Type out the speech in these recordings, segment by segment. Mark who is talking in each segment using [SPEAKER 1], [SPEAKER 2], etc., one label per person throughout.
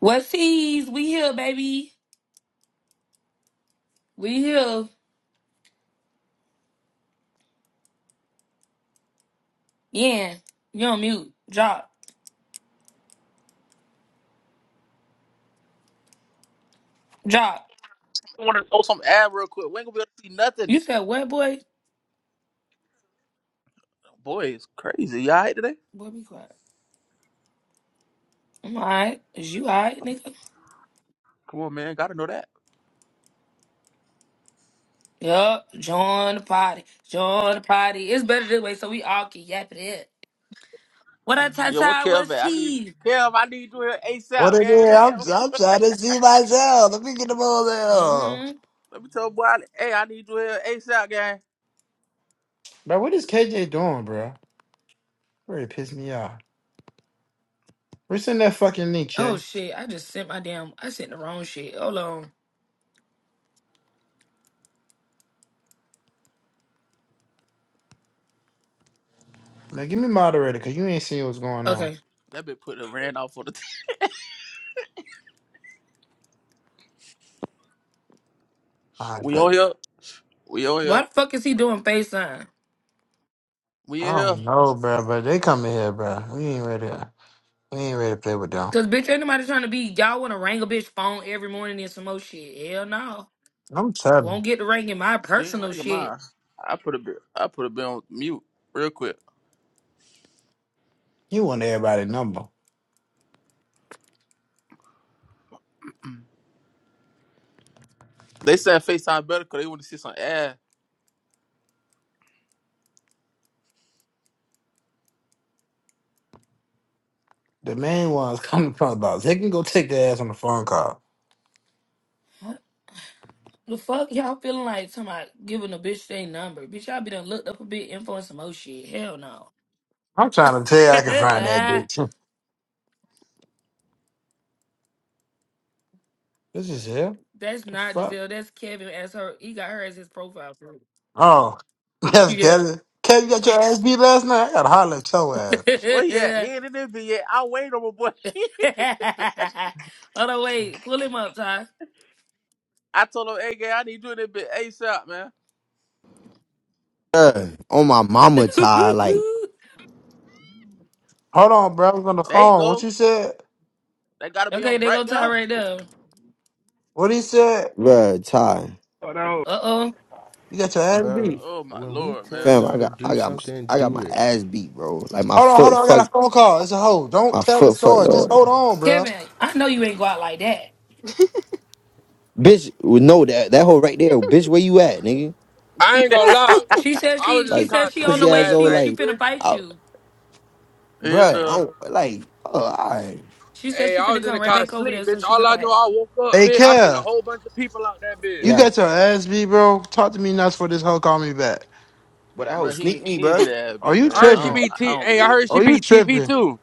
[SPEAKER 1] What's sees? We here, baby. We here. Yeah. You on mute. Drop. Drop.
[SPEAKER 2] I want to throw some ad real quick. We ain't gonna be able to see nothing.
[SPEAKER 1] You said what, boy?
[SPEAKER 2] Boy, it's crazy. Y'all right today?
[SPEAKER 1] Boy, be quiet. I'm alright. Is you alright, nigga?
[SPEAKER 2] Come on, man. Gotta know that.
[SPEAKER 1] Yup. Join the party. Join the party. It's better this way so we all can yap it up. What up,
[SPEAKER 2] Yo, what
[SPEAKER 1] Tata?
[SPEAKER 2] Kev
[SPEAKER 1] What's
[SPEAKER 2] at? I need
[SPEAKER 1] he?
[SPEAKER 2] Kev. I need you here
[SPEAKER 3] What
[SPEAKER 2] ASAP,
[SPEAKER 3] it
[SPEAKER 2] gang.
[SPEAKER 3] is?
[SPEAKER 2] Let me
[SPEAKER 3] I'm,
[SPEAKER 2] have-
[SPEAKER 3] I'm trying to see myself. Let me get the ball down.
[SPEAKER 1] Mm-hmm.
[SPEAKER 2] let me tell boy. Hey, I need you here ASAP, gang.
[SPEAKER 3] Bro, what is KJ doing, bro? Really pissed me off. We're that fucking link,
[SPEAKER 1] Oh,
[SPEAKER 3] Jay.
[SPEAKER 1] shit. I just sent my damn... I sent the wrong shit. Hold on.
[SPEAKER 3] Now give me moderator, cause you ain't seeing what's going on.
[SPEAKER 1] Okay.
[SPEAKER 2] That bit put a ran off for the.
[SPEAKER 3] I
[SPEAKER 2] we
[SPEAKER 3] don't
[SPEAKER 2] on here. We on
[SPEAKER 1] Why
[SPEAKER 2] here.
[SPEAKER 1] the fuck is he doing FaceTime?
[SPEAKER 2] We
[SPEAKER 3] I
[SPEAKER 2] in here.
[SPEAKER 3] don't know, bro, but they coming here, bro. We ain't ready. We ain't ready to play with them.
[SPEAKER 1] Cause bitch, ain't nobody trying to be y'all want to wrangle bitch phone every morning and some more shit. Hell no.
[SPEAKER 3] I'm
[SPEAKER 1] Won't
[SPEAKER 3] telling
[SPEAKER 1] get to ranking my
[SPEAKER 2] Being
[SPEAKER 1] personal
[SPEAKER 2] regular
[SPEAKER 1] shit.
[SPEAKER 2] mine. I put a bit. I put a bit on mute real quick.
[SPEAKER 3] you, you want everybody number.
[SPEAKER 2] They said FaceTime better because they want to see some ad.
[SPEAKER 3] The main ones coming from about. They can go take their ass on the phone call.
[SPEAKER 1] The fuck y'all feeling like talking about giving a bitch they number? Bitch, y'all be done looked up a bit, influence some old shit. Hell no.
[SPEAKER 3] I'm trying to tell you, I can find that bitch. this is hell.
[SPEAKER 1] That's
[SPEAKER 3] The
[SPEAKER 1] not
[SPEAKER 3] fuck?
[SPEAKER 1] Giselle. That's Kevin as her. He got her as his profile photo.
[SPEAKER 3] Oh, yes,
[SPEAKER 1] Yeah.
[SPEAKER 3] Kevin. Kevin, you got your ass beat last night. I got to holler at your ass.
[SPEAKER 2] Where he at? He ain't in this bit yet. I wait on my boy.
[SPEAKER 1] Hold on, wait. Pull him up, Ty.
[SPEAKER 2] I told him, hey, gang, I need you in this bit ASAP, man.
[SPEAKER 4] Bruh, on my
[SPEAKER 1] okay,
[SPEAKER 4] mama Ty, like
[SPEAKER 3] Hold on, bro. I was on the
[SPEAKER 2] There you
[SPEAKER 3] phone. What
[SPEAKER 2] go.
[SPEAKER 3] you said?
[SPEAKER 2] They gotta be on
[SPEAKER 1] they go
[SPEAKER 2] right
[SPEAKER 1] Ty
[SPEAKER 2] there.
[SPEAKER 1] right there.
[SPEAKER 3] What he said?
[SPEAKER 4] bruh, Ty,
[SPEAKER 5] Oh, no.
[SPEAKER 1] Uh oh,
[SPEAKER 3] You got your ass
[SPEAKER 6] Bro,
[SPEAKER 3] beat.
[SPEAKER 2] Oh my
[SPEAKER 6] when we
[SPEAKER 2] lord,
[SPEAKER 6] tell
[SPEAKER 2] man.
[SPEAKER 4] fam, I
[SPEAKER 6] y'all to
[SPEAKER 4] got,
[SPEAKER 6] do
[SPEAKER 4] I got,
[SPEAKER 6] something,
[SPEAKER 4] I got
[SPEAKER 6] do
[SPEAKER 4] my
[SPEAKER 6] it.
[SPEAKER 4] ass beat, bro. Like my
[SPEAKER 3] Hold on, hold
[SPEAKER 4] foot,
[SPEAKER 3] on. I
[SPEAKER 4] fuck,
[SPEAKER 3] got a phone call. It's a hoe. Don't
[SPEAKER 4] my
[SPEAKER 3] tell the
[SPEAKER 4] foot, fuck,
[SPEAKER 3] story. Just
[SPEAKER 4] though.
[SPEAKER 3] hold on, bro.
[SPEAKER 1] Kevin. I know you ain't go out like that.
[SPEAKER 4] Bitch, would know that that hole right there, bitch. Where you at, nigga?
[SPEAKER 5] I ain't gonna lie.
[SPEAKER 1] She said
[SPEAKER 5] I
[SPEAKER 1] she.
[SPEAKER 5] was in the
[SPEAKER 1] She
[SPEAKER 4] Like
[SPEAKER 5] car
[SPEAKER 1] said she on
[SPEAKER 5] sleep
[SPEAKER 1] the
[SPEAKER 4] pussy
[SPEAKER 1] way.
[SPEAKER 4] ass
[SPEAKER 5] last
[SPEAKER 4] old,
[SPEAKER 1] She
[SPEAKER 5] night,
[SPEAKER 1] she
[SPEAKER 4] like,
[SPEAKER 1] finna
[SPEAKER 5] bitch.
[SPEAKER 1] fight
[SPEAKER 4] I,
[SPEAKER 1] you.
[SPEAKER 2] yeah,
[SPEAKER 4] bruh, I
[SPEAKER 2] duh.
[SPEAKER 4] don't, like, oh, all right,
[SPEAKER 1] She said
[SPEAKER 5] Hey,
[SPEAKER 1] she
[SPEAKER 5] I
[SPEAKER 1] finna
[SPEAKER 5] was in
[SPEAKER 1] come
[SPEAKER 5] the
[SPEAKER 1] right
[SPEAKER 5] car
[SPEAKER 1] back over there
[SPEAKER 5] sleep,
[SPEAKER 1] so
[SPEAKER 5] bitch.
[SPEAKER 1] she
[SPEAKER 5] All
[SPEAKER 1] could
[SPEAKER 5] I know,
[SPEAKER 1] fight.
[SPEAKER 5] I woke up,
[SPEAKER 3] Hey,
[SPEAKER 5] bitch. I seen a
[SPEAKER 3] Kev,
[SPEAKER 5] whole bunch of people out there, bitch.
[SPEAKER 3] you
[SPEAKER 4] yeah,
[SPEAKER 3] got your ass beat, bro. Talk to me nuts for this hoe. Call me back.
[SPEAKER 4] but that hoe
[SPEAKER 2] But he
[SPEAKER 4] sneak me,
[SPEAKER 2] he ain't get
[SPEAKER 4] bruh.
[SPEAKER 2] that ass
[SPEAKER 3] Are
[SPEAKER 2] beat,
[SPEAKER 3] you
[SPEAKER 5] I
[SPEAKER 2] man.
[SPEAKER 5] heard
[SPEAKER 2] I
[SPEAKER 5] she
[SPEAKER 3] tripping?
[SPEAKER 2] don't
[SPEAKER 5] beat
[SPEAKER 2] I
[SPEAKER 5] T.
[SPEAKER 2] don't
[SPEAKER 5] Hey, I
[SPEAKER 2] believe. It.
[SPEAKER 5] heard she
[SPEAKER 3] Are you
[SPEAKER 5] beat TV
[SPEAKER 3] tripping?
[SPEAKER 5] too.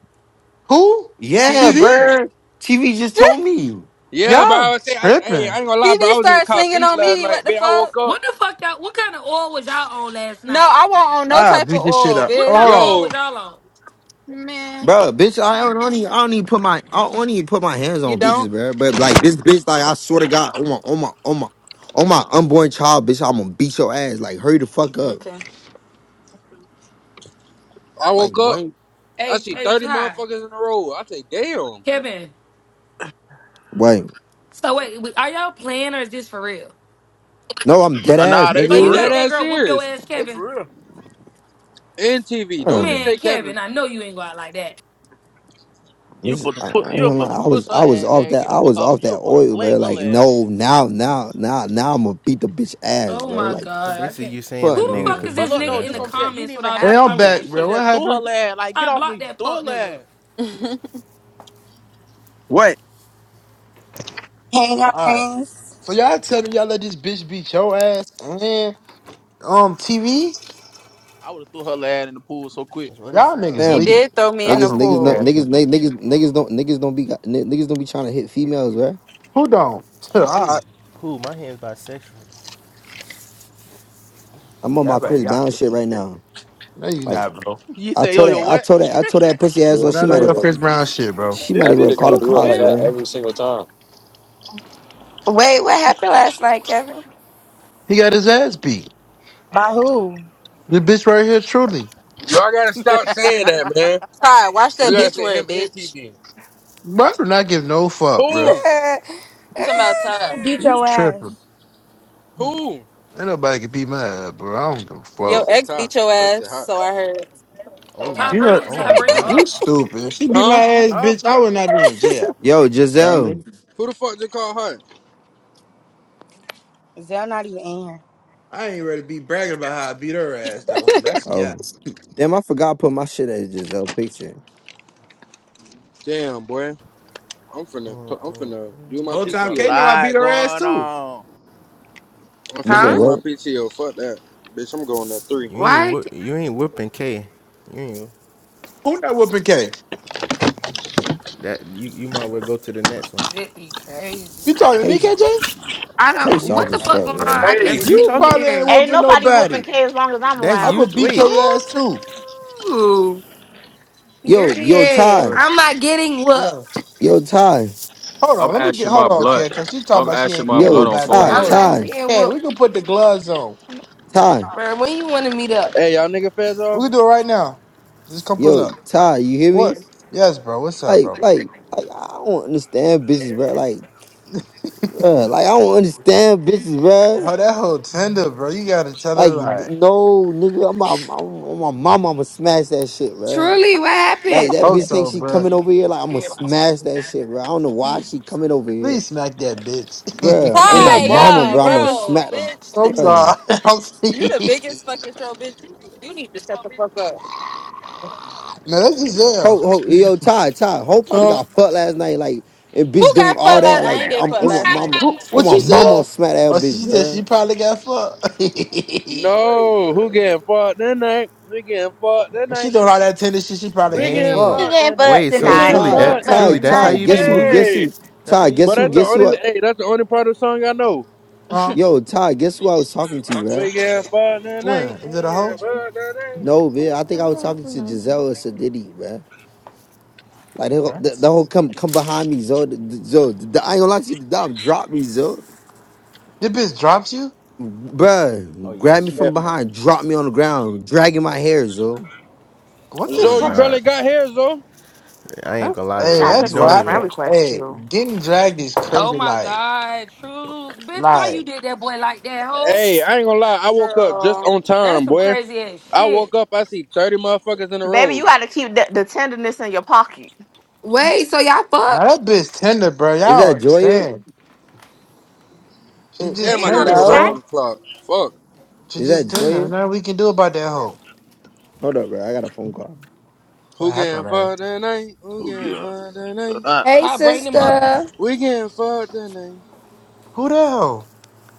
[SPEAKER 3] Who?
[SPEAKER 4] Yeah,
[SPEAKER 5] TV.
[SPEAKER 3] TV?
[SPEAKER 4] bruh. TV just told me.
[SPEAKER 5] Yeah, bro.
[SPEAKER 3] Y'all
[SPEAKER 5] I was say, I, hey,
[SPEAKER 3] tripping.
[SPEAKER 5] I ain't gonna lie, bro. I
[SPEAKER 7] CD
[SPEAKER 5] was in the
[SPEAKER 7] started
[SPEAKER 5] car
[SPEAKER 7] swinging
[SPEAKER 5] sleep
[SPEAKER 7] on
[SPEAKER 5] last
[SPEAKER 7] me.
[SPEAKER 5] night,
[SPEAKER 7] What the
[SPEAKER 5] bitch. I
[SPEAKER 7] fuck?
[SPEAKER 5] woke
[SPEAKER 1] What
[SPEAKER 5] up,
[SPEAKER 1] the fuck y'all? What kind of oil was y'all on last
[SPEAKER 7] No,
[SPEAKER 1] night?
[SPEAKER 7] I won't on no
[SPEAKER 3] I
[SPEAKER 7] type of
[SPEAKER 3] beat this shit
[SPEAKER 7] oil,
[SPEAKER 3] up.
[SPEAKER 1] What
[SPEAKER 3] Oh,
[SPEAKER 7] bitch.
[SPEAKER 1] kind
[SPEAKER 3] hold
[SPEAKER 1] of oil
[SPEAKER 3] on.
[SPEAKER 5] yo.
[SPEAKER 1] was y'all on?
[SPEAKER 7] Man,
[SPEAKER 4] Bro, bitch, I don't, I don't even, I don't even put my, I don't even put my hands
[SPEAKER 7] you
[SPEAKER 4] on bitches,
[SPEAKER 7] don't?
[SPEAKER 4] bro. But like this bitch, like I swear to God, on my, on my, on my, on my unborn child, bitch, I'm gonna beat your ass. Like hurry the fuck up.
[SPEAKER 7] Okay.
[SPEAKER 5] I
[SPEAKER 4] Like
[SPEAKER 5] woke up.
[SPEAKER 4] wait,
[SPEAKER 5] I
[SPEAKER 1] Hey,
[SPEAKER 5] see
[SPEAKER 1] hey,
[SPEAKER 5] thirty
[SPEAKER 1] Ty,
[SPEAKER 5] motherfuckers in a row. I say, damn,
[SPEAKER 1] Kevin.
[SPEAKER 4] wait.
[SPEAKER 1] So wait, wait, are y'all playing or is this for real?
[SPEAKER 4] No, I'm dead
[SPEAKER 2] Uh,
[SPEAKER 4] ass,
[SPEAKER 2] Nah, they
[SPEAKER 1] So
[SPEAKER 5] they
[SPEAKER 2] for
[SPEAKER 1] you
[SPEAKER 4] nigga.
[SPEAKER 5] dead
[SPEAKER 1] let
[SPEAKER 2] real.
[SPEAKER 1] that
[SPEAKER 5] ass
[SPEAKER 1] girl whoop your
[SPEAKER 5] serious.
[SPEAKER 1] ass,
[SPEAKER 2] They
[SPEAKER 1] Kevin?
[SPEAKER 2] for real.
[SPEAKER 5] And TV. Don't just
[SPEAKER 4] Um,
[SPEAKER 1] Man,
[SPEAKER 5] say Kevin.
[SPEAKER 1] Kevin, I know you ain't go out like that.
[SPEAKER 2] You
[SPEAKER 4] bitch,
[SPEAKER 2] supposed to
[SPEAKER 4] I, I,
[SPEAKER 2] put you
[SPEAKER 4] ain't gonna
[SPEAKER 2] supposed
[SPEAKER 4] lie, I
[SPEAKER 2] to
[SPEAKER 4] was,
[SPEAKER 2] push her
[SPEAKER 4] I was
[SPEAKER 2] ass,
[SPEAKER 4] off
[SPEAKER 2] gang.
[SPEAKER 4] that,
[SPEAKER 2] Get the
[SPEAKER 4] I
[SPEAKER 2] fuck
[SPEAKER 4] was
[SPEAKER 2] off.
[SPEAKER 4] off
[SPEAKER 2] You
[SPEAKER 4] that
[SPEAKER 2] supposed to
[SPEAKER 4] oil, bro.
[SPEAKER 2] sling
[SPEAKER 4] Like
[SPEAKER 2] her ass.
[SPEAKER 4] no, now, now, now, now, I'm gonna beat the bitch ass,
[SPEAKER 1] Oh
[SPEAKER 4] bro.
[SPEAKER 1] my
[SPEAKER 4] Like
[SPEAKER 6] So
[SPEAKER 1] god, I
[SPEAKER 6] basically,
[SPEAKER 1] can't.
[SPEAKER 6] you saying
[SPEAKER 1] Who
[SPEAKER 6] a
[SPEAKER 4] fuck
[SPEAKER 1] the
[SPEAKER 6] nigga
[SPEAKER 4] no,
[SPEAKER 1] fuck is
[SPEAKER 6] could
[SPEAKER 2] But
[SPEAKER 1] this
[SPEAKER 4] man.
[SPEAKER 6] beat
[SPEAKER 2] look
[SPEAKER 6] your
[SPEAKER 1] nigga
[SPEAKER 2] though,
[SPEAKER 1] in
[SPEAKER 6] ass
[SPEAKER 2] this
[SPEAKER 1] the
[SPEAKER 2] what
[SPEAKER 6] out,
[SPEAKER 2] I'm
[SPEAKER 6] or
[SPEAKER 2] saying. You
[SPEAKER 1] comments
[SPEAKER 2] didn't
[SPEAKER 1] with
[SPEAKER 2] even
[SPEAKER 1] all this
[SPEAKER 3] Hey,
[SPEAKER 2] have
[SPEAKER 3] I'm
[SPEAKER 1] commenting
[SPEAKER 2] to.
[SPEAKER 3] back,
[SPEAKER 1] and
[SPEAKER 2] You could
[SPEAKER 3] bro.
[SPEAKER 1] shit?
[SPEAKER 3] What
[SPEAKER 2] just threw
[SPEAKER 3] happened?
[SPEAKER 2] her ass. Like get
[SPEAKER 1] Ty,
[SPEAKER 2] off
[SPEAKER 1] block
[SPEAKER 2] me.
[SPEAKER 1] that fuck
[SPEAKER 2] Threw her
[SPEAKER 1] nigga.
[SPEAKER 2] ass.
[SPEAKER 8] What?
[SPEAKER 9] Hang Hey,
[SPEAKER 3] All right.
[SPEAKER 9] Hines.
[SPEAKER 3] So y'all tell me y'all let this bitch beat your ass and um TV?
[SPEAKER 2] I would have threw her ass in the pool so quick.
[SPEAKER 6] that's what it
[SPEAKER 3] Y'all
[SPEAKER 6] sound
[SPEAKER 3] niggas
[SPEAKER 7] He
[SPEAKER 6] like.
[SPEAKER 4] fam.
[SPEAKER 3] weak.
[SPEAKER 7] did throw me in
[SPEAKER 3] That's
[SPEAKER 7] the
[SPEAKER 4] Niggas,
[SPEAKER 6] That's
[SPEAKER 3] some
[SPEAKER 4] niggas,
[SPEAKER 3] weak ass
[SPEAKER 7] pool.
[SPEAKER 4] niggas,
[SPEAKER 3] niggas.
[SPEAKER 4] niggas, niggas, niggas don't, niggas don't be, niggas don't be trying to hit females, bro.
[SPEAKER 3] Who don't? All
[SPEAKER 6] who,
[SPEAKER 3] right.
[SPEAKER 6] who. My hand's bisexual.
[SPEAKER 4] I'm on
[SPEAKER 3] Y'all
[SPEAKER 4] my
[SPEAKER 3] better
[SPEAKER 4] Chris
[SPEAKER 3] y'all.
[SPEAKER 4] Brown shit right now.
[SPEAKER 3] No, you
[SPEAKER 4] Like
[SPEAKER 3] not, bro.
[SPEAKER 2] You
[SPEAKER 4] I
[SPEAKER 2] say yo
[SPEAKER 4] told
[SPEAKER 2] yo
[SPEAKER 4] that, I
[SPEAKER 2] what?
[SPEAKER 4] told that, I told that pussy
[SPEAKER 3] You
[SPEAKER 4] asshole
[SPEAKER 3] was
[SPEAKER 8] Real
[SPEAKER 4] she
[SPEAKER 3] Not on
[SPEAKER 4] might have,
[SPEAKER 3] your
[SPEAKER 8] deal.
[SPEAKER 3] Chris Brown shit, bro.
[SPEAKER 4] she
[SPEAKER 2] This
[SPEAKER 4] might as
[SPEAKER 8] That
[SPEAKER 2] bitch
[SPEAKER 4] well
[SPEAKER 8] shit
[SPEAKER 4] called
[SPEAKER 8] gonna
[SPEAKER 4] the
[SPEAKER 8] do
[SPEAKER 2] stupid
[SPEAKER 8] it
[SPEAKER 4] cops,
[SPEAKER 8] like
[SPEAKER 2] man.
[SPEAKER 8] that
[SPEAKER 4] bro.
[SPEAKER 8] every single time.
[SPEAKER 10] Wait, what happened last night, Kevin?
[SPEAKER 3] He got his ass beat.
[SPEAKER 9] By who?
[SPEAKER 3] The bitch right here, truly.
[SPEAKER 5] Y'all gotta stop saying that, man.
[SPEAKER 7] Ty, watch
[SPEAKER 5] You
[SPEAKER 7] that
[SPEAKER 5] gotta
[SPEAKER 7] bitch
[SPEAKER 5] say him
[SPEAKER 7] word,
[SPEAKER 5] and
[SPEAKER 7] bitch.
[SPEAKER 5] TV.
[SPEAKER 3] Bro, I do not give no fuck, bro.
[SPEAKER 5] Who?
[SPEAKER 7] You talking about
[SPEAKER 9] Who
[SPEAKER 7] Ty?
[SPEAKER 9] beat
[SPEAKER 3] You
[SPEAKER 9] your
[SPEAKER 3] tripping.
[SPEAKER 9] ass?
[SPEAKER 5] Who?
[SPEAKER 3] Ain't nobody can beat my ass, bro. I don't give a
[SPEAKER 5] Oh,
[SPEAKER 7] Your
[SPEAKER 5] it's
[SPEAKER 3] fuck.
[SPEAKER 5] that
[SPEAKER 7] ex
[SPEAKER 5] tie.
[SPEAKER 7] beat your
[SPEAKER 5] Touch
[SPEAKER 7] ass,
[SPEAKER 5] that hot.
[SPEAKER 7] so I heard.
[SPEAKER 2] oh
[SPEAKER 6] Oh
[SPEAKER 2] my
[SPEAKER 1] Ty,
[SPEAKER 6] my,
[SPEAKER 3] You know,
[SPEAKER 2] lord.
[SPEAKER 1] bring
[SPEAKER 6] oh
[SPEAKER 1] Ty,
[SPEAKER 6] my
[SPEAKER 1] bring him
[SPEAKER 2] huh
[SPEAKER 6] gosh.
[SPEAKER 3] you
[SPEAKER 1] up.
[SPEAKER 3] stupid. If she beat my
[SPEAKER 5] Huh?
[SPEAKER 3] ass,
[SPEAKER 2] Huh?
[SPEAKER 3] bitch, I would not be in jail.
[SPEAKER 4] Yo,
[SPEAKER 3] You know what I
[SPEAKER 4] Giselle.
[SPEAKER 3] mean?
[SPEAKER 5] Who the fuck just called hot?
[SPEAKER 9] Zell not even in here.
[SPEAKER 3] I ain't ready to be bragging about how I beat her ass, though. That's cap.
[SPEAKER 4] Oh, damn! I forgot to put my shit as Giselle picture.
[SPEAKER 5] Damn, boy. I'm finna, I'm finna do my
[SPEAKER 3] Whole
[SPEAKER 2] It's
[SPEAKER 3] time
[SPEAKER 2] a
[SPEAKER 3] K
[SPEAKER 5] PTO.
[SPEAKER 3] know I beat
[SPEAKER 2] lot
[SPEAKER 3] her ass
[SPEAKER 2] going
[SPEAKER 3] too.
[SPEAKER 2] on.
[SPEAKER 5] I'm
[SPEAKER 4] You
[SPEAKER 5] finna
[SPEAKER 4] said
[SPEAKER 10] huh?
[SPEAKER 5] use my
[SPEAKER 4] what?
[SPEAKER 5] PTO. Fuck that. Bitch, I'm going at three.
[SPEAKER 6] You ain't
[SPEAKER 10] Why?
[SPEAKER 6] whoop, you ain't whooping K. You ain't
[SPEAKER 3] Who not whooping K?
[SPEAKER 6] that. You you might well go to the next one.
[SPEAKER 1] Shit be crazy.
[SPEAKER 3] You
[SPEAKER 10] What?
[SPEAKER 3] talking to me,
[SPEAKER 4] Case,
[SPEAKER 3] KJ?
[SPEAKER 10] I don't.
[SPEAKER 6] That's
[SPEAKER 4] case
[SPEAKER 6] you.
[SPEAKER 10] What
[SPEAKER 4] off
[SPEAKER 6] That
[SPEAKER 10] the
[SPEAKER 4] as
[SPEAKER 10] fuck
[SPEAKER 4] fuck,
[SPEAKER 6] that's
[SPEAKER 10] going
[SPEAKER 6] you.
[SPEAKER 10] on?
[SPEAKER 4] bro.
[SPEAKER 10] I
[SPEAKER 6] That
[SPEAKER 10] can't
[SPEAKER 5] Hey.
[SPEAKER 6] that's you
[SPEAKER 3] You
[SPEAKER 10] even
[SPEAKER 6] talking.
[SPEAKER 3] probably ain't
[SPEAKER 10] hear.
[SPEAKER 11] Ain't
[SPEAKER 3] whooping
[SPEAKER 11] nobody whooping
[SPEAKER 3] nobody.
[SPEAKER 11] K as long as I'm
[SPEAKER 6] That's
[SPEAKER 3] I
[SPEAKER 6] you.
[SPEAKER 11] around.
[SPEAKER 3] would
[SPEAKER 6] T-
[SPEAKER 3] beat
[SPEAKER 6] wait,
[SPEAKER 3] K ass too.
[SPEAKER 10] Oh,
[SPEAKER 4] Yo, yo,
[SPEAKER 10] period.
[SPEAKER 8] Look,
[SPEAKER 4] Ty.
[SPEAKER 10] I'm not getting whooped.
[SPEAKER 4] Yo, Ty.
[SPEAKER 3] Hold
[SPEAKER 8] I'm
[SPEAKER 3] on, let me get
[SPEAKER 8] ashing
[SPEAKER 3] hold
[SPEAKER 8] my
[SPEAKER 3] on,
[SPEAKER 8] blood.
[SPEAKER 3] K, cause she talking
[SPEAKER 8] I'm
[SPEAKER 3] about she
[SPEAKER 8] ashing
[SPEAKER 3] ain't
[SPEAKER 8] my
[SPEAKER 3] getting
[SPEAKER 8] blood
[SPEAKER 4] Yo,
[SPEAKER 3] whooped
[SPEAKER 8] on
[SPEAKER 3] by Ty.
[SPEAKER 4] Ty,
[SPEAKER 10] I'm
[SPEAKER 3] Hold
[SPEAKER 8] forehead.
[SPEAKER 10] not
[SPEAKER 3] on.
[SPEAKER 4] Ty,
[SPEAKER 10] getting
[SPEAKER 3] K, we
[SPEAKER 10] whooped,
[SPEAKER 3] can put the gloves on.
[SPEAKER 4] Ty.
[SPEAKER 10] bro. When you want to meet up?
[SPEAKER 5] Hey, y'all nigga feds
[SPEAKER 3] We
[SPEAKER 5] off?
[SPEAKER 3] can do it right now. Just come pull
[SPEAKER 4] Yo,
[SPEAKER 3] up.
[SPEAKER 4] Ty. You hear me?
[SPEAKER 3] What? Yes, bro. What's up,
[SPEAKER 4] Like,
[SPEAKER 3] bro?
[SPEAKER 4] like, like. I don't understand bitches, bro. Like, bruh, like I don't understand bitches, bro.
[SPEAKER 3] Oh, that whole tender, bro. You gotta tell her
[SPEAKER 4] Like,
[SPEAKER 3] like
[SPEAKER 4] no, nigga, I'm I'm, I'm, my mama, I'ma smash that shit, bro.
[SPEAKER 10] Truly, what
[SPEAKER 4] Like,
[SPEAKER 3] I
[SPEAKER 10] happened?
[SPEAKER 4] that
[SPEAKER 10] Like,
[SPEAKER 3] hope
[SPEAKER 4] bitch think
[SPEAKER 3] so,
[SPEAKER 4] she
[SPEAKER 3] bro.
[SPEAKER 4] coming over here, like, I'ma smash that shit, bro. I don't know why she coming over here.
[SPEAKER 3] Please smack that bitch.
[SPEAKER 4] Bruh, on
[SPEAKER 5] She
[SPEAKER 4] my
[SPEAKER 5] left
[SPEAKER 7] Ty,
[SPEAKER 5] marks
[SPEAKER 4] mama,
[SPEAKER 5] on
[SPEAKER 7] yeah,
[SPEAKER 5] you,
[SPEAKER 4] bro, I'ma
[SPEAKER 5] Kevin?
[SPEAKER 7] bro,
[SPEAKER 4] smack them,
[SPEAKER 3] I'm
[SPEAKER 7] bitch.
[SPEAKER 3] sorry.
[SPEAKER 4] bruh.
[SPEAKER 3] I'm
[SPEAKER 7] You the
[SPEAKER 3] sorry.
[SPEAKER 7] biggest fucking troll, bitch. You you need to shut the fuck up.
[SPEAKER 3] No, that's
[SPEAKER 4] Hope,
[SPEAKER 3] Giselle.
[SPEAKER 4] hope, yo, Ty, Ty, Hope probably
[SPEAKER 3] Huh?
[SPEAKER 4] got fucked last night, like, and bitch
[SPEAKER 7] Who
[SPEAKER 4] doing
[SPEAKER 7] got
[SPEAKER 4] all
[SPEAKER 7] fucked
[SPEAKER 4] that,
[SPEAKER 7] last? I
[SPEAKER 4] like,
[SPEAKER 7] ain't get
[SPEAKER 4] I'm
[SPEAKER 7] fucked
[SPEAKER 4] on my
[SPEAKER 7] last night,
[SPEAKER 4] mama,
[SPEAKER 3] Wh-
[SPEAKER 4] on
[SPEAKER 3] What
[SPEAKER 4] my
[SPEAKER 3] you
[SPEAKER 4] mama, I'ma
[SPEAKER 3] said?
[SPEAKER 4] smack that
[SPEAKER 3] Oh,
[SPEAKER 4] bitch,
[SPEAKER 3] she just she
[SPEAKER 4] bruh.
[SPEAKER 3] probably got fucked.
[SPEAKER 4] Wait,
[SPEAKER 5] No. Who
[SPEAKER 4] bruh.
[SPEAKER 5] getting fucked that night? We getting fucked that
[SPEAKER 3] If she
[SPEAKER 5] night.
[SPEAKER 3] doing all that tender shit, she probably
[SPEAKER 5] We
[SPEAKER 3] getting
[SPEAKER 5] getting
[SPEAKER 3] fucked.
[SPEAKER 6] dang.
[SPEAKER 5] fucked
[SPEAKER 11] Yeah,
[SPEAKER 5] that night.
[SPEAKER 11] but
[SPEAKER 6] Wait.
[SPEAKER 5] We
[SPEAKER 6] So
[SPEAKER 4] Yo,
[SPEAKER 11] tonight.
[SPEAKER 5] getting
[SPEAKER 6] truly,
[SPEAKER 4] Ty,
[SPEAKER 11] Yeah,
[SPEAKER 5] fucked
[SPEAKER 6] that
[SPEAKER 5] that
[SPEAKER 11] but
[SPEAKER 4] Ty,
[SPEAKER 6] truly, that's how
[SPEAKER 4] Ty,
[SPEAKER 11] tonight.
[SPEAKER 5] night.
[SPEAKER 6] you be
[SPEAKER 4] guess who,
[SPEAKER 6] moving.
[SPEAKER 4] guess
[SPEAKER 5] Hey.
[SPEAKER 4] who,
[SPEAKER 6] That's how
[SPEAKER 4] Ty,
[SPEAKER 6] you be
[SPEAKER 4] guess
[SPEAKER 5] But
[SPEAKER 4] who,
[SPEAKER 5] that's the
[SPEAKER 6] moving?
[SPEAKER 4] guess who,
[SPEAKER 5] only,
[SPEAKER 4] I,
[SPEAKER 5] hey, that's the only part of the song I know.
[SPEAKER 3] Huh?
[SPEAKER 4] yo, Ty, guess who I was talking to, bruh?
[SPEAKER 5] We getting fucked that
[SPEAKER 3] When?
[SPEAKER 5] night. We
[SPEAKER 3] Is it a hoe?
[SPEAKER 5] getting fucked that night.
[SPEAKER 4] No, man. I think
[SPEAKER 11] Yeah,
[SPEAKER 4] I was
[SPEAKER 11] but
[SPEAKER 4] talking to
[SPEAKER 11] tonight.
[SPEAKER 4] Giselle or Sadiddy, man. Like they gon- they they whole come come behind me, zo. The- the- Zo, the- I ain't gonna lie to you, the dog dropped me, zo.
[SPEAKER 3] This bitch dropped you?
[SPEAKER 6] Oh
[SPEAKER 4] Bruh,
[SPEAKER 6] yeah,
[SPEAKER 4] grab me
[SPEAKER 6] she.
[SPEAKER 4] from behind, drop me on the ground, dragging my hair, zo.
[SPEAKER 3] What the
[SPEAKER 6] Oh
[SPEAKER 5] Zo, you
[SPEAKER 3] fuck?
[SPEAKER 6] nah.
[SPEAKER 5] barely got here, Zo.
[SPEAKER 6] I ain't
[SPEAKER 3] That's
[SPEAKER 6] gonna
[SPEAKER 11] Who
[SPEAKER 6] lie,
[SPEAKER 11] did
[SPEAKER 3] hey,
[SPEAKER 11] I
[SPEAKER 6] Zoe. You
[SPEAKER 3] that's
[SPEAKER 11] just send
[SPEAKER 6] don't
[SPEAKER 11] a
[SPEAKER 3] why I
[SPEAKER 6] even.
[SPEAKER 11] friend
[SPEAKER 3] can
[SPEAKER 11] request
[SPEAKER 3] hey,
[SPEAKER 11] to?
[SPEAKER 3] getting dragged is
[SPEAKER 1] Oh
[SPEAKER 3] crazy
[SPEAKER 1] my
[SPEAKER 3] like
[SPEAKER 1] God, true. Bitch, why you
[SPEAKER 3] like
[SPEAKER 1] did that boy like that, ho?
[SPEAKER 5] Hey, I ain't gonna lie. I woke up just
[SPEAKER 7] girl.
[SPEAKER 5] on
[SPEAKER 1] That's
[SPEAKER 5] time,
[SPEAKER 1] some
[SPEAKER 5] boy.
[SPEAKER 1] crazy ass
[SPEAKER 5] I woke
[SPEAKER 1] shit.
[SPEAKER 5] up, I see 30 motherfuckers in a
[SPEAKER 11] Baby, you
[SPEAKER 5] row.
[SPEAKER 11] gotta keep the, the tenderness in your pocket.
[SPEAKER 10] Wait, so y'all
[SPEAKER 3] now
[SPEAKER 10] fuck?
[SPEAKER 3] that bitch tender, bro.
[SPEAKER 4] Is
[SPEAKER 3] Y'all don't
[SPEAKER 4] that Joya?
[SPEAKER 3] understand. She
[SPEAKER 10] N-
[SPEAKER 3] just
[SPEAKER 5] Damn, I
[SPEAKER 11] Join on
[SPEAKER 5] gotta
[SPEAKER 3] tender,
[SPEAKER 5] go
[SPEAKER 11] this
[SPEAKER 5] back
[SPEAKER 10] No.
[SPEAKER 11] chat.
[SPEAKER 5] on
[SPEAKER 3] bro.
[SPEAKER 5] the clock. Fuck.
[SPEAKER 3] She
[SPEAKER 4] Is
[SPEAKER 3] just
[SPEAKER 4] that
[SPEAKER 3] tender.
[SPEAKER 4] Joya?
[SPEAKER 3] Nothing we can do about that hoe.
[SPEAKER 4] Hold up, bro. I got a phone call.
[SPEAKER 3] What
[SPEAKER 5] Who
[SPEAKER 3] happened,
[SPEAKER 5] getting
[SPEAKER 3] man?
[SPEAKER 5] fucked tonight? Who
[SPEAKER 2] Who
[SPEAKER 5] getting
[SPEAKER 2] get
[SPEAKER 5] fucked tonight?
[SPEAKER 2] up?
[SPEAKER 10] Hey,
[SPEAKER 1] Ty, bring them up.
[SPEAKER 10] sister.
[SPEAKER 5] We getting fucked tonight.
[SPEAKER 3] Who the hell?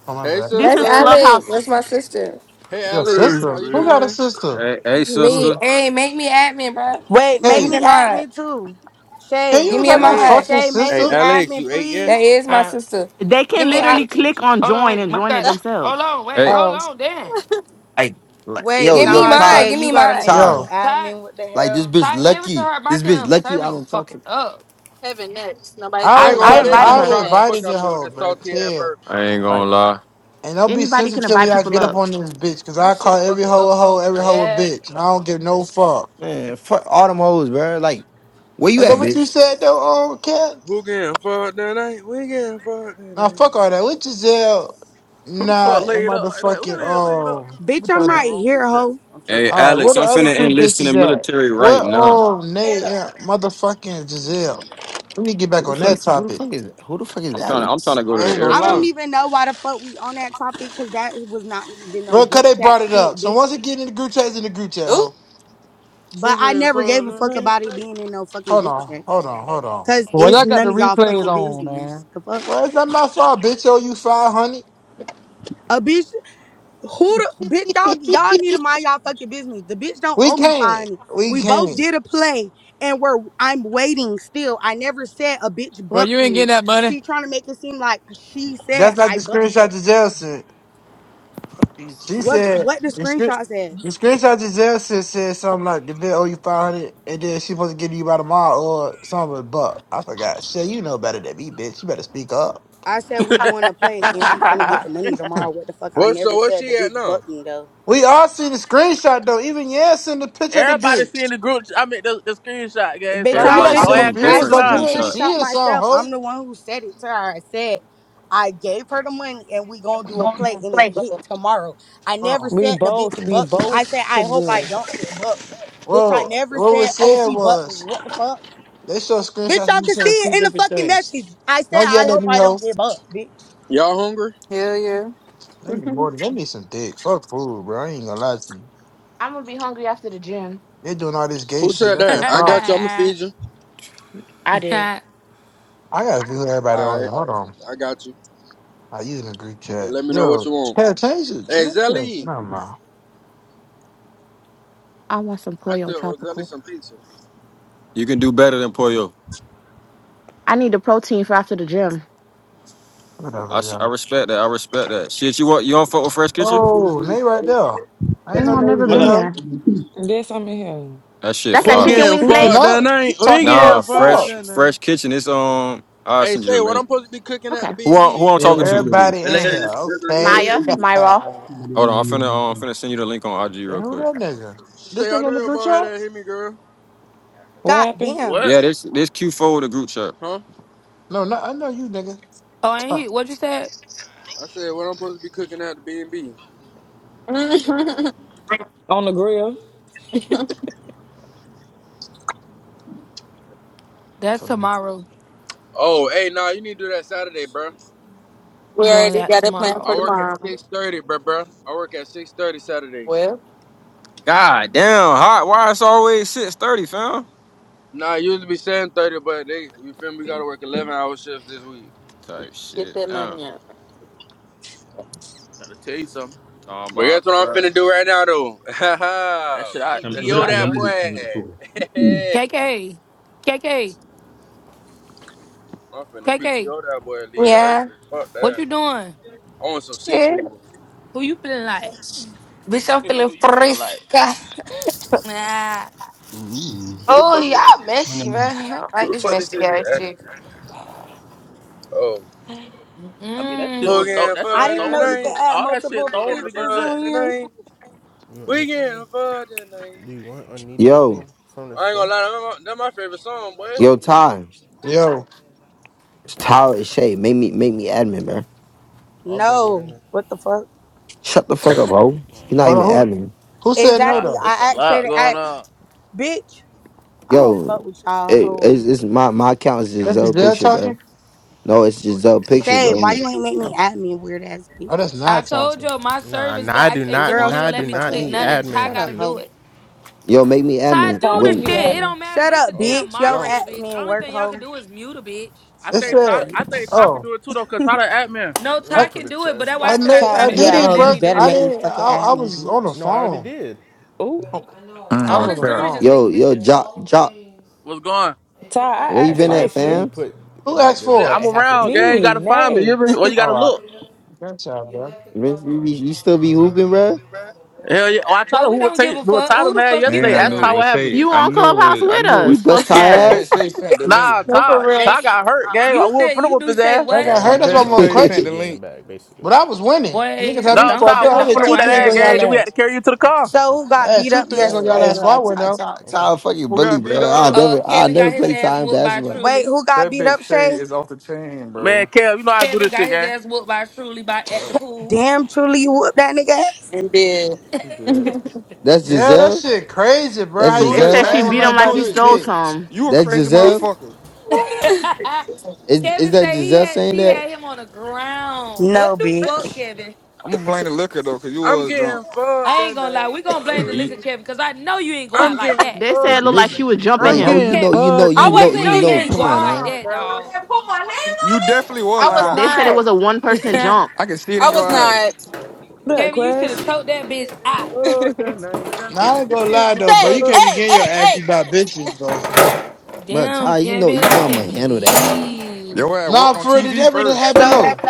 [SPEAKER 3] Oh my
[SPEAKER 5] Hey,
[SPEAKER 3] bad.
[SPEAKER 11] This
[SPEAKER 10] That's
[SPEAKER 11] is
[SPEAKER 5] sister.
[SPEAKER 10] Alex.
[SPEAKER 11] Clubhouse.
[SPEAKER 10] That's my sister.
[SPEAKER 5] Hey,
[SPEAKER 3] Your
[SPEAKER 5] Alex.
[SPEAKER 2] Who
[SPEAKER 3] sister?
[SPEAKER 5] How you
[SPEAKER 3] Who got a
[SPEAKER 5] doing?
[SPEAKER 3] sister?
[SPEAKER 8] Hey, hey,
[SPEAKER 10] Me.
[SPEAKER 8] sister.
[SPEAKER 10] Hey, make me admin, bro.
[SPEAKER 9] Wait,
[SPEAKER 10] Give
[SPEAKER 9] make
[SPEAKER 10] me
[SPEAKER 3] Hey,
[SPEAKER 10] the
[SPEAKER 9] me
[SPEAKER 10] mod.
[SPEAKER 9] admin too.
[SPEAKER 3] Can
[SPEAKER 9] Shay.
[SPEAKER 10] Give
[SPEAKER 3] you
[SPEAKER 10] me a
[SPEAKER 3] got no
[SPEAKER 10] mod.
[SPEAKER 3] fucking
[SPEAKER 5] Alex.
[SPEAKER 9] Shay, make
[SPEAKER 5] Hey,
[SPEAKER 3] sister?
[SPEAKER 9] me
[SPEAKER 5] Alex,
[SPEAKER 9] admin,
[SPEAKER 5] you ate yet?
[SPEAKER 10] That
[SPEAKER 9] please.
[SPEAKER 10] is my
[SPEAKER 1] Huh?
[SPEAKER 10] sister.
[SPEAKER 11] They
[SPEAKER 10] Give
[SPEAKER 11] can
[SPEAKER 5] Oh,
[SPEAKER 10] me
[SPEAKER 5] I
[SPEAKER 10] I
[SPEAKER 5] gotta
[SPEAKER 11] literally
[SPEAKER 5] feed
[SPEAKER 11] click
[SPEAKER 5] you.
[SPEAKER 11] on
[SPEAKER 1] Hold on,
[SPEAKER 11] join
[SPEAKER 1] wait.
[SPEAKER 11] and
[SPEAKER 1] My
[SPEAKER 11] join it
[SPEAKER 1] God. Hold
[SPEAKER 11] themselves.
[SPEAKER 1] on, wait.
[SPEAKER 8] Hey,
[SPEAKER 1] Hold
[SPEAKER 10] um
[SPEAKER 1] on, damn.
[SPEAKER 4] Like, like
[SPEAKER 9] Wait,
[SPEAKER 4] yo,
[SPEAKER 10] give
[SPEAKER 4] yo,
[SPEAKER 10] me
[SPEAKER 9] nah,
[SPEAKER 10] mine.
[SPEAKER 4] Todd,
[SPEAKER 9] Shay,
[SPEAKER 10] Give
[SPEAKER 9] you
[SPEAKER 10] me
[SPEAKER 9] gotta
[SPEAKER 10] mine.
[SPEAKER 9] make me
[SPEAKER 4] Todd.
[SPEAKER 3] Yo,
[SPEAKER 1] Ty,
[SPEAKER 9] admin. What the
[SPEAKER 4] Like this
[SPEAKER 9] hell?
[SPEAKER 4] bitch
[SPEAKER 1] Ty, give it to
[SPEAKER 4] lucky.
[SPEAKER 1] her. My
[SPEAKER 4] This bitch
[SPEAKER 1] damn
[SPEAKER 4] lucky. I
[SPEAKER 1] service is
[SPEAKER 4] don't talk
[SPEAKER 1] fucking
[SPEAKER 4] to.
[SPEAKER 1] up.
[SPEAKER 7] Kevin, next. Nobody's
[SPEAKER 3] I
[SPEAKER 5] I
[SPEAKER 3] already
[SPEAKER 11] I,
[SPEAKER 7] talking
[SPEAKER 5] ain't gonna
[SPEAKER 7] about
[SPEAKER 5] lie,
[SPEAKER 11] I
[SPEAKER 7] it no
[SPEAKER 3] invite,
[SPEAKER 5] they
[SPEAKER 11] invited
[SPEAKER 3] I
[SPEAKER 5] just
[SPEAKER 7] more.
[SPEAKER 11] her.
[SPEAKER 3] already
[SPEAKER 5] tried the fuck
[SPEAKER 3] invited
[SPEAKER 7] Next.
[SPEAKER 5] out
[SPEAKER 3] your
[SPEAKER 5] me with
[SPEAKER 3] hoe,
[SPEAKER 5] this
[SPEAKER 3] bro.
[SPEAKER 5] salty ass
[SPEAKER 3] Chill.
[SPEAKER 5] burger.
[SPEAKER 8] I ain't
[SPEAKER 4] Like,
[SPEAKER 8] gonna lie.
[SPEAKER 3] And don't be
[SPEAKER 11] Anybody can
[SPEAKER 3] sensitive when
[SPEAKER 11] invite
[SPEAKER 3] I
[SPEAKER 11] people
[SPEAKER 3] get up
[SPEAKER 11] up.
[SPEAKER 3] on this bitch, cause
[SPEAKER 1] My
[SPEAKER 3] I call
[SPEAKER 1] shit
[SPEAKER 3] every
[SPEAKER 1] fucking
[SPEAKER 3] hoe
[SPEAKER 1] up
[SPEAKER 3] a hoe,
[SPEAKER 1] so
[SPEAKER 3] every hoe a
[SPEAKER 1] bad.
[SPEAKER 3] bitch, and I don't give no fuck.
[SPEAKER 4] man, fuck all them hoes, bro. Like, where
[SPEAKER 3] Hey,
[SPEAKER 4] you
[SPEAKER 3] but
[SPEAKER 4] at,
[SPEAKER 3] what you
[SPEAKER 4] bitch?
[SPEAKER 3] said though, um, cat?
[SPEAKER 5] Who getting fucked tonight? We getting fucked
[SPEAKER 3] Nah,
[SPEAKER 5] tonight.
[SPEAKER 3] fuck all that. Let Giselle,
[SPEAKER 2] the
[SPEAKER 3] nah,
[SPEAKER 2] fuck
[SPEAKER 3] and
[SPEAKER 2] laid up like that? Who the
[SPEAKER 3] motherfucking
[SPEAKER 2] hell laid up?
[SPEAKER 3] um,
[SPEAKER 9] Bitch,
[SPEAKER 3] what the
[SPEAKER 2] Oh
[SPEAKER 9] I'm
[SPEAKER 3] other?
[SPEAKER 2] damn,
[SPEAKER 9] right
[SPEAKER 2] wrong
[SPEAKER 9] here,
[SPEAKER 2] group chat.
[SPEAKER 9] ho.
[SPEAKER 2] I'm
[SPEAKER 8] Hey,
[SPEAKER 2] tripping.
[SPEAKER 3] All right, where
[SPEAKER 8] Alex,
[SPEAKER 3] the
[SPEAKER 8] I'm
[SPEAKER 3] other
[SPEAKER 8] finna
[SPEAKER 3] two
[SPEAKER 8] enlist in the
[SPEAKER 3] bitches at?
[SPEAKER 8] military right
[SPEAKER 3] What
[SPEAKER 8] now.
[SPEAKER 3] um, Nate and motherfucking Giselle? We need to get
[SPEAKER 4] Who
[SPEAKER 3] back
[SPEAKER 4] the
[SPEAKER 3] on
[SPEAKER 4] fuck?
[SPEAKER 3] that
[SPEAKER 4] Who the
[SPEAKER 3] topic.
[SPEAKER 4] fuck is? Who the fuck is
[SPEAKER 8] I'm trying. To, I'm trying
[SPEAKER 4] Alex?
[SPEAKER 8] to go
[SPEAKER 5] I
[SPEAKER 8] to the
[SPEAKER 5] ain't
[SPEAKER 8] Air
[SPEAKER 5] gonna
[SPEAKER 9] I don't
[SPEAKER 8] Force.
[SPEAKER 5] lie.
[SPEAKER 9] even know why the fuck we on that topic, cause that was not even no
[SPEAKER 3] Well, cause
[SPEAKER 9] group
[SPEAKER 3] they brought
[SPEAKER 9] chat
[SPEAKER 3] it up.
[SPEAKER 9] shit,
[SPEAKER 3] So once
[SPEAKER 9] bitch.
[SPEAKER 3] again in the group chat, it's in the group chat, hoe.
[SPEAKER 7] Ooh,
[SPEAKER 9] But
[SPEAKER 5] Who
[SPEAKER 9] I
[SPEAKER 5] getting
[SPEAKER 9] never gave
[SPEAKER 5] fucked
[SPEAKER 9] a fuck
[SPEAKER 5] tonight?
[SPEAKER 9] about it being in no fucking
[SPEAKER 3] Hold
[SPEAKER 9] group
[SPEAKER 3] on,
[SPEAKER 9] chat.
[SPEAKER 3] hold on, hold on.
[SPEAKER 9] Cause
[SPEAKER 12] Well,
[SPEAKER 9] it's
[SPEAKER 12] y'all got the
[SPEAKER 9] none of y'all
[SPEAKER 12] replays
[SPEAKER 9] fucking
[SPEAKER 12] on,
[SPEAKER 9] business.
[SPEAKER 12] man.
[SPEAKER 9] The fuck?
[SPEAKER 3] Well, it's not my fault, bitch. Owe you five hundred.
[SPEAKER 9] A bitch Who the bitch? Y'all, y'all need to mind y'all fucking business. The bitch don't
[SPEAKER 3] We
[SPEAKER 9] owe me
[SPEAKER 3] can't.
[SPEAKER 9] finding.
[SPEAKER 3] We
[SPEAKER 9] We both
[SPEAKER 3] can't.
[SPEAKER 9] did a play, and we're I'm waiting still. I never said a bitch
[SPEAKER 12] Bro, you
[SPEAKER 9] bucked
[SPEAKER 12] ain't getting
[SPEAKER 9] me.
[SPEAKER 12] that money.
[SPEAKER 9] She trying to make it seem like she said
[SPEAKER 3] That's not
[SPEAKER 9] I
[SPEAKER 3] the
[SPEAKER 9] bucked
[SPEAKER 3] screenshot
[SPEAKER 9] her.
[SPEAKER 3] Giselle sent.
[SPEAKER 11] Oh,
[SPEAKER 3] She
[SPEAKER 11] Jesus.
[SPEAKER 9] What
[SPEAKER 3] said
[SPEAKER 9] what the screenshot said?
[SPEAKER 3] the screenshot Giselle sent said something like the bitch. owe you five hundred, and then she supposed to give you by tomorrow or something. But I forgot. Shit, you know better than me, bitch. You better speak up.
[SPEAKER 9] I said we doing a play
[SPEAKER 11] we
[SPEAKER 9] and we finna get the money tomorrow. What the fuck? I
[SPEAKER 5] What so
[SPEAKER 9] never
[SPEAKER 5] where
[SPEAKER 9] said the
[SPEAKER 5] she at
[SPEAKER 9] bitch
[SPEAKER 5] now?
[SPEAKER 9] bucked me though.
[SPEAKER 3] We all see the screenshot though. Even yeah, send the picture of the
[SPEAKER 2] Everybody
[SPEAKER 3] bitch.
[SPEAKER 2] seeing the group. ch- I mean, the, the screenshot, guys. So
[SPEAKER 9] Bitch,
[SPEAKER 3] Like
[SPEAKER 9] I
[SPEAKER 3] you
[SPEAKER 8] Everybody
[SPEAKER 2] y'all
[SPEAKER 9] sent
[SPEAKER 3] acting
[SPEAKER 2] don't
[SPEAKER 9] this.
[SPEAKER 8] seen
[SPEAKER 2] act
[SPEAKER 9] I
[SPEAKER 3] confused,
[SPEAKER 2] crazy
[SPEAKER 8] different
[SPEAKER 3] like
[SPEAKER 9] sent the
[SPEAKER 3] you
[SPEAKER 2] now.
[SPEAKER 3] ain't
[SPEAKER 8] screenshot.
[SPEAKER 9] screenshot
[SPEAKER 3] seeing something,
[SPEAKER 9] myself.
[SPEAKER 3] ho.
[SPEAKER 9] I'm the one who said it to her. I said I gave her the money and we gonna do a
[SPEAKER 11] going to do
[SPEAKER 9] play
[SPEAKER 11] a
[SPEAKER 9] and it
[SPEAKER 11] play.
[SPEAKER 9] hit tomorrow. I
[SPEAKER 3] Hold
[SPEAKER 9] never
[SPEAKER 3] on.
[SPEAKER 13] We
[SPEAKER 9] said the
[SPEAKER 13] both,
[SPEAKER 9] bitch
[SPEAKER 13] we
[SPEAKER 9] bucked me. I
[SPEAKER 13] both
[SPEAKER 9] said I
[SPEAKER 13] put it
[SPEAKER 9] hope I
[SPEAKER 13] in.
[SPEAKER 9] don't get bucked. Bitch, I
[SPEAKER 3] Well,
[SPEAKER 9] never
[SPEAKER 3] what
[SPEAKER 9] said
[SPEAKER 3] was
[SPEAKER 9] oh
[SPEAKER 3] said
[SPEAKER 9] she bucked me.
[SPEAKER 3] was.
[SPEAKER 9] What the fuck?
[SPEAKER 3] They show
[SPEAKER 9] Bitch,
[SPEAKER 3] screenshots of
[SPEAKER 9] y'all
[SPEAKER 3] you
[SPEAKER 9] can see
[SPEAKER 3] saying two
[SPEAKER 9] it in the
[SPEAKER 3] different
[SPEAKER 9] fucking
[SPEAKER 3] things.
[SPEAKER 9] message. I said
[SPEAKER 3] Don't
[SPEAKER 9] I
[SPEAKER 3] yell at
[SPEAKER 9] hope
[SPEAKER 3] me,
[SPEAKER 9] I
[SPEAKER 3] ho.
[SPEAKER 9] don't get bucked, bitch.
[SPEAKER 5] Y'all hungry?
[SPEAKER 7] hell yeah.
[SPEAKER 3] They need more. than They need some dick. Fuck food, bro. I ain't gonna lie to you.
[SPEAKER 11] I'm gonna be hungry after the gym.
[SPEAKER 3] They doing all this gay
[SPEAKER 5] Who
[SPEAKER 3] shit.
[SPEAKER 5] said
[SPEAKER 3] That's their
[SPEAKER 5] that? I
[SPEAKER 3] problem.
[SPEAKER 5] got you, I'ma feed you.
[SPEAKER 11] I did.
[SPEAKER 3] I gotta view everybody on here.
[SPEAKER 5] Alright,
[SPEAKER 3] Hold on.
[SPEAKER 5] I got you.
[SPEAKER 3] I use in the group
[SPEAKER 5] Then
[SPEAKER 3] chat.
[SPEAKER 5] let me know what
[SPEAKER 3] Yo,
[SPEAKER 5] you want.
[SPEAKER 3] chat, change it.
[SPEAKER 5] Hey
[SPEAKER 3] Change it.
[SPEAKER 5] Zelly,
[SPEAKER 3] No, no.
[SPEAKER 11] I want some
[SPEAKER 5] I
[SPEAKER 11] pollo
[SPEAKER 5] still owe Zelly
[SPEAKER 11] tropical.
[SPEAKER 5] some pizza.
[SPEAKER 8] You can do better than Pollo.
[SPEAKER 11] I need the protein for after the gym.
[SPEAKER 8] I,
[SPEAKER 3] Whatever,
[SPEAKER 8] s- I
[SPEAKER 3] yo.
[SPEAKER 8] respect that. I respect that. Shit, you want you don't fuck with Fresh Kitchen?
[SPEAKER 3] Oh, they right there. I ain't know
[SPEAKER 11] Oh, I've
[SPEAKER 3] they
[SPEAKER 11] never
[SPEAKER 3] was
[SPEAKER 14] What's
[SPEAKER 3] in
[SPEAKER 11] been
[SPEAKER 3] here.
[SPEAKER 14] that?
[SPEAKER 11] there.
[SPEAKER 13] Yes, I'm in here.
[SPEAKER 8] That shit
[SPEAKER 11] That's
[SPEAKER 3] Well,
[SPEAKER 11] that
[SPEAKER 5] Who
[SPEAKER 8] fire.
[SPEAKER 3] you ain't
[SPEAKER 11] chicken
[SPEAKER 5] getting
[SPEAKER 11] wing
[SPEAKER 3] speaking
[SPEAKER 5] fucked
[SPEAKER 11] place?
[SPEAKER 3] up. You
[SPEAKER 5] tonight? We
[SPEAKER 3] talking low
[SPEAKER 5] getting
[SPEAKER 8] Nah,
[SPEAKER 3] as
[SPEAKER 5] fucked
[SPEAKER 3] fuck.
[SPEAKER 8] Fresh
[SPEAKER 5] tonight.
[SPEAKER 8] Fresh Kitchen. It's um. I'll
[SPEAKER 5] Hey,
[SPEAKER 8] send you
[SPEAKER 5] say
[SPEAKER 8] the
[SPEAKER 5] what I'm
[SPEAKER 8] link.
[SPEAKER 5] supposed to be cooking at the
[SPEAKER 11] Okay.
[SPEAKER 5] B
[SPEAKER 8] Who
[SPEAKER 5] and
[SPEAKER 8] I,
[SPEAKER 5] B.
[SPEAKER 8] who I'm
[SPEAKER 3] Oh,
[SPEAKER 14] Whatever
[SPEAKER 8] talking to?
[SPEAKER 14] you do.
[SPEAKER 3] everybody
[SPEAKER 14] Whether
[SPEAKER 3] in here. Okay.
[SPEAKER 11] Maya, Myra.
[SPEAKER 8] Hold on, I'm finna uh, I'm finna send you the link on IG
[SPEAKER 3] Yeah,
[SPEAKER 8] real
[SPEAKER 3] who
[SPEAKER 8] quick.
[SPEAKER 3] that nigga? This
[SPEAKER 5] Say I
[SPEAKER 3] nigga
[SPEAKER 5] know
[SPEAKER 3] in the
[SPEAKER 5] your
[SPEAKER 3] group
[SPEAKER 5] bald head
[SPEAKER 3] chat?
[SPEAKER 5] ass hit me, girl.
[SPEAKER 13] What
[SPEAKER 9] God
[SPEAKER 13] happened?
[SPEAKER 9] damn.
[SPEAKER 2] What?
[SPEAKER 8] Yeah, this this Q4 the group chat.
[SPEAKER 5] Huh?
[SPEAKER 3] No, not I know you, nigga.
[SPEAKER 1] oh, ain't he? What you said?
[SPEAKER 5] I said what I'm supposed to be cooking at the B and B.
[SPEAKER 7] we
[SPEAKER 13] On the grill.
[SPEAKER 1] That's
[SPEAKER 3] So,
[SPEAKER 1] tomorrow.
[SPEAKER 5] Oh, hey, nah, you need to do that Saturday, bruh.
[SPEAKER 1] I'm doing
[SPEAKER 7] already
[SPEAKER 1] that
[SPEAKER 7] got it planned
[SPEAKER 1] tomorrow.
[SPEAKER 5] I
[SPEAKER 7] for
[SPEAKER 5] work at
[SPEAKER 7] tomorrow.
[SPEAKER 5] six thirty, bruh, bruh. I work at six thirty Saturday.
[SPEAKER 7] Well,
[SPEAKER 8] God damn, hot why it's always six thirty, fam.
[SPEAKER 5] Nah, I used to be saying 30, but they, we finna we gotta work 11 hour shifts this week.
[SPEAKER 8] Type
[SPEAKER 7] get
[SPEAKER 8] shit.
[SPEAKER 7] that
[SPEAKER 8] Damn.
[SPEAKER 7] money up.
[SPEAKER 2] Gotta tell you something.
[SPEAKER 8] Talking
[SPEAKER 5] But
[SPEAKER 8] about
[SPEAKER 5] guess what I'm
[SPEAKER 8] bruh,
[SPEAKER 5] finna do right now, though?
[SPEAKER 2] That shit out.
[SPEAKER 14] um,
[SPEAKER 2] That shit
[SPEAKER 5] PTO
[SPEAKER 2] out
[SPEAKER 5] that
[SPEAKER 2] there.
[SPEAKER 5] boy.
[SPEAKER 1] KK, KK,
[SPEAKER 5] I'm finna
[SPEAKER 1] KK,
[SPEAKER 5] PTO that boy, leave
[SPEAKER 10] Yeah.
[SPEAKER 5] early. Fuck
[SPEAKER 1] what
[SPEAKER 5] that.
[SPEAKER 1] you doing?
[SPEAKER 5] I want some
[SPEAKER 10] Shit.
[SPEAKER 5] seafood.
[SPEAKER 1] Who you feeling like?
[SPEAKER 10] Bitch, I'm feeling
[SPEAKER 2] Who you feeling like?
[SPEAKER 10] frisca.
[SPEAKER 5] Who the
[SPEAKER 10] Oh,
[SPEAKER 5] fuck is,
[SPEAKER 10] y'all messy, man. I don't
[SPEAKER 5] who
[SPEAKER 10] like
[SPEAKER 5] the
[SPEAKER 10] this
[SPEAKER 5] fuck this
[SPEAKER 10] messy
[SPEAKER 5] is?
[SPEAKER 10] ass
[SPEAKER 5] That?
[SPEAKER 10] shit.
[SPEAKER 5] Oh.
[SPEAKER 2] I mean, that
[SPEAKER 1] Nah.
[SPEAKER 2] shit was thrown.
[SPEAKER 5] Hooking
[SPEAKER 2] That shit
[SPEAKER 9] I
[SPEAKER 2] was
[SPEAKER 5] for
[SPEAKER 9] didn't
[SPEAKER 5] the
[SPEAKER 2] thrown
[SPEAKER 9] know
[SPEAKER 2] in
[SPEAKER 9] you
[SPEAKER 2] the
[SPEAKER 9] could
[SPEAKER 5] night.
[SPEAKER 2] group.
[SPEAKER 9] add
[SPEAKER 2] All that shit
[SPEAKER 5] We
[SPEAKER 9] multiple
[SPEAKER 2] thrown in
[SPEAKER 5] getting
[SPEAKER 2] the group
[SPEAKER 9] pictures
[SPEAKER 5] for
[SPEAKER 9] on
[SPEAKER 2] chat.
[SPEAKER 5] the
[SPEAKER 9] here.
[SPEAKER 5] night.
[SPEAKER 6] You want
[SPEAKER 5] We
[SPEAKER 6] anything?
[SPEAKER 5] getting for the night.
[SPEAKER 6] Do you want or need
[SPEAKER 4] Yo.
[SPEAKER 6] anything from the
[SPEAKER 5] I ain't
[SPEAKER 6] store?
[SPEAKER 5] gonna lie, that's my, that my favorite song, boy.
[SPEAKER 4] Yo, Ty.
[SPEAKER 3] Yo,
[SPEAKER 4] It's Tyler and Shay. Make me make me admin, bro.
[SPEAKER 6] I'll bring it
[SPEAKER 9] No.
[SPEAKER 6] right now.
[SPEAKER 9] What the fuck?
[SPEAKER 4] Shut the fuck up, bro. You're not
[SPEAKER 3] hold on.
[SPEAKER 4] even
[SPEAKER 2] Ooh,
[SPEAKER 3] Who,
[SPEAKER 4] admin.
[SPEAKER 3] who
[SPEAKER 2] it's a
[SPEAKER 3] said no
[SPEAKER 2] lot.
[SPEAKER 9] Exactly.
[SPEAKER 3] though?
[SPEAKER 9] I
[SPEAKER 2] It's a
[SPEAKER 9] asked Shay
[SPEAKER 2] lot
[SPEAKER 9] to
[SPEAKER 2] going
[SPEAKER 9] act,
[SPEAKER 2] on.
[SPEAKER 9] bitch. I don't
[SPEAKER 4] Yo,
[SPEAKER 9] fuck with y'all
[SPEAKER 4] it, it's,
[SPEAKER 9] hoes.
[SPEAKER 4] it's my my account is
[SPEAKER 3] That the
[SPEAKER 4] Giselle picture, bro.
[SPEAKER 3] talking?
[SPEAKER 4] No, it's Giselle picture,
[SPEAKER 9] Shay, why
[SPEAKER 4] bro.
[SPEAKER 9] you ain't make me admin, weird ass bitch?
[SPEAKER 3] Oh, that's
[SPEAKER 1] I
[SPEAKER 3] not
[SPEAKER 1] told
[SPEAKER 3] talking.
[SPEAKER 1] you my
[SPEAKER 6] Nah,
[SPEAKER 1] service
[SPEAKER 6] nah, I
[SPEAKER 1] back.
[SPEAKER 6] do
[SPEAKER 1] It it
[SPEAKER 6] not.
[SPEAKER 9] Girl,
[SPEAKER 1] won't
[SPEAKER 6] Nah,
[SPEAKER 1] even
[SPEAKER 6] I
[SPEAKER 9] shut the
[SPEAKER 1] let
[SPEAKER 6] do
[SPEAKER 1] me
[SPEAKER 9] fuck
[SPEAKER 6] not
[SPEAKER 1] click
[SPEAKER 9] up,
[SPEAKER 6] need
[SPEAKER 9] bitch.
[SPEAKER 1] nothing. Ty
[SPEAKER 6] admin.
[SPEAKER 9] Shut up,
[SPEAKER 1] gotta
[SPEAKER 6] Dude.
[SPEAKER 1] do
[SPEAKER 9] hoe.
[SPEAKER 1] it.
[SPEAKER 4] Yo, make me
[SPEAKER 1] Ty
[SPEAKER 4] admin.
[SPEAKER 13] Ty,
[SPEAKER 1] do
[SPEAKER 4] What?
[SPEAKER 1] the
[SPEAKER 13] make me
[SPEAKER 1] shit. It
[SPEAKER 13] admin.
[SPEAKER 1] don't matter.
[SPEAKER 9] Shut
[SPEAKER 1] This a
[SPEAKER 9] up,
[SPEAKER 6] Oh,
[SPEAKER 1] damn
[SPEAKER 9] bitch. Yo,
[SPEAKER 6] wrong
[SPEAKER 1] moderator, bitch.
[SPEAKER 6] spot.
[SPEAKER 9] admin
[SPEAKER 1] Only
[SPEAKER 9] work,
[SPEAKER 1] thing y'all can
[SPEAKER 9] hoe.
[SPEAKER 1] do is mute a bitch.
[SPEAKER 2] I
[SPEAKER 3] It
[SPEAKER 9] Shut
[SPEAKER 2] think
[SPEAKER 9] up,
[SPEAKER 3] said,
[SPEAKER 2] Ta- I think
[SPEAKER 9] bitch.
[SPEAKER 2] Taka
[SPEAKER 3] "Oh,
[SPEAKER 2] do it too though, cause Taka admin.
[SPEAKER 1] No,
[SPEAKER 6] Let me
[SPEAKER 1] Ty
[SPEAKER 3] I
[SPEAKER 6] put
[SPEAKER 1] can
[SPEAKER 6] a
[SPEAKER 1] do it, but
[SPEAKER 6] trash
[SPEAKER 1] that's why
[SPEAKER 6] bag
[SPEAKER 1] I
[SPEAKER 3] I
[SPEAKER 1] said
[SPEAKER 6] in
[SPEAKER 1] I
[SPEAKER 3] made
[SPEAKER 6] there.
[SPEAKER 13] Ty,
[SPEAKER 1] tried
[SPEAKER 3] I
[SPEAKER 1] to
[SPEAKER 13] make
[SPEAKER 1] do it.
[SPEAKER 3] did
[SPEAKER 13] me
[SPEAKER 9] Yeah,
[SPEAKER 1] They ain't
[SPEAKER 3] it,
[SPEAKER 6] Bring
[SPEAKER 9] hoe,
[SPEAKER 1] let
[SPEAKER 3] bro.
[SPEAKER 9] you
[SPEAKER 13] admin.
[SPEAKER 1] me
[SPEAKER 6] that
[SPEAKER 9] better
[SPEAKER 1] do
[SPEAKER 6] note
[SPEAKER 3] I
[SPEAKER 9] make
[SPEAKER 1] it.
[SPEAKER 9] me
[SPEAKER 6] for
[SPEAKER 3] didn't. I,
[SPEAKER 6] care.
[SPEAKER 9] fucking
[SPEAKER 6] I'm
[SPEAKER 3] I
[SPEAKER 6] gonna
[SPEAKER 9] admin,
[SPEAKER 3] was
[SPEAKER 6] wash
[SPEAKER 3] on the
[SPEAKER 6] it.
[SPEAKER 9] bitch.
[SPEAKER 6] No, I already
[SPEAKER 3] phone.
[SPEAKER 6] did.
[SPEAKER 13] Ooh,
[SPEAKER 3] I
[SPEAKER 15] I ain't
[SPEAKER 3] was
[SPEAKER 1] All
[SPEAKER 15] gonna
[SPEAKER 3] on
[SPEAKER 1] it's
[SPEAKER 3] the
[SPEAKER 1] doing
[SPEAKER 15] care.
[SPEAKER 1] is just
[SPEAKER 3] phone.
[SPEAKER 4] Yo,
[SPEAKER 1] making
[SPEAKER 4] yo,
[SPEAKER 1] bitches.
[SPEAKER 4] Jock, Jock.
[SPEAKER 2] What's going?
[SPEAKER 6] It's
[SPEAKER 13] Ty,
[SPEAKER 6] okay.
[SPEAKER 4] Where
[SPEAKER 13] I
[SPEAKER 6] I'll
[SPEAKER 4] you
[SPEAKER 13] asked
[SPEAKER 6] Just
[SPEAKER 4] been
[SPEAKER 6] make
[SPEAKER 4] at,
[SPEAKER 13] first,
[SPEAKER 6] wash sure you
[SPEAKER 4] fam?
[SPEAKER 13] bitch.
[SPEAKER 6] put
[SPEAKER 3] Who
[SPEAKER 6] like
[SPEAKER 3] asked
[SPEAKER 6] the
[SPEAKER 2] Shit,
[SPEAKER 3] for
[SPEAKER 6] bag.
[SPEAKER 2] I'm
[SPEAKER 3] it?
[SPEAKER 6] It has to be
[SPEAKER 2] around,
[SPEAKER 6] Yeah, in a
[SPEAKER 2] gang.
[SPEAKER 6] I'm
[SPEAKER 2] You
[SPEAKER 6] bag.
[SPEAKER 13] Me,
[SPEAKER 2] gotta
[SPEAKER 6] doing
[SPEAKER 2] find
[SPEAKER 6] it
[SPEAKER 2] me, you
[SPEAKER 6] because
[SPEAKER 13] nay.
[SPEAKER 2] hear me?
[SPEAKER 6] what
[SPEAKER 2] Or you
[SPEAKER 6] I
[SPEAKER 3] All
[SPEAKER 2] gotta
[SPEAKER 3] right,
[SPEAKER 6] went
[SPEAKER 2] look.
[SPEAKER 6] through,
[SPEAKER 3] good job, bro.
[SPEAKER 4] You, been- you be- you still be hooping, bro?
[SPEAKER 2] Hell yeah. Oh, I tried
[SPEAKER 1] Boy,
[SPEAKER 2] to
[SPEAKER 1] we
[SPEAKER 2] who would
[SPEAKER 1] don't give
[SPEAKER 2] take
[SPEAKER 1] a
[SPEAKER 2] do a
[SPEAKER 1] fuck.
[SPEAKER 2] title
[SPEAKER 1] Who the
[SPEAKER 2] man
[SPEAKER 1] fuck you
[SPEAKER 15] And
[SPEAKER 2] yesterday.
[SPEAKER 15] I
[SPEAKER 1] feeling
[SPEAKER 2] Ask
[SPEAKER 15] knew it
[SPEAKER 2] Ty
[SPEAKER 15] was
[SPEAKER 2] what
[SPEAKER 1] like?
[SPEAKER 2] happened.
[SPEAKER 15] Shay.
[SPEAKER 11] You
[SPEAKER 15] I
[SPEAKER 11] on
[SPEAKER 15] knew it
[SPEAKER 11] Clubhouse
[SPEAKER 15] was, I
[SPEAKER 11] with
[SPEAKER 15] knew it
[SPEAKER 4] You
[SPEAKER 11] us.
[SPEAKER 15] was
[SPEAKER 4] bust
[SPEAKER 11] Fuck
[SPEAKER 4] Ty
[SPEAKER 15] I bet
[SPEAKER 11] yes.
[SPEAKER 4] ass?
[SPEAKER 15] Shay sent the link.
[SPEAKER 2] Nah,
[SPEAKER 7] No, for
[SPEAKER 2] Ty
[SPEAKER 7] real.
[SPEAKER 2] Ty got hurt, gang. I
[SPEAKER 1] You
[SPEAKER 2] was
[SPEAKER 1] said
[SPEAKER 2] finna
[SPEAKER 1] you
[SPEAKER 2] whip
[SPEAKER 1] do
[SPEAKER 2] his
[SPEAKER 1] Shay
[SPEAKER 2] ass.
[SPEAKER 3] Y'all
[SPEAKER 6] So
[SPEAKER 1] what?
[SPEAKER 3] got
[SPEAKER 6] whenever
[SPEAKER 15] I
[SPEAKER 6] you
[SPEAKER 3] hurt. That's
[SPEAKER 6] throw
[SPEAKER 3] why
[SPEAKER 15] bet
[SPEAKER 3] I'm on
[SPEAKER 6] something,
[SPEAKER 15] Shay
[SPEAKER 6] it has to
[SPEAKER 15] sent
[SPEAKER 3] crutches.
[SPEAKER 15] the
[SPEAKER 6] be in a
[SPEAKER 15] link.
[SPEAKER 6] bag, basically.
[SPEAKER 3] But I was winning. Niggas
[SPEAKER 1] Boy,
[SPEAKER 3] had me
[SPEAKER 2] No,
[SPEAKER 1] don't
[SPEAKER 2] Ty,
[SPEAKER 3] fucked
[SPEAKER 2] we
[SPEAKER 1] str-
[SPEAKER 3] up.
[SPEAKER 2] were
[SPEAKER 3] I
[SPEAKER 1] don't
[SPEAKER 3] hit
[SPEAKER 2] finna
[SPEAKER 1] work
[SPEAKER 3] two
[SPEAKER 2] with
[SPEAKER 1] my
[SPEAKER 2] that
[SPEAKER 3] threes
[SPEAKER 2] ass,
[SPEAKER 3] on
[SPEAKER 1] nerve
[SPEAKER 2] gang.
[SPEAKER 3] y'all
[SPEAKER 2] Then
[SPEAKER 1] today.
[SPEAKER 2] we had to
[SPEAKER 3] ass.
[SPEAKER 2] carry you to the car.
[SPEAKER 6] Okay.
[SPEAKER 9] So, who
[SPEAKER 3] I
[SPEAKER 9] got
[SPEAKER 3] had
[SPEAKER 9] beat
[SPEAKER 3] two
[SPEAKER 9] up
[SPEAKER 3] threes on
[SPEAKER 4] Bro,
[SPEAKER 3] y'all
[SPEAKER 4] I ain't
[SPEAKER 3] ass.
[SPEAKER 9] yesterday?
[SPEAKER 4] gonna
[SPEAKER 3] before I
[SPEAKER 4] lie,
[SPEAKER 3] went
[SPEAKER 4] Ty,
[SPEAKER 3] out.
[SPEAKER 4] Ty,
[SPEAKER 6] when you do? Okay.
[SPEAKER 4] Ty a fucking
[SPEAKER 15] Who
[SPEAKER 4] bully,
[SPEAKER 15] got
[SPEAKER 4] bro.
[SPEAKER 15] beat
[SPEAKER 1] Ke-
[SPEAKER 4] I
[SPEAKER 15] up?
[SPEAKER 1] Uh,
[SPEAKER 4] never, I
[SPEAKER 1] Kevin got
[SPEAKER 4] never
[SPEAKER 1] his
[SPEAKER 4] play
[SPEAKER 1] ass
[SPEAKER 4] Ty in
[SPEAKER 1] whooped by
[SPEAKER 4] basketball.
[SPEAKER 9] Wait,
[SPEAKER 1] Truly.
[SPEAKER 9] who got
[SPEAKER 15] That
[SPEAKER 9] beat
[SPEAKER 15] bitch
[SPEAKER 9] up,
[SPEAKER 15] Shay
[SPEAKER 9] Shay?
[SPEAKER 15] is off the chain,
[SPEAKER 2] Man,
[SPEAKER 15] bro.
[SPEAKER 2] Kev, you know how I do
[SPEAKER 1] Kevin
[SPEAKER 2] this
[SPEAKER 1] got
[SPEAKER 2] shit,
[SPEAKER 1] his
[SPEAKER 2] gang.
[SPEAKER 1] ass whooped by Truly by at the pool.
[SPEAKER 9] Damn, truly, you whooped that nigga ass?
[SPEAKER 7] And then.
[SPEAKER 15] She did.
[SPEAKER 4] That's
[SPEAKER 3] Yeah, that
[SPEAKER 4] Giselle.
[SPEAKER 3] shit crazy, bro.
[SPEAKER 4] That's
[SPEAKER 3] How you
[SPEAKER 11] They
[SPEAKER 3] got
[SPEAKER 15] Truly,
[SPEAKER 11] said
[SPEAKER 3] your
[SPEAKER 4] Giselle.
[SPEAKER 15] I
[SPEAKER 11] she
[SPEAKER 15] ain't
[SPEAKER 3] ass
[SPEAKER 15] gonna
[SPEAKER 11] beat
[SPEAKER 15] lie,
[SPEAKER 11] him
[SPEAKER 3] beat
[SPEAKER 11] like
[SPEAKER 3] by
[SPEAKER 11] he
[SPEAKER 3] this
[SPEAKER 15] truly,
[SPEAKER 11] stole
[SPEAKER 3] bitch?
[SPEAKER 11] some.
[SPEAKER 15] you a
[SPEAKER 4] That's
[SPEAKER 15] crazy
[SPEAKER 4] Giselle.
[SPEAKER 15] motherfucker.
[SPEAKER 4] Is is
[SPEAKER 1] Kevin
[SPEAKER 4] that
[SPEAKER 1] said he
[SPEAKER 4] Giselle
[SPEAKER 1] had
[SPEAKER 4] saying
[SPEAKER 1] she
[SPEAKER 4] that?
[SPEAKER 1] had him on the ground.
[SPEAKER 9] No,
[SPEAKER 1] What the fuck,
[SPEAKER 9] bitch.
[SPEAKER 1] Kevin?
[SPEAKER 15] I'm gonna blame the liquor though, cause you
[SPEAKER 5] I'm
[SPEAKER 15] was drunk.
[SPEAKER 5] getting for
[SPEAKER 1] I
[SPEAKER 5] the
[SPEAKER 1] ain't gonna lie,
[SPEAKER 5] night.
[SPEAKER 1] we gonna
[SPEAKER 8] the
[SPEAKER 1] blame the
[SPEAKER 8] deep
[SPEAKER 1] liquor,
[SPEAKER 5] Hey.
[SPEAKER 1] Kevin, because I know you ain't go out
[SPEAKER 5] I'm
[SPEAKER 1] like
[SPEAKER 5] getting
[SPEAKER 1] that.
[SPEAKER 11] They
[SPEAKER 8] the
[SPEAKER 11] said
[SPEAKER 5] bored
[SPEAKER 11] it looked
[SPEAKER 8] deep
[SPEAKER 11] like
[SPEAKER 5] tonight.
[SPEAKER 4] Bitch,
[SPEAKER 11] she was jumping
[SPEAKER 4] like,
[SPEAKER 5] I'm
[SPEAKER 4] oh,
[SPEAKER 11] him.
[SPEAKER 4] you
[SPEAKER 5] getting
[SPEAKER 4] know,
[SPEAKER 1] Kevin,
[SPEAKER 4] you know,
[SPEAKER 5] bored
[SPEAKER 7] I
[SPEAKER 4] you
[SPEAKER 1] we
[SPEAKER 4] know,
[SPEAKER 5] tonight.
[SPEAKER 4] you
[SPEAKER 7] wasn't
[SPEAKER 1] know you
[SPEAKER 4] know.
[SPEAKER 7] even
[SPEAKER 1] ain't go
[SPEAKER 4] Come
[SPEAKER 1] out
[SPEAKER 4] on
[SPEAKER 1] like
[SPEAKER 4] now.
[SPEAKER 7] drunk,
[SPEAKER 1] that,
[SPEAKER 7] bro.
[SPEAKER 1] dog.
[SPEAKER 15] You definitely
[SPEAKER 7] I
[SPEAKER 15] was
[SPEAKER 7] was
[SPEAKER 10] Nah.
[SPEAKER 15] drunk,
[SPEAKER 11] They said it
[SPEAKER 7] not.
[SPEAKER 15] man.
[SPEAKER 11] was a one person jump.
[SPEAKER 1] Kevin,
[SPEAKER 15] I can see it in
[SPEAKER 7] I
[SPEAKER 15] your
[SPEAKER 7] was
[SPEAKER 15] eyes.
[SPEAKER 7] not.
[SPEAKER 13] Look,
[SPEAKER 1] you should have
[SPEAKER 13] Crash.
[SPEAKER 1] choked that
[SPEAKER 5] I'm
[SPEAKER 1] bitch
[SPEAKER 5] getting
[SPEAKER 1] out.
[SPEAKER 7] Say,
[SPEAKER 5] bored tonight.
[SPEAKER 3] Nah, I ain't
[SPEAKER 5] I'm
[SPEAKER 3] gonna lie
[SPEAKER 5] getting
[SPEAKER 3] though, bro. You
[SPEAKER 7] hey,
[SPEAKER 3] can't
[SPEAKER 5] bored.
[SPEAKER 3] be
[SPEAKER 7] hey,
[SPEAKER 3] getting your ass
[SPEAKER 7] hey.
[SPEAKER 3] beat by bitches, bro.
[SPEAKER 4] But
[SPEAKER 1] Damn,
[SPEAKER 4] Ty, you know, you
[SPEAKER 1] Kevin, I
[SPEAKER 4] know I'ma
[SPEAKER 1] can't
[SPEAKER 4] handle that shit.
[SPEAKER 1] believe.
[SPEAKER 15] Your ass
[SPEAKER 3] Nah,
[SPEAKER 15] walked on
[SPEAKER 3] for real, did
[SPEAKER 15] TV
[SPEAKER 3] that really
[SPEAKER 15] first.
[SPEAKER 3] happen
[SPEAKER 9] So,
[SPEAKER 3] though?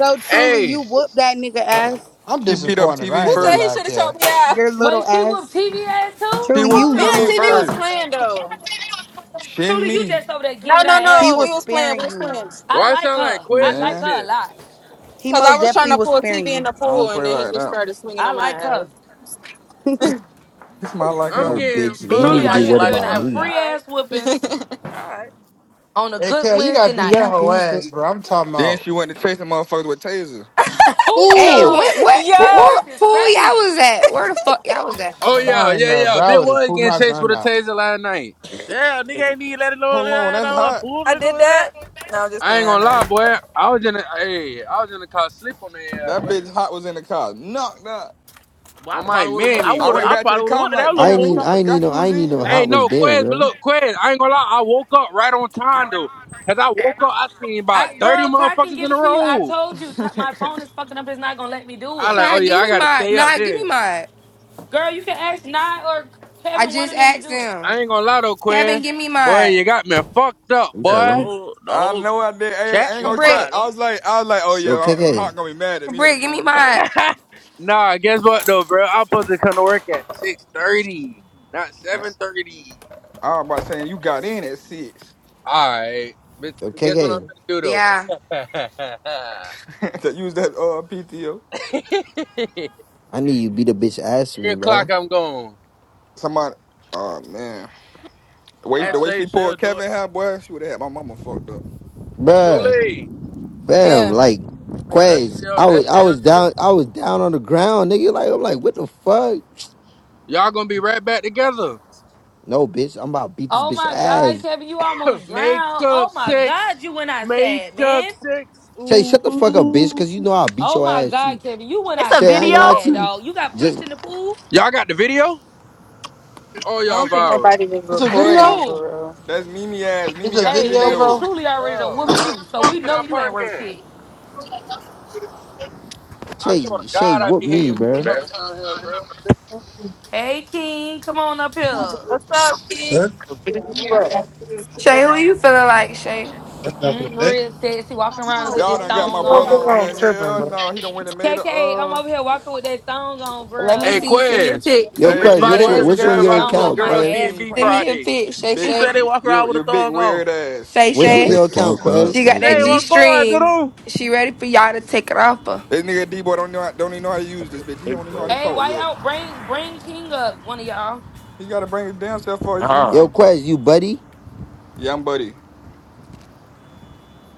[SPEAKER 9] so truly, you
[SPEAKER 5] Hey,
[SPEAKER 9] whooped that nigga ass.
[SPEAKER 3] I'm
[SPEAKER 15] She beat up
[SPEAKER 3] disappointed.
[SPEAKER 15] TV
[SPEAKER 3] I
[SPEAKER 7] Who
[SPEAKER 3] ain't
[SPEAKER 7] said
[SPEAKER 3] gonna
[SPEAKER 15] first.
[SPEAKER 7] he
[SPEAKER 3] lie,
[SPEAKER 7] should have
[SPEAKER 3] Cal.
[SPEAKER 7] choked me out?
[SPEAKER 9] Your little
[SPEAKER 1] Wait, she whooped
[SPEAKER 9] ass.
[SPEAKER 1] TV ass too?
[SPEAKER 15] She
[SPEAKER 9] Truly, you
[SPEAKER 15] whooped
[SPEAKER 1] Hold
[SPEAKER 7] Me and
[SPEAKER 9] little
[SPEAKER 15] TV
[SPEAKER 1] on
[SPEAKER 9] as
[SPEAKER 7] TV
[SPEAKER 1] now.
[SPEAKER 9] fuck.
[SPEAKER 7] was
[SPEAKER 15] first.
[SPEAKER 7] playing, though.
[SPEAKER 15] Shin
[SPEAKER 1] Truly, you
[SPEAKER 15] me,
[SPEAKER 1] just over there
[SPEAKER 7] No,
[SPEAKER 1] giving her
[SPEAKER 7] no,
[SPEAKER 9] He
[SPEAKER 1] ass
[SPEAKER 7] no.
[SPEAKER 9] was
[SPEAKER 7] We was
[SPEAKER 1] whoopings.
[SPEAKER 7] playing.
[SPEAKER 9] sparing
[SPEAKER 7] We was
[SPEAKER 9] you.
[SPEAKER 7] playing.
[SPEAKER 1] I
[SPEAKER 5] why it
[SPEAKER 1] like
[SPEAKER 5] sound like
[SPEAKER 1] her. I
[SPEAKER 5] Quez in
[SPEAKER 1] like
[SPEAKER 5] the
[SPEAKER 15] man.
[SPEAKER 1] her a
[SPEAKER 5] bit?
[SPEAKER 1] lot.
[SPEAKER 9] He
[SPEAKER 7] Cause I
[SPEAKER 9] most
[SPEAKER 7] was trying
[SPEAKER 9] definitely
[SPEAKER 7] to
[SPEAKER 9] will
[SPEAKER 7] pull
[SPEAKER 9] spare
[SPEAKER 7] TV in
[SPEAKER 9] you.
[SPEAKER 7] the
[SPEAKER 15] I
[SPEAKER 7] pool,
[SPEAKER 15] don't
[SPEAKER 7] and
[SPEAKER 15] play
[SPEAKER 7] then he
[SPEAKER 15] like
[SPEAKER 7] just
[SPEAKER 15] that.
[SPEAKER 7] started swinging
[SPEAKER 1] I
[SPEAKER 7] on
[SPEAKER 1] like
[SPEAKER 7] my
[SPEAKER 1] her.
[SPEAKER 15] It's my like
[SPEAKER 5] I'm
[SPEAKER 4] No,
[SPEAKER 15] her.
[SPEAKER 5] getting
[SPEAKER 4] bitch, you
[SPEAKER 2] You
[SPEAKER 4] need
[SPEAKER 1] Truly
[SPEAKER 2] talking
[SPEAKER 4] to
[SPEAKER 5] fucked
[SPEAKER 1] out
[SPEAKER 4] be
[SPEAKER 2] about you
[SPEAKER 1] here
[SPEAKER 9] Bitch.
[SPEAKER 4] worried
[SPEAKER 5] tonight.
[SPEAKER 2] like
[SPEAKER 1] giving
[SPEAKER 4] about
[SPEAKER 1] out
[SPEAKER 2] her. Yeah,
[SPEAKER 4] me.
[SPEAKER 1] free
[SPEAKER 2] alright.
[SPEAKER 1] ass whoopings
[SPEAKER 7] ass.
[SPEAKER 2] Alright.
[SPEAKER 1] on a
[SPEAKER 3] Hey,
[SPEAKER 1] good
[SPEAKER 3] Cal, you
[SPEAKER 1] Wednesday
[SPEAKER 3] gotta beat
[SPEAKER 1] night.
[SPEAKER 3] that
[SPEAKER 9] Yeah,
[SPEAKER 3] whole
[SPEAKER 9] abuse
[SPEAKER 3] ass,
[SPEAKER 9] it.
[SPEAKER 3] bro. I'm talking
[SPEAKER 15] Then
[SPEAKER 3] about.
[SPEAKER 15] she went to chasing motherfuckers with tasers.
[SPEAKER 1] Who
[SPEAKER 10] hey,
[SPEAKER 3] Ooh,
[SPEAKER 1] know?
[SPEAKER 10] what what pool,
[SPEAKER 1] That
[SPEAKER 7] Yo!
[SPEAKER 1] bitch
[SPEAKER 10] what
[SPEAKER 1] is
[SPEAKER 10] pool y'all
[SPEAKER 1] crazy.
[SPEAKER 10] was at? Where the fuck y'all was at?
[SPEAKER 5] Oh yeah,
[SPEAKER 3] sign
[SPEAKER 5] yeah,
[SPEAKER 3] up,
[SPEAKER 5] yeah.
[SPEAKER 3] bro. I
[SPEAKER 5] Bit
[SPEAKER 3] would have
[SPEAKER 5] was
[SPEAKER 3] pulled
[SPEAKER 5] getting
[SPEAKER 3] my
[SPEAKER 5] chased
[SPEAKER 3] gun
[SPEAKER 5] with a
[SPEAKER 3] out.
[SPEAKER 5] taser last night.
[SPEAKER 2] Damn, nigga ain't need let it know
[SPEAKER 15] Hold on,
[SPEAKER 2] let it
[SPEAKER 15] that's
[SPEAKER 2] know what
[SPEAKER 15] hot.
[SPEAKER 2] pool
[SPEAKER 7] I
[SPEAKER 2] nigga
[SPEAKER 7] did
[SPEAKER 2] was
[SPEAKER 7] that.
[SPEAKER 2] that.
[SPEAKER 7] No, I'm just
[SPEAKER 5] I
[SPEAKER 7] playing.
[SPEAKER 5] ain't
[SPEAKER 7] I
[SPEAKER 5] gonna lie,
[SPEAKER 7] know.
[SPEAKER 5] boy. I was in the hey, I was in the car sleep on their ass,
[SPEAKER 15] That
[SPEAKER 5] boy.
[SPEAKER 15] bitch hot was in the car. Knocked out.
[SPEAKER 2] Well, I
[SPEAKER 5] On my
[SPEAKER 2] probably would've went- I
[SPEAKER 5] mammy,
[SPEAKER 15] I
[SPEAKER 2] would've
[SPEAKER 15] went
[SPEAKER 2] I
[SPEAKER 5] boy.
[SPEAKER 15] back to the
[SPEAKER 2] probably would've
[SPEAKER 15] car. I'm
[SPEAKER 2] went to that
[SPEAKER 15] like,
[SPEAKER 2] little
[SPEAKER 4] I
[SPEAKER 15] damn,
[SPEAKER 4] ain't
[SPEAKER 15] bitch,
[SPEAKER 4] need
[SPEAKER 15] I
[SPEAKER 2] pool.
[SPEAKER 4] I ain't need
[SPEAKER 15] forgot
[SPEAKER 4] no
[SPEAKER 15] you
[SPEAKER 4] I
[SPEAKER 15] was
[SPEAKER 4] ain't
[SPEAKER 15] in
[SPEAKER 4] need no
[SPEAKER 15] here.
[SPEAKER 5] Hey,
[SPEAKER 4] hot was
[SPEAKER 5] no,
[SPEAKER 4] there,
[SPEAKER 5] Quez, but
[SPEAKER 4] bro.
[SPEAKER 5] look, Quez, I ain't gonna lie, I woke up right on time though. Cause I woke up, I seen about
[SPEAKER 1] I,
[SPEAKER 5] 30
[SPEAKER 1] girl, Ty can
[SPEAKER 5] motherfuckers
[SPEAKER 1] give
[SPEAKER 5] in a
[SPEAKER 1] it to you. I
[SPEAKER 5] row.
[SPEAKER 1] told you, Ty, my phone is fucking up. It's not gonna let me do
[SPEAKER 5] I
[SPEAKER 1] it.
[SPEAKER 5] like, oh
[SPEAKER 10] Ty,
[SPEAKER 5] yeah,
[SPEAKER 10] give
[SPEAKER 5] I
[SPEAKER 10] me
[SPEAKER 5] gotta
[SPEAKER 10] mine.
[SPEAKER 5] stay up
[SPEAKER 10] Nah, give me
[SPEAKER 5] there.
[SPEAKER 10] mine.
[SPEAKER 1] Girl, you can ask Nye or
[SPEAKER 10] I
[SPEAKER 1] Kevin, one
[SPEAKER 10] just
[SPEAKER 1] of them, to
[SPEAKER 10] asked
[SPEAKER 1] do it.
[SPEAKER 10] them.
[SPEAKER 5] I ain't gonna lie though,
[SPEAKER 10] Kevin,
[SPEAKER 5] Quest.
[SPEAKER 10] give me
[SPEAKER 5] Boy,
[SPEAKER 10] mine.
[SPEAKER 5] you got me fucked up,
[SPEAKER 4] You said
[SPEAKER 2] Yeah, the
[SPEAKER 4] what?
[SPEAKER 5] boy.
[SPEAKER 2] whole the
[SPEAKER 15] I
[SPEAKER 2] whole
[SPEAKER 15] know I did. I ain't, I
[SPEAKER 2] chat
[SPEAKER 15] ain't gonna
[SPEAKER 2] won't
[SPEAKER 15] cap.
[SPEAKER 2] mind,
[SPEAKER 10] Cabrit.
[SPEAKER 15] I
[SPEAKER 2] don't
[SPEAKER 15] was like, I was like, oh yeah,
[SPEAKER 4] Yo,
[SPEAKER 15] Hot
[SPEAKER 4] KK.
[SPEAKER 15] gonna be mad at me in the
[SPEAKER 10] Cabrit, give me
[SPEAKER 15] morning.
[SPEAKER 10] mine.
[SPEAKER 5] nah, guess what though, bro? I'm supposed to come to work at six thirty, not
[SPEAKER 15] No,
[SPEAKER 5] seven thirty.
[SPEAKER 15] I was about saying you got in at six
[SPEAKER 5] Alright. but
[SPEAKER 4] Yo,
[SPEAKER 5] Guess what I'm
[SPEAKER 4] KK.
[SPEAKER 5] gonna do though?
[SPEAKER 10] Yeah.
[SPEAKER 15] to use that uh PTO.
[SPEAKER 5] Three
[SPEAKER 4] I need you to beat the bitch ass for me,
[SPEAKER 5] o'clock
[SPEAKER 4] bro.
[SPEAKER 5] I'm gone.
[SPEAKER 15] Somebody, oh man, the
[SPEAKER 2] it?
[SPEAKER 15] way the
[SPEAKER 2] Ask
[SPEAKER 5] Alright.
[SPEAKER 15] way
[SPEAKER 2] Shay,
[SPEAKER 15] she pulled
[SPEAKER 2] Shay'll do
[SPEAKER 15] Kevin, how boy, she would have had my mama fucked up.
[SPEAKER 4] Bruh,
[SPEAKER 5] Truly.
[SPEAKER 4] fam,
[SPEAKER 7] Yeah,
[SPEAKER 4] like
[SPEAKER 5] So that's still
[SPEAKER 4] Quaz,
[SPEAKER 5] your
[SPEAKER 4] I
[SPEAKER 5] that's
[SPEAKER 4] was
[SPEAKER 5] still
[SPEAKER 4] I
[SPEAKER 5] your
[SPEAKER 4] was
[SPEAKER 5] nigga?
[SPEAKER 4] down I was down on the ground, nigga. Like I'm like, what the fuck?
[SPEAKER 5] Y'all gonna be right back together.
[SPEAKER 4] No, bitch, I'm about to beat this
[SPEAKER 1] Oh
[SPEAKER 4] bitch
[SPEAKER 1] my God,
[SPEAKER 4] ass.
[SPEAKER 1] Kevin, you
[SPEAKER 2] it.
[SPEAKER 1] almost
[SPEAKER 5] Make
[SPEAKER 1] drowned.
[SPEAKER 5] up
[SPEAKER 1] Oh my God,
[SPEAKER 5] six.
[SPEAKER 1] you went out
[SPEAKER 5] Make
[SPEAKER 1] sad,
[SPEAKER 5] up
[SPEAKER 1] man.
[SPEAKER 5] six.
[SPEAKER 4] Shay, shut the fuck up, bitch, cause you
[SPEAKER 5] Ooh.
[SPEAKER 4] know I'll beat
[SPEAKER 1] Oh
[SPEAKER 4] your
[SPEAKER 1] my
[SPEAKER 4] ass.
[SPEAKER 1] God,
[SPEAKER 4] too.
[SPEAKER 1] Kevin, you went
[SPEAKER 11] It's
[SPEAKER 1] out
[SPEAKER 11] a
[SPEAKER 4] Shay, I ain't
[SPEAKER 1] too
[SPEAKER 11] video.
[SPEAKER 4] gonna lie to
[SPEAKER 1] sad,
[SPEAKER 4] you.
[SPEAKER 1] dog. You got
[SPEAKER 4] Just
[SPEAKER 1] pushed in the pool.
[SPEAKER 5] Y'all got the video? Oh,
[SPEAKER 7] I
[SPEAKER 5] y'all
[SPEAKER 7] don't think
[SPEAKER 5] viral.
[SPEAKER 7] nobody was
[SPEAKER 3] It's a
[SPEAKER 16] Good.
[SPEAKER 3] video.
[SPEAKER 7] recording for
[SPEAKER 1] Who?
[SPEAKER 7] real.
[SPEAKER 15] That's Mimi ass.
[SPEAKER 3] It's
[SPEAKER 15] Mimi
[SPEAKER 3] a
[SPEAKER 15] got the
[SPEAKER 1] Hey,
[SPEAKER 3] video,
[SPEAKER 1] baby,
[SPEAKER 15] video.
[SPEAKER 3] bro.
[SPEAKER 1] truly already done
[SPEAKER 5] Bro,
[SPEAKER 1] whooped
[SPEAKER 5] what
[SPEAKER 1] you,
[SPEAKER 5] the
[SPEAKER 1] so we
[SPEAKER 5] fuck can
[SPEAKER 1] know
[SPEAKER 5] I
[SPEAKER 1] you ain't
[SPEAKER 5] park
[SPEAKER 1] worth
[SPEAKER 5] in?
[SPEAKER 1] shit.
[SPEAKER 5] I swear
[SPEAKER 4] Shay,
[SPEAKER 5] to
[SPEAKER 4] Shay,
[SPEAKER 5] God, I
[SPEAKER 4] whoop
[SPEAKER 5] be
[SPEAKER 4] me,
[SPEAKER 5] hating
[SPEAKER 4] bro.
[SPEAKER 5] coming down here, bro. Bitch, where the
[SPEAKER 1] Hey,
[SPEAKER 5] fuck I park
[SPEAKER 1] King, come on up here.
[SPEAKER 7] What's up,
[SPEAKER 5] at? Fuck,
[SPEAKER 7] Keith?
[SPEAKER 16] That's
[SPEAKER 10] Shay, who you feeling like, Shay?
[SPEAKER 16] enough for
[SPEAKER 1] Mm,
[SPEAKER 16] today.
[SPEAKER 1] real sexy, walking around with
[SPEAKER 15] Y'all
[SPEAKER 1] this
[SPEAKER 15] done got my
[SPEAKER 1] thong
[SPEAKER 15] brother
[SPEAKER 1] on.
[SPEAKER 15] on here. Hell no, he done went and made a
[SPEAKER 1] KK, I'm
[SPEAKER 15] uh.
[SPEAKER 1] over here walking with that thong on,
[SPEAKER 10] Let
[SPEAKER 5] nigga.
[SPEAKER 10] me
[SPEAKER 1] girl.
[SPEAKER 5] Hey,
[SPEAKER 10] see. Send me a
[SPEAKER 5] Quez,
[SPEAKER 10] pic.
[SPEAKER 4] Yo,
[SPEAKER 15] Hey
[SPEAKER 5] we
[SPEAKER 4] Quest,
[SPEAKER 15] D
[SPEAKER 4] which
[SPEAKER 5] invited
[SPEAKER 15] boy,
[SPEAKER 4] one,
[SPEAKER 5] to
[SPEAKER 1] Yes,
[SPEAKER 15] you
[SPEAKER 5] the
[SPEAKER 4] which one
[SPEAKER 5] we
[SPEAKER 1] girl,
[SPEAKER 15] dead
[SPEAKER 4] your
[SPEAKER 15] ass
[SPEAKER 5] invited
[SPEAKER 1] thong
[SPEAKER 5] to the
[SPEAKER 15] wrong.
[SPEAKER 1] up
[SPEAKER 4] account,
[SPEAKER 15] to
[SPEAKER 1] my
[SPEAKER 15] about
[SPEAKER 5] girls
[SPEAKER 15] a
[SPEAKER 4] Quest?
[SPEAKER 5] B and
[SPEAKER 1] ass
[SPEAKER 15] King
[SPEAKER 5] B
[SPEAKER 10] Send
[SPEAKER 1] crack.
[SPEAKER 15] D,
[SPEAKER 10] me a
[SPEAKER 5] Friday.
[SPEAKER 10] pic, Shay
[SPEAKER 2] Who
[SPEAKER 15] big,
[SPEAKER 2] said
[SPEAKER 10] Shay.
[SPEAKER 2] they walk
[SPEAKER 15] you
[SPEAKER 2] around with a
[SPEAKER 15] you big
[SPEAKER 2] thong on?
[SPEAKER 15] weird ass.
[SPEAKER 10] Shay
[SPEAKER 4] Which
[SPEAKER 17] Shut
[SPEAKER 4] one
[SPEAKER 10] Shay.
[SPEAKER 4] your
[SPEAKER 17] the
[SPEAKER 4] account,
[SPEAKER 17] fuck up,
[SPEAKER 10] She
[SPEAKER 4] Quest?
[SPEAKER 10] got that
[SPEAKER 2] Shay,
[SPEAKER 17] nigga.
[SPEAKER 10] G
[SPEAKER 2] what's going,
[SPEAKER 10] string.
[SPEAKER 2] dude?
[SPEAKER 10] She ready for y'all to take it off her.
[SPEAKER 15] This nigga D boy don't know how- don't even know how to use this bitch. He don't even know how to
[SPEAKER 1] Hey,
[SPEAKER 15] talk
[SPEAKER 1] why
[SPEAKER 15] yet.
[SPEAKER 1] y'all bring bring King up, one of y'all?
[SPEAKER 15] He got to bring his damn self for his
[SPEAKER 4] Yo,
[SPEAKER 8] ah
[SPEAKER 15] easy.
[SPEAKER 4] Quest, you buddy?
[SPEAKER 15] Yeah, I'm buddy.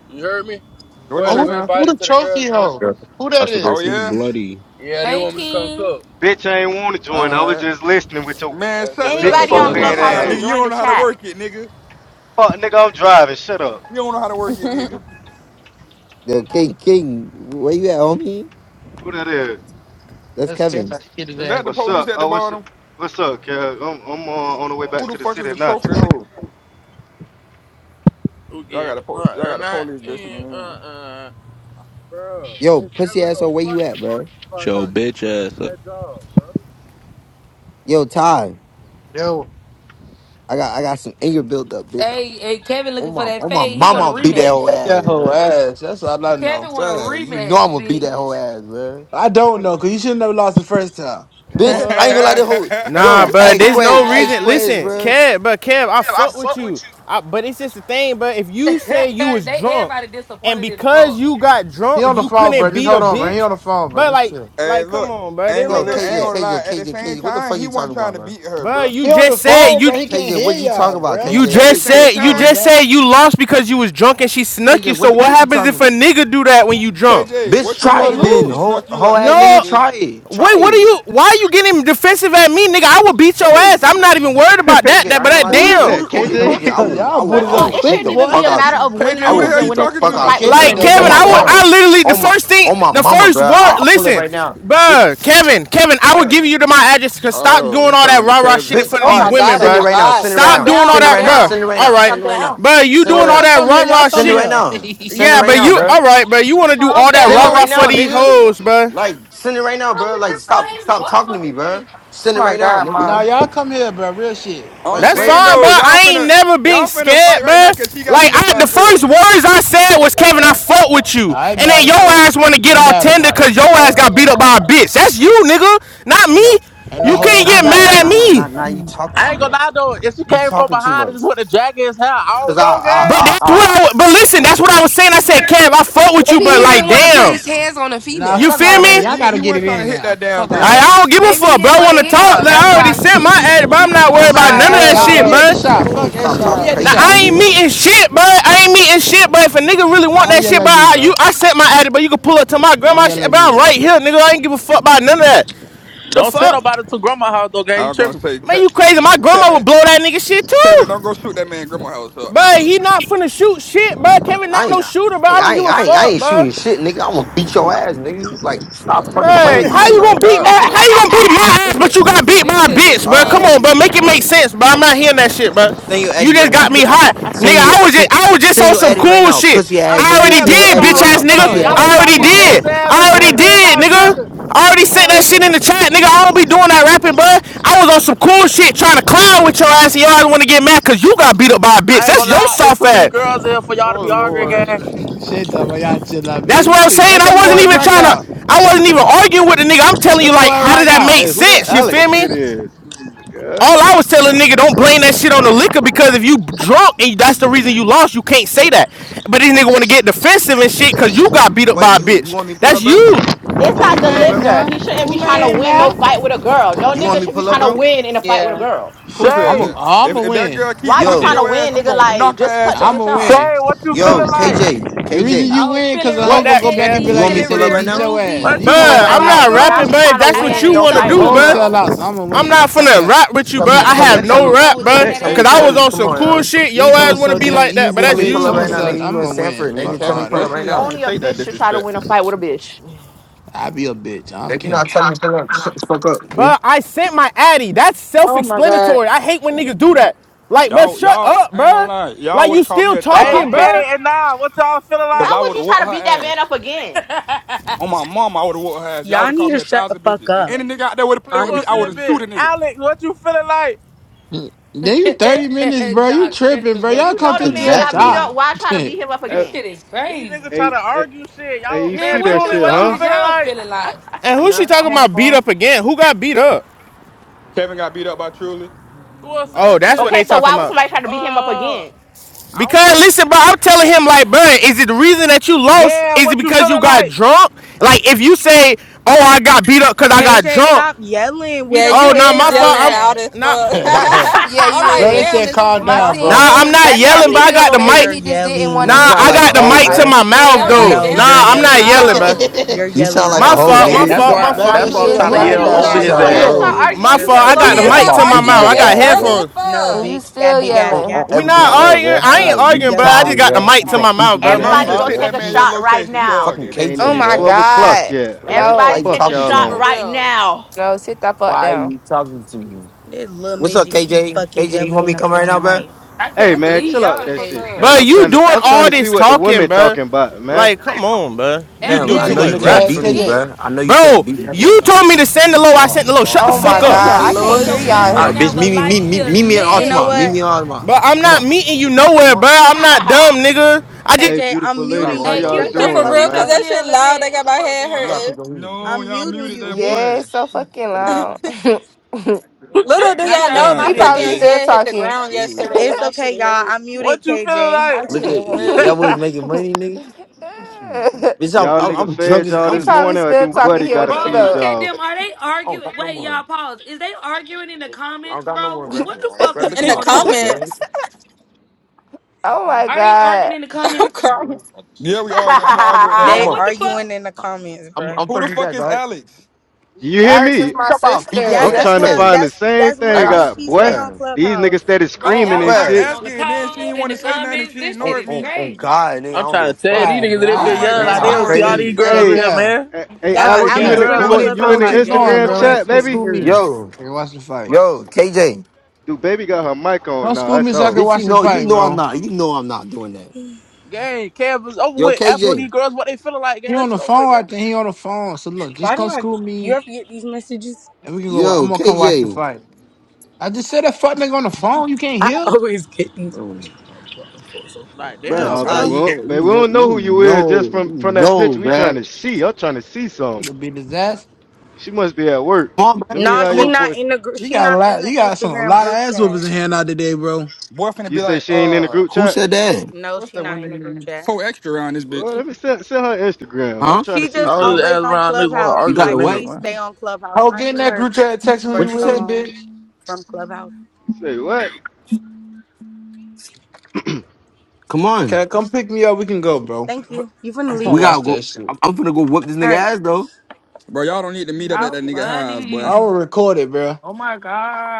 [SPEAKER 5] You heard me,
[SPEAKER 15] What you
[SPEAKER 3] Oh,
[SPEAKER 5] Quez?
[SPEAKER 15] say,
[SPEAKER 3] who,
[SPEAKER 5] We
[SPEAKER 15] fam?
[SPEAKER 3] who the
[SPEAKER 5] invited to the girls
[SPEAKER 3] trophy
[SPEAKER 5] B and
[SPEAKER 3] hoe?
[SPEAKER 5] B.
[SPEAKER 8] yeah.
[SPEAKER 3] Who that
[SPEAKER 8] That's what they
[SPEAKER 15] Oh
[SPEAKER 3] is?
[SPEAKER 8] said.
[SPEAKER 17] You
[SPEAKER 15] yeah.
[SPEAKER 17] bloody,
[SPEAKER 5] Yeah, they
[SPEAKER 1] Hey,
[SPEAKER 5] want me to come
[SPEAKER 1] King.
[SPEAKER 5] cook.
[SPEAKER 18] Bitch, I ain't want to join. I
[SPEAKER 15] All
[SPEAKER 18] was
[SPEAKER 15] right,
[SPEAKER 18] just listening with your
[SPEAKER 15] man.
[SPEAKER 5] Yeah, so
[SPEAKER 15] Shut
[SPEAKER 5] we
[SPEAKER 15] shut
[SPEAKER 18] big
[SPEAKER 15] the
[SPEAKER 5] gonna
[SPEAKER 8] But they
[SPEAKER 11] Anybody
[SPEAKER 15] fuck
[SPEAKER 11] on
[SPEAKER 15] up.
[SPEAKER 5] swing that
[SPEAKER 17] bloody.
[SPEAKER 15] Stop
[SPEAKER 18] forehead
[SPEAKER 8] don't
[SPEAKER 11] Clubhouse
[SPEAKER 5] shit
[SPEAKER 15] lying,
[SPEAKER 11] can
[SPEAKER 18] ass.
[SPEAKER 15] nigga. You
[SPEAKER 5] too.
[SPEAKER 8] and
[SPEAKER 11] join
[SPEAKER 15] don't
[SPEAKER 11] the
[SPEAKER 15] know how to
[SPEAKER 11] chat.
[SPEAKER 15] work it, nigga.
[SPEAKER 18] Fuck, nigga, I'm driving. Shut up.
[SPEAKER 15] You don't know how to work it, nigga.
[SPEAKER 7] oh
[SPEAKER 4] Yo, King, King, where you at, homie?
[SPEAKER 18] What that is?
[SPEAKER 4] That's
[SPEAKER 3] That's Cal.
[SPEAKER 4] Kevin's.
[SPEAKER 3] Get his
[SPEAKER 15] Is
[SPEAKER 3] ass.
[SPEAKER 15] that the
[SPEAKER 18] What's
[SPEAKER 15] police
[SPEAKER 18] up?
[SPEAKER 15] at the
[SPEAKER 18] Oh, what's up?
[SPEAKER 15] bottom?
[SPEAKER 18] What's up, Kev? I'm, I'm uh, on the way
[SPEAKER 15] Who
[SPEAKER 18] back
[SPEAKER 15] the
[SPEAKER 18] to the
[SPEAKER 15] fuck is
[SPEAKER 18] city
[SPEAKER 15] the
[SPEAKER 18] now.
[SPEAKER 15] trophy hoe?
[SPEAKER 2] Who
[SPEAKER 15] Y'all
[SPEAKER 2] getting
[SPEAKER 15] got the po-
[SPEAKER 2] fucked
[SPEAKER 15] y'all
[SPEAKER 2] or
[SPEAKER 15] got the
[SPEAKER 2] not?
[SPEAKER 15] police listening
[SPEAKER 2] Eh,
[SPEAKER 15] in.
[SPEAKER 2] Uh-uh.
[SPEAKER 5] Bro,
[SPEAKER 4] Yo,
[SPEAKER 5] there's
[SPEAKER 4] pussy
[SPEAKER 5] never no
[SPEAKER 4] asshole, where you
[SPEAKER 5] fucking
[SPEAKER 4] at,
[SPEAKER 5] parking
[SPEAKER 4] bro?
[SPEAKER 5] spots
[SPEAKER 17] Show
[SPEAKER 5] out this
[SPEAKER 17] bitch ass
[SPEAKER 5] pussy
[SPEAKER 17] up.
[SPEAKER 5] ass job, bro.
[SPEAKER 4] Yo, Ty,
[SPEAKER 3] Yo,
[SPEAKER 4] I got I got some anger built up, bitch.
[SPEAKER 1] Hey, hey, Kevin
[SPEAKER 4] Oh
[SPEAKER 1] looking for
[SPEAKER 4] my,
[SPEAKER 1] that
[SPEAKER 4] oh my
[SPEAKER 1] fade. He
[SPEAKER 4] mama,
[SPEAKER 1] want a
[SPEAKER 4] I'll beat that whole
[SPEAKER 1] rematch.
[SPEAKER 4] ass,
[SPEAKER 3] That whole
[SPEAKER 4] bro.
[SPEAKER 3] ass. That's all I know.
[SPEAKER 1] Kevin want a
[SPEAKER 4] Bruh, you know I'm
[SPEAKER 1] rematch,
[SPEAKER 4] gonna beat that whole
[SPEAKER 1] bitch.
[SPEAKER 4] ass, bro.
[SPEAKER 3] I don't know because you shouldn't have lost the first time.
[SPEAKER 15] hey,
[SPEAKER 4] Bitch, I ain't gonna lie to whole
[SPEAKER 6] What? Nah,
[SPEAKER 4] yo,
[SPEAKER 6] but
[SPEAKER 4] ask
[SPEAKER 6] there's no
[SPEAKER 4] Quez, ask
[SPEAKER 6] reason.
[SPEAKER 4] Quez,
[SPEAKER 6] Listen,
[SPEAKER 4] bro.
[SPEAKER 6] Kev, but Kev, I fuck with you. I, but it's just the thing. But if you say you was
[SPEAKER 1] they
[SPEAKER 6] drunk,
[SPEAKER 1] everybody
[SPEAKER 6] and
[SPEAKER 1] disappointed as
[SPEAKER 6] because
[SPEAKER 1] fuck.
[SPEAKER 6] you got
[SPEAKER 3] He
[SPEAKER 6] drunk,
[SPEAKER 3] on the
[SPEAKER 6] you
[SPEAKER 3] phone, bro.
[SPEAKER 6] couldn't
[SPEAKER 3] Just
[SPEAKER 6] beat a
[SPEAKER 3] hold on, bro. He
[SPEAKER 6] bitch,
[SPEAKER 3] on the phone, bro.
[SPEAKER 6] but
[SPEAKER 3] Just
[SPEAKER 6] like,
[SPEAKER 3] chill.
[SPEAKER 6] like, come
[SPEAKER 15] look,
[SPEAKER 6] on, bro, it
[SPEAKER 15] ain't
[SPEAKER 6] don't make
[SPEAKER 15] gonna
[SPEAKER 4] Yo,
[SPEAKER 15] li-
[SPEAKER 6] no
[SPEAKER 15] ain't
[SPEAKER 4] KJ,
[SPEAKER 6] sense,
[SPEAKER 15] gonna
[SPEAKER 4] KJ,
[SPEAKER 15] lie. At the
[SPEAKER 4] KJ,
[SPEAKER 15] same
[SPEAKER 4] KJ, what the
[SPEAKER 15] time,
[SPEAKER 4] fuck
[SPEAKER 15] he
[SPEAKER 4] you
[SPEAKER 15] wasn't
[SPEAKER 4] talking
[SPEAKER 15] trying
[SPEAKER 4] about,
[SPEAKER 15] to
[SPEAKER 4] bro?
[SPEAKER 15] beat her,
[SPEAKER 6] bro.
[SPEAKER 15] bro.
[SPEAKER 6] You
[SPEAKER 3] He on the
[SPEAKER 6] just said
[SPEAKER 3] phone, bro.
[SPEAKER 6] you
[SPEAKER 3] He can't
[SPEAKER 4] KJ,
[SPEAKER 3] hear
[SPEAKER 4] what you
[SPEAKER 3] y'all,
[SPEAKER 4] talking about,
[SPEAKER 3] bro.
[SPEAKER 6] You
[SPEAKER 4] KJ?
[SPEAKER 15] At the
[SPEAKER 4] K-
[SPEAKER 6] just
[SPEAKER 15] same
[SPEAKER 6] said
[SPEAKER 4] K-
[SPEAKER 6] you
[SPEAKER 3] Oh, he
[SPEAKER 15] time,
[SPEAKER 6] just
[SPEAKER 3] back.
[SPEAKER 6] said you lost because you was drunk and she snuck you.
[SPEAKER 4] KJ, what
[SPEAKER 6] So
[SPEAKER 4] the
[SPEAKER 6] what
[SPEAKER 4] fuck you
[SPEAKER 6] happens
[SPEAKER 4] talking
[SPEAKER 6] if
[SPEAKER 4] about?
[SPEAKER 6] a nigga do that when you drunk?
[SPEAKER 15] KJ,
[SPEAKER 4] Bitch,
[SPEAKER 15] what
[SPEAKER 3] He
[SPEAKER 15] you would
[SPEAKER 4] try
[SPEAKER 15] have
[SPEAKER 3] gonna
[SPEAKER 4] it
[SPEAKER 15] did if
[SPEAKER 4] then.
[SPEAKER 15] she
[SPEAKER 3] lose.
[SPEAKER 4] Whole
[SPEAKER 15] snuck you
[SPEAKER 4] whole
[SPEAKER 15] like
[SPEAKER 4] ass
[SPEAKER 15] that,
[SPEAKER 6] No.
[SPEAKER 4] nigga,
[SPEAKER 15] KJ?
[SPEAKER 4] try it. Try
[SPEAKER 6] Wait, what are
[SPEAKER 4] it.
[SPEAKER 6] you? Why are you getting defensive at me, nigga? I would beat your ass.
[SPEAKER 4] KJ.
[SPEAKER 6] I'm not even worried about
[SPEAKER 4] KJ, I ain't
[SPEAKER 6] that. That, but
[SPEAKER 4] gonna
[SPEAKER 6] that
[SPEAKER 4] lie
[SPEAKER 15] Who
[SPEAKER 18] who
[SPEAKER 4] to you,
[SPEAKER 15] you
[SPEAKER 18] is
[SPEAKER 6] damn,
[SPEAKER 4] KJ,
[SPEAKER 15] who
[SPEAKER 18] that,
[SPEAKER 15] who you
[SPEAKER 4] KJ, KJ,
[SPEAKER 3] What
[SPEAKER 15] talking
[SPEAKER 18] KJ?
[SPEAKER 4] I
[SPEAKER 3] y'all
[SPEAKER 4] will
[SPEAKER 15] to?
[SPEAKER 3] y'all
[SPEAKER 4] I will
[SPEAKER 11] First
[SPEAKER 3] booted
[SPEAKER 4] I
[SPEAKER 11] of all,
[SPEAKER 3] up
[SPEAKER 4] will
[SPEAKER 11] it
[SPEAKER 3] quick,
[SPEAKER 4] beat
[SPEAKER 11] shouldn't
[SPEAKER 4] the
[SPEAKER 11] even
[SPEAKER 3] boy.
[SPEAKER 11] be
[SPEAKER 4] fuck
[SPEAKER 11] a
[SPEAKER 4] out
[SPEAKER 11] matter of
[SPEAKER 4] you.
[SPEAKER 11] winning
[SPEAKER 15] KJ,
[SPEAKER 4] I
[SPEAKER 11] or
[SPEAKER 15] who the
[SPEAKER 4] will
[SPEAKER 15] hell
[SPEAKER 11] losing
[SPEAKER 15] you
[SPEAKER 4] beat
[SPEAKER 11] when
[SPEAKER 4] the
[SPEAKER 11] it's
[SPEAKER 15] talking
[SPEAKER 11] it's
[SPEAKER 4] fuck
[SPEAKER 11] a
[SPEAKER 15] to?
[SPEAKER 3] And
[SPEAKER 4] out
[SPEAKER 11] fight
[SPEAKER 4] you,
[SPEAKER 3] get
[SPEAKER 11] between
[SPEAKER 3] that
[SPEAKER 11] a
[SPEAKER 6] like
[SPEAKER 4] bro.
[SPEAKER 3] done
[SPEAKER 11] nigga
[SPEAKER 4] On
[SPEAKER 6] Kevin,
[SPEAKER 11] and
[SPEAKER 4] my
[SPEAKER 11] a
[SPEAKER 3] booted
[SPEAKER 6] I would.
[SPEAKER 3] up.
[SPEAKER 11] girl.
[SPEAKER 6] I
[SPEAKER 4] mama.
[SPEAKER 6] literally the
[SPEAKER 4] On my
[SPEAKER 6] first thing,
[SPEAKER 4] on my
[SPEAKER 6] the
[SPEAKER 4] mama,
[SPEAKER 6] first
[SPEAKER 4] bro.
[SPEAKER 6] word.
[SPEAKER 4] I'll pull it
[SPEAKER 6] Listen,
[SPEAKER 4] right now. Bitch,
[SPEAKER 6] bruh, Kevin, Kevin, I would
[SPEAKER 4] bro.
[SPEAKER 6] give you to my address. Cause stop
[SPEAKER 15] Oh,
[SPEAKER 6] doing
[SPEAKER 15] he
[SPEAKER 6] all that
[SPEAKER 15] talking to
[SPEAKER 6] rah rah shit
[SPEAKER 15] Kevin.
[SPEAKER 6] in
[SPEAKER 4] Bitch,
[SPEAKER 6] front of
[SPEAKER 4] all
[SPEAKER 6] these
[SPEAKER 7] my
[SPEAKER 4] right,
[SPEAKER 6] women,
[SPEAKER 7] god, oh
[SPEAKER 4] send
[SPEAKER 6] bruh.
[SPEAKER 4] it
[SPEAKER 7] my
[SPEAKER 4] right now.
[SPEAKER 7] god.
[SPEAKER 4] Send it right
[SPEAKER 7] Calm
[SPEAKER 6] Stop
[SPEAKER 4] now.
[SPEAKER 6] doing
[SPEAKER 7] down,
[SPEAKER 6] all
[SPEAKER 4] Send it
[SPEAKER 7] calm
[SPEAKER 6] that,
[SPEAKER 4] right now.
[SPEAKER 6] bruh.
[SPEAKER 7] down.
[SPEAKER 4] Send it right
[SPEAKER 6] All
[SPEAKER 4] now.
[SPEAKER 6] right,
[SPEAKER 7] Calm
[SPEAKER 4] Send it right now.
[SPEAKER 7] down.
[SPEAKER 6] bruh, you
[SPEAKER 4] Send it
[SPEAKER 3] No,
[SPEAKER 6] doing
[SPEAKER 4] right
[SPEAKER 6] all
[SPEAKER 3] y'all
[SPEAKER 4] now.
[SPEAKER 6] that
[SPEAKER 3] come
[SPEAKER 6] rah
[SPEAKER 3] here. Y'all
[SPEAKER 6] rah
[SPEAKER 3] come
[SPEAKER 4] Send it
[SPEAKER 6] shit.
[SPEAKER 4] right
[SPEAKER 3] here.
[SPEAKER 4] now. Send it
[SPEAKER 6] Yeah,
[SPEAKER 4] right
[SPEAKER 6] but
[SPEAKER 4] now,
[SPEAKER 6] you
[SPEAKER 4] bro.
[SPEAKER 6] all right, but you want to do
[SPEAKER 7] Calm
[SPEAKER 6] all that
[SPEAKER 4] Send
[SPEAKER 6] rah
[SPEAKER 4] it
[SPEAKER 7] down.
[SPEAKER 6] rah
[SPEAKER 4] right
[SPEAKER 6] for
[SPEAKER 4] now,
[SPEAKER 6] these
[SPEAKER 4] nigga.
[SPEAKER 6] hoes, bruh.
[SPEAKER 4] Like, send it right now, bro. Like, stop, stop talking to me, bro.
[SPEAKER 10] Oh
[SPEAKER 4] Send it
[SPEAKER 10] my
[SPEAKER 4] right now,
[SPEAKER 10] god,
[SPEAKER 3] nah,
[SPEAKER 4] nigga.
[SPEAKER 10] mom.
[SPEAKER 3] y'all come here, bro. Real shit.
[SPEAKER 15] I'm
[SPEAKER 4] Like,
[SPEAKER 6] That's
[SPEAKER 4] what,
[SPEAKER 15] saying
[SPEAKER 6] fine,
[SPEAKER 4] nigga?
[SPEAKER 15] though,
[SPEAKER 6] bruh.
[SPEAKER 15] y'all
[SPEAKER 6] I ain't
[SPEAKER 15] finna
[SPEAKER 6] never been
[SPEAKER 15] y'all finna
[SPEAKER 6] scared,
[SPEAKER 15] fight right now
[SPEAKER 6] bruh.
[SPEAKER 15] because he got
[SPEAKER 6] Like
[SPEAKER 15] beat up
[SPEAKER 6] I,
[SPEAKER 15] by a
[SPEAKER 6] the first
[SPEAKER 15] girl.
[SPEAKER 6] words I said was Kevin, I fuck with you,
[SPEAKER 3] Nah, it
[SPEAKER 6] and then
[SPEAKER 3] matter,
[SPEAKER 6] your
[SPEAKER 3] bro.
[SPEAKER 6] ass want to get
[SPEAKER 3] It
[SPEAKER 6] all
[SPEAKER 3] matter,
[SPEAKER 6] tender
[SPEAKER 3] Mario.
[SPEAKER 6] cause your ass got beat up by a bitch. That's you, nigga, not
[SPEAKER 3] I
[SPEAKER 6] me.
[SPEAKER 3] know. I know
[SPEAKER 6] You
[SPEAKER 4] See,
[SPEAKER 3] Hulk
[SPEAKER 6] can't
[SPEAKER 3] gonna
[SPEAKER 4] nah,
[SPEAKER 3] be
[SPEAKER 6] get
[SPEAKER 4] nah,
[SPEAKER 3] my
[SPEAKER 4] nah,
[SPEAKER 6] mad at
[SPEAKER 4] nah,
[SPEAKER 3] ass.
[SPEAKER 4] nah,
[SPEAKER 6] me.
[SPEAKER 4] nah, nah. You talking
[SPEAKER 2] I
[SPEAKER 4] too
[SPEAKER 2] ain't gonna
[SPEAKER 4] much.
[SPEAKER 2] lie though. If she
[SPEAKER 4] You
[SPEAKER 2] came from
[SPEAKER 4] talking too
[SPEAKER 2] behind and
[SPEAKER 4] much.
[SPEAKER 2] just with the jacket in his hair, I
[SPEAKER 4] Cause
[SPEAKER 2] don't
[SPEAKER 4] I,
[SPEAKER 2] know,
[SPEAKER 4] I,
[SPEAKER 6] But
[SPEAKER 2] gang.
[SPEAKER 4] I,
[SPEAKER 6] that's
[SPEAKER 4] I,
[SPEAKER 6] what.
[SPEAKER 4] I
[SPEAKER 6] I, but listen, that's what I was saying. I said, Kev, I fuck with you,
[SPEAKER 10] Maybe
[SPEAKER 6] but
[SPEAKER 10] he
[SPEAKER 6] like,
[SPEAKER 10] didn't want to put
[SPEAKER 6] damn,
[SPEAKER 10] his hands on a
[SPEAKER 3] Nah,
[SPEAKER 10] female.
[SPEAKER 6] you
[SPEAKER 3] fuck
[SPEAKER 15] She
[SPEAKER 6] feel
[SPEAKER 3] all
[SPEAKER 15] didn't
[SPEAKER 3] that.
[SPEAKER 6] me?
[SPEAKER 15] really
[SPEAKER 3] Y'all
[SPEAKER 15] he
[SPEAKER 3] gotta
[SPEAKER 15] he
[SPEAKER 3] get it
[SPEAKER 15] wasn't trying to
[SPEAKER 3] in
[SPEAKER 15] hit
[SPEAKER 3] now.
[SPEAKER 15] that damn
[SPEAKER 3] Fuck
[SPEAKER 6] I,
[SPEAKER 3] all
[SPEAKER 15] girl.
[SPEAKER 3] that.
[SPEAKER 6] I don't give a
[SPEAKER 10] Maybe he
[SPEAKER 6] fuck, bro.
[SPEAKER 10] didn't
[SPEAKER 6] I
[SPEAKER 10] want
[SPEAKER 6] want
[SPEAKER 10] to
[SPEAKER 6] to
[SPEAKER 10] hit
[SPEAKER 6] talk.
[SPEAKER 10] her.
[SPEAKER 6] Like,
[SPEAKER 10] That's
[SPEAKER 6] I already
[SPEAKER 10] why
[SPEAKER 6] sent my
[SPEAKER 10] he,
[SPEAKER 6] ad, but I'm
[SPEAKER 10] he,
[SPEAKER 6] not
[SPEAKER 10] he
[SPEAKER 3] I'm
[SPEAKER 6] worried
[SPEAKER 10] just let
[SPEAKER 6] about
[SPEAKER 10] her
[SPEAKER 6] none of
[SPEAKER 10] have
[SPEAKER 3] saying.
[SPEAKER 6] that
[SPEAKER 10] it.
[SPEAKER 7] Bro,
[SPEAKER 3] Nah,
[SPEAKER 6] shit,
[SPEAKER 3] me
[SPEAKER 7] bro,
[SPEAKER 3] at
[SPEAKER 6] bro.
[SPEAKER 3] the
[SPEAKER 7] it's
[SPEAKER 3] shop.
[SPEAKER 4] so
[SPEAKER 7] cool.
[SPEAKER 3] Fuck
[SPEAKER 7] It's
[SPEAKER 3] that
[SPEAKER 4] stop
[SPEAKER 7] cool
[SPEAKER 3] shit.
[SPEAKER 4] talking
[SPEAKER 3] Me
[SPEAKER 7] out.
[SPEAKER 3] at the
[SPEAKER 6] Now
[SPEAKER 4] crazy,
[SPEAKER 3] shop.
[SPEAKER 6] I ain't
[SPEAKER 4] nigga.
[SPEAKER 6] meeting shit, bud. I ain't meeting shit, but if a nigga really
[SPEAKER 3] I
[SPEAKER 6] want
[SPEAKER 3] don't
[SPEAKER 6] that
[SPEAKER 3] yell
[SPEAKER 6] shit,
[SPEAKER 3] at
[SPEAKER 6] bro,
[SPEAKER 3] me,
[SPEAKER 6] I,
[SPEAKER 3] bro.
[SPEAKER 6] you, I set my ad, but you can pull up to my
[SPEAKER 3] Don't
[SPEAKER 6] grandma
[SPEAKER 3] yell
[SPEAKER 6] shit,
[SPEAKER 3] at
[SPEAKER 6] bro.
[SPEAKER 3] me,
[SPEAKER 6] I'm
[SPEAKER 3] bro.
[SPEAKER 6] right here, nigga. I ain't give a fuck about none of that. The
[SPEAKER 2] Don't send
[SPEAKER 6] fuck,
[SPEAKER 2] nobody to grandma's house though, gang.
[SPEAKER 15] I
[SPEAKER 2] You
[SPEAKER 15] was gonna
[SPEAKER 2] tripping?
[SPEAKER 15] say
[SPEAKER 6] man,
[SPEAKER 15] Ke-
[SPEAKER 6] you crazy? My grandma
[SPEAKER 15] Kevin
[SPEAKER 6] would blow that nigga shit too,
[SPEAKER 15] Kevin, don't go shoot that man grandma house up
[SPEAKER 6] bro.
[SPEAKER 15] now.
[SPEAKER 6] He not finna shoot shit, bro. Kevin
[SPEAKER 4] I
[SPEAKER 6] not no
[SPEAKER 4] ain't.
[SPEAKER 6] shooter, bro.
[SPEAKER 4] I ain't,
[SPEAKER 6] I don't
[SPEAKER 4] I
[SPEAKER 6] give
[SPEAKER 4] ain't,
[SPEAKER 6] a
[SPEAKER 4] I ain't I
[SPEAKER 6] fuck,
[SPEAKER 4] ain't
[SPEAKER 6] bro.
[SPEAKER 4] shooting shit, nigga. I'm gonna beat your ass, nigga. Like, stop fucking
[SPEAKER 6] Man,
[SPEAKER 4] playing with
[SPEAKER 6] how
[SPEAKER 4] me,
[SPEAKER 5] Oh
[SPEAKER 6] you
[SPEAKER 5] my
[SPEAKER 6] gonna
[SPEAKER 4] bro.
[SPEAKER 6] beat my?
[SPEAKER 5] God, bro.
[SPEAKER 6] How you gonna beat my ass? But you got beat by
[SPEAKER 1] This
[SPEAKER 6] a
[SPEAKER 1] is
[SPEAKER 6] bitch,
[SPEAKER 4] All
[SPEAKER 6] bro.
[SPEAKER 4] right.
[SPEAKER 6] Come
[SPEAKER 1] insane,
[SPEAKER 6] on, bro. Make it make sense, bro. I'm not hearing that shit, bro.
[SPEAKER 4] Send your
[SPEAKER 6] You
[SPEAKER 4] Eddie
[SPEAKER 6] just
[SPEAKER 4] right
[SPEAKER 6] got
[SPEAKER 4] now.
[SPEAKER 6] me hot, nigga.
[SPEAKER 4] Send you
[SPEAKER 6] I was just,
[SPEAKER 4] send
[SPEAKER 6] I was just
[SPEAKER 4] send
[SPEAKER 6] on
[SPEAKER 4] your
[SPEAKER 6] some
[SPEAKER 4] Eddie right
[SPEAKER 6] cool
[SPEAKER 4] now.
[SPEAKER 6] shit.
[SPEAKER 4] Pussy
[SPEAKER 2] I'm
[SPEAKER 4] ass
[SPEAKER 6] I
[SPEAKER 4] nigga.
[SPEAKER 6] already
[SPEAKER 2] sad, but
[SPEAKER 4] Send your
[SPEAKER 2] what
[SPEAKER 6] did,
[SPEAKER 4] Eddie
[SPEAKER 2] y'all
[SPEAKER 6] bitch
[SPEAKER 4] right
[SPEAKER 2] hot
[SPEAKER 6] ass
[SPEAKER 4] now.
[SPEAKER 6] nigga.
[SPEAKER 2] for?
[SPEAKER 4] Pussy
[SPEAKER 1] man.
[SPEAKER 2] Y'all don't
[SPEAKER 4] ass
[SPEAKER 6] I
[SPEAKER 1] What
[SPEAKER 2] see
[SPEAKER 1] the
[SPEAKER 2] all
[SPEAKER 6] already
[SPEAKER 4] nigga.
[SPEAKER 2] these
[SPEAKER 6] did.
[SPEAKER 2] sad,
[SPEAKER 1] fuck?
[SPEAKER 2] sad
[SPEAKER 6] I
[SPEAKER 2] little
[SPEAKER 3] You
[SPEAKER 2] shits
[SPEAKER 6] already
[SPEAKER 2] in
[SPEAKER 3] already,
[SPEAKER 2] here.
[SPEAKER 6] did,
[SPEAKER 2] Y'all
[SPEAKER 6] nigga.
[SPEAKER 2] tripping?
[SPEAKER 6] I already
[SPEAKER 3] you
[SPEAKER 6] sent that
[SPEAKER 3] already
[SPEAKER 6] shit in the chat, nigga. I don't be doing that rapping, bro. I was on some cool shit trying to clown with your ass, and y'all want to get mad because you got beat up by a bitch.
[SPEAKER 2] I ain't
[SPEAKER 6] That's
[SPEAKER 2] gonna
[SPEAKER 6] your
[SPEAKER 2] lie. It's
[SPEAKER 6] soft
[SPEAKER 2] too many
[SPEAKER 6] ass.
[SPEAKER 2] girls in here for y'all to
[SPEAKER 11] Oh
[SPEAKER 2] be arguing,
[SPEAKER 11] Lord.
[SPEAKER 2] gang.
[SPEAKER 3] what? Shit, talking about y'all chill out,
[SPEAKER 6] That's
[SPEAKER 3] man.
[SPEAKER 6] what I'm
[SPEAKER 3] Please,
[SPEAKER 6] saying.
[SPEAKER 3] Let
[SPEAKER 6] I
[SPEAKER 3] them
[SPEAKER 6] wasn't
[SPEAKER 3] boys
[SPEAKER 6] even
[SPEAKER 3] rock
[SPEAKER 6] trying to.
[SPEAKER 3] out.
[SPEAKER 6] I wasn't even arguing with the nigga. I'm
[SPEAKER 3] Let
[SPEAKER 6] telling you,
[SPEAKER 3] them boy
[SPEAKER 6] like, how did
[SPEAKER 3] rock
[SPEAKER 6] that make
[SPEAKER 3] out.
[SPEAKER 18] hey, who that
[SPEAKER 6] sense? You
[SPEAKER 18] Alex
[SPEAKER 6] feel me?
[SPEAKER 18] shit is? Girl.
[SPEAKER 6] All I was telling the nigga, don't blame that shit on the liquor because if you drunk and that's the reason you lost, you can't say that. But this nigga want to get defensive and shit because you got beat up
[SPEAKER 4] What you
[SPEAKER 6] by a
[SPEAKER 4] you
[SPEAKER 6] bitch.
[SPEAKER 4] want me to pull
[SPEAKER 6] That's
[SPEAKER 4] up, bro?
[SPEAKER 6] you.
[SPEAKER 11] It's
[SPEAKER 4] You want me
[SPEAKER 11] not
[SPEAKER 4] to
[SPEAKER 3] Who
[SPEAKER 11] the
[SPEAKER 4] pull up,
[SPEAKER 3] lame
[SPEAKER 4] bro?
[SPEAKER 11] liquor.
[SPEAKER 3] now?
[SPEAKER 11] He shouldn't be
[SPEAKER 3] Who
[SPEAKER 11] trying to
[SPEAKER 3] lame
[SPEAKER 11] win no
[SPEAKER 3] now?
[SPEAKER 11] fight with a girl. No
[SPEAKER 4] You want
[SPEAKER 11] nigga
[SPEAKER 4] me to
[SPEAKER 11] should be
[SPEAKER 4] pull up,
[SPEAKER 11] trying to
[SPEAKER 4] bro?
[SPEAKER 11] win in a fight with a
[SPEAKER 7] Yeah.
[SPEAKER 11] girl.
[SPEAKER 15] Who
[SPEAKER 3] I'm
[SPEAKER 15] said
[SPEAKER 3] a,
[SPEAKER 4] You
[SPEAKER 2] Shay,
[SPEAKER 15] that?
[SPEAKER 3] I'm a
[SPEAKER 15] If, if that
[SPEAKER 3] win.
[SPEAKER 15] girl keep
[SPEAKER 11] Why you
[SPEAKER 15] punching
[SPEAKER 11] trying
[SPEAKER 4] yo
[SPEAKER 3] Shit.
[SPEAKER 11] to
[SPEAKER 15] your ass,
[SPEAKER 11] win,
[SPEAKER 15] I'm
[SPEAKER 11] nigga?
[SPEAKER 15] gonna
[SPEAKER 11] Like,
[SPEAKER 15] knock her
[SPEAKER 11] just cut
[SPEAKER 15] ass
[SPEAKER 11] the
[SPEAKER 3] I'm
[SPEAKER 15] out.
[SPEAKER 11] bitch
[SPEAKER 3] a
[SPEAKER 11] off.
[SPEAKER 3] win.
[SPEAKER 2] Shay, what you
[SPEAKER 4] yo
[SPEAKER 2] feeling like?
[SPEAKER 4] KJ
[SPEAKER 3] The reason
[SPEAKER 4] KJ.
[SPEAKER 3] you
[SPEAKER 1] Oh,
[SPEAKER 3] win because
[SPEAKER 1] feeling
[SPEAKER 3] the hoe
[SPEAKER 6] What
[SPEAKER 1] real
[SPEAKER 3] gonna
[SPEAKER 6] that,
[SPEAKER 3] go back
[SPEAKER 6] Kev?
[SPEAKER 3] and be
[SPEAKER 1] sexy,
[SPEAKER 4] You
[SPEAKER 3] like,
[SPEAKER 4] want me
[SPEAKER 3] and
[SPEAKER 4] to
[SPEAKER 1] feeling
[SPEAKER 3] say
[SPEAKER 4] pull
[SPEAKER 3] they
[SPEAKER 4] up
[SPEAKER 1] real
[SPEAKER 4] right
[SPEAKER 3] beat
[SPEAKER 4] now?
[SPEAKER 3] your ass.
[SPEAKER 2] What
[SPEAKER 1] groovy.
[SPEAKER 3] These
[SPEAKER 2] you
[SPEAKER 3] hoes
[SPEAKER 6] Bruh,
[SPEAKER 2] feeling
[SPEAKER 1] I
[SPEAKER 6] I'm
[SPEAKER 3] sell
[SPEAKER 1] got
[SPEAKER 11] You
[SPEAKER 2] like,
[SPEAKER 6] not
[SPEAKER 3] out.
[SPEAKER 11] should not
[SPEAKER 6] rapping,
[SPEAKER 2] dude?
[SPEAKER 11] be
[SPEAKER 6] bruh. If
[SPEAKER 11] trying to
[SPEAKER 6] that's
[SPEAKER 1] I
[SPEAKER 6] what
[SPEAKER 11] win
[SPEAKER 1] got
[SPEAKER 11] in
[SPEAKER 6] you
[SPEAKER 11] no
[SPEAKER 1] that
[SPEAKER 6] want to
[SPEAKER 11] fight
[SPEAKER 1] thong
[SPEAKER 11] with
[SPEAKER 6] do,
[SPEAKER 11] a
[SPEAKER 3] Hoes
[SPEAKER 6] bruh,
[SPEAKER 3] sell
[SPEAKER 11] girl.
[SPEAKER 1] on.
[SPEAKER 3] out, so I'm gonna
[SPEAKER 6] I'm
[SPEAKER 3] win.
[SPEAKER 6] not
[SPEAKER 3] Fuck
[SPEAKER 6] finna
[SPEAKER 3] that.
[SPEAKER 6] rap with you, bruh.
[SPEAKER 4] Tummy,
[SPEAKER 1] I
[SPEAKER 6] I
[SPEAKER 1] got
[SPEAKER 18] Hey,
[SPEAKER 4] tummy,
[SPEAKER 6] have
[SPEAKER 18] that
[SPEAKER 1] that
[SPEAKER 6] no
[SPEAKER 4] tummy,
[SPEAKER 1] thong
[SPEAKER 18] shit is
[SPEAKER 1] on
[SPEAKER 6] rap,
[SPEAKER 1] with that
[SPEAKER 6] bruh.
[SPEAKER 1] fat
[SPEAKER 18] sexy,
[SPEAKER 15] Hey
[SPEAKER 4] tummy,
[SPEAKER 6] Because
[SPEAKER 1] ass
[SPEAKER 6] I
[SPEAKER 18] boy.
[SPEAKER 6] was
[SPEAKER 4] tummy.
[SPEAKER 1] out.
[SPEAKER 6] on
[SPEAKER 15] Kevin,
[SPEAKER 4] Come
[SPEAKER 6] some
[SPEAKER 4] on,
[SPEAKER 6] cool
[SPEAKER 4] y'all.
[SPEAKER 6] shit. Your
[SPEAKER 3] These
[SPEAKER 6] ass
[SPEAKER 3] hoes
[SPEAKER 6] want to
[SPEAKER 3] so
[SPEAKER 6] be
[SPEAKER 3] damn
[SPEAKER 6] like that, but
[SPEAKER 3] evil,
[SPEAKER 8] that's
[SPEAKER 6] that's
[SPEAKER 4] Tummy,
[SPEAKER 8] what it
[SPEAKER 3] bitch.
[SPEAKER 4] pull up
[SPEAKER 3] I'm
[SPEAKER 6] you.
[SPEAKER 3] gonna
[SPEAKER 4] right
[SPEAKER 8] sounded
[SPEAKER 4] now,
[SPEAKER 8] like.
[SPEAKER 3] sell.
[SPEAKER 4] nigga. You
[SPEAKER 3] I'm
[SPEAKER 4] in
[SPEAKER 3] gonna win.
[SPEAKER 4] Sanford,
[SPEAKER 15] hey
[SPEAKER 3] Fuck
[SPEAKER 4] nigga? Tell me,
[SPEAKER 15] Kevin.
[SPEAKER 3] all
[SPEAKER 4] pull up
[SPEAKER 3] that.
[SPEAKER 4] right
[SPEAKER 15] Personally, I
[SPEAKER 4] now.
[SPEAKER 15] wouldn't
[SPEAKER 11] Only a
[SPEAKER 15] take that
[SPEAKER 11] bitch should try to
[SPEAKER 15] disrespect.
[SPEAKER 11] win a fight with a bitch.
[SPEAKER 3] I be a bitch. I don't
[SPEAKER 4] If you
[SPEAKER 3] care.
[SPEAKER 4] not tell me, pull up. Shut the fuck up. nigga.
[SPEAKER 6] But I sent my Addy. That's
[SPEAKER 7] Oh my god.
[SPEAKER 6] self-explanatory. I hate when niggas do that. Like, but
[SPEAKER 15] Y'all,
[SPEAKER 6] shut
[SPEAKER 15] y'all
[SPEAKER 6] up,
[SPEAKER 15] I ain't gonna
[SPEAKER 6] bruh.
[SPEAKER 15] lie. Y'all
[SPEAKER 6] Like
[SPEAKER 15] would
[SPEAKER 6] you
[SPEAKER 15] have called me
[SPEAKER 6] still
[SPEAKER 15] a
[SPEAKER 2] Hey,
[SPEAKER 15] thousand
[SPEAKER 6] talking, bruh.
[SPEAKER 15] bitches,
[SPEAKER 2] K and now, what y'all feeling like?
[SPEAKER 15] cause
[SPEAKER 11] Why
[SPEAKER 15] I
[SPEAKER 11] would
[SPEAKER 15] would
[SPEAKER 11] you
[SPEAKER 15] have whooped
[SPEAKER 11] try
[SPEAKER 15] her
[SPEAKER 11] to beat that
[SPEAKER 15] ass.
[SPEAKER 11] man up again?
[SPEAKER 15] On my mom, I would have whooped her ass. Y'all would
[SPEAKER 9] Y'all
[SPEAKER 15] have
[SPEAKER 9] need
[SPEAKER 15] called
[SPEAKER 9] to
[SPEAKER 15] me a
[SPEAKER 9] shut the
[SPEAKER 15] thousand
[SPEAKER 9] fuck
[SPEAKER 15] bitches. And
[SPEAKER 9] up,
[SPEAKER 15] any nigga out there would have played with
[SPEAKER 2] Who
[SPEAKER 15] me,
[SPEAKER 2] else
[SPEAKER 15] I
[SPEAKER 2] in
[SPEAKER 15] would
[SPEAKER 2] that
[SPEAKER 15] have
[SPEAKER 9] honestly.
[SPEAKER 15] shoot
[SPEAKER 2] bit?
[SPEAKER 15] a nigga.
[SPEAKER 2] Alex, what you feeling like?
[SPEAKER 3] Mm, Then you 30 minutes, bro. You
[SPEAKER 1] Jock, shut
[SPEAKER 3] tripping,
[SPEAKER 1] the
[SPEAKER 3] bro.
[SPEAKER 11] If
[SPEAKER 1] fuck
[SPEAKER 3] Y'all
[SPEAKER 11] you
[SPEAKER 3] come
[SPEAKER 11] know the
[SPEAKER 1] up.
[SPEAKER 3] to the
[SPEAKER 11] man
[SPEAKER 3] damn
[SPEAKER 11] got
[SPEAKER 4] Exactly.
[SPEAKER 11] beat
[SPEAKER 3] shop.
[SPEAKER 11] up,
[SPEAKER 4] You
[SPEAKER 11] why try to beat him up
[SPEAKER 18] Hey,
[SPEAKER 1] This
[SPEAKER 11] again?
[SPEAKER 1] shit is
[SPEAKER 2] These
[SPEAKER 1] crazy.
[SPEAKER 2] niggas try
[SPEAKER 18] hey,
[SPEAKER 2] to
[SPEAKER 18] hey,
[SPEAKER 2] argue shit.
[SPEAKER 18] hey,
[SPEAKER 2] Y'all,
[SPEAKER 18] you
[SPEAKER 1] Man,
[SPEAKER 18] see
[SPEAKER 2] man,
[SPEAKER 1] what
[SPEAKER 18] that
[SPEAKER 1] the
[SPEAKER 2] truly,
[SPEAKER 18] shit,
[SPEAKER 2] what
[SPEAKER 1] fuck
[SPEAKER 2] you
[SPEAKER 18] huh?
[SPEAKER 15] Huh?
[SPEAKER 1] is
[SPEAKER 2] feeling
[SPEAKER 1] y'all
[SPEAKER 2] like?
[SPEAKER 1] feeling like?
[SPEAKER 6] And who she
[SPEAKER 15] Nah,
[SPEAKER 6] talking
[SPEAKER 15] I'm on the
[SPEAKER 6] about beat
[SPEAKER 15] phone.
[SPEAKER 6] up again? Who got beat up?
[SPEAKER 15] Kevin got beat up by Truly.
[SPEAKER 2] Who else in
[SPEAKER 6] Oh,
[SPEAKER 2] that
[SPEAKER 6] that's what
[SPEAKER 11] Okay,
[SPEAKER 6] they
[SPEAKER 2] bit?
[SPEAKER 11] so
[SPEAKER 6] talking
[SPEAKER 11] why would
[SPEAKER 6] about.
[SPEAKER 11] somebody try to beat him up
[SPEAKER 2] Uh,
[SPEAKER 11] again?
[SPEAKER 2] I don't
[SPEAKER 6] Because
[SPEAKER 2] know.
[SPEAKER 6] listen, bro, I'm telling him like, bro, is it the reason that you lost?
[SPEAKER 2] Yeah,
[SPEAKER 6] Is it
[SPEAKER 2] what you
[SPEAKER 6] because you
[SPEAKER 2] feeling
[SPEAKER 6] got
[SPEAKER 2] like?
[SPEAKER 6] drunk? Like, if you say, oh, I got beat up because I got
[SPEAKER 9] KJ,
[SPEAKER 6] drunk.
[SPEAKER 9] stop yelling. We
[SPEAKER 7] Yeah,
[SPEAKER 9] don't
[SPEAKER 6] Oh,
[SPEAKER 7] you
[SPEAKER 9] want to
[SPEAKER 6] nah, my
[SPEAKER 7] is
[SPEAKER 9] hear all
[SPEAKER 6] fault.
[SPEAKER 7] yelling
[SPEAKER 6] I'm
[SPEAKER 7] loud
[SPEAKER 9] that.
[SPEAKER 7] as
[SPEAKER 6] not.
[SPEAKER 7] fuck.
[SPEAKER 6] Nah,
[SPEAKER 10] my yeah, you
[SPEAKER 7] I'm
[SPEAKER 11] that
[SPEAKER 3] bro,
[SPEAKER 7] like,
[SPEAKER 3] they
[SPEAKER 7] damn,
[SPEAKER 10] is.
[SPEAKER 3] said
[SPEAKER 7] is it
[SPEAKER 3] calm
[SPEAKER 7] just
[SPEAKER 10] My
[SPEAKER 7] my
[SPEAKER 3] down,
[SPEAKER 6] nah,
[SPEAKER 10] thing
[SPEAKER 3] bro.
[SPEAKER 7] phone?
[SPEAKER 6] I'm
[SPEAKER 10] is,
[SPEAKER 6] not
[SPEAKER 10] my
[SPEAKER 11] man
[SPEAKER 6] yelling, but
[SPEAKER 10] thing
[SPEAKER 6] I
[SPEAKER 11] heated a
[SPEAKER 6] got
[SPEAKER 10] is,
[SPEAKER 6] the
[SPEAKER 11] little
[SPEAKER 10] maybe
[SPEAKER 11] bit.
[SPEAKER 6] mic.
[SPEAKER 9] You're
[SPEAKER 10] he just didn't want
[SPEAKER 6] Nah,
[SPEAKER 10] to
[SPEAKER 9] yelling.
[SPEAKER 10] hit the
[SPEAKER 4] sound
[SPEAKER 6] I
[SPEAKER 4] like
[SPEAKER 10] bitch
[SPEAKER 6] got
[SPEAKER 4] a
[SPEAKER 6] the
[SPEAKER 4] hoe,
[SPEAKER 10] back.
[SPEAKER 6] mic
[SPEAKER 10] Like,
[SPEAKER 6] to
[SPEAKER 4] man.
[SPEAKER 6] my
[SPEAKER 10] who
[SPEAKER 6] mouth
[SPEAKER 7] Yeah, I'm like,
[SPEAKER 6] though.
[SPEAKER 10] cares?
[SPEAKER 9] No,
[SPEAKER 7] damn,
[SPEAKER 9] you're
[SPEAKER 7] that
[SPEAKER 6] Nah, I'm
[SPEAKER 7] shit
[SPEAKER 6] not
[SPEAKER 9] yelling.
[SPEAKER 6] yelling, bro.
[SPEAKER 7] loud.
[SPEAKER 9] You're
[SPEAKER 4] You sound
[SPEAKER 9] yelling
[SPEAKER 4] like a
[SPEAKER 6] My
[SPEAKER 9] that
[SPEAKER 4] hoe,
[SPEAKER 9] big
[SPEAKER 6] fault,
[SPEAKER 3] back,
[SPEAKER 6] my
[SPEAKER 9] ass
[SPEAKER 2] That's
[SPEAKER 4] nigga.
[SPEAKER 6] fault,
[SPEAKER 3] back,
[SPEAKER 6] my
[SPEAKER 9] gap.
[SPEAKER 2] why.
[SPEAKER 3] back
[SPEAKER 10] Now
[SPEAKER 4] You
[SPEAKER 6] fault.
[SPEAKER 2] That's
[SPEAKER 3] that
[SPEAKER 10] you
[SPEAKER 2] why I'm
[SPEAKER 3] shit up.
[SPEAKER 10] is
[SPEAKER 11] You
[SPEAKER 2] trying
[SPEAKER 3] Who
[SPEAKER 2] to
[SPEAKER 11] know he
[SPEAKER 3] that
[SPEAKER 9] That
[SPEAKER 10] yelling
[SPEAKER 11] a
[SPEAKER 2] yell
[SPEAKER 3] little
[SPEAKER 9] big
[SPEAKER 2] over
[SPEAKER 11] little.
[SPEAKER 3] shit
[SPEAKER 10] though,
[SPEAKER 9] ass
[SPEAKER 11] You
[SPEAKER 2] his
[SPEAKER 4] sound
[SPEAKER 3] right
[SPEAKER 11] know
[SPEAKER 4] like a
[SPEAKER 11] when you
[SPEAKER 2] ass.
[SPEAKER 9] gap,
[SPEAKER 11] start
[SPEAKER 3] here?
[SPEAKER 4] hoe.
[SPEAKER 9] bitch.
[SPEAKER 6] My
[SPEAKER 11] arguing,
[SPEAKER 9] You're
[SPEAKER 11] you
[SPEAKER 6] fault.
[SPEAKER 11] get a
[SPEAKER 6] I
[SPEAKER 7] But
[SPEAKER 11] little
[SPEAKER 7] you
[SPEAKER 9] fucking
[SPEAKER 6] got the
[SPEAKER 7] need to
[SPEAKER 4] Nigga, I'm
[SPEAKER 11] answer.
[SPEAKER 6] mic
[SPEAKER 7] stop
[SPEAKER 4] about
[SPEAKER 6] to
[SPEAKER 9] yelling.
[SPEAKER 4] to
[SPEAKER 6] my
[SPEAKER 4] beat this
[SPEAKER 7] arguing.
[SPEAKER 6] mouth. I
[SPEAKER 4] nigga
[SPEAKER 7] It's
[SPEAKER 6] got
[SPEAKER 4] ass,
[SPEAKER 7] early
[SPEAKER 4] bro.
[SPEAKER 7] as
[SPEAKER 6] headphones.
[SPEAKER 9] No,
[SPEAKER 10] and you
[SPEAKER 7] fuck.
[SPEAKER 9] bitch. That
[SPEAKER 10] still
[SPEAKER 9] big
[SPEAKER 4] On,
[SPEAKER 9] ass
[SPEAKER 4] on, on
[SPEAKER 9] gap.
[SPEAKER 10] yelling.
[SPEAKER 6] We
[SPEAKER 9] You
[SPEAKER 4] everything I
[SPEAKER 6] not
[SPEAKER 1] Damn,
[SPEAKER 9] yelling.
[SPEAKER 4] love,
[SPEAKER 6] arguing.
[SPEAKER 4] bro.
[SPEAKER 9] Shut
[SPEAKER 6] I ain't
[SPEAKER 4] Like
[SPEAKER 9] up. You
[SPEAKER 6] arguing,
[SPEAKER 4] you
[SPEAKER 6] bro.
[SPEAKER 9] yelling
[SPEAKER 6] I
[SPEAKER 4] trying
[SPEAKER 6] just
[SPEAKER 4] me,
[SPEAKER 9] all in
[SPEAKER 6] got
[SPEAKER 9] the
[SPEAKER 6] the
[SPEAKER 4] bro.
[SPEAKER 6] mic
[SPEAKER 4] I'm
[SPEAKER 9] fucking
[SPEAKER 6] to
[SPEAKER 11] Hey,
[SPEAKER 9] mic
[SPEAKER 4] gonna
[SPEAKER 6] my
[SPEAKER 9] and
[SPEAKER 4] beat
[SPEAKER 6] mouth,
[SPEAKER 4] this
[SPEAKER 6] bro.
[SPEAKER 9] shit.
[SPEAKER 4] nigga
[SPEAKER 6] My
[SPEAKER 15] Man, you
[SPEAKER 4] ass,
[SPEAKER 11] everybody,
[SPEAKER 15] just
[SPEAKER 6] fault.
[SPEAKER 11] go
[SPEAKER 15] hit
[SPEAKER 11] take
[SPEAKER 15] that
[SPEAKER 11] a
[SPEAKER 15] man your
[SPEAKER 4] bro.
[SPEAKER 11] shot right
[SPEAKER 15] location. You
[SPEAKER 11] now.
[SPEAKER 4] Fucking
[SPEAKER 18] It
[SPEAKER 15] arguing?
[SPEAKER 18] ain't
[SPEAKER 10] Oh
[SPEAKER 18] even
[SPEAKER 4] KJ,
[SPEAKER 10] my
[SPEAKER 18] 12
[SPEAKER 4] bro.
[SPEAKER 18] o'clock
[SPEAKER 10] god,
[SPEAKER 18] yet,
[SPEAKER 4] Like,
[SPEAKER 18] man. What the
[SPEAKER 4] why
[SPEAKER 11] Everybody,
[SPEAKER 10] no.
[SPEAKER 4] you
[SPEAKER 11] take
[SPEAKER 18] fuck
[SPEAKER 11] a
[SPEAKER 4] talking to
[SPEAKER 18] y'all
[SPEAKER 11] shot
[SPEAKER 4] me?
[SPEAKER 7] For
[SPEAKER 18] on?
[SPEAKER 11] right
[SPEAKER 7] real.
[SPEAKER 11] now.
[SPEAKER 10] No, sit that fuck
[SPEAKER 4] Why are
[SPEAKER 10] down.
[SPEAKER 4] you talking to me?
[SPEAKER 9] This little
[SPEAKER 4] What's up,
[SPEAKER 9] midget keep
[SPEAKER 4] KJ?
[SPEAKER 9] fucking
[SPEAKER 4] KJ, you want
[SPEAKER 9] yelling in
[SPEAKER 4] me to
[SPEAKER 9] the
[SPEAKER 4] come right now,
[SPEAKER 9] fucking
[SPEAKER 4] bro?
[SPEAKER 9] mic.
[SPEAKER 1] I
[SPEAKER 18] Hey
[SPEAKER 1] can't
[SPEAKER 18] man,
[SPEAKER 7] Kevin,
[SPEAKER 1] believe
[SPEAKER 7] just
[SPEAKER 18] chill out
[SPEAKER 7] shut
[SPEAKER 1] y'all
[SPEAKER 18] with
[SPEAKER 7] the
[SPEAKER 18] that
[SPEAKER 7] fuck
[SPEAKER 1] today.
[SPEAKER 18] shit,
[SPEAKER 7] up.
[SPEAKER 6] Bro,
[SPEAKER 18] man.
[SPEAKER 1] This
[SPEAKER 18] I'm
[SPEAKER 1] shit
[SPEAKER 6] you
[SPEAKER 18] trying
[SPEAKER 1] is
[SPEAKER 18] to
[SPEAKER 6] doing
[SPEAKER 18] I'm trying
[SPEAKER 6] all
[SPEAKER 18] to
[SPEAKER 1] crazy.
[SPEAKER 18] see
[SPEAKER 6] this
[SPEAKER 18] what the
[SPEAKER 6] talking,
[SPEAKER 18] women
[SPEAKER 6] bro.
[SPEAKER 18] talking about, man.
[SPEAKER 6] Like, come on, bro. You
[SPEAKER 3] You
[SPEAKER 1] Every
[SPEAKER 4] Damn,
[SPEAKER 6] do
[SPEAKER 3] gonna
[SPEAKER 4] I
[SPEAKER 1] day
[SPEAKER 3] beat
[SPEAKER 6] too
[SPEAKER 1] is
[SPEAKER 4] know
[SPEAKER 3] that
[SPEAKER 6] much
[SPEAKER 4] you
[SPEAKER 1] some new
[SPEAKER 6] rap
[SPEAKER 4] can't
[SPEAKER 3] nigga ass,
[SPEAKER 6] for
[SPEAKER 4] beat
[SPEAKER 6] me.
[SPEAKER 4] me,
[SPEAKER 3] KJ?
[SPEAKER 1] shit.
[SPEAKER 4] bruh. I know you can't
[SPEAKER 6] Bro,
[SPEAKER 4] beat me,
[SPEAKER 6] you
[SPEAKER 4] bruh.
[SPEAKER 6] told me to send the low. I sent the low. Shut the
[SPEAKER 10] Oh my
[SPEAKER 6] fuck
[SPEAKER 7] Oh
[SPEAKER 1] Kevin,
[SPEAKER 6] up.
[SPEAKER 1] you
[SPEAKER 7] my
[SPEAKER 10] god, I
[SPEAKER 1] beefing
[SPEAKER 10] can't
[SPEAKER 1] with
[SPEAKER 7] lord,
[SPEAKER 10] hear
[SPEAKER 1] your bitch
[SPEAKER 10] y'all.
[SPEAKER 4] All
[SPEAKER 1] right
[SPEAKER 4] right,
[SPEAKER 7] Jesus.
[SPEAKER 1] now,
[SPEAKER 4] bitch, meet
[SPEAKER 1] but
[SPEAKER 4] me, meet
[SPEAKER 1] life
[SPEAKER 4] me,
[SPEAKER 1] still
[SPEAKER 4] meet me in
[SPEAKER 9] You know
[SPEAKER 4] Altamont. Meet
[SPEAKER 9] what?
[SPEAKER 1] lit.
[SPEAKER 4] me in Altamont.
[SPEAKER 6] But I'm
[SPEAKER 4] Come
[SPEAKER 6] not
[SPEAKER 4] on,
[SPEAKER 6] meeting you nowhere, bro. I'm not dumb, nigga. I just.
[SPEAKER 18] Hey,
[SPEAKER 9] KJ,
[SPEAKER 18] beautiful
[SPEAKER 9] I'm
[SPEAKER 4] you gotta
[SPEAKER 18] ladies,
[SPEAKER 9] muting
[SPEAKER 4] go
[SPEAKER 18] how
[SPEAKER 1] Hey,
[SPEAKER 4] pick
[SPEAKER 9] you.
[SPEAKER 4] up
[SPEAKER 1] can
[SPEAKER 18] y'all
[SPEAKER 1] we
[SPEAKER 4] who.
[SPEAKER 9] Shut the
[SPEAKER 7] No,
[SPEAKER 1] turn
[SPEAKER 7] for
[SPEAKER 1] this
[SPEAKER 9] fuck
[SPEAKER 18] doing,
[SPEAKER 7] real,
[SPEAKER 1] bitch
[SPEAKER 7] cause
[SPEAKER 18] man?
[SPEAKER 1] up in
[SPEAKER 9] up.
[SPEAKER 7] that
[SPEAKER 1] here a
[SPEAKER 7] shit
[SPEAKER 1] little
[SPEAKER 7] loud. I
[SPEAKER 1] bit? What
[SPEAKER 7] got
[SPEAKER 1] the
[SPEAKER 7] my
[SPEAKER 1] fuck
[SPEAKER 7] head
[SPEAKER 1] going
[SPEAKER 4] You gotta
[SPEAKER 1] on?
[SPEAKER 7] hurting.
[SPEAKER 4] pick up who.
[SPEAKER 15] No,
[SPEAKER 9] I'm
[SPEAKER 15] y'all
[SPEAKER 9] muting
[SPEAKER 15] muted
[SPEAKER 9] you,
[SPEAKER 15] that
[SPEAKER 10] Yeah,
[SPEAKER 15] boy.
[SPEAKER 10] it's
[SPEAKER 9] bitch.
[SPEAKER 10] so fucking loud.
[SPEAKER 2] Who ju-
[SPEAKER 7] Little do
[SPEAKER 2] who
[SPEAKER 1] Not
[SPEAKER 7] y'all
[SPEAKER 2] just
[SPEAKER 1] y'all
[SPEAKER 7] know,
[SPEAKER 1] to
[SPEAKER 2] said
[SPEAKER 15] Damn,
[SPEAKER 7] my
[SPEAKER 1] mute
[SPEAKER 10] he
[SPEAKER 2] that?
[SPEAKER 1] his
[SPEAKER 10] probably
[SPEAKER 7] fucking
[SPEAKER 1] ass.
[SPEAKER 15] KJ.
[SPEAKER 10] still
[SPEAKER 7] head hit the
[SPEAKER 10] talking.
[SPEAKER 7] ground yesterday, and
[SPEAKER 9] It's
[SPEAKER 7] my
[SPEAKER 9] okay,
[SPEAKER 7] shit
[SPEAKER 9] y'all.
[SPEAKER 7] hurt.
[SPEAKER 9] I muted
[SPEAKER 2] What you feeling
[SPEAKER 9] KJ.
[SPEAKER 7] My
[SPEAKER 2] like?
[SPEAKER 4] Look
[SPEAKER 7] shit
[SPEAKER 4] at y- y'all
[SPEAKER 7] hurt.
[SPEAKER 4] boys making money, nigga. Bitch, I'm,
[SPEAKER 18] Y'all
[SPEAKER 10] he,
[SPEAKER 18] nigga
[SPEAKER 4] I'm, I'm drunk
[SPEAKER 18] fed
[SPEAKER 4] as
[SPEAKER 18] y'all
[SPEAKER 10] he
[SPEAKER 18] this
[SPEAKER 10] probably
[SPEAKER 4] I'm.
[SPEAKER 18] morning or
[SPEAKER 10] still
[SPEAKER 18] do
[SPEAKER 10] talking.
[SPEAKER 18] buddy
[SPEAKER 10] He don't
[SPEAKER 18] gotta
[SPEAKER 10] even
[SPEAKER 1] Bro,
[SPEAKER 18] feed
[SPEAKER 1] look
[SPEAKER 10] know.
[SPEAKER 1] at
[SPEAKER 18] y'all?
[SPEAKER 1] them. Are they arguing? Wait, y'all pause. Is they arguing in the comments, bro? What the fuck is
[SPEAKER 7] In the
[SPEAKER 1] going on?
[SPEAKER 7] comments,
[SPEAKER 10] Oh my
[SPEAKER 1] Are they arguing
[SPEAKER 10] god,
[SPEAKER 1] in the
[SPEAKER 7] I'm
[SPEAKER 1] comments?
[SPEAKER 7] crying.
[SPEAKER 15] Yeah, we arguing. I'm going to argue with that
[SPEAKER 1] Man,
[SPEAKER 9] they
[SPEAKER 15] hoe.
[SPEAKER 1] what the fuck?
[SPEAKER 9] arguing in the comments, bro.
[SPEAKER 15] Who the fuck is Alex?
[SPEAKER 18] You hear
[SPEAKER 10] Alex
[SPEAKER 18] me?
[SPEAKER 10] is my
[SPEAKER 18] I'm
[SPEAKER 9] That's
[SPEAKER 10] sister,
[SPEAKER 9] a
[SPEAKER 18] trying to
[SPEAKER 9] club.
[SPEAKER 18] find the
[SPEAKER 9] That's
[SPEAKER 18] same
[SPEAKER 9] that's one
[SPEAKER 18] thing
[SPEAKER 9] bitch.
[SPEAKER 18] out,
[SPEAKER 9] She stay
[SPEAKER 18] boy.
[SPEAKER 9] on
[SPEAKER 18] These
[SPEAKER 9] Clubhouse.
[SPEAKER 18] niggas started
[SPEAKER 1] Bro,
[SPEAKER 15] Oh, I
[SPEAKER 18] screaming
[SPEAKER 1] y'all
[SPEAKER 15] was
[SPEAKER 18] and
[SPEAKER 15] just
[SPEAKER 1] arguing
[SPEAKER 18] shit.
[SPEAKER 1] on the
[SPEAKER 15] asking, and then she
[SPEAKER 1] call,
[SPEAKER 15] didn't
[SPEAKER 1] in
[SPEAKER 15] want
[SPEAKER 1] the
[SPEAKER 15] to say nothing, and
[SPEAKER 1] comments.
[SPEAKER 15] she
[SPEAKER 1] This shit
[SPEAKER 15] ignored
[SPEAKER 1] is
[SPEAKER 15] me.
[SPEAKER 1] crazy.
[SPEAKER 2] I'm trying to tell you, these
[SPEAKER 3] Alright, bro,
[SPEAKER 2] niggas in that
[SPEAKER 15] I
[SPEAKER 1] This
[SPEAKER 15] don't
[SPEAKER 2] been
[SPEAKER 3] alright,
[SPEAKER 1] shit
[SPEAKER 15] like
[SPEAKER 3] bro,
[SPEAKER 2] yelling
[SPEAKER 1] is
[SPEAKER 15] being
[SPEAKER 2] like they don't
[SPEAKER 3] alright.
[SPEAKER 2] see
[SPEAKER 15] ignored,
[SPEAKER 1] wild.
[SPEAKER 2] all
[SPEAKER 15] bitch.
[SPEAKER 3] Hey,
[SPEAKER 2] these
[SPEAKER 3] so
[SPEAKER 2] girls in
[SPEAKER 18] Hey,
[SPEAKER 2] here,
[SPEAKER 3] yeah,
[SPEAKER 2] man.
[SPEAKER 18] hey, hey,
[SPEAKER 2] Ask
[SPEAKER 9] Y'all,
[SPEAKER 2] one of
[SPEAKER 18] Alex, you
[SPEAKER 2] these
[SPEAKER 18] in
[SPEAKER 9] Alex
[SPEAKER 3] yeah.
[SPEAKER 18] the
[SPEAKER 9] been
[SPEAKER 2] girls
[SPEAKER 3] What
[SPEAKER 9] on
[SPEAKER 18] you
[SPEAKER 2] what
[SPEAKER 3] we
[SPEAKER 2] they
[SPEAKER 18] on- you
[SPEAKER 3] doing?
[SPEAKER 18] in
[SPEAKER 2] feeling
[SPEAKER 9] Clubhouse
[SPEAKER 18] the
[SPEAKER 3] What
[SPEAKER 9] for
[SPEAKER 3] you
[SPEAKER 2] like, gang.
[SPEAKER 3] doing,
[SPEAKER 2] Get
[SPEAKER 18] Instagram
[SPEAKER 9] years.
[SPEAKER 2] over
[SPEAKER 3] bro?
[SPEAKER 2] that
[SPEAKER 18] chat,
[SPEAKER 3] Don't
[SPEAKER 2] shit,
[SPEAKER 18] baby?
[SPEAKER 3] school me.
[SPEAKER 9] Years.
[SPEAKER 4] Yo,
[SPEAKER 3] I can watch the fight.
[SPEAKER 4] yo, KJ.
[SPEAKER 18] Do baby got her mic on?
[SPEAKER 3] Don't
[SPEAKER 18] Nah,
[SPEAKER 3] school me
[SPEAKER 18] that's
[SPEAKER 3] so I
[SPEAKER 18] all.
[SPEAKER 3] can
[SPEAKER 4] Bitch,
[SPEAKER 3] watch
[SPEAKER 4] you
[SPEAKER 3] the
[SPEAKER 4] know, you
[SPEAKER 3] fight,
[SPEAKER 4] know I'm
[SPEAKER 3] bro.
[SPEAKER 4] not. You know I'm not doing that.
[SPEAKER 2] gang. Canvas over
[SPEAKER 4] Yo,
[SPEAKER 2] with. Ask one of
[SPEAKER 4] KJ.
[SPEAKER 2] these girls what they feeling like,
[SPEAKER 3] He
[SPEAKER 2] gang. That
[SPEAKER 3] on the
[SPEAKER 2] shit over with,
[SPEAKER 3] phone. I
[SPEAKER 2] gang.
[SPEAKER 3] think he on the phone. So look, just
[SPEAKER 9] Why do
[SPEAKER 3] come
[SPEAKER 9] I?
[SPEAKER 3] school
[SPEAKER 9] You
[SPEAKER 3] me,
[SPEAKER 9] ever get these messages?
[SPEAKER 3] and we can go. I'm
[SPEAKER 4] Yo,
[SPEAKER 3] gonna come watch the
[SPEAKER 4] KJ.
[SPEAKER 3] fight. I just said that fuck nigga on the phone. You can't
[SPEAKER 9] I
[SPEAKER 3] hear?
[SPEAKER 9] always get these.
[SPEAKER 4] Um,
[SPEAKER 2] Like,
[SPEAKER 4] bruh,
[SPEAKER 2] damn,
[SPEAKER 18] Nah,
[SPEAKER 4] Ty,
[SPEAKER 18] baby,
[SPEAKER 2] bro.
[SPEAKER 18] we
[SPEAKER 4] you
[SPEAKER 18] don't, baby, we don't know who you is just from from that
[SPEAKER 4] no,
[SPEAKER 18] picture. We
[SPEAKER 4] bruh.
[SPEAKER 18] trying to see. I'm trying to see something.
[SPEAKER 3] You gonna beat his ass.
[SPEAKER 18] She must be at work.
[SPEAKER 4] Come on,
[SPEAKER 18] Let me
[SPEAKER 4] bruh.
[SPEAKER 9] No,
[SPEAKER 18] hear
[SPEAKER 4] Come
[SPEAKER 9] she
[SPEAKER 18] your
[SPEAKER 4] in.
[SPEAKER 9] not
[SPEAKER 18] voice.
[SPEAKER 9] in the group.
[SPEAKER 3] You
[SPEAKER 9] She
[SPEAKER 3] got a
[SPEAKER 9] not in
[SPEAKER 3] lot.
[SPEAKER 9] the
[SPEAKER 3] You got some a
[SPEAKER 9] Instagram
[SPEAKER 3] lot of
[SPEAKER 9] group
[SPEAKER 3] ass whoopers
[SPEAKER 9] chat.
[SPEAKER 3] in hand out today, bro.
[SPEAKER 15] Boy, finna
[SPEAKER 18] You
[SPEAKER 15] be
[SPEAKER 18] say
[SPEAKER 15] like,
[SPEAKER 18] she ain't in the
[SPEAKER 15] uh,
[SPEAKER 18] group
[SPEAKER 4] Who
[SPEAKER 18] chat?
[SPEAKER 4] said that?
[SPEAKER 9] No,
[SPEAKER 15] what's
[SPEAKER 9] she
[SPEAKER 15] that
[SPEAKER 9] not
[SPEAKER 15] one
[SPEAKER 9] in the
[SPEAKER 15] nigga
[SPEAKER 9] group
[SPEAKER 15] name?
[SPEAKER 9] chat.
[SPEAKER 15] Four extra around this
[SPEAKER 18] Well,
[SPEAKER 15] bitch,
[SPEAKER 18] let me send, send her Instagram. I'm
[SPEAKER 4] Huh?
[SPEAKER 18] trying to
[SPEAKER 9] She
[SPEAKER 18] see
[SPEAKER 9] just
[SPEAKER 2] All these
[SPEAKER 18] some.
[SPEAKER 9] always
[SPEAKER 2] ass
[SPEAKER 9] on
[SPEAKER 2] around niggas want to
[SPEAKER 9] Clubhouse.
[SPEAKER 4] You
[SPEAKER 2] argue
[SPEAKER 4] got
[SPEAKER 2] with
[SPEAKER 4] the
[SPEAKER 9] Like
[SPEAKER 2] niggas,
[SPEAKER 9] she
[SPEAKER 4] what?
[SPEAKER 9] stay
[SPEAKER 2] man.
[SPEAKER 9] on Clubhouse.
[SPEAKER 3] Oh,
[SPEAKER 9] I
[SPEAKER 3] get in
[SPEAKER 9] knew
[SPEAKER 3] that
[SPEAKER 9] her
[SPEAKER 3] group chat. Text who
[SPEAKER 9] for
[SPEAKER 4] What
[SPEAKER 3] you
[SPEAKER 4] you
[SPEAKER 9] so
[SPEAKER 3] is,
[SPEAKER 4] say?
[SPEAKER 9] long
[SPEAKER 3] bitch.
[SPEAKER 9] from Clubhouse.
[SPEAKER 18] You say what?
[SPEAKER 4] Come on.
[SPEAKER 3] Okay, come pick me up. We can go, bro.
[SPEAKER 9] Thank you. You finna
[SPEAKER 3] Let's go
[SPEAKER 4] We
[SPEAKER 9] leave?
[SPEAKER 3] watch
[SPEAKER 4] gotta
[SPEAKER 3] that
[SPEAKER 4] go.
[SPEAKER 3] shit.
[SPEAKER 4] I'm, I'm finna go whoop this
[SPEAKER 9] All
[SPEAKER 4] nigga
[SPEAKER 9] right.
[SPEAKER 4] ass though.
[SPEAKER 15] bro. Y'all don't need to meet up
[SPEAKER 9] Be
[SPEAKER 15] at
[SPEAKER 1] Y'all
[SPEAKER 15] that nigga
[SPEAKER 9] safe.
[SPEAKER 15] house, boy.
[SPEAKER 3] I
[SPEAKER 1] funny.
[SPEAKER 3] will record it, bro.
[SPEAKER 1] Oh my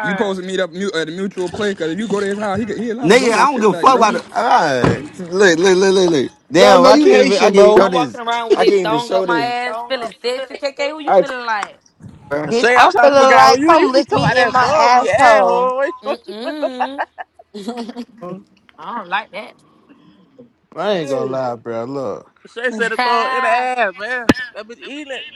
[SPEAKER 15] You supposed to meet up mu- at a mutual place, cause if you go to his house, he could- he allowed to blow
[SPEAKER 4] Nigga,
[SPEAKER 15] your
[SPEAKER 4] I don't
[SPEAKER 15] shit
[SPEAKER 4] give a
[SPEAKER 15] back,
[SPEAKER 4] fuck
[SPEAKER 15] bro.
[SPEAKER 4] about it. All right. Look, look, look, look, look.
[SPEAKER 3] Let him
[SPEAKER 4] Damn,
[SPEAKER 3] know
[SPEAKER 4] I
[SPEAKER 3] you
[SPEAKER 4] can't even I
[SPEAKER 3] Haitian,
[SPEAKER 4] can't even
[SPEAKER 3] bro.
[SPEAKER 4] show
[SPEAKER 1] I'm walking
[SPEAKER 4] this.
[SPEAKER 1] around with
[SPEAKER 4] I can't
[SPEAKER 1] it
[SPEAKER 4] even
[SPEAKER 1] thong up
[SPEAKER 4] show
[SPEAKER 1] my
[SPEAKER 4] this,
[SPEAKER 1] ass, feeling sexy. KK, who you feeling like?
[SPEAKER 4] bruh.
[SPEAKER 2] And
[SPEAKER 10] bitch.
[SPEAKER 2] Shay, I'm
[SPEAKER 10] I'm
[SPEAKER 2] trying to figure
[SPEAKER 10] feeling
[SPEAKER 2] out who
[SPEAKER 10] like
[SPEAKER 2] you. You
[SPEAKER 10] come
[SPEAKER 2] keep
[SPEAKER 10] lick
[SPEAKER 2] talking about
[SPEAKER 10] me in
[SPEAKER 2] that
[SPEAKER 10] my
[SPEAKER 2] thumb in your
[SPEAKER 10] asshole.
[SPEAKER 2] asshole. Wait, what you
[SPEAKER 1] Mm-mm. I don't like
[SPEAKER 3] I ain't gonna
[SPEAKER 2] Hey,
[SPEAKER 3] lie, bro. Look,
[SPEAKER 2] Shay said the thumb in the
[SPEAKER 1] that.
[SPEAKER 2] ass, man. That bitch eating it.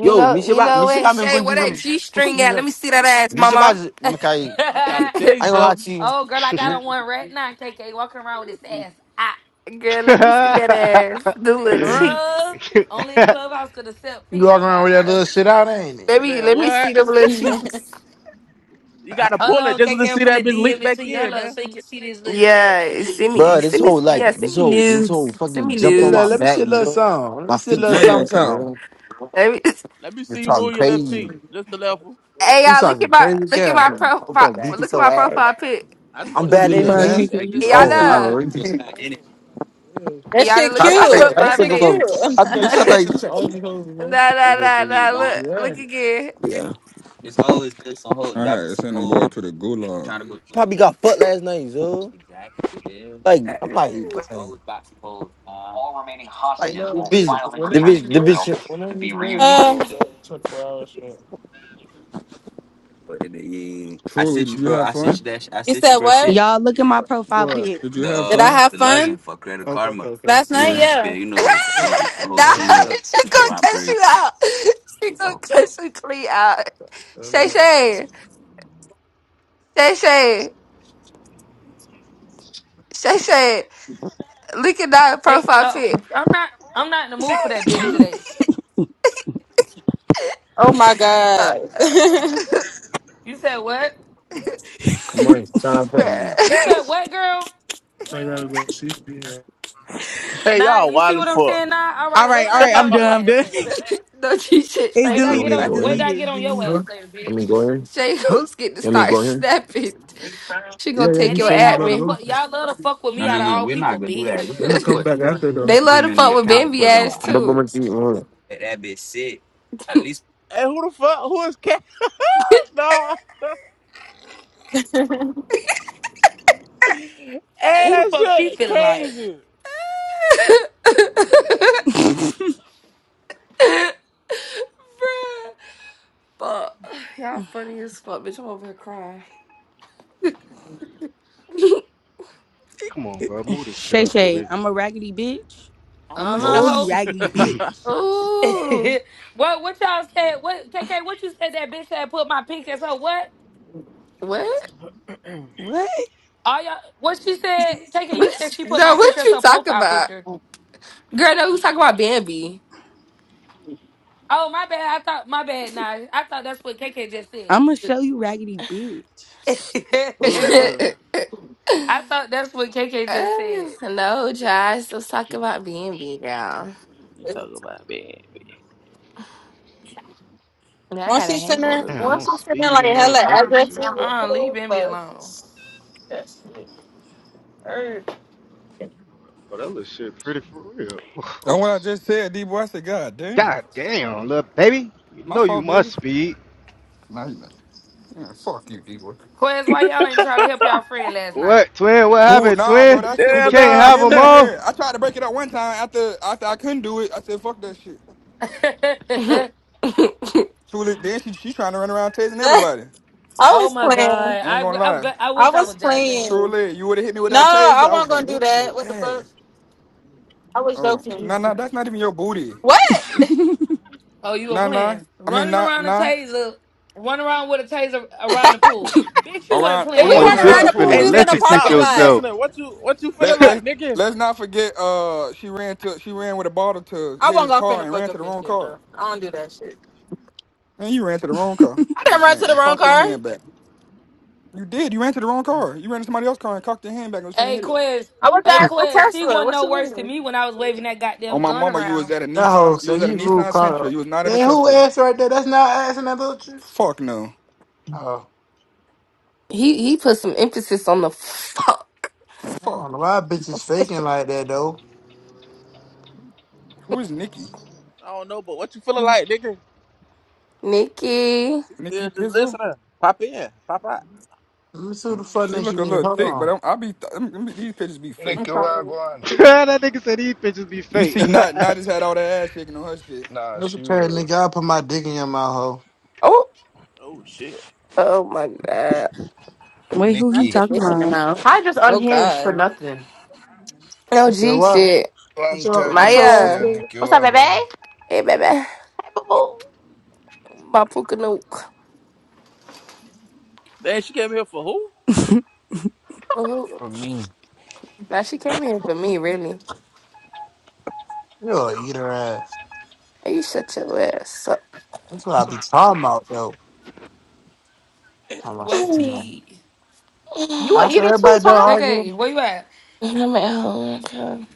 [SPEAKER 10] You
[SPEAKER 4] Yo,
[SPEAKER 10] know, you
[SPEAKER 4] Mishaba,
[SPEAKER 10] know
[SPEAKER 4] Mishaba,
[SPEAKER 10] what,
[SPEAKER 4] I'm
[SPEAKER 10] Shay?
[SPEAKER 4] going to
[SPEAKER 10] Where
[SPEAKER 4] do
[SPEAKER 10] that G string at?
[SPEAKER 4] some.
[SPEAKER 10] Let me see that ass, mama.
[SPEAKER 4] Mishaba, Mikai, I ain't
[SPEAKER 2] I'm trying to
[SPEAKER 1] I,
[SPEAKER 2] tell you
[SPEAKER 4] gonna lie
[SPEAKER 2] something,
[SPEAKER 4] to you.
[SPEAKER 1] oh, girl, I got on one right now. KK walking around with his ass out.
[SPEAKER 10] Girl, let me see that ass. The little cheeks.
[SPEAKER 1] Girl, only a clubhouse could accept
[SPEAKER 3] you walking
[SPEAKER 1] pics.
[SPEAKER 3] around with
[SPEAKER 1] I'll
[SPEAKER 3] that
[SPEAKER 1] show
[SPEAKER 3] little
[SPEAKER 1] you.
[SPEAKER 3] shit out, ain't it?
[SPEAKER 10] Let me
[SPEAKER 2] man.
[SPEAKER 10] let me see
[SPEAKER 2] What?
[SPEAKER 10] the little cheeks.
[SPEAKER 7] that
[SPEAKER 2] You got to
[SPEAKER 1] Hold
[SPEAKER 2] pull it
[SPEAKER 1] on,
[SPEAKER 2] just
[SPEAKER 1] KK.
[SPEAKER 2] to
[SPEAKER 1] I'm
[SPEAKER 2] see that
[SPEAKER 1] finna
[SPEAKER 2] bitch
[SPEAKER 1] DM
[SPEAKER 2] leak
[SPEAKER 1] it to
[SPEAKER 2] back
[SPEAKER 1] you.
[SPEAKER 2] in,
[SPEAKER 1] Hold on,
[SPEAKER 2] man.
[SPEAKER 1] so you can see this little fat
[SPEAKER 10] Yeah,
[SPEAKER 1] shit.
[SPEAKER 10] send me,
[SPEAKER 4] Bruh, this
[SPEAKER 10] send me,
[SPEAKER 4] whole like,
[SPEAKER 10] yeah,
[SPEAKER 4] this
[SPEAKER 10] send me
[SPEAKER 4] whole, this whole
[SPEAKER 10] nudes, send
[SPEAKER 3] Let
[SPEAKER 4] fucking
[SPEAKER 10] me
[SPEAKER 3] me see a
[SPEAKER 4] jumped on
[SPEAKER 3] little.
[SPEAKER 4] my
[SPEAKER 3] Let
[SPEAKER 10] nudes.
[SPEAKER 3] me see
[SPEAKER 4] back,
[SPEAKER 3] a little
[SPEAKER 4] bro.
[SPEAKER 3] song. Let me
[SPEAKER 4] My
[SPEAKER 3] see a
[SPEAKER 4] feet
[SPEAKER 3] little
[SPEAKER 15] I ain't
[SPEAKER 4] fucked
[SPEAKER 3] something.
[SPEAKER 15] gonna
[SPEAKER 4] up,
[SPEAKER 15] cap.
[SPEAKER 3] something.
[SPEAKER 4] bro.
[SPEAKER 10] Every-
[SPEAKER 2] Let me
[SPEAKER 4] You're
[SPEAKER 2] see you
[SPEAKER 4] talking
[SPEAKER 2] move your left
[SPEAKER 4] crazy.
[SPEAKER 2] cheek,
[SPEAKER 4] I'm
[SPEAKER 2] just the left one.
[SPEAKER 10] Hey,
[SPEAKER 3] You
[SPEAKER 10] y'all, look at
[SPEAKER 3] talking
[SPEAKER 10] my,
[SPEAKER 3] crazy,
[SPEAKER 10] look at
[SPEAKER 3] girl.
[SPEAKER 10] my profile,
[SPEAKER 4] fucking beat this
[SPEAKER 10] look at
[SPEAKER 4] whole
[SPEAKER 10] my
[SPEAKER 4] ass.
[SPEAKER 10] profile pic.
[SPEAKER 2] I just
[SPEAKER 4] I'm
[SPEAKER 2] want
[SPEAKER 3] You
[SPEAKER 2] to
[SPEAKER 3] gonna
[SPEAKER 2] see
[SPEAKER 4] bad
[SPEAKER 2] the
[SPEAKER 3] beat his
[SPEAKER 2] left
[SPEAKER 9] Bruh,
[SPEAKER 2] cheek.
[SPEAKER 4] energy.
[SPEAKER 3] ass?
[SPEAKER 2] That's
[SPEAKER 9] KK, you
[SPEAKER 2] it.
[SPEAKER 4] Oh, I
[SPEAKER 9] stupid.
[SPEAKER 10] Yana,
[SPEAKER 4] already did.
[SPEAKER 10] Yana,
[SPEAKER 7] shit
[SPEAKER 10] look at my
[SPEAKER 7] cute. That
[SPEAKER 10] profile
[SPEAKER 7] shit
[SPEAKER 10] pic.
[SPEAKER 7] cute.
[SPEAKER 10] nah,
[SPEAKER 4] that
[SPEAKER 10] nah,
[SPEAKER 4] whole
[SPEAKER 10] nah,
[SPEAKER 4] thing is
[SPEAKER 10] nah.
[SPEAKER 4] lying.
[SPEAKER 10] Look, look again.
[SPEAKER 4] Yeah. It's always good. Some hold
[SPEAKER 15] I had
[SPEAKER 4] dropping
[SPEAKER 15] to
[SPEAKER 4] some
[SPEAKER 15] send them boy to the gulag.
[SPEAKER 4] trying to go. Probably got fucked last night, so Exactly. Yeah. like I'm like, bruh, Always boxing holes. Uh, like bitch, so,
[SPEAKER 7] uh,
[SPEAKER 4] but in the I
[SPEAKER 15] Truly,
[SPEAKER 4] sent you,
[SPEAKER 15] did you
[SPEAKER 4] bro.
[SPEAKER 15] have
[SPEAKER 4] I sent you
[SPEAKER 15] fun?
[SPEAKER 4] that. Sh- I
[SPEAKER 7] you
[SPEAKER 4] sent you,
[SPEAKER 7] said
[SPEAKER 4] bro.
[SPEAKER 7] what?
[SPEAKER 4] Shit.
[SPEAKER 9] Y'all look at my profile pic.
[SPEAKER 15] Did you
[SPEAKER 4] The
[SPEAKER 15] have
[SPEAKER 7] Did I
[SPEAKER 4] uh
[SPEAKER 15] fun?
[SPEAKER 7] have
[SPEAKER 4] the
[SPEAKER 7] fun
[SPEAKER 4] login for credit
[SPEAKER 7] last
[SPEAKER 4] you
[SPEAKER 7] night?
[SPEAKER 15] Yeah.
[SPEAKER 4] want to
[SPEAKER 7] Yeah.
[SPEAKER 4] you know what damn the whole,
[SPEAKER 10] nah,
[SPEAKER 15] Yeah.
[SPEAKER 10] she
[SPEAKER 4] whole
[SPEAKER 10] gonna cuss you
[SPEAKER 4] operation.
[SPEAKER 10] out. She gonna
[SPEAKER 4] So
[SPEAKER 10] cuss you clean out. Shay Shay, Shay Shay, Shay Shay. Look at that
[SPEAKER 1] K,
[SPEAKER 10] profile
[SPEAKER 1] uh,
[SPEAKER 10] pic.
[SPEAKER 1] I'm not. I'm not in the mood for that bitch today.
[SPEAKER 7] Oh my
[SPEAKER 10] Uh,
[SPEAKER 7] god.
[SPEAKER 10] uh,
[SPEAKER 1] You said what?
[SPEAKER 4] Come on, sign up fast.
[SPEAKER 1] You said
[SPEAKER 10] bruh.
[SPEAKER 1] what, girl?
[SPEAKER 2] Hey,
[SPEAKER 1] Nah,
[SPEAKER 2] y'all
[SPEAKER 1] you see
[SPEAKER 2] wild
[SPEAKER 1] what
[SPEAKER 2] as
[SPEAKER 1] I'm
[SPEAKER 2] fuck.
[SPEAKER 1] saying? Nah. All
[SPEAKER 9] All
[SPEAKER 1] right,
[SPEAKER 9] right,
[SPEAKER 1] wait till
[SPEAKER 9] all
[SPEAKER 1] I
[SPEAKER 9] right,
[SPEAKER 1] get
[SPEAKER 9] I'm
[SPEAKER 1] on
[SPEAKER 9] done,
[SPEAKER 1] your
[SPEAKER 9] I'm
[SPEAKER 1] ass
[SPEAKER 9] done.
[SPEAKER 1] later.
[SPEAKER 10] Don't you shit,
[SPEAKER 9] It's
[SPEAKER 10] Shay.
[SPEAKER 1] Wait till I get
[SPEAKER 9] deleted, it's
[SPEAKER 1] on. Wait till I get
[SPEAKER 9] deleted,
[SPEAKER 1] on your ass later,
[SPEAKER 4] Let me
[SPEAKER 1] bitch.
[SPEAKER 4] go in.
[SPEAKER 10] Shay Hooks get to
[SPEAKER 4] Let me
[SPEAKER 10] start
[SPEAKER 4] go in.
[SPEAKER 10] snapping. She gonna take
[SPEAKER 1] And
[SPEAKER 10] your
[SPEAKER 1] then y'all wanna
[SPEAKER 10] admin.
[SPEAKER 1] fuck. Y'all love to fuck with
[SPEAKER 4] no
[SPEAKER 1] me
[SPEAKER 4] no
[SPEAKER 1] out of
[SPEAKER 4] no,
[SPEAKER 1] all
[SPEAKER 4] we're not
[SPEAKER 1] people,
[SPEAKER 4] gonna do that.
[SPEAKER 1] bitch.
[SPEAKER 4] We i gonna come back.
[SPEAKER 9] it's
[SPEAKER 10] They love
[SPEAKER 4] money
[SPEAKER 10] to
[SPEAKER 4] on the
[SPEAKER 10] fuck with
[SPEAKER 4] account
[SPEAKER 10] Bambi
[SPEAKER 4] for them.
[SPEAKER 10] ass
[SPEAKER 4] I Double my
[SPEAKER 10] too.
[SPEAKER 4] teeth, man. let that bitch sit. At least,
[SPEAKER 2] Hey, who the fuck? Who is cat dog? hey,
[SPEAKER 1] Who the
[SPEAKER 2] that
[SPEAKER 1] fuck she
[SPEAKER 2] shit
[SPEAKER 1] feeling like?
[SPEAKER 2] crazy.
[SPEAKER 10] Bruh.
[SPEAKER 9] deleted.
[SPEAKER 10] Fuck. Y'all funny as fuck, bitch. I'm over here crying.
[SPEAKER 18] Come on, bro. Move this shit
[SPEAKER 9] Shay
[SPEAKER 18] out the
[SPEAKER 9] Shay,
[SPEAKER 18] way.
[SPEAKER 9] I'm a raggedy bitch.
[SPEAKER 1] Uh
[SPEAKER 9] I'ma show
[SPEAKER 10] Ooh.
[SPEAKER 9] you
[SPEAKER 1] huh. Ho.
[SPEAKER 15] Yes.
[SPEAKER 9] raggedy bitch.
[SPEAKER 10] Ooh.
[SPEAKER 1] what what y'all said? What K K? What you said? That bitch had put my pink as her what?
[SPEAKER 10] What?
[SPEAKER 9] What?
[SPEAKER 1] All y'all. What she said? K K? you said
[SPEAKER 10] What
[SPEAKER 1] she
[SPEAKER 10] you-
[SPEAKER 1] put
[SPEAKER 10] No,
[SPEAKER 1] my picture
[SPEAKER 10] what
[SPEAKER 1] as
[SPEAKER 10] you
[SPEAKER 1] her
[SPEAKER 10] talking
[SPEAKER 1] profile
[SPEAKER 10] about?
[SPEAKER 1] picture.
[SPEAKER 10] Girl, no, we was talking about Bambi.
[SPEAKER 1] Oh my bad. I thought my bad. Nah, I thought that's what K K just said.
[SPEAKER 9] I'ma show you raggedy bitch.
[SPEAKER 1] I thought that's what K K just
[SPEAKER 10] Uh,
[SPEAKER 1] said.
[SPEAKER 10] no, Josh, let's talk about Bambi, y'all.
[SPEAKER 2] You talk about man.
[SPEAKER 10] Now I
[SPEAKER 7] Won't
[SPEAKER 10] got a
[SPEAKER 7] she send her?
[SPEAKER 10] hangover,
[SPEAKER 18] Damn,
[SPEAKER 7] Won't
[SPEAKER 18] I'm
[SPEAKER 7] she send her
[SPEAKER 18] speeding
[SPEAKER 7] like
[SPEAKER 18] and all
[SPEAKER 7] hella
[SPEAKER 18] type of
[SPEAKER 7] addresses?
[SPEAKER 18] shit.
[SPEAKER 1] Uh, leave Bambi alone.
[SPEAKER 7] That shit. hurt.
[SPEAKER 18] But that little shit pretty for real.
[SPEAKER 15] That's
[SPEAKER 18] Oh,
[SPEAKER 15] what I
[SPEAKER 18] sh-
[SPEAKER 15] just said, D boy. I said, God damn.
[SPEAKER 18] God damn, little baby. You
[SPEAKER 15] My
[SPEAKER 18] know you
[SPEAKER 15] fault, baby.
[SPEAKER 18] must speed.
[SPEAKER 15] Nah, you better. Yeah, fuck you, D-boy.
[SPEAKER 1] Quez, why y'all ain't try to help y'all friend last night?
[SPEAKER 18] What, twin? What
[SPEAKER 15] Ooh,
[SPEAKER 18] happened,
[SPEAKER 15] nah, bro,
[SPEAKER 18] twin?
[SPEAKER 15] that shit was
[SPEAKER 18] You
[SPEAKER 2] Yeah,
[SPEAKER 18] can't
[SPEAKER 15] between
[SPEAKER 2] nah.
[SPEAKER 18] have
[SPEAKER 15] him
[SPEAKER 18] them
[SPEAKER 15] and
[SPEAKER 18] all?
[SPEAKER 15] her. I tried to break it up one time after after I couldn't do it. I said, fuck that shit.
[SPEAKER 10] bitch.
[SPEAKER 15] Truly, then she she trying to run around tasing
[SPEAKER 7] I
[SPEAKER 15] everybody.
[SPEAKER 1] oh
[SPEAKER 7] was
[SPEAKER 1] my
[SPEAKER 7] playing.
[SPEAKER 1] god,
[SPEAKER 15] I
[SPEAKER 1] I
[SPEAKER 15] ain't gonna lie.
[SPEAKER 1] I, I
[SPEAKER 7] I
[SPEAKER 1] wish I
[SPEAKER 7] was
[SPEAKER 1] was there. Damn.
[SPEAKER 7] playing.
[SPEAKER 15] Truly, you would have hit me with
[SPEAKER 7] No,
[SPEAKER 15] that taser,
[SPEAKER 7] I
[SPEAKER 15] I was
[SPEAKER 7] wasn't
[SPEAKER 15] gonna
[SPEAKER 7] gonna do
[SPEAKER 15] whoop your
[SPEAKER 7] that. What the fuck?
[SPEAKER 15] ass.
[SPEAKER 7] I was
[SPEAKER 15] Oh,
[SPEAKER 7] joking.
[SPEAKER 15] nah, nah, that's not even your booty.
[SPEAKER 7] What? If
[SPEAKER 1] Oh, you were
[SPEAKER 15] Nah, nah.
[SPEAKER 1] playing.
[SPEAKER 15] I mean,
[SPEAKER 1] Running
[SPEAKER 15] nah,
[SPEAKER 1] around a
[SPEAKER 15] nah.
[SPEAKER 1] taser, running around with a taser around the pool. Bitch, you wasn't
[SPEAKER 15] Around, we
[SPEAKER 7] we
[SPEAKER 1] playing.
[SPEAKER 15] weren't
[SPEAKER 2] Who
[SPEAKER 18] Oh,
[SPEAKER 2] the
[SPEAKER 15] even
[SPEAKER 7] weren't
[SPEAKER 18] bitch,
[SPEAKER 15] around
[SPEAKER 7] around
[SPEAKER 15] the
[SPEAKER 18] you
[SPEAKER 2] fuck?
[SPEAKER 7] the
[SPEAKER 18] finna
[SPEAKER 7] pool,
[SPEAKER 2] Hey,
[SPEAKER 7] we was
[SPEAKER 15] pool.
[SPEAKER 7] in a
[SPEAKER 2] Nikki,
[SPEAKER 18] electrocute
[SPEAKER 2] stop
[SPEAKER 7] parking
[SPEAKER 1] Oh,
[SPEAKER 2] just
[SPEAKER 7] lot.
[SPEAKER 18] yourself.
[SPEAKER 2] listening. What you what you feeling
[SPEAKER 15] Let let
[SPEAKER 2] like,
[SPEAKER 15] let's
[SPEAKER 2] Nikki?
[SPEAKER 15] let's not forget. Uh, she ran to she ran with a bottle to
[SPEAKER 7] I
[SPEAKER 15] hit
[SPEAKER 7] wasn't
[SPEAKER 15] his
[SPEAKER 7] gonna
[SPEAKER 15] car
[SPEAKER 7] finna
[SPEAKER 15] and
[SPEAKER 7] fuck
[SPEAKER 15] ran to
[SPEAKER 7] up
[SPEAKER 15] the
[SPEAKER 7] his
[SPEAKER 15] wrong
[SPEAKER 7] shit,
[SPEAKER 15] car.
[SPEAKER 7] bro. I don't do that shit.
[SPEAKER 15] Man, you ran to the wrong car
[SPEAKER 7] I
[SPEAKER 15] and,
[SPEAKER 7] didn't run to
[SPEAKER 15] and,
[SPEAKER 7] the
[SPEAKER 15] and
[SPEAKER 7] wrong
[SPEAKER 15] cocked your
[SPEAKER 7] car.
[SPEAKER 15] hand back. You did. You ran to the wrong car. You ran to somebody else's car and cocked your hand back and was trying to
[SPEAKER 1] hey,
[SPEAKER 15] hit it.
[SPEAKER 1] Quez.
[SPEAKER 7] I was
[SPEAKER 1] Hey,
[SPEAKER 7] at the
[SPEAKER 1] Quez, she
[SPEAKER 7] Tesla.
[SPEAKER 1] wasn't
[SPEAKER 7] What
[SPEAKER 1] no
[SPEAKER 7] you
[SPEAKER 1] worse than
[SPEAKER 7] mean?
[SPEAKER 1] me when I was waving that
[SPEAKER 15] On
[SPEAKER 1] goddamn
[SPEAKER 15] my
[SPEAKER 1] gun
[SPEAKER 15] mama, you was
[SPEAKER 1] around.
[SPEAKER 15] at a
[SPEAKER 3] That hoe
[SPEAKER 15] Nissan. You was
[SPEAKER 3] said
[SPEAKER 15] at a
[SPEAKER 3] you rude
[SPEAKER 15] Nissan
[SPEAKER 3] caught
[SPEAKER 15] Sentra.
[SPEAKER 3] up.
[SPEAKER 15] You was not at a
[SPEAKER 3] Then who
[SPEAKER 15] Tesla.
[SPEAKER 3] ass right there? That's not ass in that little shit.
[SPEAKER 15] Fuck no.
[SPEAKER 3] Oh,
[SPEAKER 10] He he put some emphasis on the fuck,
[SPEAKER 3] I don't
[SPEAKER 15] Fuck
[SPEAKER 3] know
[SPEAKER 15] no.
[SPEAKER 3] why bitches faking like that though.
[SPEAKER 15] Who is Nikki?
[SPEAKER 2] I don't know, but what you feeling like, Nikki?
[SPEAKER 10] Nikki.
[SPEAKER 2] She
[SPEAKER 15] Nikki
[SPEAKER 2] still just
[SPEAKER 15] Pizzle?
[SPEAKER 2] listening. Pop in, pop out.
[SPEAKER 3] Let me see who
[SPEAKER 15] Mm,
[SPEAKER 3] the fuck
[SPEAKER 15] She
[SPEAKER 3] nigga
[SPEAKER 15] look
[SPEAKER 3] you
[SPEAKER 15] a
[SPEAKER 3] is.
[SPEAKER 15] little
[SPEAKER 3] Hold
[SPEAKER 15] thick, but
[SPEAKER 3] on.
[SPEAKER 15] I'm, I be th- them- them- these pictures be fake.
[SPEAKER 7] I'm sorry.
[SPEAKER 19] Nicaraguan.
[SPEAKER 18] that nigga said these bitches be
[SPEAKER 15] You
[SPEAKER 18] fake.
[SPEAKER 15] see, not not just had all that ass shaking on her shit.
[SPEAKER 19] Nah,
[SPEAKER 3] That's
[SPEAKER 19] she
[SPEAKER 3] okay, nigga.
[SPEAKER 19] real.
[SPEAKER 3] I'll put my dick in your mouth, hoe.
[SPEAKER 10] Oh,
[SPEAKER 2] Oh shit.
[SPEAKER 10] oh my god.
[SPEAKER 9] Wait, who he
[SPEAKER 7] Not the
[SPEAKER 19] Nikki.
[SPEAKER 9] talking
[SPEAKER 7] dick in the
[SPEAKER 9] about?
[SPEAKER 7] mouth.
[SPEAKER 11] Ty just
[SPEAKER 7] Oh
[SPEAKER 11] unhinged for
[SPEAKER 7] God.
[SPEAKER 11] nothing.
[SPEAKER 10] No
[SPEAKER 3] You said
[SPEAKER 10] G
[SPEAKER 3] what?
[SPEAKER 10] shit.
[SPEAKER 3] What's
[SPEAKER 19] Long
[SPEAKER 3] your
[SPEAKER 19] time I
[SPEAKER 3] what's
[SPEAKER 19] not
[SPEAKER 3] your ass
[SPEAKER 19] see a
[SPEAKER 10] Maya.
[SPEAKER 3] said?
[SPEAKER 11] What's up, baby? Hey,
[SPEAKER 19] Nicaraguan.
[SPEAKER 10] Hey baby.
[SPEAKER 11] boo boo.
[SPEAKER 10] My puka nuke.
[SPEAKER 2] Damn, she came here for who?
[SPEAKER 10] Ooh.
[SPEAKER 19] For me.
[SPEAKER 10] Now she came in for me, really.
[SPEAKER 3] You'll eat her ass.
[SPEAKER 10] Hey, you shut your ass up.
[SPEAKER 3] That's what I be talking about though. Talking about
[SPEAKER 1] What's
[SPEAKER 3] shit to me.
[SPEAKER 1] T?
[SPEAKER 11] You a
[SPEAKER 3] I said
[SPEAKER 10] I'm
[SPEAKER 11] eater too,
[SPEAKER 3] everybody done
[SPEAKER 11] Ty?
[SPEAKER 3] arguing.
[SPEAKER 1] KK, where you at?
[SPEAKER 10] at home. okay.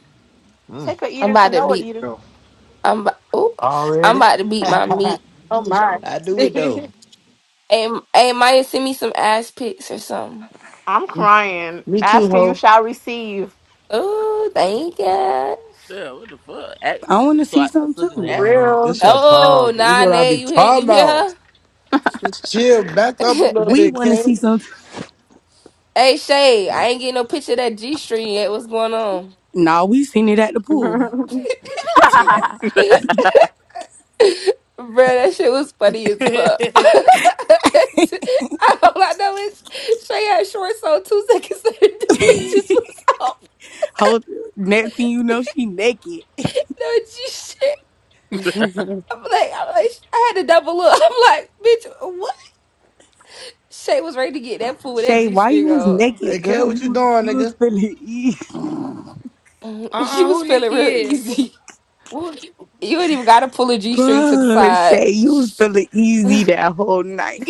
[SPEAKER 3] Mm,
[SPEAKER 11] Take a
[SPEAKER 10] I'm
[SPEAKER 11] eater to
[SPEAKER 10] about to
[SPEAKER 11] know a
[SPEAKER 10] beat.
[SPEAKER 11] eater.
[SPEAKER 18] no.
[SPEAKER 10] I'm about, ooh, I'm
[SPEAKER 3] already.
[SPEAKER 10] about to beat my
[SPEAKER 3] I
[SPEAKER 10] meat.
[SPEAKER 7] Oh my.
[SPEAKER 3] do it though.
[SPEAKER 10] Hey, M- hey, Maya, send me some ass pics or something.
[SPEAKER 11] I'm
[SPEAKER 3] Me
[SPEAKER 11] crying.
[SPEAKER 3] me too,
[SPEAKER 11] Asking you
[SPEAKER 3] hoe.
[SPEAKER 11] shall receive.
[SPEAKER 10] Oh, thank you.
[SPEAKER 2] Damn, what the fuck? Ax.
[SPEAKER 9] I wanna
[SPEAKER 2] So
[SPEAKER 9] see
[SPEAKER 2] I
[SPEAKER 9] some
[SPEAKER 2] so just
[SPEAKER 9] too.
[SPEAKER 2] ax.
[SPEAKER 3] Man,
[SPEAKER 7] Real.
[SPEAKER 3] this your
[SPEAKER 10] Oh,
[SPEAKER 3] problem. This is what I be
[SPEAKER 10] Nane, you hear
[SPEAKER 3] talking
[SPEAKER 10] you
[SPEAKER 3] about.
[SPEAKER 10] hear
[SPEAKER 3] Just chill, back up
[SPEAKER 10] her?
[SPEAKER 3] a little
[SPEAKER 9] We
[SPEAKER 3] bit,
[SPEAKER 9] want to
[SPEAKER 3] K.
[SPEAKER 9] see something.
[SPEAKER 10] Hey Shay, I ain't getting no picture of that G string yet. What's going on?
[SPEAKER 9] No, we seen it at the pool.
[SPEAKER 10] Bruh, that shit was funny as fuck. All
[SPEAKER 1] uh
[SPEAKER 10] I know is Shay had shorts on two seconds later. The bitches was off.
[SPEAKER 9] Whole next thing you know, she naked.
[SPEAKER 10] No G shit. I'm like, I'm like, I had to double look. I'm like, bitch, what? Shay was ready to get that fool with that
[SPEAKER 9] Shay,
[SPEAKER 10] G
[SPEAKER 9] why you
[SPEAKER 10] string
[SPEAKER 9] was
[SPEAKER 10] on.
[SPEAKER 3] Hey,
[SPEAKER 9] naked,
[SPEAKER 3] K,
[SPEAKER 9] girl?
[SPEAKER 3] what
[SPEAKER 9] You
[SPEAKER 3] you
[SPEAKER 9] was-
[SPEAKER 3] doing,
[SPEAKER 9] you was
[SPEAKER 3] nigga?
[SPEAKER 9] feeling easy,
[SPEAKER 10] She
[SPEAKER 1] uh
[SPEAKER 10] was
[SPEAKER 1] who
[SPEAKER 10] feeling
[SPEAKER 1] Nikki
[SPEAKER 10] real
[SPEAKER 1] is? Wh-
[SPEAKER 10] easy.
[SPEAKER 1] Who?
[SPEAKER 10] You ain't even gotta pull a G string to the
[SPEAKER 9] Bruh,
[SPEAKER 10] side.
[SPEAKER 9] Shay, you was feeling easy that whole night,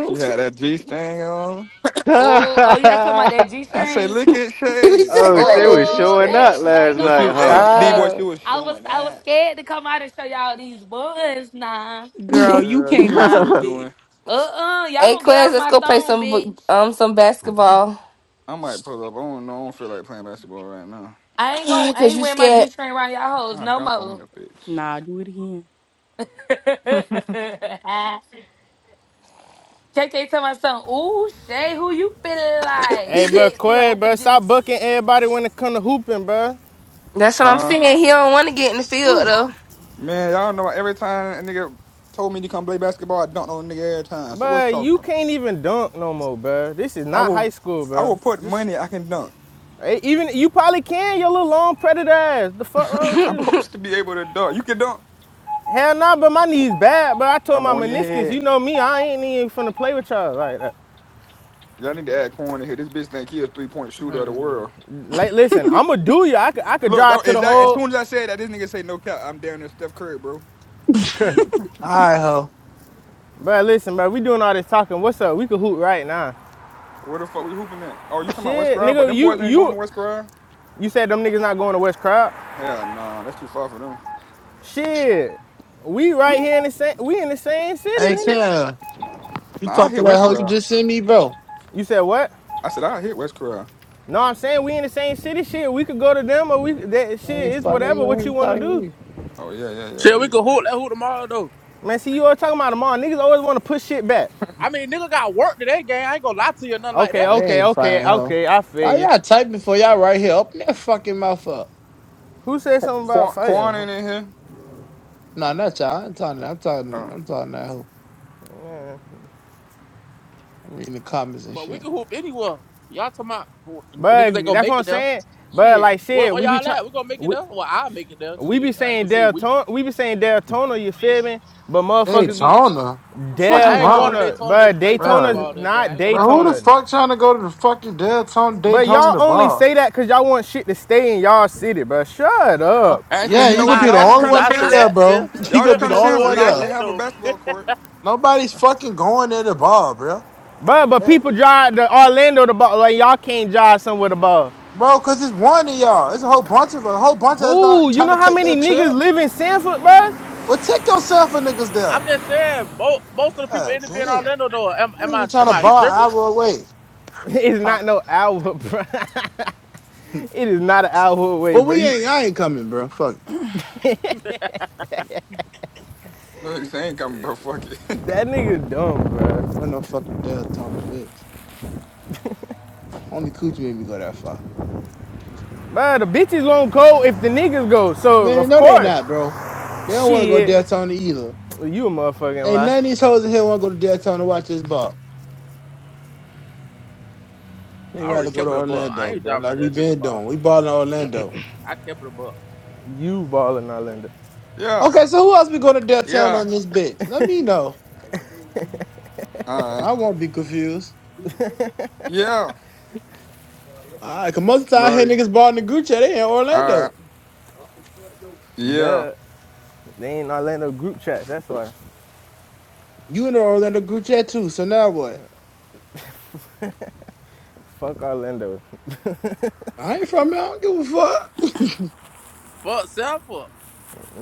[SPEAKER 15] She had that G thing on.
[SPEAKER 1] Oh, oh, you all talking about that G
[SPEAKER 15] I say,
[SPEAKER 1] string?
[SPEAKER 15] look at
[SPEAKER 10] You be
[SPEAKER 15] Shay.
[SPEAKER 18] oh,
[SPEAKER 10] checking like
[SPEAKER 18] shit
[SPEAKER 10] that
[SPEAKER 18] was
[SPEAKER 10] G
[SPEAKER 1] Oh,
[SPEAKER 18] showing
[SPEAKER 10] string.
[SPEAKER 1] hey,
[SPEAKER 18] up
[SPEAKER 1] I
[SPEAKER 18] last
[SPEAKER 1] ain't
[SPEAKER 15] Yeah,
[SPEAKER 1] gonna
[SPEAKER 15] she
[SPEAKER 18] night,
[SPEAKER 1] lie,
[SPEAKER 15] was-
[SPEAKER 1] I
[SPEAKER 15] hey,
[SPEAKER 1] was
[SPEAKER 18] huh?
[SPEAKER 15] D
[SPEAKER 1] scared.
[SPEAKER 15] boy. She
[SPEAKER 7] Stop.
[SPEAKER 15] was
[SPEAKER 1] I was,
[SPEAKER 15] showing
[SPEAKER 1] I was
[SPEAKER 15] that.
[SPEAKER 1] scared to come out and show y'all these buns, nah.
[SPEAKER 9] girl. You
[SPEAKER 15] Girl, you knew
[SPEAKER 9] came
[SPEAKER 15] what you
[SPEAKER 9] out,
[SPEAKER 15] was doing.
[SPEAKER 9] bitch.
[SPEAKER 1] Uh-uh, y'all
[SPEAKER 10] Hey,
[SPEAKER 1] gonna get
[SPEAKER 10] Claire,
[SPEAKER 1] off
[SPEAKER 10] let's
[SPEAKER 1] my
[SPEAKER 10] go play
[SPEAKER 1] thumb,
[SPEAKER 10] some
[SPEAKER 1] bitch.
[SPEAKER 10] bu- um some basketball.
[SPEAKER 15] I might pull up. I don't know. I don't feel like playing basketball right now.
[SPEAKER 1] I ain't gonna I
[SPEAKER 10] Cause
[SPEAKER 1] ain't
[SPEAKER 10] you
[SPEAKER 1] wearing my G
[SPEAKER 10] scared.
[SPEAKER 1] string around y'all hoes
[SPEAKER 15] Ah,
[SPEAKER 1] no
[SPEAKER 15] dunk on me
[SPEAKER 1] more.
[SPEAKER 15] a
[SPEAKER 9] Nah, do it again.
[SPEAKER 15] bitch.
[SPEAKER 1] KK tell my son, ooh, Shay, who you feeling like?
[SPEAKER 6] Hey, bro,
[SPEAKER 1] Sexy
[SPEAKER 6] Quay,
[SPEAKER 1] hoe
[SPEAKER 6] bro.
[SPEAKER 1] finna get
[SPEAKER 6] Stop booking everybody when it come to hooping, bro.
[SPEAKER 10] That's what I'm
[SPEAKER 15] huh?
[SPEAKER 10] saying. He don't want to get in the field
[SPEAKER 1] Ooh.
[SPEAKER 10] though.
[SPEAKER 15] Man, y'all know every time a nigga told me to come play basketball, I dunk on a nigga every time. So what's
[SPEAKER 6] But
[SPEAKER 15] talking
[SPEAKER 6] you
[SPEAKER 15] about?
[SPEAKER 6] can't even dunk no more, bro. This is
[SPEAKER 15] I
[SPEAKER 6] not
[SPEAKER 15] will
[SPEAKER 6] high school,
[SPEAKER 15] I
[SPEAKER 6] bro.
[SPEAKER 15] will put
[SPEAKER 6] Just
[SPEAKER 15] money I can dunk.
[SPEAKER 6] eh, even you probably can, your little long predator ass. The fuck wrong with
[SPEAKER 15] I'm
[SPEAKER 6] you?
[SPEAKER 15] supposed to be able to dunk. You can dunk.
[SPEAKER 6] Hell nah, but my knees bad, but I told
[SPEAKER 15] I'm
[SPEAKER 6] my
[SPEAKER 15] on your
[SPEAKER 6] meniscus,
[SPEAKER 15] head.
[SPEAKER 6] you know me, I ain't even finna play with y'all like that.
[SPEAKER 15] Y'all need to add corn in here. This bitch think he a three point shooter of the
[SPEAKER 3] Mm.
[SPEAKER 15] world.
[SPEAKER 6] Like, listen, I'ma do you. I could, I could
[SPEAKER 15] Look,
[SPEAKER 6] drive
[SPEAKER 15] that,
[SPEAKER 6] to
[SPEAKER 15] is
[SPEAKER 6] the
[SPEAKER 15] that as
[SPEAKER 6] hole,
[SPEAKER 15] soon as I said that, this nigga say no cap. I'm down there, Steph Curry, bro.
[SPEAKER 3] All right, ho.
[SPEAKER 6] but listen, bro, we doing all this talking. What's up? We could hoot right now.
[SPEAKER 15] Where the fuck we hooping at? Oh, you talking about West
[SPEAKER 6] Shit,
[SPEAKER 15] Grove? But
[SPEAKER 6] nigga,
[SPEAKER 15] them
[SPEAKER 6] you,
[SPEAKER 15] boys ain't going
[SPEAKER 6] you,
[SPEAKER 15] to West Grove.
[SPEAKER 6] you said them niggas not going to West Crowd.
[SPEAKER 15] Hell no, that's too far for them.
[SPEAKER 6] Shit, we right here in the same, we in the same city,
[SPEAKER 3] Hey,
[SPEAKER 6] nigga.
[SPEAKER 3] K, you
[SPEAKER 15] Nah, I
[SPEAKER 3] talk to
[SPEAKER 15] hit
[SPEAKER 3] that
[SPEAKER 15] West
[SPEAKER 3] hoe you
[SPEAKER 15] Corral.
[SPEAKER 3] just sent me, bro.
[SPEAKER 6] You said what?
[SPEAKER 15] I said I hit West Corral.
[SPEAKER 6] No, I'm saying we in the same city. Shit, we could go to them or we that
[SPEAKER 3] I ain't
[SPEAKER 6] shit. It's
[SPEAKER 3] fucking
[SPEAKER 6] whatever
[SPEAKER 3] you.
[SPEAKER 6] what you
[SPEAKER 3] ain't
[SPEAKER 6] want to
[SPEAKER 3] talking to
[SPEAKER 6] do.
[SPEAKER 3] me.
[SPEAKER 15] Oh yeah, yeah, yeah.
[SPEAKER 2] Shit, we
[SPEAKER 15] We-
[SPEAKER 2] can hoop that hoop tomorrow though.
[SPEAKER 6] Man, see you always talking about them all. Niggas always want to push shit back.
[SPEAKER 2] I mean, nigga got work today, gang. I ain't gonna lie to you, or nothing like
[SPEAKER 6] Okay,
[SPEAKER 2] that.
[SPEAKER 3] They
[SPEAKER 6] okay,
[SPEAKER 3] ain't
[SPEAKER 6] okay,
[SPEAKER 3] fighting, ho.
[SPEAKER 6] okay. I
[SPEAKER 3] Why
[SPEAKER 6] feel you.
[SPEAKER 3] y'all typing for y'all right here? Open that fucking mouth up.
[SPEAKER 6] Who said something about
[SPEAKER 15] Quan,
[SPEAKER 6] fighting?
[SPEAKER 15] Quan
[SPEAKER 6] huh?
[SPEAKER 15] ain't in here.
[SPEAKER 3] Nah, not y'all. I'm talking. I'm talking.
[SPEAKER 15] Oh.
[SPEAKER 3] I'm talking to that hoe. I'm reading the comments and
[SPEAKER 2] But we
[SPEAKER 3] shit.
[SPEAKER 2] can hoop anyone. Y'all talking about who- n- niggas ain't
[SPEAKER 6] But
[SPEAKER 2] gonna
[SPEAKER 6] that's what
[SPEAKER 2] make
[SPEAKER 6] I'm
[SPEAKER 2] it though.
[SPEAKER 6] saying. But
[SPEAKER 2] Shit,
[SPEAKER 6] like
[SPEAKER 2] where,
[SPEAKER 6] shit,
[SPEAKER 2] where
[SPEAKER 6] we be
[SPEAKER 2] y'all
[SPEAKER 6] try,
[SPEAKER 2] at? We gonna make it
[SPEAKER 6] we,
[SPEAKER 2] though. Well, I'll make it though.
[SPEAKER 6] we be
[SPEAKER 2] Shit, I ain't
[SPEAKER 6] saying
[SPEAKER 2] gonna say we.
[SPEAKER 6] Deltona, we be saying Deltona. You feel me? But
[SPEAKER 3] They ain't
[SPEAKER 6] motherfuckers be
[SPEAKER 3] talking. though. What the fuck you
[SPEAKER 2] I ain't going
[SPEAKER 3] wrong,
[SPEAKER 2] to
[SPEAKER 6] Deltona,
[SPEAKER 2] Daytona just
[SPEAKER 6] but
[SPEAKER 2] to play
[SPEAKER 6] Daytona's
[SPEAKER 3] bro?
[SPEAKER 2] basketball that game. I
[SPEAKER 6] not
[SPEAKER 2] ain't gonna
[SPEAKER 3] Bro,
[SPEAKER 2] lie to
[SPEAKER 3] who
[SPEAKER 2] you.
[SPEAKER 3] the
[SPEAKER 6] Daytona.
[SPEAKER 3] fuck trying to go to the fucking Daytona
[SPEAKER 6] But
[SPEAKER 3] Daytona
[SPEAKER 6] y'all
[SPEAKER 3] the
[SPEAKER 6] only
[SPEAKER 3] bar?
[SPEAKER 6] say that because y'all want shit to stay in y'all city, But Shut
[SPEAKER 3] Uh,
[SPEAKER 6] up.
[SPEAKER 2] I
[SPEAKER 15] Actually,
[SPEAKER 3] Yeah,
[SPEAKER 2] ain't
[SPEAKER 15] you
[SPEAKER 3] you
[SPEAKER 15] know
[SPEAKER 2] gonna
[SPEAKER 3] gonna
[SPEAKER 15] what?
[SPEAKER 2] lie.
[SPEAKER 3] be the
[SPEAKER 15] Y'all
[SPEAKER 2] That's the
[SPEAKER 15] just
[SPEAKER 3] only
[SPEAKER 15] kind
[SPEAKER 2] reason
[SPEAKER 15] of
[SPEAKER 3] one
[SPEAKER 2] I say
[SPEAKER 15] sound
[SPEAKER 3] there,
[SPEAKER 15] for
[SPEAKER 2] that,
[SPEAKER 3] bro.
[SPEAKER 2] man.
[SPEAKER 3] You
[SPEAKER 15] y'all
[SPEAKER 3] gonna
[SPEAKER 15] just
[SPEAKER 3] be
[SPEAKER 15] kind
[SPEAKER 3] the
[SPEAKER 15] of
[SPEAKER 2] when we
[SPEAKER 3] only
[SPEAKER 15] sound for.
[SPEAKER 2] going
[SPEAKER 3] one
[SPEAKER 2] to
[SPEAKER 15] We
[SPEAKER 3] there.
[SPEAKER 15] actually have a
[SPEAKER 2] Orlando, man.
[SPEAKER 15] basketball court.
[SPEAKER 3] Nobody's fucking going to the bar, bro.
[SPEAKER 6] But but
[SPEAKER 3] Yeah.
[SPEAKER 6] people drive the Orlando the ball. Like y'all can't drive somewhere the ball.
[SPEAKER 3] Bro, cause it's one of y'all. It's a whole bunch of us. a whole bunch of us
[SPEAKER 6] Who?
[SPEAKER 3] not
[SPEAKER 6] You
[SPEAKER 3] trying to
[SPEAKER 6] know how
[SPEAKER 3] take
[SPEAKER 6] many
[SPEAKER 3] that
[SPEAKER 6] niggas
[SPEAKER 3] trip.
[SPEAKER 6] live in Sanford, bro?
[SPEAKER 3] Well, take yourself a niggas there.
[SPEAKER 2] I'm just saying, mo- most of the people
[SPEAKER 3] God
[SPEAKER 2] end up being in
[SPEAKER 3] damn,
[SPEAKER 2] Orlando, though. Am, am
[SPEAKER 3] niggas be
[SPEAKER 2] I
[SPEAKER 3] trying
[SPEAKER 2] am
[SPEAKER 3] to
[SPEAKER 2] I
[SPEAKER 3] bar
[SPEAKER 2] tripping?
[SPEAKER 3] an hour away.
[SPEAKER 6] It's not no hour, bro. it is not an hour way,
[SPEAKER 3] Well,
[SPEAKER 6] bro.
[SPEAKER 3] we
[SPEAKER 6] You,
[SPEAKER 3] ain't. I ain't coming, bro. Fuck. it.
[SPEAKER 15] Look, they ain't coming, bro. Fuck it.
[SPEAKER 6] that nigga dumb, bro.
[SPEAKER 3] Ain't no fucking death, Tony bitch. Only Coochie made me go that far.
[SPEAKER 6] Bro, the bitches won't go if the niggas go. So
[SPEAKER 3] Man,
[SPEAKER 6] of
[SPEAKER 3] no, they
[SPEAKER 6] course,
[SPEAKER 3] not, bro. They don't want to go
[SPEAKER 6] shit,
[SPEAKER 3] Death Tony either.
[SPEAKER 6] you a motherfucking
[SPEAKER 3] Ain't
[SPEAKER 6] lie.
[SPEAKER 3] none of these hoes in here want to go to Death Tony to watch this ball. They
[SPEAKER 2] I already
[SPEAKER 3] rather go
[SPEAKER 2] kept
[SPEAKER 3] to
[SPEAKER 2] it a buck. I
[SPEAKER 3] Orlando,
[SPEAKER 2] ain't
[SPEAKER 3] bro.
[SPEAKER 2] driving out
[SPEAKER 3] Like we
[SPEAKER 2] there just a
[SPEAKER 3] been doing.
[SPEAKER 2] ball.
[SPEAKER 3] We balling in Orlando.
[SPEAKER 2] I kept it a buck.
[SPEAKER 6] You ball in Orlando.
[SPEAKER 15] yeah,
[SPEAKER 3] Okay, so who else we going to downtown
[SPEAKER 15] yeah,
[SPEAKER 3] on this bitch? Let me know.
[SPEAKER 15] uh,
[SPEAKER 3] I won't be confused.
[SPEAKER 15] yeah.
[SPEAKER 3] All right, cause most of the time, here
[SPEAKER 15] Like,
[SPEAKER 3] niggas balling the group chat. They in
[SPEAKER 15] uh,
[SPEAKER 3] Orlando.
[SPEAKER 15] yeah.
[SPEAKER 6] Duh, they ain't Orlando group chats. That's why.
[SPEAKER 3] You in the Orlando group chat too. So now what?
[SPEAKER 6] Fuck Orlando.
[SPEAKER 3] I ain't from there. I don't give a fuck.
[SPEAKER 2] Fuck self up.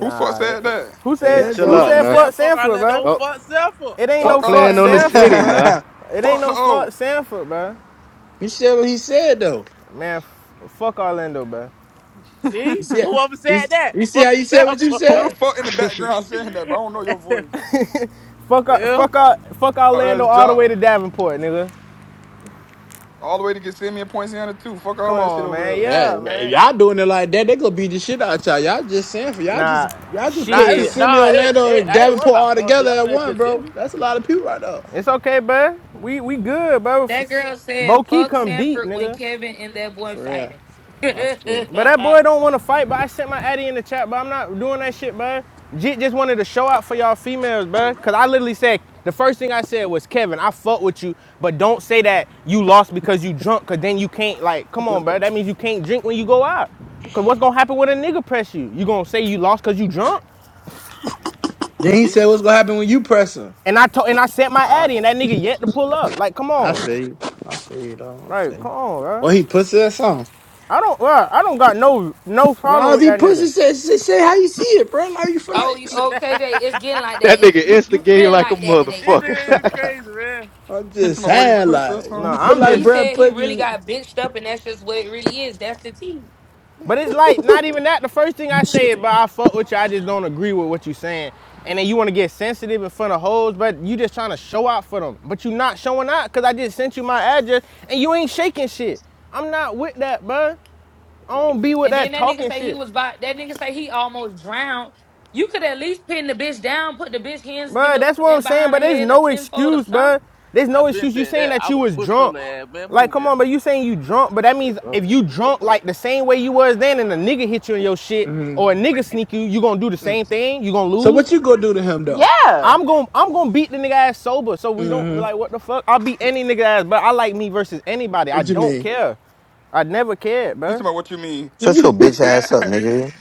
[SPEAKER 15] Who fuck
[SPEAKER 6] it-
[SPEAKER 15] said
[SPEAKER 6] it-
[SPEAKER 15] that?
[SPEAKER 6] who
[SPEAKER 18] hey,
[SPEAKER 3] There
[SPEAKER 6] said
[SPEAKER 3] you
[SPEAKER 18] chill
[SPEAKER 6] who
[SPEAKER 3] go.
[SPEAKER 18] out,
[SPEAKER 2] Whoever
[SPEAKER 6] said
[SPEAKER 18] nah.
[SPEAKER 2] said
[SPEAKER 6] fuck
[SPEAKER 2] fuck
[SPEAKER 6] Sanford, bro?
[SPEAKER 2] Orlando,
[SPEAKER 18] Stop,
[SPEAKER 2] fuck self up.
[SPEAKER 6] It ain't no
[SPEAKER 15] Fuck
[SPEAKER 18] stop
[SPEAKER 6] fuck
[SPEAKER 18] playing on the
[SPEAKER 15] Orlando.
[SPEAKER 6] Sanford,
[SPEAKER 18] city,
[SPEAKER 6] bruh.
[SPEAKER 18] nah.
[SPEAKER 6] It ain't
[SPEAKER 15] Fuck the
[SPEAKER 6] no fuck
[SPEAKER 15] O.
[SPEAKER 6] Sanford, bruh.
[SPEAKER 3] he said what he said though.
[SPEAKER 6] Man, f- fuck Orlando, bruh.
[SPEAKER 3] You
[SPEAKER 2] See?
[SPEAKER 3] see,
[SPEAKER 2] Whoever
[SPEAKER 3] you,
[SPEAKER 2] said that,
[SPEAKER 3] you see how
[SPEAKER 2] fuck
[SPEAKER 3] you said what
[SPEAKER 2] self
[SPEAKER 3] you
[SPEAKER 15] Who
[SPEAKER 2] up.
[SPEAKER 3] said.
[SPEAKER 15] the fuck in the
[SPEAKER 18] that
[SPEAKER 15] background saying that, bro? I don't know your voice.
[SPEAKER 6] Fuck, uh,
[SPEAKER 2] yeah.
[SPEAKER 6] fuck, uh, fuck
[SPEAKER 15] Oh,
[SPEAKER 6] Orlando
[SPEAKER 15] that's
[SPEAKER 6] all the
[SPEAKER 15] Jock.
[SPEAKER 6] way to Davenport, nigga.
[SPEAKER 15] All the way to get send me a point too. Fuck all
[SPEAKER 6] Come
[SPEAKER 15] that shit
[SPEAKER 6] on,
[SPEAKER 15] over
[SPEAKER 6] man.
[SPEAKER 15] there.
[SPEAKER 3] Yeah,
[SPEAKER 6] Yeah,
[SPEAKER 3] yeah, if
[SPEAKER 6] man.
[SPEAKER 3] y'all doing it like that, they gonna beat the shit out y'all. Y'all just saying for y'all just
[SPEAKER 6] Nah,
[SPEAKER 3] y'all just
[SPEAKER 2] Nah,
[SPEAKER 3] put
[SPEAKER 2] it,
[SPEAKER 6] shit.
[SPEAKER 3] Kissimmee,
[SPEAKER 2] nah, it,
[SPEAKER 3] Orlando,
[SPEAKER 2] it,
[SPEAKER 3] and
[SPEAKER 2] I ain't worried
[SPEAKER 3] Davenport
[SPEAKER 2] about
[SPEAKER 3] all
[SPEAKER 2] Ponce.
[SPEAKER 3] together
[SPEAKER 2] Y'all
[SPEAKER 3] at
[SPEAKER 2] there
[SPEAKER 3] one,
[SPEAKER 2] could see
[SPEAKER 3] bro. That's a lot of people right there.
[SPEAKER 6] It's okay, bruh. We we good, bruh.
[SPEAKER 1] That
[SPEAKER 6] F-
[SPEAKER 1] girl
[SPEAKER 6] Bo
[SPEAKER 1] said,
[SPEAKER 6] Key
[SPEAKER 1] fuck
[SPEAKER 6] come deep,
[SPEAKER 1] Sanford when
[SPEAKER 6] nigga.
[SPEAKER 1] Kevin and that boy
[SPEAKER 3] For real.
[SPEAKER 1] fighting.
[SPEAKER 3] That's true.
[SPEAKER 6] But that boy don't want to fight, but I sent my addy in the chat, but I'm not doing that shit, bud. Jit just wanted to show out for y'all females, bud. Cause I literally said the first thing I said was Kevin, I fuck with you, but don't say that you lost because you drunk, cause then you can't like, come on, bud. That means you can't drink when you go out. Cause what's gonna happen when a nigga press you? You gonna say you lost cause you drunk?
[SPEAKER 3] Then he said, "What's gonna happen when you press him?"
[SPEAKER 6] And I told and I sent my
[SPEAKER 3] I,
[SPEAKER 6] addy, and that nigga yet to pull up. Like, come
[SPEAKER 3] I
[SPEAKER 6] on,
[SPEAKER 3] feel you. I feel you, though. I
[SPEAKER 6] like,
[SPEAKER 3] feel
[SPEAKER 6] come
[SPEAKER 3] you.
[SPEAKER 6] on, bro.
[SPEAKER 3] Well, he pussy that song.
[SPEAKER 6] I don't, bruh, I don't got no no
[SPEAKER 3] Nah,
[SPEAKER 6] problem
[SPEAKER 3] if
[SPEAKER 6] with
[SPEAKER 3] he
[SPEAKER 6] that
[SPEAKER 3] pussy
[SPEAKER 6] nigga.
[SPEAKER 3] said, say, say how you see it, bro. Like you feel
[SPEAKER 1] oh,
[SPEAKER 3] like
[SPEAKER 1] you okay, Jay, it's
[SPEAKER 2] me.
[SPEAKER 1] getting like that. It's
[SPEAKER 18] nigga
[SPEAKER 1] you you
[SPEAKER 18] instigating
[SPEAKER 1] feeling
[SPEAKER 18] like a
[SPEAKER 1] like that today.
[SPEAKER 2] This
[SPEAKER 18] motherfucker.
[SPEAKER 2] nigga is crazy, man.
[SPEAKER 3] I'm
[SPEAKER 15] Into
[SPEAKER 3] just
[SPEAKER 15] my way,
[SPEAKER 3] saying,
[SPEAKER 15] pussy or
[SPEAKER 3] like
[SPEAKER 15] something.
[SPEAKER 6] No,
[SPEAKER 3] you feel
[SPEAKER 6] I'm
[SPEAKER 3] like
[SPEAKER 1] He
[SPEAKER 6] just.
[SPEAKER 3] Brad
[SPEAKER 1] said he really
[SPEAKER 3] pussy.
[SPEAKER 1] got bitched up and that's just what it really is. That's the tea.
[SPEAKER 6] But it's like not even that. The first thing I say, but I fuck with you. I just don't agree with what you saying. And then you want to get sensitive in front of hoes, but you just trying to show out for them. But you not showing out because I just sent you my address and you ain't shaking shit. I'm not with that, bud. I don't be with
[SPEAKER 1] And then
[SPEAKER 6] that
[SPEAKER 1] that nigga
[SPEAKER 6] talking
[SPEAKER 1] say he
[SPEAKER 6] shit,
[SPEAKER 1] was by that nigga say he almost drowned. You could at least pin the bitch down, put the bitch hands been
[SPEAKER 6] bud.
[SPEAKER 1] the-
[SPEAKER 6] That's what I'm
[SPEAKER 1] in
[SPEAKER 6] saying.
[SPEAKER 1] behind
[SPEAKER 6] But
[SPEAKER 1] her
[SPEAKER 6] there's
[SPEAKER 1] head a
[SPEAKER 6] no
[SPEAKER 1] tenfold or
[SPEAKER 6] excuse,
[SPEAKER 1] something.
[SPEAKER 6] bud. There's
[SPEAKER 2] I
[SPEAKER 6] no
[SPEAKER 2] been
[SPEAKER 6] excuse. You
[SPEAKER 2] said
[SPEAKER 6] saying
[SPEAKER 2] that.
[SPEAKER 6] that
[SPEAKER 2] I
[SPEAKER 6] you
[SPEAKER 2] would have
[SPEAKER 6] was
[SPEAKER 2] mushed her
[SPEAKER 6] drunk.
[SPEAKER 2] ass, man.
[SPEAKER 6] Like,
[SPEAKER 2] Move,
[SPEAKER 6] come on,
[SPEAKER 2] man.
[SPEAKER 6] but you saying you drunk, but that means if you drunk like the same way you was then and a nigga hit you in your shit
[SPEAKER 3] Mhm.
[SPEAKER 6] or a nigga sneak you, you gonna do the
[SPEAKER 3] mm
[SPEAKER 6] same thing? You gonna
[SPEAKER 3] So
[SPEAKER 6] lose?
[SPEAKER 3] what you gonna do to him though?
[SPEAKER 11] yeah.
[SPEAKER 6] I'm going to I'm going to beat the nigga ass sober. So we don't
[SPEAKER 3] hmm
[SPEAKER 6] like what the fuck. I'll beat any nigga ass, but I like me versus anybody. I
[SPEAKER 3] What
[SPEAKER 6] don't
[SPEAKER 3] you
[SPEAKER 6] care. I never cared,
[SPEAKER 15] He's
[SPEAKER 6] bruh.
[SPEAKER 15] talking about what you mean.
[SPEAKER 4] on. Shut
[SPEAKER 3] mean?
[SPEAKER 4] your bitch
[SPEAKER 15] hey,
[SPEAKER 4] ass up, nigga.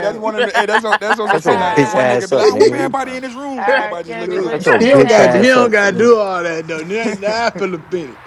[SPEAKER 15] that's one of the, hey, that's on, that's also
[SPEAKER 4] Shut
[SPEAKER 15] shit
[SPEAKER 4] your
[SPEAKER 15] like
[SPEAKER 6] man.
[SPEAKER 15] that
[SPEAKER 4] bitch
[SPEAKER 15] one nigga
[SPEAKER 4] ass
[SPEAKER 15] be like,
[SPEAKER 4] up,
[SPEAKER 15] I whoop
[SPEAKER 4] nigga.
[SPEAKER 15] everybody
[SPEAKER 4] bro.
[SPEAKER 15] in this room and
[SPEAKER 1] Ah, ah,
[SPEAKER 15] everybody just
[SPEAKER 1] Kevin,
[SPEAKER 15] looking at
[SPEAKER 1] what?
[SPEAKER 4] Shut
[SPEAKER 15] him.
[SPEAKER 4] your
[SPEAKER 3] He don't
[SPEAKER 4] bitch
[SPEAKER 3] got he
[SPEAKER 4] ass
[SPEAKER 3] don't
[SPEAKER 4] up,
[SPEAKER 3] got to
[SPEAKER 4] nigga.
[SPEAKER 3] do all that though. Now now I feel offended.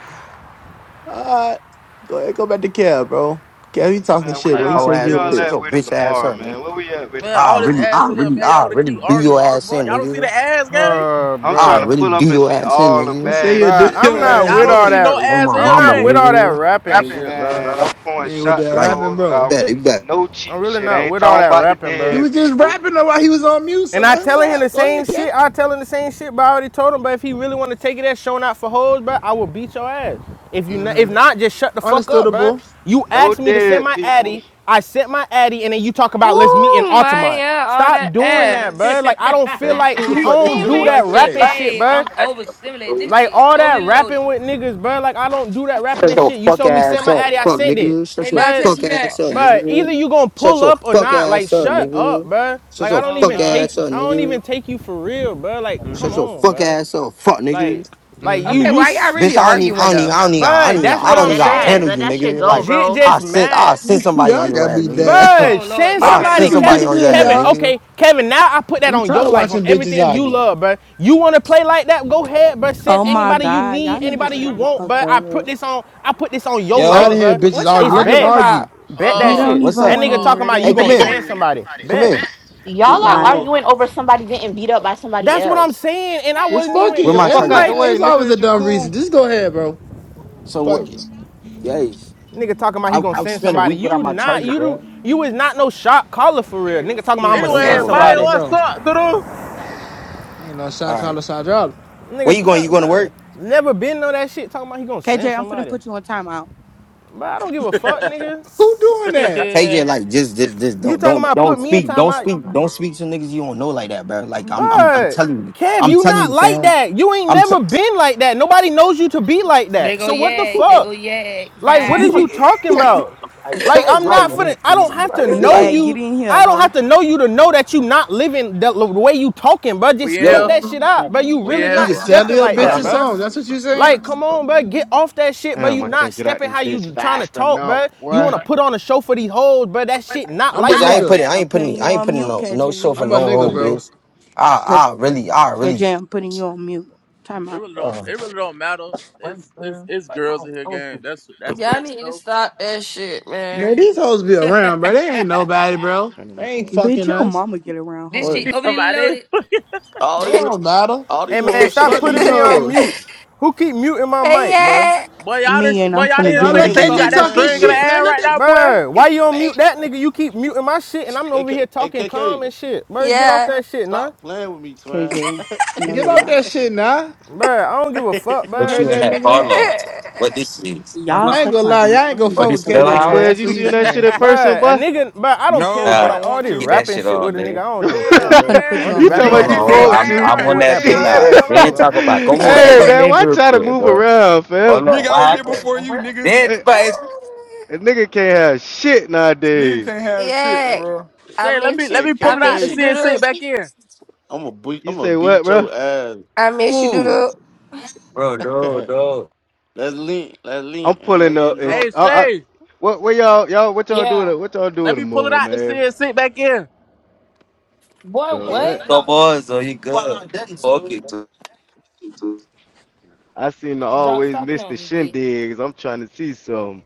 [SPEAKER 3] All right, go ahead, go back to Kev, bro. Kev, you talking
[SPEAKER 18] man, where
[SPEAKER 3] shit,
[SPEAKER 4] Like
[SPEAKER 3] bro. You
[SPEAKER 18] y'all,
[SPEAKER 4] whole
[SPEAKER 18] where
[SPEAKER 3] said
[SPEAKER 4] ass
[SPEAKER 3] you a
[SPEAKER 4] nigga.
[SPEAKER 18] y'all
[SPEAKER 3] bitch.
[SPEAKER 4] Shut
[SPEAKER 18] at
[SPEAKER 4] your
[SPEAKER 18] with it
[SPEAKER 4] bitch ass
[SPEAKER 18] tomorrow,
[SPEAKER 4] up, nigga.
[SPEAKER 18] man? Where we at with it
[SPEAKER 2] man,
[SPEAKER 4] I
[SPEAKER 2] all this
[SPEAKER 4] really,
[SPEAKER 18] tomorrow?
[SPEAKER 4] I
[SPEAKER 2] ass in here,
[SPEAKER 4] really,
[SPEAKER 2] man. Y'all
[SPEAKER 4] I
[SPEAKER 2] wanna
[SPEAKER 4] really
[SPEAKER 2] keep
[SPEAKER 4] do your
[SPEAKER 2] arguing. What the
[SPEAKER 4] ass in,
[SPEAKER 2] fuck? Y'all don't see
[SPEAKER 4] nigga.
[SPEAKER 2] the ass game?
[SPEAKER 6] oh,
[SPEAKER 18] I'm
[SPEAKER 4] I
[SPEAKER 18] trying to
[SPEAKER 6] bro,
[SPEAKER 4] really
[SPEAKER 18] pull up
[SPEAKER 4] do
[SPEAKER 18] and
[SPEAKER 4] your
[SPEAKER 18] see
[SPEAKER 4] ass in,
[SPEAKER 18] all the
[SPEAKER 3] You
[SPEAKER 4] nigga.
[SPEAKER 3] say
[SPEAKER 18] bad
[SPEAKER 3] you do
[SPEAKER 6] Bruh,
[SPEAKER 18] shit,
[SPEAKER 6] I'm
[SPEAKER 3] your
[SPEAKER 18] man.
[SPEAKER 6] not
[SPEAKER 3] ass
[SPEAKER 2] Y'all
[SPEAKER 6] with
[SPEAKER 2] don't
[SPEAKER 6] all
[SPEAKER 2] see
[SPEAKER 3] in.
[SPEAKER 2] no
[SPEAKER 6] that.
[SPEAKER 4] On
[SPEAKER 2] ass
[SPEAKER 4] my
[SPEAKER 2] in
[SPEAKER 6] I'm
[SPEAKER 2] here
[SPEAKER 4] mama,
[SPEAKER 6] not with
[SPEAKER 2] game.
[SPEAKER 6] all that
[SPEAKER 4] nigga.
[SPEAKER 6] rapping shit, bro.
[SPEAKER 18] Man, I'm
[SPEAKER 3] You
[SPEAKER 18] pouring
[SPEAKER 3] ain't with that
[SPEAKER 18] shots in
[SPEAKER 4] Like,
[SPEAKER 3] rapping,
[SPEAKER 18] hoes
[SPEAKER 3] bro.
[SPEAKER 18] mouth.
[SPEAKER 4] that? you better.
[SPEAKER 18] No
[SPEAKER 6] I'm
[SPEAKER 18] cheap
[SPEAKER 6] really
[SPEAKER 18] shit. I
[SPEAKER 6] not
[SPEAKER 18] ain't
[SPEAKER 6] with all
[SPEAKER 18] talking
[SPEAKER 6] that
[SPEAKER 18] about the
[SPEAKER 6] rapping,
[SPEAKER 3] You
[SPEAKER 6] bro.
[SPEAKER 3] was
[SPEAKER 18] dead
[SPEAKER 3] just
[SPEAKER 18] people.
[SPEAKER 3] rapping though while he was on mute, so
[SPEAKER 6] And I
[SPEAKER 3] let him
[SPEAKER 6] telling him
[SPEAKER 3] rap.
[SPEAKER 6] the
[SPEAKER 3] Go
[SPEAKER 6] same
[SPEAKER 3] ahead, Kev.
[SPEAKER 6] shit. I tell him the same shit, but I already told him. But if he really want to take it as showing out for hoes, bro, I will beat your ass. If you not,
[SPEAKER 3] Mm-hmm.
[SPEAKER 6] if not, just shut the fuck up, bro.
[SPEAKER 3] Understandable.
[SPEAKER 6] You
[SPEAKER 18] No
[SPEAKER 6] asked me to send
[SPEAKER 18] dead
[SPEAKER 6] my
[SPEAKER 18] people.
[SPEAKER 6] addy. I sent my addy, and then you talk about let's meet in
[SPEAKER 10] Ooh,
[SPEAKER 6] Altamont.
[SPEAKER 10] Maya, all
[SPEAKER 6] Stop
[SPEAKER 10] that
[SPEAKER 6] doing
[SPEAKER 1] oh,
[SPEAKER 6] that, bro.
[SPEAKER 10] ass.
[SPEAKER 6] Like I don't feel like
[SPEAKER 3] Who the
[SPEAKER 6] I
[SPEAKER 3] fuck they
[SPEAKER 6] don't
[SPEAKER 11] See
[SPEAKER 3] feeling
[SPEAKER 6] do
[SPEAKER 11] me?
[SPEAKER 6] that
[SPEAKER 3] like
[SPEAKER 6] rapping
[SPEAKER 3] that?
[SPEAKER 6] shit,
[SPEAKER 1] KK,
[SPEAKER 6] bro.
[SPEAKER 1] I'm overstimulated. This
[SPEAKER 6] Like
[SPEAKER 1] shit is
[SPEAKER 6] all that
[SPEAKER 1] overly loaded.
[SPEAKER 6] rapping with niggas, bro. Like I don't do that rapping
[SPEAKER 4] Shut
[SPEAKER 6] and
[SPEAKER 4] your
[SPEAKER 6] shit. You
[SPEAKER 4] fuck
[SPEAKER 6] showed me sent
[SPEAKER 4] ass
[SPEAKER 6] my
[SPEAKER 4] up,
[SPEAKER 6] addy, I
[SPEAKER 4] fuck
[SPEAKER 6] sent it,
[SPEAKER 4] nigga. Shut
[SPEAKER 10] Hey,
[SPEAKER 4] your
[SPEAKER 10] now
[SPEAKER 6] but
[SPEAKER 10] text
[SPEAKER 4] fuck
[SPEAKER 10] me back.
[SPEAKER 4] ass up,
[SPEAKER 6] but either
[SPEAKER 4] nigga.
[SPEAKER 6] you gonna
[SPEAKER 4] Shut
[SPEAKER 6] pull
[SPEAKER 4] your
[SPEAKER 6] up or
[SPEAKER 4] fuck
[SPEAKER 6] not. Like
[SPEAKER 4] ass up,
[SPEAKER 6] shut up,
[SPEAKER 4] nigga.
[SPEAKER 6] bro.
[SPEAKER 4] Shut
[SPEAKER 6] Like I
[SPEAKER 4] your
[SPEAKER 6] don't
[SPEAKER 1] Oh
[SPEAKER 6] even
[SPEAKER 4] fuck
[SPEAKER 1] God.
[SPEAKER 6] take
[SPEAKER 4] ass up,
[SPEAKER 6] I don't
[SPEAKER 4] nigga.
[SPEAKER 6] even take you for real, bro. Like
[SPEAKER 4] Shut
[SPEAKER 6] come
[SPEAKER 3] Mm-hmm.
[SPEAKER 4] your
[SPEAKER 6] on,
[SPEAKER 4] fuck
[SPEAKER 6] bro.
[SPEAKER 4] ass up, fuck
[SPEAKER 6] Like
[SPEAKER 4] nigga.
[SPEAKER 6] like you
[SPEAKER 3] Mm-hmm.
[SPEAKER 10] Okay,
[SPEAKER 6] you,
[SPEAKER 10] why y'all
[SPEAKER 6] s-
[SPEAKER 4] Bitch,
[SPEAKER 10] really
[SPEAKER 4] I don't need, I
[SPEAKER 10] arguing
[SPEAKER 4] don't need,
[SPEAKER 10] though?
[SPEAKER 4] I don't need, I
[SPEAKER 6] Bro,
[SPEAKER 4] don't need,
[SPEAKER 6] that's
[SPEAKER 4] I
[SPEAKER 6] what
[SPEAKER 11] Like
[SPEAKER 4] don't
[SPEAKER 6] I'm
[SPEAKER 4] need,
[SPEAKER 11] dead
[SPEAKER 4] to
[SPEAKER 11] ass.
[SPEAKER 6] saying.
[SPEAKER 4] handle
[SPEAKER 11] Let
[SPEAKER 4] you,
[SPEAKER 11] that shit
[SPEAKER 4] nigga.
[SPEAKER 11] go,
[SPEAKER 4] Like,
[SPEAKER 6] Jit
[SPEAKER 11] bro.
[SPEAKER 4] I
[SPEAKER 6] just
[SPEAKER 4] send, I
[SPEAKER 6] mad.
[SPEAKER 4] send somebody on
[SPEAKER 3] y'all
[SPEAKER 4] your
[SPEAKER 3] got
[SPEAKER 4] ass,
[SPEAKER 3] me
[SPEAKER 4] nigga.
[SPEAKER 3] dead.
[SPEAKER 6] Bird,
[SPEAKER 1] Oh Lord,
[SPEAKER 6] send
[SPEAKER 3] Let
[SPEAKER 4] I
[SPEAKER 3] the
[SPEAKER 1] everybody
[SPEAKER 6] somebody,
[SPEAKER 4] send
[SPEAKER 1] calm
[SPEAKER 3] niggas get
[SPEAKER 6] Kevin.
[SPEAKER 4] somebody
[SPEAKER 3] it
[SPEAKER 1] down.
[SPEAKER 4] on your
[SPEAKER 3] in,
[SPEAKER 4] ass,
[SPEAKER 6] Kevin,
[SPEAKER 3] y'all.
[SPEAKER 4] nigga.
[SPEAKER 6] okay, Kevin. Now I put that
[SPEAKER 3] I'm
[SPEAKER 6] on your
[SPEAKER 3] tired of
[SPEAKER 6] life, on
[SPEAKER 3] watching bitches
[SPEAKER 6] everything you
[SPEAKER 3] argue.
[SPEAKER 6] love, bruh. You want to play like that? Go ahead, bruh. Send
[SPEAKER 9] Oh my
[SPEAKER 6] anybody you
[SPEAKER 9] god,
[SPEAKER 6] need,
[SPEAKER 9] y'all need to
[SPEAKER 6] anybody you
[SPEAKER 9] shut the
[SPEAKER 6] want,
[SPEAKER 9] fuck
[SPEAKER 6] bruh. I put
[SPEAKER 9] up.
[SPEAKER 6] this on. I put this on
[SPEAKER 3] I'm
[SPEAKER 6] your life,
[SPEAKER 3] tired of
[SPEAKER 4] Yo,
[SPEAKER 3] hearing
[SPEAKER 6] bruh.
[SPEAKER 3] bitches
[SPEAKER 10] What y'all
[SPEAKER 3] argue.
[SPEAKER 6] It's
[SPEAKER 3] Let them
[SPEAKER 10] arguing
[SPEAKER 6] bet,
[SPEAKER 3] argue.
[SPEAKER 10] about?
[SPEAKER 6] bet
[SPEAKER 9] We
[SPEAKER 6] that
[SPEAKER 2] Uh
[SPEAKER 9] don't
[SPEAKER 6] shit.
[SPEAKER 4] what's
[SPEAKER 9] even
[SPEAKER 6] That
[SPEAKER 4] up?
[SPEAKER 9] want to
[SPEAKER 6] nigga talking
[SPEAKER 2] uh
[SPEAKER 9] hear
[SPEAKER 6] about
[SPEAKER 4] Hey,
[SPEAKER 6] you
[SPEAKER 9] that
[SPEAKER 10] Are
[SPEAKER 4] come
[SPEAKER 6] gonna
[SPEAKER 10] you
[SPEAKER 4] here,
[SPEAKER 10] gonna
[SPEAKER 6] send
[SPEAKER 9] shit.
[SPEAKER 6] somebody.
[SPEAKER 4] come
[SPEAKER 6] Bet.
[SPEAKER 4] here.
[SPEAKER 11] Y'all are
[SPEAKER 9] Like,
[SPEAKER 15] no.
[SPEAKER 11] arguing over somebody getting beat up by somebody
[SPEAKER 6] That's what I'm
[SPEAKER 11] else.
[SPEAKER 6] saying, and I
[SPEAKER 3] It's
[SPEAKER 6] wasn't
[SPEAKER 3] fuck
[SPEAKER 6] even
[SPEAKER 18] Get
[SPEAKER 4] Where
[SPEAKER 18] the
[SPEAKER 3] it.
[SPEAKER 4] my
[SPEAKER 3] Yeah,
[SPEAKER 18] fuck
[SPEAKER 3] we-
[SPEAKER 4] charger
[SPEAKER 18] out the
[SPEAKER 4] at?
[SPEAKER 6] like
[SPEAKER 18] way,
[SPEAKER 3] It's
[SPEAKER 18] nigga.
[SPEAKER 3] always a
[SPEAKER 18] Is you
[SPEAKER 3] dumb reason.
[SPEAKER 18] cool?
[SPEAKER 3] Just go ahead, bro.
[SPEAKER 4] So
[SPEAKER 3] Fuck
[SPEAKER 4] what?
[SPEAKER 3] it.
[SPEAKER 4] Yeah,
[SPEAKER 6] nigga talking about he
[SPEAKER 4] I
[SPEAKER 6] gonna
[SPEAKER 4] I've
[SPEAKER 6] send
[SPEAKER 4] spent a
[SPEAKER 6] somebody.
[SPEAKER 4] week without
[SPEAKER 6] You
[SPEAKER 4] my
[SPEAKER 6] not
[SPEAKER 4] charger,
[SPEAKER 6] you
[SPEAKER 4] bro.
[SPEAKER 6] do you is not no shot caller for real. Nigga talking
[SPEAKER 3] You
[SPEAKER 6] about
[SPEAKER 3] ain't
[SPEAKER 6] I'ma
[SPEAKER 4] You
[SPEAKER 3] no
[SPEAKER 4] don't gotta
[SPEAKER 2] anyway,
[SPEAKER 6] send
[SPEAKER 4] go
[SPEAKER 3] shot
[SPEAKER 4] back.
[SPEAKER 2] Maya,
[SPEAKER 3] caller,
[SPEAKER 6] somebody.
[SPEAKER 2] what's
[SPEAKER 3] bro.
[SPEAKER 2] up, dude?
[SPEAKER 3] You ain't no shot
[SPEAKER 4] All right,
[SPEAKER 3] caller, shot drop.
[SPEAKER 4] where
[SPEAKER 6] Nigga,
[SPEAKER 4] you going? You
[SPEAKER 6] no,
[SPEAKER 4] going to
[SPEAKER 6] bro.
[SPEAKER 4] work?
[SPEAKER 6] Never been on that shit talking about he gonna send
[SPEAKER 9] KJ, I'm finna
[SPEAKER 6] somebody.
[SPEAKER 9] put you on timeout.
[SPEAKER 6] But I don't give a fuck, nigga.
[SPEAKER 3] Who doing that?
[SPEAKER 4] Take it
[SPEAKER 1] they
[SPEAKER 4] like just, just, just
[SPEAKER 6] You
[SPEAKER 4] don't,
[SPEAKER 6] talking
[SPEAKER 4] don't,
[SPEAKER 6] about put
[SPEAKER 4] don't
[SPEAKER 6] me in
[SPEAKER 4] speak,
[SPEAKER 6] time
[SPEAKER 4] don't
[SPEAKER 6] out?
[SPEAKER 4] speak, don't speak to niggas you don't know like that, bro. Like I'm, I'm, I'm
[SPEAKER 6] But
[SPEAKER 4] telling you,
[SPEAKER 6] Kev,
[SPEAKER 4] I'm
[SPEAKER 6] you
[SPEAKER 4] telling
[SPEAKER 6] not
[SPEAKER 4] you,
[SPEAKER 6] like
[SPEAKER 4] fam.
[SPEAKER 6] that. You ain't
[SPEAKER 4] I'm, t-
[SPEAKER 6] never been like that. Nobody knows you to be like that.
[SPEAKER 1] go
[SPEAKER 6] So what the
[SPEAKER 1] yag. They go
[SPEAKER 6] fuck? Like, what
[SPEAKER 1] yag.
[SPEAKER 6] is you talking
[SPEAKER 10] be-
[SPEAKER 6] about?
[SPEAKER 4] Like,
[SPEAKER 6] Like,
[SPEAKER 4] cuz,
[SPEAKER 6] I'm
[SPEAKER 4] like,
[SPEAKER 6] not for the. I don't have to
[SPEAKER 4] nigga,
[SPEAKER 6] know
[SPEAKER 9] yeah,
[SPEAKER 4] like,
[SPEAKER 9] get
[SPEAKER 6] you.
[SPEAKER 9] in here,
[SPEAKER 6] I don't
[SPEAKER 9] hoe.
[SPEAKER 6] have to know you to know that you not living the, the way you talking, bro.
[SPEAKER 2] We
[SPEAKER 6] Just
[SPEAKER 2] in
[SPEAKER 6] cut
[SPEAKER 2] here.
[SPEAKER 4] yo,
[SPEAKER 6] that shit out, bro. You
[SPEAKER 2] We
[SPEAKER 6] really
[SPEAKER 2] in
[SPEAKER 3] You
[SPEAKER 2] here.
[SPEAKER 6] not
[SPEAKER 3] can tell
[SPEAKER 6] stepping
[SPEAKER 3] your
[SPEAKER 6] like
[SPEAKER 4] I,
[SPEAKER 3] bitch
[SPEAKER 6] that,
[SPEAKER 4] I,
[SPEAKER 3] a
[SPEAKER 6] bro.
[SPEAKER 4] bitch,
[SPEAKER 3] song. That's what you saying?
[SPEAKER 6] Like, come on, bro. Get off that shit, bro.
[SPEAKER 18] Damn,
[SPEAKER 6] You
[SPEAKER 18] I can't
[SPEAKER 6] not
[SPEAKER 18] get out
[SPEAKER 6] stepping
[SPEAKER 18] this
[SPEAKER 6] how
[SPEAKER 18] bitch
[SPEAKER 6] you trying to
[SPEAKER 18] fast
[SPEAKER 6] talk,
[SPEAKER 18] enough,
[SPEAKER 6] bro. You
[SPEAKER 18] boy.
[SPEAKER 6] want to put on a show for these hoes, bro. That shit not
[SPEAKER 3] I'm a
[SPEAKER 6] like
[SPEAKER 4] I
[SPEAKER 6] that.
[SPEAKER 4] ain't
[SPEAKER 3] nigga.
[SPEAKER 4] putting, I
[SPEAKER 9] I'm
[SPEAKER 4] ain't
[SPEAKER 9] putting
[SPEAKER 4] putting,
[SPEAKER 9] you
[SPEAKER 4] I ain't
[SPEAKER 9] on
[SPEAKER 4] putting
[SPEAKER 9] mute,
[SPEAKER 4] no, no show
[SPEAKER 9] KJ.
[SPEAKER 4] for
[SPEAKER 3] I'm a
[SPEAKER 4] no
[SPEAKER 3] nigga,
[SPEAKER 4] hoe,
[SPEAKER 3] bro.
[SPEAKER 4] bitch.
[SPEAKER 9] But
[SPEAKER 4] I, I really, I really,
[SPEAKER 9] KJ, I'm putting you on mute. Time
[SPEAKER 2] It
[SPEAKER 9] out.
[SPEAKER 2] really don't
[SPEAKER 4] uh,
[SPEAKER 2] it really don't matter. It's it's it's girls in here game. That's that's the
[SPEAKER 10] y'all
[SPEAKER 2] you
[SPEAKER 10] need to
[SPEAKER 2] know.
[SPEAKER 10] stop that shit,
[SPEAKER 3] Man,
[SPEAKER 10] man.
[SPEAKER 3] these hoes be around, bro. They ain't nobody, bro.
[SPEAKER 18] Turning up
[SPEAKER 3] They
[SPEAKER 18] all
[SPEAKER 3] ain't
[SPEAKER 18] this.
[SPEAKER 9] Bitch,
[SPEAKER 3] fucking
[SPEAKER 9] your
[SPEAKER 3] us.
[SPEAKER 9] mama get around,
[SPEAKER 1] this
[SPEAKER 9] hoe.
[SPEAKER 3] What?
[SPEAKER 1] shit overly
[SPEAKER 2] Somebody
[SPEAKER 1] loaded.
[SPEAKER 20] All
[SPEAKER 3] They
[SPEAKER 20] these,
[SPEAKER 3] don't matter.
[SPEAKER 20] all these
[SPEAKER 6] And man,
[SPEAKER 20] whole
[SPEAKER 18] Turning
[SPEAKER 6] stop
[SPEAKER 20] shit
[SPEAKER 3] Fuck
[SPEAKER 18] up
[SPEAKER 3] these
[SPEAKER 18] all
[SPEAKER 6] putting me
[SPEAKER 20] eaters.
[SPEAKER 18] this.
[SPEAKER 6] on
[SPEAKER 3] hoes.
[SPEAKER 6] mute.
[SPEAKER 18] Um...
[SPEAKER 6] Who keep muting my mic, bro?
[SPEAKER 10] hey,
[SPEAKER 2] boy y'all
[SPEAKER 9] Me
[SPEAKER 2] this
[SPEAKER 9] and
[SPEAKER 2] boy
[SPEAKER 9] I'm
[SPEAKER 2] y'all
[SPEAKER 20] Hey,
[SPEAKER 9] finna
[SPEAKER 2] didn't
[SPEAKER 3] Now
[SPEAKER 9] do it
[SPEAKER 2] say
[SPEAKER 3] let
[SPEAKER 20] KK,
[SPEAKER 2] say she got
[SPEAKER 20] stop
[SPEAKER 3] KJ
[SPEAKER 9] again.
[SPEAKER 2] that
[SPEAKER 3] talk
[SPEAKER 20] playing with
[SPEAKER 3] his
[SPEAKER 2] string in the
[SPEAKER 3] shit,
[SPEAKER 20] me.
[SPEAKER 3] man.
[SPEAKER 2] ass
[SPEAKER 3] Let
[SPEAKER 2] right
[SPEAKER 3] that
[SPEAKER 2] now, boy.
[SPEAKER 6] Bro, why you on
[SPEAKER 3] man.
[SPEAKER 6] mute that nigga? You keep muting my shit, and I'm over
[SPEAKER 20] KK,
[SPEAKER 6] here
[SPEAKER 20] hey,
[SPEAKER 6] talking calm
[SPEAKER 20] KK,
[SPEAKER 6] and shit. Bro, get off
[SPEAKER 10] yeah,
[SPEAKER 6] that shit, nah.
[SPEAKER 20] stop playing with me, twin.
[SPEAKER 9] KJ, no,
[SPEAKER 3] Get
[SPEAKER 9] you're
[SPEAKER 3] out
[SPEAKER 9] not.
[SPEAKER 3] that shit now.
[SPEAKER 6] Bruh, I don't give a
[SPEAKER 20] hey,
[SPEAKER 6] fuck,
[SPEAKER 3] You
[SPEAKER 4] put
[SPEAKER 6] bruh.
[SPEAKER 3] heard
[SPEAKER 4] you in
[SPEAKER 3] that
[SPEAKER 4] that car
[SPEAKER 3] nigga?
[SPEAKER 4] law. What this is?
[SPEAKER 9] Y'all
[SPEAKER 3] I ain't
[SPEAKER 9] suck
[SPEAKER 3] gonna
[SPEAKER 9] my
[SPEAKER 3] lie,
[SPEAKER 9] dick.
[SPEAKER 3] I
[SPEAKER 9] I
[SPEAKER 3] ain't gonna
[SPEAKER 9] don't
[SPEAKER 4] Or
[SPEAKER 9] give
[SPEAKER 3] fuck
[SPEAKER 9] a
[SPEAKER 3] with
[SPEAKER 4] this
[SPEAKER 9] fuck
[SPEAKER 3] K
[SPEAKER 4] little
[SPEAKER 3] Day
[SPEAKER 9] about
[SPEAKER 3] today.
[SPEAKER 4] house?
[SPEAKER 18] Quez,
[SPEAKER 9] y'all.
[SPEAKER 3] That's
[SPEAKER 18] you
[SPEAKER 3] what
[SPEAKER 18] seen
[SPEAKER 3] he's
[SPEAKER 18] that shit
[SPEAKER 3] saying.
[SPEAKER 18] in person,
[SPEAKER 6] Bruh, a
[SPEAKER 18] boy?
[SPEAKER 6] nigga, bruh, I don't care,
[SPEAKER 15] No,
[SPEAKER 6] bruh.
[SPEAKER 15] but
[SPEAKER 4] Nah,
[SPEAKER 15] I
[SPEAKER 6] Like, all
[SPEAKER 15] want
[SPEAKER 6] this
[SPEAKER 4] get
[SPEAKER 15] to.
[SPEAKER 4] that
[SPEAKER 6] rapping
[SPEAKER 4] shit
[SPEAKER 6] shit
[SPEAKER 4] on,
[SPEAKER 6] with a nigga,
[SPEAKER 4] man.
[SPEAKER 6] I don't even care,
[SPEAKER 2] Damn,
[SPEAKER 9] I'm
[SPEAKER 6] bruh.
[SPEAKER 9] finna put you
[SPEAKER 6] All
[SPEAKER 2] man.
[SPEAKER 6] this
[SPEAKER 18] you
[SPEAKER 9] on mute
[SPEAKER 18] talking
[SPEAKER 2] They
[SPEAKER 6] rapping
[SPEAKER 4] Hold
[SPEAKER 2] got
[SPEAKER 4] on,
[SPEAKER 18] about
[SPEAKER 6] back
[SPEAKER 9] again,
[SPEAKER 18] you
[SPEAKER 6] and
[SPEAKER 2] that
[SPEAKER 9] Why?
[SPEAKER 4] hold on.
[SPEAKER 2] thing in
[SPEAKER 6] forth.
[SPEAKER 2] the
[SPEAKER 18] want
[SPEAKER 4] I'm,
[SPEAKER 18] to?
[SPEAKER 2] air
[SPEAKER 6] I
[SPEAKER 15] nigga,
[SPEAKER 4] I'm
[SPEAKER 2] right
[SPEAKER 6] ain't
[SPEAKER 4] on
[SPEAKER 6] with
[SPEAKER 2] now,
[SPEAKER 4] that
[SPEAKER 6] that
[SPEAKER 2] man.
[SPEAKER 18] Shit.
[SPEAKER 4] thing
[SPEAKER 2] Y'all
[SPEAKER 6] puss
[SPEAKER 4] now.
[SPEAKER 2] chill,
[SPEAKER 6] ass
[SPEAKER 2] hold
[SPEAKER 4] They
[SPEAKER 6] shit,
[SPEAKER 4] ain't
[SPEAKER 2] on.
[SPEAKER 6] bro.
[SPEAKER 4] talk about. Come on, let's
[SPEAKER 18] hey,
[SPEAKER 4] go
[SPEAKER 10] yeah.
[SPEAKER 4] to
[SPEAKER 18] man,
[SPEAKER 4] nigga
[SPEAKER 18] why
[SPEAKER 4] real
[SPEAKER 18] try to
[SPEAKER 4] quick,
[SPEAKER 18] move
[SPEAKER 4] bro.
[SPEAKER 18] around, fam?
[SPEAKER 4] Hold on, what
[SPEAKER 15] I was here
[SPEAKER 4] happened?
[SPEAKER 15] before you, nigga.
[SPEAKER 4] Then,
[SPEAKER 18] Hey.
[SPEAKER 4] but it's
[SPEAKER 18] A nigga can't have shit
[SPEAKER 15] Nigga
[SPEAKER 18] nowadays.
[SPEAKER 15] can't have shit,
[SPEAKER 10] Yeah,
[SPEAKER 20] hey,
[SPEAKER 15] bro.
[SPEAKER 10] I
[SPEAKER 2] Shay, let me
[SPEAKER 10] miss
[SPEAKER 2] let
[SPEAKER 10] you.
[SPEAKER 2] me pull
[SPEAKER 10] I
[SPEAKER 2] it out
[SPEAKER 10] miss
[SPEAKER 2] to
[SPEAKER 10] you,
[SPEAKER 20] KK,
[SPEAKER 2] see it
[SPEAKER 10] doodle.
[SPEAKER 2] sink back in.
[SPEAKER 20] am gonna beat,
[SPEAKER 18] You
[SPEAKER 20] I'm gonna
[SPEAKER 18] say what,
[SPEAKER 20] beat
[SPEAKER 18] bro?
[SPEAKER 20] your ass.
[SPEAKER 10] I miss you,
[SPEAKER 4] cool,
[SPEAKER 10] doodle.
[SPEAKER 4] bro. No, no.
[SPEAKER 20] let's link, let's
[SPEAKER 18] I'm
[SPEAKER 20] link, and I
[SPEAKER 18] pulling
[SPEAKER 20] get
[SPEAKER 18] up. It's
[SPEAKER 20] drunk.
[SPEAKER 2] Hey,
[SPEAKER 18] I, I,
[SPEAKER 2] Shay,
[SPEAKER 18] what? Where y'all? Y'all? What y'all
[SPEAKER 1] Yeah.
[SPEAKER 18] doing? What y'all doing
[SPEAKER 2] let me pull it
[SPEAKER 18] tomorrow,
[SPEAKER 2] out to see
[SPEAKER 18] man?
[SPEAKER 2] it sink back in.
[SPEAKER 1] Boy,
[SPEAKER 18] Cause
[SPEAKER 1] what?
[SPEAKER 18] what?
[SPEAKER 4] Come on, so you good? Fuck it,
[SPEAKER 18] I seen the
[SPEAKER 1] Drop,
[SPEAKER 18] always
[SPEAKER 1] stop
[SPEAKER 18] miss
[SPEAKER 1] playing
[SPEAKER 18] the
[SPEAKER 1] with me, bitch.
[SPEAKER 18] shindigs. I'm trying to see some.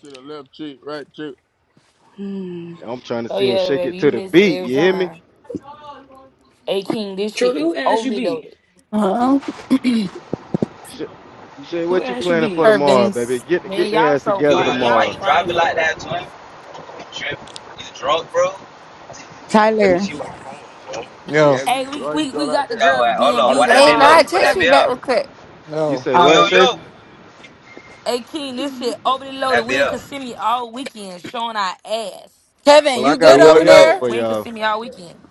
[SPEAKER 2] See the left cheek, right cheek.
[SPEAKER 18] I'm trying to
[SPEAKER 1] Oh
[SPEAKER 18] see them
[SPEAKER 1] yeah,
[SPEAKER 18] shake
[SPEAKER 1] baby,
[SPEAKER 18] it to
[SPEAKER 1] you
[SPEAKER 18] the
[SPEAKER 1] miss it
[SPEAKER 18] beat.
[SPEAKER 1] every
[SPEAKER 18] You hear me?
[SPEAKER 1] time. Hey King, this shit
[SPEAKER 13] Truly,
[SPEAKER 1] is
[SPEAKER 13] who asked you
[SPEAKER 1] overly
[SPEAKER 13] be?
[SPEAKER 1] loaded.
[SPEAKER 7] Huh?
[SPEAKER 18] Shit, shit
[SPEAKER 13] Who
[SPEAKER 18] what you
[SPEAKER 13] asked you
[SPEAKER 18] planning for
[SPEAKER 13] be?
[SPEAKER 18] tomorrow, baby?
[SPEAKER 7] Irvin's.
[SPEAKER 18] Get
[SPEAKER 1] Man,
[SPEAKER 18] get their
[SPEAKER 1] y'all
[SPEAKER 18] ass
[SPEAKER 1] so
[SPEAKER 4] Yo,
[SPEAKER 18] together
[SPEAKER 4] yo,
[SPEAKER 1] fried.
[SPEAKER 4] yo, why
[SPEAKER 1] Y'all
[SPEAKER 18] tomorrow.
[SPEAKER 4] you
[SPEAKER 1] Friday
[SPEAKER 4] driving like
[SPEAKER 1] for it.
[SPEAKER 4] that, twin? You You drunk, bro? Let me
[SPEAKER 9] Tyler.
[SPEAKER 4] see what.
[SPEAKER 2] She
[SPEAKER 3] Yo,
[SPEAKER 2] asked me,
[SPEAKER 1] Hey, we,
[SPEAKER 2] "Why you
[SPEAKER 1] we
[SPEAKER 2] draw
[SPEAKER 1] we
[SPEAKER 2] like
[SPEAKER 1] got the
[SPEAKER 2] that?" I
[SPEAKER 4] Oh,
[SPEAKER 1] girls
[SPEAKER 4] wait,
[SPEAKER 2] could
[SPEAKER 1] B
[SPEAKER 2] get
[SPEAKER 4] hold
[SPEAKER 1] and
[SPEAKER 4] on.
[SPEAKER 2] caught
[SPEAKER 1] B
[SPEAKER 4] Why
[SPEAKER 2] up at
[SPEAKER 4] that
[SPEAKER 10] Hey,
[SPEAKER 2] no
[SPEAKER 4] bit
[SPEAKER 1] tomorrow.
[SPEAKER 4] low?
[SPEAKER 10] nah,
[SPEAKER 2] light.
[SPEAKER 1] We
[SPEAKER 10] text me
[SPEAKER 1] thugging it.
[SPEAKER 10] back real quick.
[SPEAKER 18] You
[SPEAKER 3] yo,
[SPEAKER 18] say
[SPEAKER 9] All
[SPEAKER 18] what, Shay?
[SPEAKER 1] Hey King, this shit overly loaded. We in Kissimmee all weekend, showing our ass.
[SPEAKER 7] Kevin,
[SPEAKER 18] Well, I
[SPEAKER 7] you
[SPEAKER 4] Yo,
[SPEAKER 7] good
[SPEAKER 18] got
[SPEAKER 4] yo,
[SPEAKER 7] over
[SPEAKER 18] one night
[SPEAKER 4] yo.
[SPEAKER 7] there?
[SPEAKER 18] for
[SPEAKER 1] We in
[SPEAKER 18] y'all.
[SPEAKER 1] Kissimmee all weekend.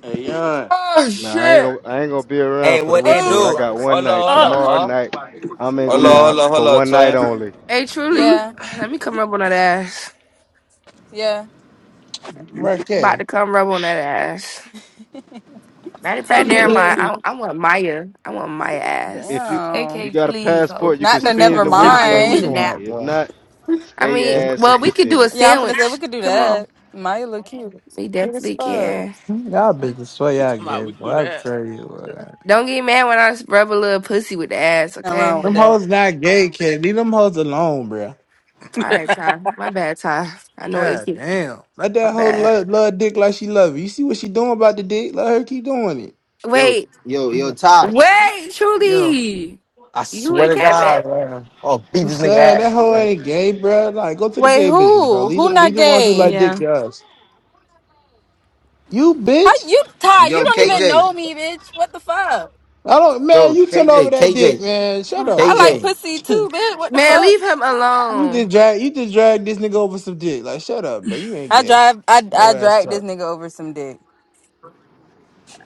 [SPEAKER 20] Hey, Yon,
[SPEAKER 10] Oh
[SPEAKER 18] Nah, I ain't
[SPEAKER 10] shit.
[SPEAKER 18] gonna I ain't gonna be around
[SPEAKER 4] Hey,
[SPEAKER 18] for the
[SPEAKER 4] what they
[SPEAKER 18] weekend,
[SPEAKER 4] do?
[SPEAKER 18] but I
[SPEAKER 10] Oh,
[SPEAKER 18] got one
[SPEAKER 4] Hold
[SPEAKER 18] night.
[SPEAKER 4] on, hold on,
[SPEAKER 10] uh.
[SPEAKER 18] Tomorrow
[SPEAKER 4] huh?
[SPEAKER 18] night, I'm in
[SPEAKER 4] Hold on,
[SPEAKER 18] town
[SPEAKER 4] hold on, hold
[SPEAKER 18] for
[SPEAKER 4] on,
[SPEAKER 18] one night
[SPEAKER 4] twin.
[SPEAKER 18] only.
[SPEAKER 10] Hey, truly,
[SPEAKER 7] Yeah,
[SPEAKER 10] let me come rub on that ass.
[SPEAKER 7] yeah.
[SPEAKER 3] Mark
[SPEAKER 10] About
[SPEAKER 3] K.
[SPEAKER 10] to come rub on that ass. Matter of fact,
[SPEAKER 7] Come do
[SPEAKER 10] never
[SPEAKER 7] it.
[SPEAKER 10] mind.
[SPEAKER 9] right.
[SPEAKER 10] I, I want Maya. I want Maya
[SPEAKER 18] If
[SPEAKER 10] ass.
[SPEAKER 18] you if
[SPEAKER 7] Damn.
[SPEAKER 18] you
[SPEAKER 1] KK,
[SPEAKER 18] got a
[SPEAKER 1] please,
[SPEAKER 18] passport,
[SPEAKER 1] ho.
[SPEAKER 18] you can
[SPEAKER 7] Not the
[SPEAKER 3] I don't
[SPEAKER 18] spend
[SPEAKER 7] never
[SPEAKER 3] know
[SPEAKER 18] the
[SPEAKER 3] who the
[SPEAKER 1] Sound like
[SPEAKER 3] fuck
[SPEAKER 1] you
[SPEAKER 18] weekend
[SPEAKER 3] he
[SPEAKER 1] need
[SPEAKER 18] with
[SPEAKER 7] mind.
[SPEAKER 1] a
[SPEAKER 18] me.
[SPEAKER 1] nap.
[SPEAKER 3] want,
[SPEAKER 18] If
[SPEAKER 3] bro.
[SPEAKER 18] not,
[SPEAKER 10] I
[SPEAKER 18] stay your
[SPEAKER 3] If,
[SPEAKER 10] mean,
[SPEAKER 18] ass and
[SPEAKER 10] well, we could do a
[SPEAKER 18] kissimmee. me.
[SPEAKER 7] Yeah, I'm finna say we
[SPEAKER 10] sandwich.
[SPEAKER 7] could do
[SPEAKER 10] Come on,
[SPEAKER 7] that. Maya look cute.
[SPEAKER 10] we
[SPEAKER 7] Cute as
[SPEAKER 10] definitely
[SPEAKER 7] fuck.
[SPEAKER 10] can.
[SPEAKER 3] y'all bitches
[SPEAKER 2] She
[SPEAKER 3] swear
[SPEAKER 2] talking
[SPEAKER 3] y'all
[SPEAKER 2] about
[SPEAKER 3] gay,
[SPEAKER 2] we can do
[SPEAKER 3] boy. I
[SPEAKER 2] that.
[SPEAKER 3] tell you what.
[SPEAKER 10] Don't get mad when I rub a little pussy with the ass,
[SPEAKER 7] Nothing wrong
[SPEAKER 10] okay?
[SPEAKER 7] with
[SPEAKER 3] Them
[SPEAKER 7] that.
[SPEAKER 3] hoes not gay, kid. Leave them hoes alone, bro.
[SPEAKER 10] All right, Ty. My bad, Ty. I know it's
[SPEAKER 3] God
[SPEAKER 10] you.
[SPEAKER 3] damn. Let
[SPEAKER 10] My
[SPEAKER 3] that hoe
[SPEAKER 10] bad.
[SPEAKER 3] love, love dick like she love it. You see what she doing about the dick? Let her keep doing it.
[SPEAKER 4] Yo,
[SPEAKER 10] Wait,
[SPEAKER 4] yo, yo,
[SPEAKER 10] w-
[SPEAKER 4] Ty.
[SPEAKER 10] wait,
[SPEAKER 3] Yo.
[SPEAKER 10] Trudy,
[SPEAKER 4] I
[SPEAKER 10] You
[SPEAKER 4] swear
[SPEAKER 10] and
[SPEAKER 4] to
[SPEAKER 10] Kevin?
[SPEAKER 4] God, oh, beat
[SPEAKER 3] I'm
[SPEAKER 4] this nigga
[SPEAKER 3] saying
[SPEAKER 4] ass.
[SPEAKER 3] that hoe ain't gay, bro. Like, go to the
[SPEAKER 7] Wait,
[SPEAKER 3] gay bitches, bro.
[SPEAKER 7] who?
[SPEAKER 3] Leave the,
[SPEAKER 7] Who not
[SPEAKER 3] leave the ones who
[SPEAKER 7] gay?
[SPEAKER 3] like dick
[SPEAKER 21] Yeah.
[SPEAKER 3] to us. You
[SPEAKER 7] How
[SPEAKER 3] bitch.
[SPEAKER 7] you Ty, you
[SPEAKER 4] Yo,
[SPEAKER 7] don't even
[SPEAKER 4] KJ.
[SPEAKER 7] know me, bitch. What the fuck?
[SPEAKER 3] I don't, man.
[SPEAKER 4] Yo,
[SPEAKER 3] You turn over
[SPEAKER 4] KJ,
[SPEAKER 3] that dick,
[SPEAKER 4] KJ,
[SPEAKER 3] man. Shut up,
[SPEAKER 7] I like
[SPEAKER 3] bro.
[SPEAKER 4] KJ.
[SPEAKER 7] pussy too, bitch. What the
[SPEAKER 3] Hey,
[SPEAKER 10] Man,
[SPEAKER 7] fuck?
[SPEAKER 10] leave him
[SPEAKER 3] you just
[SPEAKER 10] alone.
[SPEAKER 3] drag, you just drag this nigga over some dick. Like, shut up, bro. You ain't
[SPEAKER 7] I
[SPEAKER 3] gay.
[SPEAKER 7] drive I
[SPEAKER 3] So
[SPEAKER 7] I
[SPEAKER 3] ass
[SPEAKER 7] drag this
[SPEAKER 3] up.
[SPEAKER 7] nigga over some dick.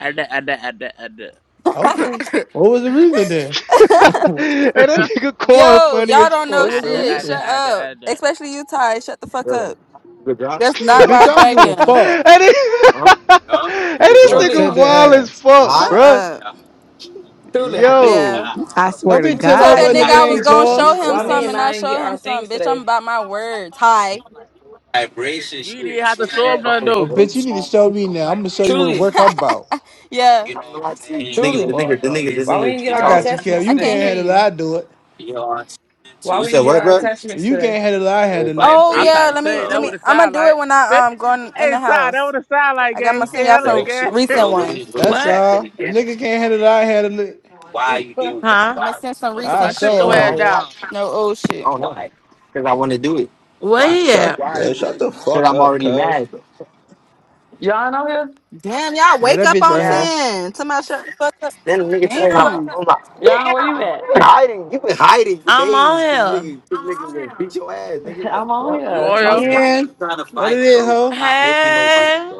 [SPEAKER 2] add that, add that, add that, add that,
[SPEAKER 3] Okay. What was the reason then?
[SPEAKER 18] and that nigga corn
[SPEAKER 7] Yo,
[SPEAKER 18] funny
[SPEAKER 7] y'all
[SPEAKER 18] as
[SPEAKER 7] don't
[SPEAKER 3] What
[SPEAKER 7] know
[SPEAKER 18] fuck,
[SPEAKER 3] was
[SPEAKER 2] add
[SPEAKER 3] the
[SPEAKER 18] bro.
[SPEAKER 2] that,
[SPEAKER 7] shit.
[SPEAKER 2] add
[SPEAKER 7] Shut
[SPEAKER 3] reason?
[SPEAKER 2] that, add that,
[SPEAKER 7] up.
[SPEAKER 2] add that.
[SPEAKER 7] Especially you, Ty. Shut the fuck
[SPEAKER 4] Yo,
[SPEAKER 7] up.
[SPEAKER 4] good job.
[SPEAKER 7] That's
[SPEAKER 18] and,
[SPEAKER 7] not why
[SPEAKER 3] Bitch,
[SPEAKER 7] I
[SPEAKER 3] I don't give
[SPEAKER 7] dragged
[SPEAKER 3] a
[SPEAKER 7] him.
[SPEAKER 3] fuck.
[SPEAKER 18] it, and this
[SPEAKER 3] Look,
[SPEAKER 18] nigga
[SPEAKER 13] Truly,
[SPEAKER 3] tender
[SPEAKER 18] wild as
[SPEAKER 3] ass.
[SPEAKER 18] fuck,
[SPEAKER 4] Hi.
[SPEAKER 7] Shut
[SPEAKER 18] bro.
[SPEAKER 7] up.
[SPEAKER 13] truly.
[SPEAKER 18] Yo.
[SPEAKER 7] Yeah.
[SPEAKER 9] I
[SPEAKER 3] Don't
[SPEAKER 9] swear to
[SPEAKER 3] be ten
[SPEAKER 7] Told
[SPEAKER 9] God,
[SPEAKER 3] over
[SPEAKER 7] that
[SPEAKER 3] a
[SPEAKER 7] nigga
[SPEAKER 3] nigga that
[SPEAKER 7] I
[SPEAKER 9] KK.
[SPEAKER 7] was
[SPEAKER 3] ain't
[SPEAKER 7] gonna show
[SPEAKER 10] Be
[SPEAKER 3] yours.
[SPEAKER 7] him
[SPEAKER 10] too
[SPEAKER 13] Why me
[SPEAKER 7] some
[SPEAKER 13] and
[SPEAKER 7] and I
[SPEAKER 10] messy.
[SPEAKER 13] I ain't get
[SPEAKER 7] showed
[SPEAKER 13] our
[SPEAKER 7] him some.
[SPEAKER 13] things
[SPEAKER 7] Bitch, I'm
[SPEAKER 13] today?
[SPEAKER 7] about my words. Hi.
[SPEAKER 2] You didn't have to show up nothing
[SPEAKER 3] Well,
[SPEAKER 2] though.
[SPEAKER 3] bitch, you need to show me now. I'm gonna show you what the
[SPEAKER 13] Truly,
[SPEAKER 3] work I'm about.
[SPEAKER 7] Yeah.
[SPEAKER 3] You
[SPEAKER 13] truly.
[SPEAKER 4] This
[SPEAKER 3] fucked up.
[SPEAKER 4] nigga, this
[SPEAKER 13] Why we didn't get
[SPEAKER 4] nigga.
[SPEAKER 3] I
[SPEAKER 13] our
[SPEAKER 3] got you, Kev.
[SPEAKER 13] attachments
[SPEAKER 7] I
[SPEAKER 3] You
[SPEAKER 13] today?
[SPEAKER 7] can't
[SPEAKER 3] can't
[SPEAKER 7] hear
[SPEAKER 3] handle it.
[SPEAKER 7] you.
[SPEAKER 3] I do it.
[SPEAKER 13] Why
[SPEAKER 4] You
[SPEAKER 13] we
[SPEAKER 4] said
[SPEAKER 13] didn't get
[SPEAKER 4] what,
[SPEAKER 13] our
[SPEAKER 4] bro?
[SPEAKER 13] attachments
[SPEAKER 3] You
[SPEAKER 13] today?
[SPEAKER 3] can't handle it. I handle
[SPEAKER 7] Oh
[SPEAKER 3] it.
[SPEAKER 2] I'm
[SPEAKER 7] yeah,
[SPEAKER 2] trying to
[SPEAKER 7] let
[SPEAKER 2] tell
[SPEAKER 7] me
[SPEAKER 2] you
[SPEAKER 7] let
[SPEAKER 2] that
[SPEAKER 7] me
[SPEAKER 2] what it
[SPEAKER 7] I'm gonna
[SPEAKER 2] sound
[SPEAKER 7] do it
[SPEAKER 2] like.
[SPEAKER 7] when
[SPEAKER 2] hey,
[SPEAKER 7] I um going in in the
[SPEAKER 2] Ty, that
[SPEAKER 7] house.
[SPEAKER 2] what it sound like,
[SPEAKER 7] I got
[SPEAKER 2] gang.
[SPEAKER 7] to
[SPEAKER 2] He
[SPEAKER 7] send
[SPEAKER 2] can
[SPEAKER 7] y'all
[SPEAKER 2] handle
[SPEAKER 7] some
[SPEAKER 2] it,
[SPEAKER 7] recent
[SPEAKER 2] gang.
[SPEAKER 7] ones.
[SPEAKER 3] That's
[SPEAKER 1] What?
[SPEAKER 3] all. A nigga can't handle it. I handle it.
[SPEAKER 21] Huh?
[SPEAKER 7] I'm gonna send some
[SPEAKER 2] No, to
[SPEAKER 3] I
[SPEAKER 2] my
[SPEAKER 7] recent
[SPEAKER 2] sit
[SPEAKER 3] show a
[SPEAKER 7] shit.
[SPEAKER 2] your
[SPEAKER 4] Bro, I
[SPEAKER 2] ass
[SPEAKER 4] ain't
[SPEAKER 3] hoe.
[SPEAKER 4] gonna lie.
[SPEAKER 2] down.
[SPEAKER 7] No old
[SPEAKER 4] I
[SPEAKER 7] shit.
[SPEAKER 4] don't know. Cause I want to do it.
[SPEAKER 21] Where he
[SPEAKER 17] Shut
[SPEAKER 21] at?
[SPEAKER 17] man, shut the
[SPEAKER 4] Cause
[SPEAKER 17] fuck
[SPEAKER 4] I'm
[SPEAKER 17] up,
[SPEAKER 4] already
[SPEAKER 17] cuz.
[SPEAKER 4] mad.
[SPEAKER 7] Damn, y'all
[SPEAKER 3] Get
[SPEAKER 7] wake
[SPEAKER 3] that
[SPEAKER 7] up
[SPEAKER 3] bitch
[SPEAKER 7] on
[SPEAKER 3] right
[SPEAKER 10] Yeah.
[SPEAKER 3] here.
[SPEAKER 7] ten. Somebody shut the fuck up.
[SPEAKER 4] Then the nigga told me,
[SPEAKER 7] Damn.
[SPEAKER 4] I'm like, nigga, you been hiding, you been hiding for
[SPEAKER 21] I'm
[SPEAKER 4] days, cause
[SPEAKER 21] on
[SPEAKER 4] nigga, cause niggas gonna beat your ass, nigga. Like,
[SPEAKER 2] You on
[SPEAKER 3] Yeah. What it is,
[SPEAKER 21] here.
[SPEAKER 3] hoe?
[SPEAKER 21] Hey.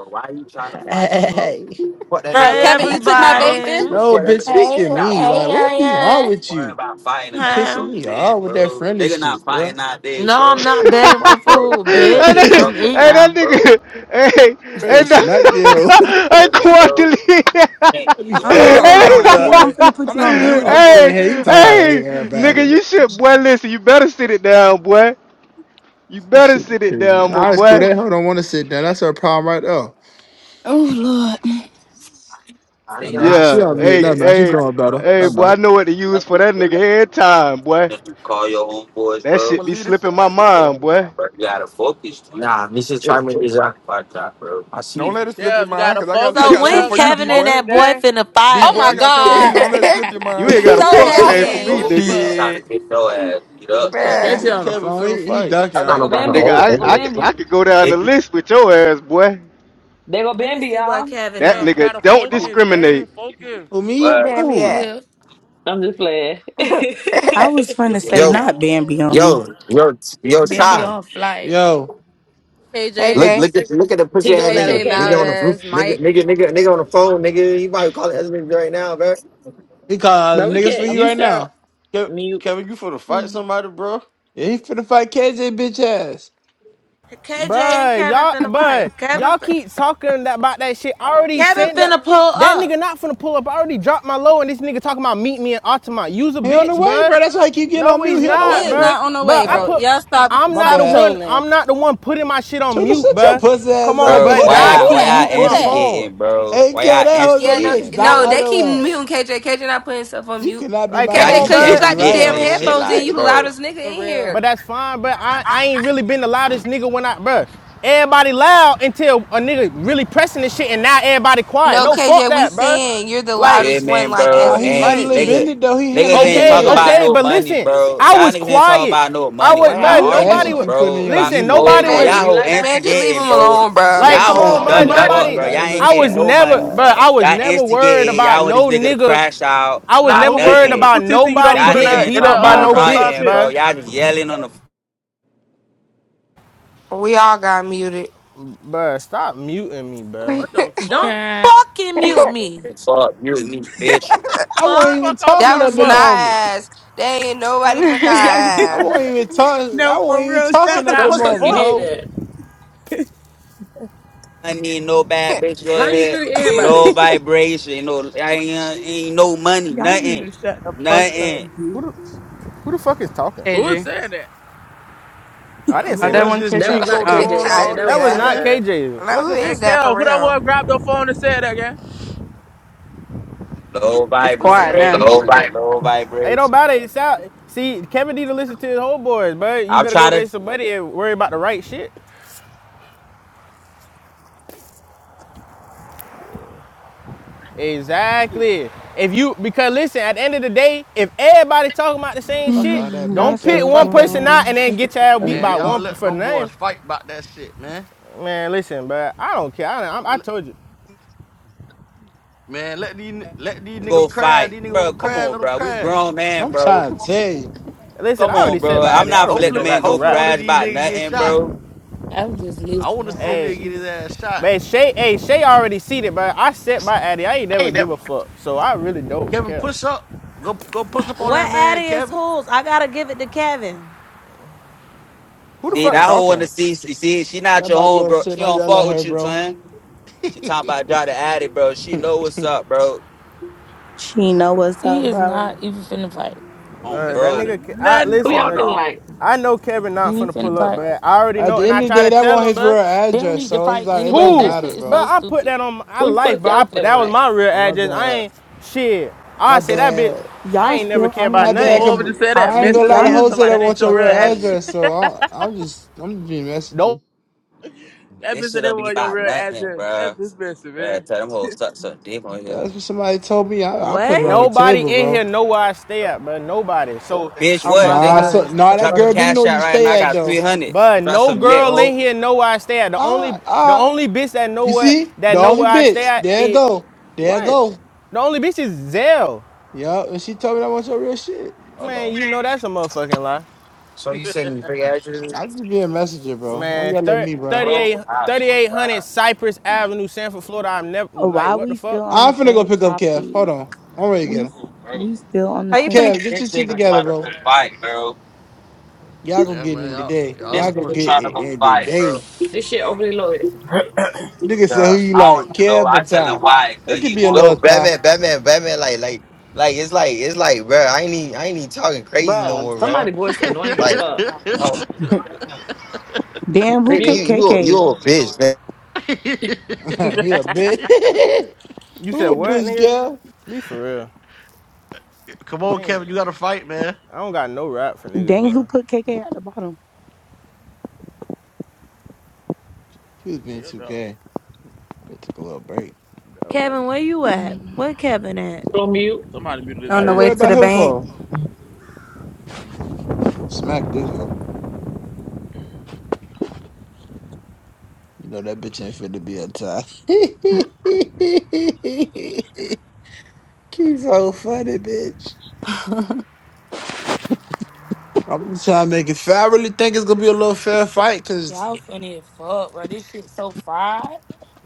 [SPEAKER 3] Hey.
[SPEAKER 7] Bro,
[SPEAKER 21] Hey,
[SPEAKER 7] Kevin, you took my
[SPEAKER 1] yeah,
[SPEAKER 4] huh?
[SPEAKER 7] bait, bitch.
[SPEAKER 21] everybody.
[SPEAKER 3] No, bitch, speak
[SPEAKER 10] Hey,
[SPEAKER 3] to me.
[SPEAKER 10] hey,
[SPEAKER 3] Like, what is wrong
[SPEAKER 10] yeah,
[SPEAKER 3] with you? You pissing
[SPEAKER 21] Hey. No,
[SPEAKER 3] me off with that friendly
[SPEAKER 4] Nigga not
[SPEAKER 3] shit, bro.
[SPEAKER 4] fighting out there.
[SPEAKER 21] I'm
[SPEAKER 18] and
[SPEAKER 21] not begging for food, bitch.
[SPEAKER 18] that,
[SPEAKER 21] I'm
[SPEAKER 18] and that
[SPEAKER 21] eating.
[SPEAKER 18] nigga, hey,
[SPEAKER 3] Hey,
[SPEAKER 18] and
[SPEAKER 3] smack that hoe.
[SPEAKER 18] the, and quarterly,
[SPEAKER 3] Let me
[SPEAKER 15] I'm
[SPEAKER 3] fuck
[SPEAKER 15] not
[SPEAKER 3] up.
[SPEAKER 15] playing with
[SPEAKER 9] Uh-uh.
[SPEAKER 15] that
[SPEAKER 9] King,
[SPEAKER 3] Nah.
[SPEAKER 9] I'm
[SPEAKER 15] boy.
[SPEAKER 9] finna put
[SPEAKER 15] I'm
[SPEAKER 9] you
[SPEAKER 15] not
[SPEAKER 9] on
[SPEAKER 15] playing
[SPEAKER 18] hey,
[SPEAKER 15] with
[SPEAKER 3] I'm
[SPEAKER 15] that
[SPEAKER 9] mute.
[SPEAKER 15] boy.
[SPEAKER 3] saying, hey, you
[SPEAKER 18] hey,
[SPEAKER 3] talking about hey
[SPEAKER 18] hey,
[SPEAKER 3] everybody.
[SPEAKER 18] nigga,
[SPEAKER 3] man.
[SPEAKER 18] you should, boy, listen, you better sit it down, boy. You
[SPEAKER 3] This
[SPEAKER 18] better
[SPEAKER 3] Shit, be
[SPEAKER 18] sit it
[SPEAKER 3] pissing me.
[SPEAKER 18] down, my
[SPEAKER 3] Nah, it's cool.
[SPEAKER 18] boy.
[SPEAKER 3] That hoe don't want to sit down. That's her problem right there.
[SPEAKER 7] Oh Lord.
[SPEAKER 3] Nah, man, she
[SPEAKER 18] Yeah,
[SPEAKER 3] on mute.
[SPEAKER 18] hey,
[SPEAKER 3] Nah, man, she
[SPEAKER 18] hey,
[SPEAKER 3] doing better.
[SPEAKER 18] hey,
[SPEAKER 3] Nah,
[SPEAKER 18] boy,
[SPEAKER 3] man.
[SPEAKER 18] I know what to use for that nigga every time, boy.
[SPEAKER 4] You call your homeboys,
[SPEAKER 18] That
[SPEAKER 15] I'm
[SPEAKER 4] bro.
[SPEAKER 18] shit
[SPEAKER 15] gonna
[SPEAKER 18] be
[SPEAKER 15] leave this
[SPEAKER 18] slipping my
[SPEAKER 15] shit.
[SPEAKER 18] mind, boy.
[SPEAKER 4] You gotta focus. You
[SPEAKER 3] Bitch.
[SPEAKER 15] Don't let it
[SPEAKER 2] here?
[SPEAKER 15] slip your
[SPEAKER 2] Kev, you
[SPEAKER 15] mind,
[SPEAKER 2] gotta
[SPEAKER 15] cause I got I
[SPEAKER 2] focus,
[SPEAKER 21] So
[SPEAKER 15] got something
[SPEAKER 21] when
[SPEAKER 2] Kev. You
[SPEAKER 15] for you,
[SPEAKER 2] gotta
[SPEAKER 15] D
[SPEAKER 21] Kevin and
[SPEAKER 15] boy.
[SPEAKER 2] focus,
[SPEAKER 21] that boy
[SPEAKER 2] gang.
[SPEAKER 21] finna
[SPEAKER 15] D
[SPEAKER 7] Oh
[SPEAKER 15] boy,
[SPEAKER 21] fight?
[SPEAKER 7] my
[SPEAKER 15] I
[SPEAKER 18] you,
[SPEAKER 15] got something for
[SPEAKER 10] yeah.
[SPEAKER 7] God.
[SPEAKER 15] you. Don't let it slip your
[SPEAKER 18] you
[SPEAKER 15] mind.
[SPEAKER 18] ain't
[SPEAKER 7] It's
[SPEAKER 18] got a
[SPEAKER 7] so
[SPEAKER 18] fuck thing for
[SPEAKER 7] messy.
[SPEAKER 18] me,
[SPEAKER 1] what the
[SPEAKER 18] nigga.
[SPEAKER 1] fuck?
[SPEAKER 15] Shit.
[SPEAKER 4] gotta get
[SPEAKER 20] who
[SPEAKER 4] up, bro.
[SPEAKER 20] kept,
[SPEAKER 7] Yeah.
[SPEAKER 3] Catch you
[SPEAKER 20] who
[SPEAKER 10] Man,
[SPEAKER 3] on the
[SPEAKER 20] Kevin
[SPEAKER 3] phone.
[SPEAKER 20] finna
[SPEAKER 3] He, he
[SPEAKER 20] fight?
[SPEAKER 3] ducking
[SPEAKER 13] Oh, there
[SPEAKER 3] right
[SPEAKER 13] go
[SPEAKER 3] now.
[SPEAKER 13] Bambi,
[SPEAKER 18] Nigga,
[SPEAKER 13] y'all. There
[SPEAKER 18] I,
[SPEAKER 13] go
[SPEAKER 18] I, could,
[SPEAKER 13] Bambi.
[SPEAKER 18] I could go down the
[SPEAKER 4] Nigga,
[SPEAKER 18] list with your ass, boy.
[SPEAKER 13] There go
[SPEAKER 21] Let me
[SPEAKER 13] Bambi,
[SPEAKER 21] see what
[SPEAKER 13] y'all.
[SPEAKER 21] Kevin
[SPEAKER 18] That
[SPEAKER 2] Kev, you
[SPEAKER 21] at.
[SPEAKER 18] nigga
[SPEAKER 2] gotta
[SPEAKER 18] don't
[SPEAKER 2] focus,
[SPEAKER 18] discriminate.
[SPEAKER 2] gang. Focus.
[SPEAKER 3] Who
[SPEAKER 10] where
[SPEAKER 3] me?
[SPEAKER 4] what?
[SPEAKER 10] man be
[SPEAKER 1] On
[SPEAKER 3] Who?
[SPEAKER 10] at?
[SPEAKER 1] here.
[SPEAKER 13] I'm just playing. he
[SPEAKER 9] I was
[SPEAKER 4] Yo,
[SPEAKER 9] finna
[SPEAKER 1] What
[SPEAKER 9] say
[SPEAKER 1] the-
[SPEAKER 9] not Bambi on here.
[SPEAKER 4] yo, yo, yo,
[SPEAKER 1] Bambi on
[SPEAKER 4] time.
[SPEAKER 1] her flight.
[SPEAKER 3] Yo,
[SPEAKER 7] KJ.
[SPEAKER 4] Look,
[SPEAKER 10] KJ.
[SPEAKER 4] look at look at the pussy ass
[SPEAKER 13] going at it with
[SPEAKER 4] nigga.
[SPEAKER 7] KJ
[SPEAKER 4] Nigga
[SPEAKER 7] loud
[SPEAKER 4] on
[SPEAKER 13] KJ.
[SPEAKER 4] the roof,
[SPEAKER 7] ass
[SPEAKER 4] nigga,
[SPEAKER 7] Mike.
[SPEAKER 4] nigga, nigga, nigga on the phone, nigga. You probably calling husband right now, bro.
[SPEAKER 3] he calling all the
[SPEAKER 13] Bro, we
[SPEAKER 3] niggas for
[SPEAKER 13] can't.
[SPEAKER 3] you
[SPEAKER 13] You
[SPEAKER 3] right
[SPEAKER 13] sound
[SPEAKER 3] now.
[SPEAKER 20] Kev,
[SPEAKER 13] mute.
[SPEAKER 20] Kevin, you finna fight somebody, bro?
[SPEAKER 3] Yeah, he finna fight KJ bitch ass.
[SPEAKER 21] KJ and
[SPEAKER 6] Bruh,
[SPEAKER 21] Kevin
[SPEAKER 6] y'all,
[SPEAKER 21] finna fight.
[SPEAKER 6] bruh,
[SPEAKER 21] Kevin,
[SPEAKER 6] y'all
[SPEAKER 21] fin-
[SPEAKER 6] keep talking that, about that shit. I already
[SPEAKER 21] Kevin
[SPEAKER 6] sent up.
[SPEAKER 21] finna pull
[SPEAKER 6] That
[SPEAKER 21] up.
[SPEAKER 6] nigga not finna pull up. I already dropped my low, and this nigga talking about meet me in Altamont. You's a
[SPEAKER 3] He on the
[SPEAKER 6] bitch,
[SPEAKER 3] way,
[SPEAKER 6] bruh.
[SPEAKER 3] bro. That's why he keep getting on
[SPEAKER 6] No,
[SPEAKER 3] mute.
[SPEAKER 6] he's
[SPEAKER 3] He on the
[SPEAKER 7] He
[SPEAKER 6] not,
[SPEAKER 7] is
[SPEAKER 3] way.
[SPEAKER 6] bruh.
[SPEAKER 7] not on the
[SPEAKER 6] Bruh,
[SPEAKER 7] way,
[SPEAKER 6] I
[SPEAKER 7] bro.
[SPEAKER 3] Oh,
[SPEAKER 6] put,
[SPEAKER 7] Y'all stop
[SPEAKER 6] I'm
[SPEAKER 3] my
[SPEAKER 6] not the
[SPEAKER 7] stop
[SPEAKER 3] bad.
[SPEAKER 6] one,
[SPEAKER 7] trolling.
[SPEAKER 6] I'm not the one putting my shit on
[SPEAKER 3] Chula,
[SPEAKER 6] mute,
[SPEAKER 3] sit your
[SPEAKER 6] bruh.
[SPEAKER 3] pussy
[SPEAKER 6] Come
[SPEAKER 3] ass up to
[SPEAKER 6] on,
[SPEAKER 3] be
[SPEAKER 4] Bro,
[SPEAKER 7] Who
[SPEAKER 6] bruh.
[SPEAKER 3] head of
[SPEAKER 4] why
[SPEAKER 6] Now
[SPEAKER 7] that?
[SPEAKER 6] I
[SPEAKER 7] Who
[SPEAKER 4] I
[SPEAKER 3] this.
[SPEAKER 4] why
[SPEAKER 6] keep
[SPEAKER 7] that?
[SPEAKER 4] I
[SPEAKER 6] muting
[SPEAKER 7] Who
[SPEAKER 6] my
[SPEAKER 3] hey,
[SPEAKER 7] that?
[SPEAKER 6] phone.
[SPEAKER 4] instigating, bro? Why
[SPEAKER 3] girl,
[SPEAKER 4] I
[SPEAKER 3] that
[SPEAKER 10] Yeah,
[SPEAKER 3] Jose, you
[SPEAKER 10] no,
[SPEAKER 3] is
[SPEAKER 4] instigating,
[SPEAKER 3] not
[SPEAKER 10] no,
[SPEAKER 3] on
[SPEAKER 4] bro?
[SPEAKER 10] they
[SPEAKER 3] the
[SPEAKER 10] keep muting
[SPEAKER 3] way.
[SPEAKER 10] KJ. KJ not putting himself on
[SPEAKER 3] You
[SPEAKER 10] mute.
[SPEAKER 3] cannot be
[SPEAKER 6] Like,
[SPEAKER 3] my
[SPEAKER 6] come
[SPEAKER 4] Y'all
[SPEAKER 3] hoe.
[SPEAKER 10] KJ,
[SPEAKER 6] on,
[SPEAKER 3] You
[SPEAKER 4] keep
[SPEAKER 10] cause you
[SPEAKER 3] telling
[SPEAKER 6] bro.
[SPEAKER 3] me
[SPEAKER 10] got
[SPEAKER 3] because
[SPEAKER 10] them
[SPEAKER 3] I ain't
[SPEAKER 4] instigating
[SPEAKER 10] damn
[SPEAKER 3] on the
[SPEAKER 4] this
[SPEAKER 3] way.
[SPEAKER 4] shit,
[SPEAKER 10] headphones in.
[SPEAKER 4] like,
[SPEAKER 10] You the
[SPEAKER 4] bro.
[SPEAKER 10] loudest nigga
[SPEAKER 7] For
[SPEAKER 10] in
[SPEAKER 7] real.
[SPEAKER 6] But
[SPEAKER 10] here.
[SPEAKER 6] that's fine, but I, I ain't really been the loudest nigga when I, bro. Everybody loud until a nigga really pressing this shit and now everybody quiet.
[SPEAKER 10] No,
[SPEAKER 6] No, fuck
[SPEAKER 10] KJ, we
[SPEAKER 6] that, bro.
[SPEAKER 10] saying you're the
[SPEAKER 4] You
[SPEAKER 6] Like,
[SPEAKER 4] feel
[SPEAKER 10] loudest
[SPEAKER 4] me,
[SPEAKER 10] one, like
[SPEAKER 4] bro?
[SPEAKER 10] as
[SPEAKER 3] Ah,
[SPEAKER 10] in
[SPEAKER 3] he
[SPEAKER 4] Ain't
[SPEAKER 6] like,
[SPEAKER 3] handling
[SPEAKER 10] speaking.
[SPEAKER 4] nigga,
[SPEAKER 3] business though. He
[SPEAKER 4] niggas
[SPEAKER 3] handling
[SPEAKER 4] ain't
[SPEAKER 13] KJ,
[SPEAKER 6] okay,
[SPEAKER 4] talk
[SPEAKER 13] you like
[SPEAKER 3] business.
[SPEAKER 4] about
[SPEAKER 6] okay,
[SPEAKER 13] that?
[SPEAKER 4] no
[SPEAKER 6] but
[SPEAKER 4] money,
[SPEAKER 6] listen,
[SPEAKER 4] bro.
[SPEAKER 6] I
[SPEAKER 4] Y'all
[SPEAKER 6] was
[SPEAKER 4] niggas ain't talk
[SPEAKER 6] quiet.
[SPEAKER 4] about no
[SPEAKER 6] I
[SPEAKER 4] money.
[SPEAKER 6] was,
[SPEAKER 4] Why
[SPEAKER 3] And now
[SPEAKER 6] bro,
[SPEAKER 4] y'all
[SPEAKER 3] who ass you
[SPEAKER 6] nobody
[SPEAKER 4] arguing,
[SPEAKER 6] was,
[SPEAKER 3] keep putting in
[SPEAKER 4] bro?
[SPEAKER 3] your
[SPEAKER 4] About
[SPEAKER 6] listen,
[SPEAKER 4] some
[SPEAKER 3] media is
[SPEAKER 4] hoes
[SPEAKER 6] nobody
[SPEAKER 4] and
[SPEAKER 10] Man,
[SPEAKER 6] was,
[SPEAKER 3] like,
[SPEAKER 13] KJ,
[SPEAKER 4] y'all
[SPEAKER 10] just,
[SPEAKER 13] you
[SPEAKER 4] whole
[SPEAKER 13] like that?
[SPEAKER 10] man, just leave
[SPEAKER 4] instigating,
[SPEAKER 10] him
[SPEAKER 4] bro.
[SPEAKER 10] alone,
[SPEAKER 3] this
[SPEAKER 10] bro.
[SPEAKER 3] shit
[SPEAKER 6] like,
[SPEAKER 10] Leave
[SPEAKER 4] Y'all
[SPEAKER 10] him
[SPEAKER 6] come
[SPEAKER 10] Come
[SPEAKER 3] fat
[SPEAKER 4] hoes
[SPEAKER 6] on,
[SPEAKER 10] on,
[SPEAKER 6] bro,
[SPEAKER 10] alone.
[SPEAKER 3] though.
[SPEAKER 4] dumb as
[SPEAKER 3] I ain't gonna
[SPEAKER 4] fuck,
[SPEAKER 6] nobody,
[SPEAKER 4] bro.
[SPEAKER 3] lie to
[SPEAKER 4] Y'all
[SPEAKER 3] no
[SPEAKER 4] ain't
[SPEAKER 6] I was
[SPEAKER 4] getting no
[SPEAKER 6] never,
[SPEAKER 4] money.
[SPEAKER 6] bro,
[SPEAKER 3] shot.
[SPEAKER 6] I was
[SPEAKER 4] Y'all
[SPEAKER 6] never worried
[SPEAKER 4] instigating.
[SPEAKER 6] about
[SPEAKER 4] Y'all want this
[SPEAKER 6] no
[SPEAKER 4] nigga to
[SPEAKER 6] nigga
[SPEAKER 4] crash out
[SPEAKER 6] I was
[SPEAKER 2] Nah,
[SPEAKER 4] by
[SPEAKER 6] never
[SPEAKER 2] who
[SPEAKER 6] worried
[SPEAKER 2] TT?
[SPEAKER 4] nothing.
[SPEAKER 6] about
[SPEAKER 2] Who TT you don't
[SPEAKER 6] nobody
[SPEAKER 4] Y'all
[SPEAKER 2] put in
[SPEAKER 4] nigga
[SPEAKER 6] getting
[SPEAKER 2] that
[SPEAKER 4] ain't
[SPEAKER 2] in
[SPEAKER 6] beat
[SPEAKER 2] that
[SPEAKER 4] talking
[SPEAKER 6] up by
[SPEAKER 2] uh
[SPEAKER 4] about
[SPEAKER 6] no
[SPEAKER 10] bud.
[SPEAKER 2] profile
[SPEAKER 6] bitch,
[SPEAKER 4] nothing,
[SPEAKER 2] pic?
[SPEAKER 4] bro.
[SPEAKER 6] bruh.
[SPEAKER 4] Y'all just yelling on the
[SPEAKER 10] we all got muted.
[SPEAKER 6] Bruh, stop muting me, bruh.
[SPEAKER 2] What the
[SPEAKER 10] that
[SPEAKER 2] fuck?
[SPEAKER 21] Don't fucking mute me.
[SPEAKER 4] fucking fuck you, and me, bitch.
[SPEAKER 3] I wasn't
[SPEAKER 21] Fuck.
[SPEAKER 3] even
[SPEAKER 2] Fuck I'm
[SPEAKER 3] talking
[SPEAKER 2] muted
[SPEAKER 3] at
[SPEAKER 10] was
[SPEAKER 3] the
[SPEAKER 2] for.
[SPEAKER 3] moment.
[SPEAKER 10] nice. They ain't nobody but
[SPEAKER 3] I
[SPEAKER 10] nice.
[SPEAKER 3] wasn't even talking. I
[SPEAKER 9] No, for
[SPEAKER 3] wasn't even
[SPEAKER 9] real. Shut
[SPEAKER 2] Fuck
[SPEAKER 3] talking
[SPEAKER 9] the
[SPEAKER 3] at
[SPEAKER 2] I
[SPEAKER 3] the
[SPEAKER 13] How the
[SPEAKER 9] fuck
[SPEAKER 13] fuck you
[SPEAKER 3] moment,
[SPEAKER 2] fuck.
[SPEAKER 13] did
[SPEAKER 3] ho.
[SPEAKER 13] that?
[SPEAKER 4] I need no bad bitch. Go
[SPEAKER 13] How you
[SPEAKER 4] ahead.
[SPEAKER 13] mute everybody?
[SPEAKER 4] Low
[SPEAKER 9] up.
[SPEAKER 4] vibration. No, I ain't, ain't no money.
[SPEAKER 9] Y'all need to
[SPEAKER 4] Nothing.
[SPEAKER 9] shut the fuck up,
[SPEAKER 4] Nothing.
[SPEAKER 6] Who the,
[SPEAKER 9] bitch.
[SPEAKER 6] who the fuck is talking?
[SPEAKER 2] Who is
[SPEAKER 7] KJ.
[SPEAKER 2] saying that?
[SPEAKER 6] I
[SPEAKER 20] Man,
[SPEAKER 6] didn't
[SPEAKER 7] Oh,
[SPEAKER 6] say
[SPEAKER 20] who
[SPEAKER 7] that
[SPEAKER 6] that.
[SPEAKER 20] is
[SPEAKER 7] one
[SPEAKER 20] this
[SPEAKER 13] That
[SPEAKER 10] no,
[SPEAKER 7] KJ?
[SPEAKER 13] was
[SPEAKER 20] Chico
[SPEAKER 13] not
[SPEAKER 7] Oh,
[SPEAKER 20] doing
[SPEAKER 13] KJ,
[SPEAKER 10] I
[SPEAKER 20] all
[SPEAKER 13] man.
[SPEAKER 10] didn't
[SPEAKER 13] That
[SPEAKER 20] this,
[SPEAKER 10] say
[SPEAKER 6] That
[SPEAKER 13] was
[SPEAKER 6] was
[SPEAKER 13] his
[SPEAKER 10] that.
[SPEAKER 6] not
[SPEAKER 20] man?
[SPEAKER 13] ass.
[SPEAKER 6] KJ.
[SPEAKER 10] No,
[SPEAKER 6] What
[SPEAKER 10] who
[SPEAKER 6] the
[SPEAKER 2] Hey
[SPEAKER 6] fuck?
[SPEAKER 10] is that
[SPEAKER 2] Kev,
[SPEAKER 10] for
[SPEAKER 2] who that was
[SPEAKER 10] real?
[SPEAKER 2] grabbed your phone and said that gang?
[SPEAKER 4] Low
[SPEAKER 7] it's
[SPEAKER 10] Who
[SPEAKER 7] quiet
[SPEAKER 10] said
[SPEAKER 7] now.
[SPEAKER 10] that?
[SPEAKER 4] vibration. Low
[SPEAKER 6] Ain't
[SPEAKER 4] vibration.
[SPEAKER 6] nobody. Sound, see, Kevin need to listen to his whole boys, bruh. You
[SPEAKER 4] I'm
[SPEAKER 6] better go
[SPEAKER 4] trying to
[SPEAKER 6] base some money and worry about the right shit. Exactly. If you, because listen, at the end of the day, if everybody talking about the
[SPEAKER 3] Oh,
[SPEAKER 6] same
[SPEAKER 3] fuck
[SPEAKER 6] shit,
[SPEAKER 3] all that,
[SPEAKER 9] Mm,
[SPEAKER 3] bro. I
[SPEAKER 9] Y'all
[SPEAKER 6] don't pick
[SPEAKER 3] can't
[SPEAKER 9] still
[SPEAKER 6] one
[SPEAKER 3] fight
[SPEAKER 9] going
[SPEAKER 3] that
[SPEAKER 6] person
[SPEAKER 3] nigga.
[SPEAKER 6] out
[SPEAKER 9] on.
[SPEAKER 6] and then
[SPEAKER 9] Shut the
[SPEAKER 6] get your ass
[SPEAKER 9] fuck
[SPEAKER 6] beat
[SPEAKER 9] up.
[SPEAKER 20] Man,
[SPEAKER 6] by
[SPEAKER 20] y'all
[SPEAKER 6] one
[SPEAKER 20] let
[SPEAKER 6] for
[SPEAKER 20] them boys
[SPEAKER 6] nothing.
[SPEAKER 20] fight about that shit, man.
[SPEAKER 6] Man, listen, bruh. I don't care. I, I, I told you.
[SPEAKER 20] Man, let these let these
[SPEAKER 4] go
[SPEAKER 20] niggas cry.
[SPEAKER 4] fight,
[SPEAKER 20] These niggas want
[SPEAKER 4] bro.
[SPEAKER 20] to
[SPEAKER 4] Come
[SPEAKER 20] cry. Let
[SPEAKER 4] on,
[SPEAKER 20] them
[SPEAKER 4] bro. We
[SPEAKER 20] cry.
[SPEAKER 4] grown man,
[SPEAKER 3] I'm
[SPEAKER 4] bro.
[SPEAKER 3] trying to tell you.
[SPEAKER 6] Listen,
[SPEAKER 4] Come
[SPEAKER 6] I already
[SPEAKER 4] on,
[SPEAKER 6] said
[SPEAKER 4] bro.
[SPEAKER 6] my
[SPEAKER 4] I'm
[SPEAKER 6] idea. I
[SPEAKER 4] not
[SPEAKER 6] don't
[SPEAKER 4] for
[SPEAKER 6] really
[SPEAKER 4] let the
[SPEAKER 20] Hopefully,
[SPEAKER 6] don't
[SPEAKER 4] man
[SPEAKER 6] got no
[SPEAKER 4] go
[SPEAKER 20] hopefully
[SPEAKER 6] rap.
[SPEAKER 20] one of
[SPEAKER 4] crash
[SPEAKER 20] these
[SPEAKER 4] by
[SPEAKER 20] niggas get
[SPEAKER 4] nothing,
[SPEAKER 20] shot.
[SPEAKER 4] bro.
[SPEAKER 1] I'm just
[SPEAKER 20] I want to
[SPEAKER 1] listening.
[SPEAKER 20] see a
[SPEAKER 1] I
[SPEAKER 6] Hey,
[SPEAKER 20] nigga get his
[SPEAKER 1] chill.
[SPEAKER 20] ass shot.
[SPEAKER 6] Man, Shay, hey, Shay already seated, but I set my addy. I ain't
[SPEAKER 7] Hey,
[SPEAKER 6] never
[SPEAKER 7] that-
[SPEAKER 6] give a fuck, so I really don't
[SPEAKER 20] Kevin,
[SPEAKER 6] care.
[SPEAKER 20] push up. Go go push up on
[SPEAKER 21] What
[SPEAKER 20] that
[SPEAKER 21] ad
[SPEAKER 20] man,
[SPEAKER 21] is
[SPEAKER 20] Kevin.
[SPEAKER 21] hoes? I gotta give it to Kevin.
[SPEAKER 6] Who the
[SPEAKER 4] See,
[SPEAKER 6] fuck's
[SPEAKER 4] that
[SPEAKER 3] Oh,
[SPEAKER 4] whole want to
[SPEAKER 6] talking?
[SPEAKER 4] see. See, see, she not
[SPEAKER 3] that
[SPEAKER 4] your
[SPEAKER 3] my
[SPEAKER 4] home,
[SPEAKER 3] little
[SPEAKER 4] bro.
[SPEAKER 3] shit.
[SPEAKER 4] She
[SPEAKER 3] Don't
[SPEAKER 4] don't
[SPEAKER 3] yell at
[SPEAKER 4] fuck
[SPEAKER 3] her,
[SPEAKER 4] with you,
[SPEAKER 3] bro.
[SPEAKER 4] twin. She talking about drop the addict, bro. She know what's up, bro.
[SPEAKER 9] Chino, what's up,
[SPEAKER 1] He is
[SPEAKER 9] bro?
[SPEAKER 1] not even finna fight.
[SPEAKER 4] On,
[SPEAKER 6] Uh,
[SPEAKER 2] It's a
[SPEAKER 6] that
[SPEAKER 2] lot of
[SPEAKER 4] bro.
[SPEAKER 6] nigga, I
[SPEAKER 2] nothing
[SPEAKER 13] Who
[SPEAKER 6] listen,
[SPEAKER 13] y'all
[SPEAKER 2] going
[SPEAKER 6] man.
[SPEAKER 13] feeling
[SPEAKER 2] on.
[SPEAKER 13] like?
[SPEAKER 6] I know Kevin
[SPEAKER 1] He
[SPEAKER 6] not
[SPEAKER 1] ain't
[SPEAKER 6] finna
[SPEAKER 1] finna
[SPEAKER 6] pull up,
[SPEAKER 1] fight.
[SPEAKER 6] but I already
[SPEAKER 3] at
[SPEAKER 6] know,
[SPEAKER 3] the
[SPEAKER 6] and
[SPEAKER 3] end
[SPEAKER 6] I
[SPEAKER 3] of the
[SPEAKER 6] try
[SPEAKER 3] day,
[SPEAKER 6] to
[SPEAKER 3] that
[SPEAKER 6] tell
[SPEAKER 3] wasn't
[SPEAKER 6] him,
[SPEAKER 3] his real
[SPEAKER 6] but
[SPEAKER 1] They don't
[SPEAKER 3] address,
[SPEAKER 1] need to
[SPEAKER 3] so it's
[SPEAKER 1] fight
[SPEAKER 3] like it
[SPEAKER 1] anyways.
[SPEAKER 3] don't
[SPEAKER 1] That
[SPEAKER 6] who?
[SPEAKER 3] matter,
[SPEAKER 1] shit is
[SPEAKER 6] But
[SPEAKER 1] so
[SPEAKER 3] bro.
[SPEAKER 6] I put
[SPEAKER 1] stupid.
[SPEAKER 6] that on my
[SPEAKER 13] Who the
[SPEAKER 6] life,
[SPEAKER 13] fuck
[SPEAKER 6] but I
[SPEAKER 13] y'all
[SPEAKER 6] put
[SPEAKER 13] feeling
[SPEAKER 6] that was
[SPEAKER 13] like?
[SPEAKER 6] my real
[SPEAKER 3] Oh, my
[SPEAKER 6] address. I
[SPEAKER 3] bad.
[SPEAKER 6] ain't shit.
[SPEAKER 3] My
[SPEAKER 6] I say that bitch.
[SPEAKER 3] bad.
[SPEAKER 6] I
[SPEAKER 9] Y'all
[SPEAKER 6] ain't never
[SPEAKER 9] still
[SPEAKER 6] care
[SPEAKER 9] on
[SPEAKER 6] about
[SPEAKER 9] this
[SPEAKER 3] My
[SPEAKER 2] Well,
[SPEAKER 3] bad.
[SPEAKER 6] nothing.
[SPEAKER 2] whoever just
[SPEAKER 3] com-
[SPEAKER 9] motherfucking
[SPEAKER 2] said that,
[SPEAKER 3] I ain't
[SPEAKER 2] message
[SPEAKER 9] topic.
[SPEAKER 3] gonna lie.
[SPEAKER 9] Y'all
[SPEAKER 3] The
[SPEAKER 2] here.
[SPEAKER 9] need to
[SPEAKER 2] Talking
[SPEAKER 3] host said
[SPEAKER 2] about
[SPEAKER 3] I
[SPEAKER 2] that
[SPEAKER 9] shut the
[SPEAKER 2] ain't
[SPEAKER 3] want
[SPEAKER 2] your
[SPEAKER 3] your
[SPEAKER 9] fuck
[SPEAKER 2] real
[SPEAKER 3] real
[SPEAKER 9] up.
[SPEAKER 2] address.
[SPEAKER 3] address, so I, I'm just I'm just being
[SPEAKER 6] No,
[SPEAKER 3] messaging.
[SPEAKER 2] That
[SPEAKER 4] This
[SPEAKER 2] bitch
[SPEAKER 4] shit
[SPEAKER 2] said that
[SPEAKER 4] don't be
[SPEAKER 2] was your
[SPEAKER 4] about
[SPEAKER 2] real
[SPEAKER 4] nothing,
[SPEAKER 2] address.
[SPEAKER 4] bro.
[SPEAKER 2] That's this message,
[SPEAKER 4] Yeah,
[SPEAKER 2] man.
[SPEAKER 4] tell them hoes suck some dick on here.
[SPEAKER 3] That's what somebody told me. I, I put it on the
[SPEAKER 21] What?
[SPEAKER 6] nobody
[SPEAKER 3] table,
[SPEAKER 6] in
[SPEAKER 3] bro.
[SPEAKER 6] here know where I stay at, but nobody. So
[SPEAKER 4] Bitch,
[SPEAKER 9] Oh
[SPEAKER 4] what?
[SPEAKER 9] my
[SPEAKER 3] Nah,
[SPEAKER 4] Nigga,
[SPEAKER 3] so
[SPEAKER 9] gosh, shut
[SPEAKER 3] nah,
[SPEAKER 9] the
[SPEAKER 3] that
[SPEAKER 4] drop
[SPEAKER 9] fuck
[SPEAKER 4] your
[SPEAKER 3] girl do
[SPEAKER 9] up.
[SPEAKER 4] cash
[SPEAKER 3] know you
[SPEAKER 4] out right now. I
[SPEAKER 3] stay at
[SPEAKER 4] got
[SPEAKER 3] though.
[SPEAKER 4] 300.
[SPEAKER 6] But
[SPEAKER 4] Drop
[SPEAKER 6] no
[SPEAKER 4] some net, hoe.
[SPEAKER 6] girl in
[SPEAKER 4] All
[SPEAKER 6] here know where I stay at. The only
[SPEAKER 3] Ah,
[SPEAKER 6] the
[SPEAKER 3] ah,
[SPEAKER 6] only bitch that know
[SPEAKER 3] you
[SPEAKER 6] what
[SPEAKER 3] see, the
[SPEAKER 6] that know
[SPEAKER 3] only
[SPEAKER 6] where I stay
[SPEAKER 3] bitch.
[SPEAKER 6] at
[SPEAKER 3] There it
[SPEAKER 6] it
[SPEAKER 3] go, there it
[SPEAKER 6] what?
[SPEAKER 3] go.
[SPEAKER 6] The only bitch is Zell.
[SPEAKER 3] Yup, and she told me that was your real shit.
[SPEAKER 6] Man, you know that's a motherfucking lie.
[SPEAKER 3] I'm just being a messenger, bro. Don't
[SPEAKER 6] Man,
[SPEAKER 3] gotta let
[SPEAKER 6] thir-
[SPEAKER 3] me, bro.
[SPEAKER 6] 38 thirty-eight hundred Cypress Avenue, Sanford, Florida. I'm never
[SPEAKER 9] Oh,
[SPEAKER 6] like
[SPEAKER 9] Why
[SPEAKER 6] what the
[SPEAKER 9] we
[SPEAKER 6] fuck?
[SPEAKER 9] still on the
[SPEAKER 3] I'm finna go
[SPEAKER 9] same
[SPEAKER 3] pick up Kev. Hold
[SPEAKER 9] topic?
[SPEAKER 3] on, I'm ready to get
[SPEAKER 9] We
[SPEAKER 3] him.
[SPEAKER 9] we still on the
[SPEAKER 7] How you
[SPEAKER 9] same
[SPEAKER 7] finna
[SPEAKER 3] Kev,
[SPEAKER 9] topic.
[SPEAKER 3] get your shit together, bro.
[SPEAKER 4] right, girl.
[SPEAKER 3] Y'all gonna
[SPEAKER 20] yeah,
[SPEAKER 3] get it
[SPEAKER 20] man.
[SPEAKER 3] in
[SPEAKER 20] Y'all,
[SPEAKER 3] today.
[SPEAKER 20] y'all
[SPEAKER 3] Y'all
[SPEAKER 20] just
[SPEAKER 3] gonna
[SPEAKER 20] put.
[SPEAKER 3] get it in today.
[SPEAKER 13] This shit overly loaded.
[SPEAKER 3] Nigga said who you like, Kev or Ty? It could be a
[SPEAKER 4] Bro,
[SPEAKER 3] little Ty.
[SPEAKER 4] Batman, Batman, Batman, like, like, like, it's like, it's like, bro, I ain't even, I ain't even talking crazy no
[SPEAKER 13] Bro,
[SPEAKER 4] more,
[SPEAKER 13] somebody
[SPEAKER 4] bro.
[SPEAKER 13] voice annoying as
[SPEAKER 4] Like,
[SPEAKER 13] fuck.
[SPEAKER 9] Damn,
[SPEAKER 4] you,
[SPEAKER 9] who kicked
[SPEAKER 13] Mute.
[SPEAKER 4] you, you
[SPEAKER 9] KK?
[SPEAKER 4] a bitch, man.
[SPEAKER 3] he a bitch.
[SPEAKER 6] You said
[SPEAKER 3] who a
[SPEAKER 6] what,
[SPEAKER 3] bitch,
[SPEAKER 6] nigga?
[SPEAKER 3] Kev?
[SPEAKER 6] Be for real.
[SPEAKER 20] Come
[SPEAKER 6] I
[SPEAKER 20] on,
[SPEAKER 6] ain't
[SPEAKER 20] Kevin. You got to fight, man.
[SPEAKER 6] I don't got no rap for niggas,
[SPEAKER 9] Dang, who
[SPEAKER 6] bro.
[SPEAKER 9] put KK at the bottom?
[SPEAKER 3] She was being
[SPEAKER 2] Hell
[SPEAKER 3] too
[SPEAKER 2] no.
[SPEAKER 3] gay. It took a little break.
[SPEAKER 6] Oh god.
[SPEAKER 21] Kevin, where you at? Where Kevin at?
[SPEAKER 13] Go mute.
[SPEAKER 2] Somebody muted
[SPEAKER 7] on
[SPEAKER 3] Why
[SPEAKER 7] the
[SPEAKER 3] you
[SPEAKER 2] his ass.
[SPEAKER 7] way
[SPEAKER 3] worried
[SPEAKER 7] to
[SPEAKER 3] about
[SPEAKER 7] the
[SPEAKER 3] him
[SPEAKER 7] bank?
[SPEAKER 3] for? Well, smack this hoe. You know that bitch ain't fit to be untied. She's so funny, bitch. I'm just trying to make it fair. I really think it's gonna be a little fair fight because
[SPEAKER 1] Y'all funny as fuck, bro. This shit so fried.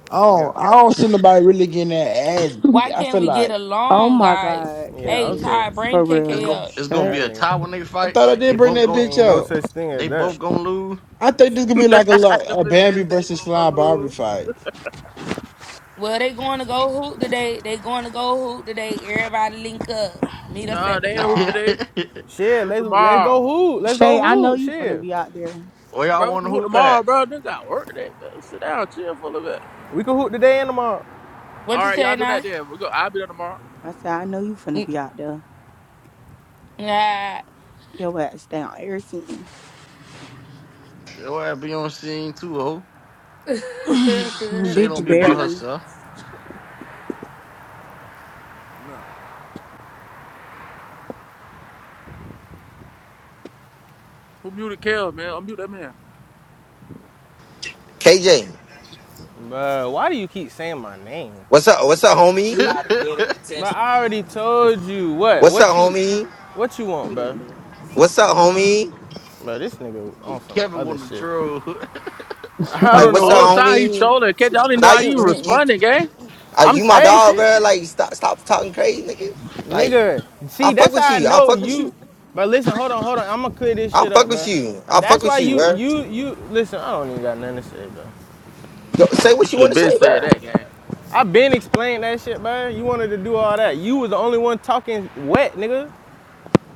[SPEAKER 3] I
[SPEAKER 6] Yeah.
[SPEAKER 3] don't, I don't see nobody really getting that ass beat.
[SPEAKER 1] Why
[SPEAKER 3] I
[SPEAKER 1] can't
[SPEAKER 3] feel
[SPEAKER 1] we get
[SPEAKER 3] like
[SPEAKER 9] Oh
[SPEAKER 1] along,
[SPEAKER 9] my
[SPEAKER 1] guys?
[SPEAKER 9] god,
[SPEAKER 6] Yeah,
[SPEAKER 1] Hey,
[SPEAKER 9] KJ,
[SPEAKER 6] okay.
[SPEAKER 1] Ty,
[SPEAKER 9] for
[SPEAKER 1] bring
[SPEAKER 20] It's
[SPEAKER 1] KK
[SPEAKER 20] going
[SPEAKER 9] real.
[SPEAKER 1] up.
[SPEAKER 20] it's gonna
[SPEAKER 9] Shut.
[SPEAKER 20] be
[SPEAKER 6] That
[SPEAKER 20] a
[SPEAKER 6] nigga.
[SPEAKER 20] tie when they
[SPEAKER 3] I
[SPEAKER 20] fight.
[SPEAKER 3] thought I
[SPEAKER 20] They
[SPEAKER 3] did bring
[SPEAKER 20] both
[SPEAKER 3] that
[SPEAKER 20] gon'
[SPEAKER 3] bitch
[SPEAKER 6] Ain't no
[SPEAKER 3] up.
[SPEAKER 6] such thing as
[SPEAKER 20] they both
[SPEAKER 6] that.
[SPEAKER 20] gonna lose.
[SPEAKER 3] I think this could be like a
[SPEAKER 2] the
[SPEAKER 3] lot a
[SPEAKER 2] bitch
[SPEAKER 3] Bambi
[SPEAKER 2] says they
[SPEAKER 3] versus Slime
[SPEAKER 2] gonna
[SPEAKER 3] Barbie
[SPEAKER 2] lose.
[SPEAKER 3] fight.
[SPEAKER 1] Well, they going to go hoop today. They going to go hoop today. Everybody link up. Meet us
[SPEAKER 2] Nah,
[SPEAKER 1] at the
[SPEAKER 2] they ain't hooping
[SPEAKER 1] park.
[SPEAKER 2] today.
[SPEAKER 6] Shit,
[SPEAKER 2] We'll Hoop
[SPEAKER 6] let's let's
[SPEAKER 2] tomorrow.
[SPEAKER 6] go hoot. Let's
[SPEAKER 9] Shay,
[SPEAKER 6] go
[SPEAKER 9] I know
[SPEAKER 6] hoot.
[SPEAKER 9] you finna
[SPEAKER 6] Shit.
[SPEAKER 9] be out there.
[SPEAKER 20] Where y'all
[SPEAKER 2] Bro, we
[SPEAKER 20] want
[SPEAKER 2] can
[SPEAKER 20] to
[SPEAKER 2] hoop
[SPEAKER 20] hoop at?
[SPEAKER 2] tomorrow, bro. Nigga got work today, bro. Sit down, chill for a little bit.
[SPEAKER 6] We can hoot today and tomorrow.
[SPEAKER 1] What
[SPEAKER 2] All
[SPEAKER 1] you
[SPEAKER 2] right,
[SPEAKER 1] say,
[SPEAKER 2] y'all do
[SPEAKER 1] now?
[SPEAKER 2] that then. We go. I'll be there tomorrow.
[SPEAKER 9] I said, I know you finna be out there.
[SPEAKER 1] Nah.
[SPEAKER 9] Your ass down everything,
[SPEAKER 20] Yo, I be on scene too, ho. Shay don't
[SPEAKER 9] Bitch
[SPEAKER 20] be by
[SPEAKER 9] barely.
[SPEAKER 20] herself.
[SPEAKER 2] No. Who muted Kel, man? Unmute that man.
[SPEAKER 4] KJ,
[SPEAKER 6] But why do you keep saying my name?
[SPEAKER 4] what's up? What's up, homie?
[SPEAKER 6] But I already told you what?
[SPEAKER 4] What's up,
[SPEAKER 6] What you
[SPEAKER 4] homie?
[SPEAKER 6] what you want, bro?
[SPEAKER 4] What's up, homie?
[SPEAKER 6] Bruh, this nigga on some
[SPEAKER 20] Kevin
[SPEAKER 6] other
[SPEAKER 20] want the
[SPEAKER 6] shit.
[SPEAKER 20] troll.
[SPEAKER 6] I
[SPEAKER 4] Like,
[SPEAKER 6] don't know
[SPEAKER 4] what's up,
[SPEAKER 6] what
[SPEAKER 2] Whole
[SPEAKER 6] the
[SPEAKER 2] time he
[SPEAKER 4] homie?
[SPEAKER 2] trolling. Catch, I don't even know
[SPEAKER 4] Now
[SPEAKER 2] how
[SPEAKER 4] you,
[SPEAKER 2] you
[SPEAKER 4] you, you,
[SPEAKER 2] responding, gang.
[SPEAKER 4] uh,
[SPEAKER 6] I'm
[SPEAKER 4] you my
[SPEAKER 6] hey
[SPEAKER 4] dog,
[SPEAKER 6] shit.
[SPEAKER 4] bro. Like, stop, stop talking crazy, nigga. Like.
[SPEAKER 6] Nigga.
[SPEAKER 4] I
[SPEAKER 6] See,
[SPEAKER 4] fuck
[SPEAKER 6] that's how
[SPEAKER 4] with
[SPEAKER 6] I
[SPEAKER 4] you. I
[SPEAKER 6] know
[SPEAKER 4] fuck with
[SPEAKER 6] you
[SPEAKER 4] you.
[SPEAKER 6] but listen, hold on, hold on. I'ma clear this
[SPEAKER 4] I
[SPEAKER 6] shit
[SPEAKER 4] fuck
[SPEAKER 6] up,
[SPEAKER 4] with
[SPEAKER 6] bruh.
[SPEAKER 4] you. I fuck
[SPEAKER 6] That's why
[SPEAKER 4] with you,
[SPEAKER 6] you
[SPEAKER 4] bro.
[SPEAKER 6] you you listen, I don't even got nothing to say, bro.
[SPEAKER 4] Go, say
[SPEAKER 2] You
[SPEAKER 4] what you
[SPEAKER 2] should have
[SPEAKER 4] want to
[SPEAKER 2] been
[SPEAKER 4] say,
[SPEAKER 2] said
[SPEAKER 4] bro.
[SPEAKER 2] that, gang.
[SPEAKER 6] I been explaining that shit, bro. You wanted to do all that. You was the only one talking wet, nigga.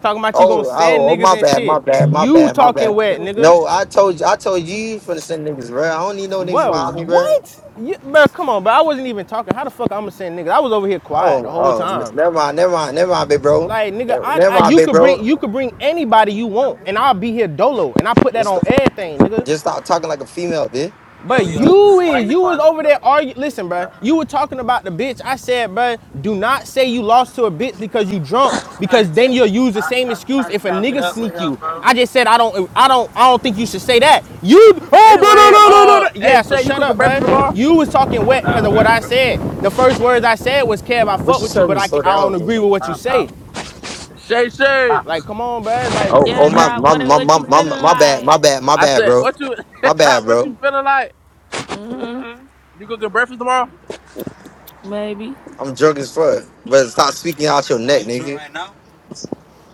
[SPEAKER 6] Talking about you gonna
[SPEAKER 4] Oh,
[SPEAKER 6] send
[SPEAKER 4] oh, oh,
[SPEAKER 6] niggas
[SPEAKER 4] my
[SPEAKER 6] and
[SPEAKER 4] bad, my
[SPEAKER 6] shit.
[SPEAKER 4] bad, my
[SPEAKER 6] You
[SPEAKER 4] bad, my
[SPEAKER 6] talking
[SPEAKER 4] bad.
[SPEAKER 6] wet, nigga.
[SPEAKER 4] No, I told you, I told you you finna send niggas, bro. I don't need no niggas
[SPEAKER 6] Bro,
[SPEAKER 4] behind me, bro.
[SPEAKER 6] what? You, bro, come on, bro. I wasn't even talking. How the fuck I'm gonna send niggas? I was over here quiet the
[SPEAKER 4] Oh,
[SPEAKER 6] whole
[SPEAKER 4] oh, n-
[SPEAKER 6] time.
[SPEAKER 4] never mind, never mind, never mind, big bro.
[SPEAKER 6] Like, nigga,
[SPEAKER 4] Never
[SPEAKER 6] I,
[SPEAKER 4] never
[SPEAKER 6] I
[SPEAKER 4] mind,
[SPEAKER 6] you
[SPEAKER 4] big
[SPEAKER 6] could bring
[SPEAKER 4] bro.
[SPEAKER 6] you could bring anybody you want, and I'll be here dolo, and I put that
[SPEAKER 4] Just,
[SPEAKER 6] on everything, nigga.
[SPEAKER 4] just stop talking like a female, bitch.
[SPEAKER 6] But you is you was over there arguing. Listen, bro, you were talking about the bitch. I said, bro, do not say you lost to a bitch because you drunk, because then you'll use the same excuse if a nigga sneak you. I just said I don't, I don't, I don't think you should say that. You, oh, bro, no,
[SPEAKER 2] Anyway,
[SPEAKER 6] no, no, no,
[SPEAKER 2] uh,
[SPEAKER 6] no. Yeah,
[SPEAKER 2] hey
[SPEAKER 6] so
[SPEAKER 2] Shay, you
[SPEAKER 6] shut up,
[SPEAKER 2] cooking breakfast
[SPEAKER 6] bruh.
[SPEAKER 2] tomorrow?
[SPEAKER 6] You was talking wet because of what I said. The first words I said was, "Kev, I
[SPEAKER 4] What
[SPEAKER 6] fuck with you, but I, ca- I don't agree with what you say."
[SPEAKER 2] Shay Shay.
[SPEAKER 6] Like, come on, bro.
[SPEAKER 4] you-
[SPEAKER 6] Like
[SPEAKER 4] Oh,
[SPEAKER 1] yeah,
[SPEAKER 4] oh, my,
[SPEAKER 6] you,
[SPEAKER 1] Jock.
[SPEAKER 4] my,
[SPEAKER 1] What
[SPEAKER 4] my,
[SPEAKER 1] what
[SPEAKER 4] my,
[SPEAKER 1] you
[SPEAKER 4] my,
[SPEAKER 1] feeling
[SPEAKER 4] my bad,
[SPEAKER 1] like?
[SPEAKER 4] my bad, my
[SPEAKER 2] I
[SPEAKER 4] bad,
[SPEAKER 2] said,
[SPEAKER 4] bro.
[SPEAKER 2] what you
[SPEAKER 4] My bad,
[SPEAKER 2] what you
[SPEAKER 4] bro.
[SPEAKER 2] feeling like?
[SPEAKER 1] Mm-hmm.
[SPEAKER 2] You cooking breakfast tomorrow?
[SPEAKER 1] Maybe.
[SPEAKER 4] I'm drunk as fuck. But stop speaking out your neck, nigga.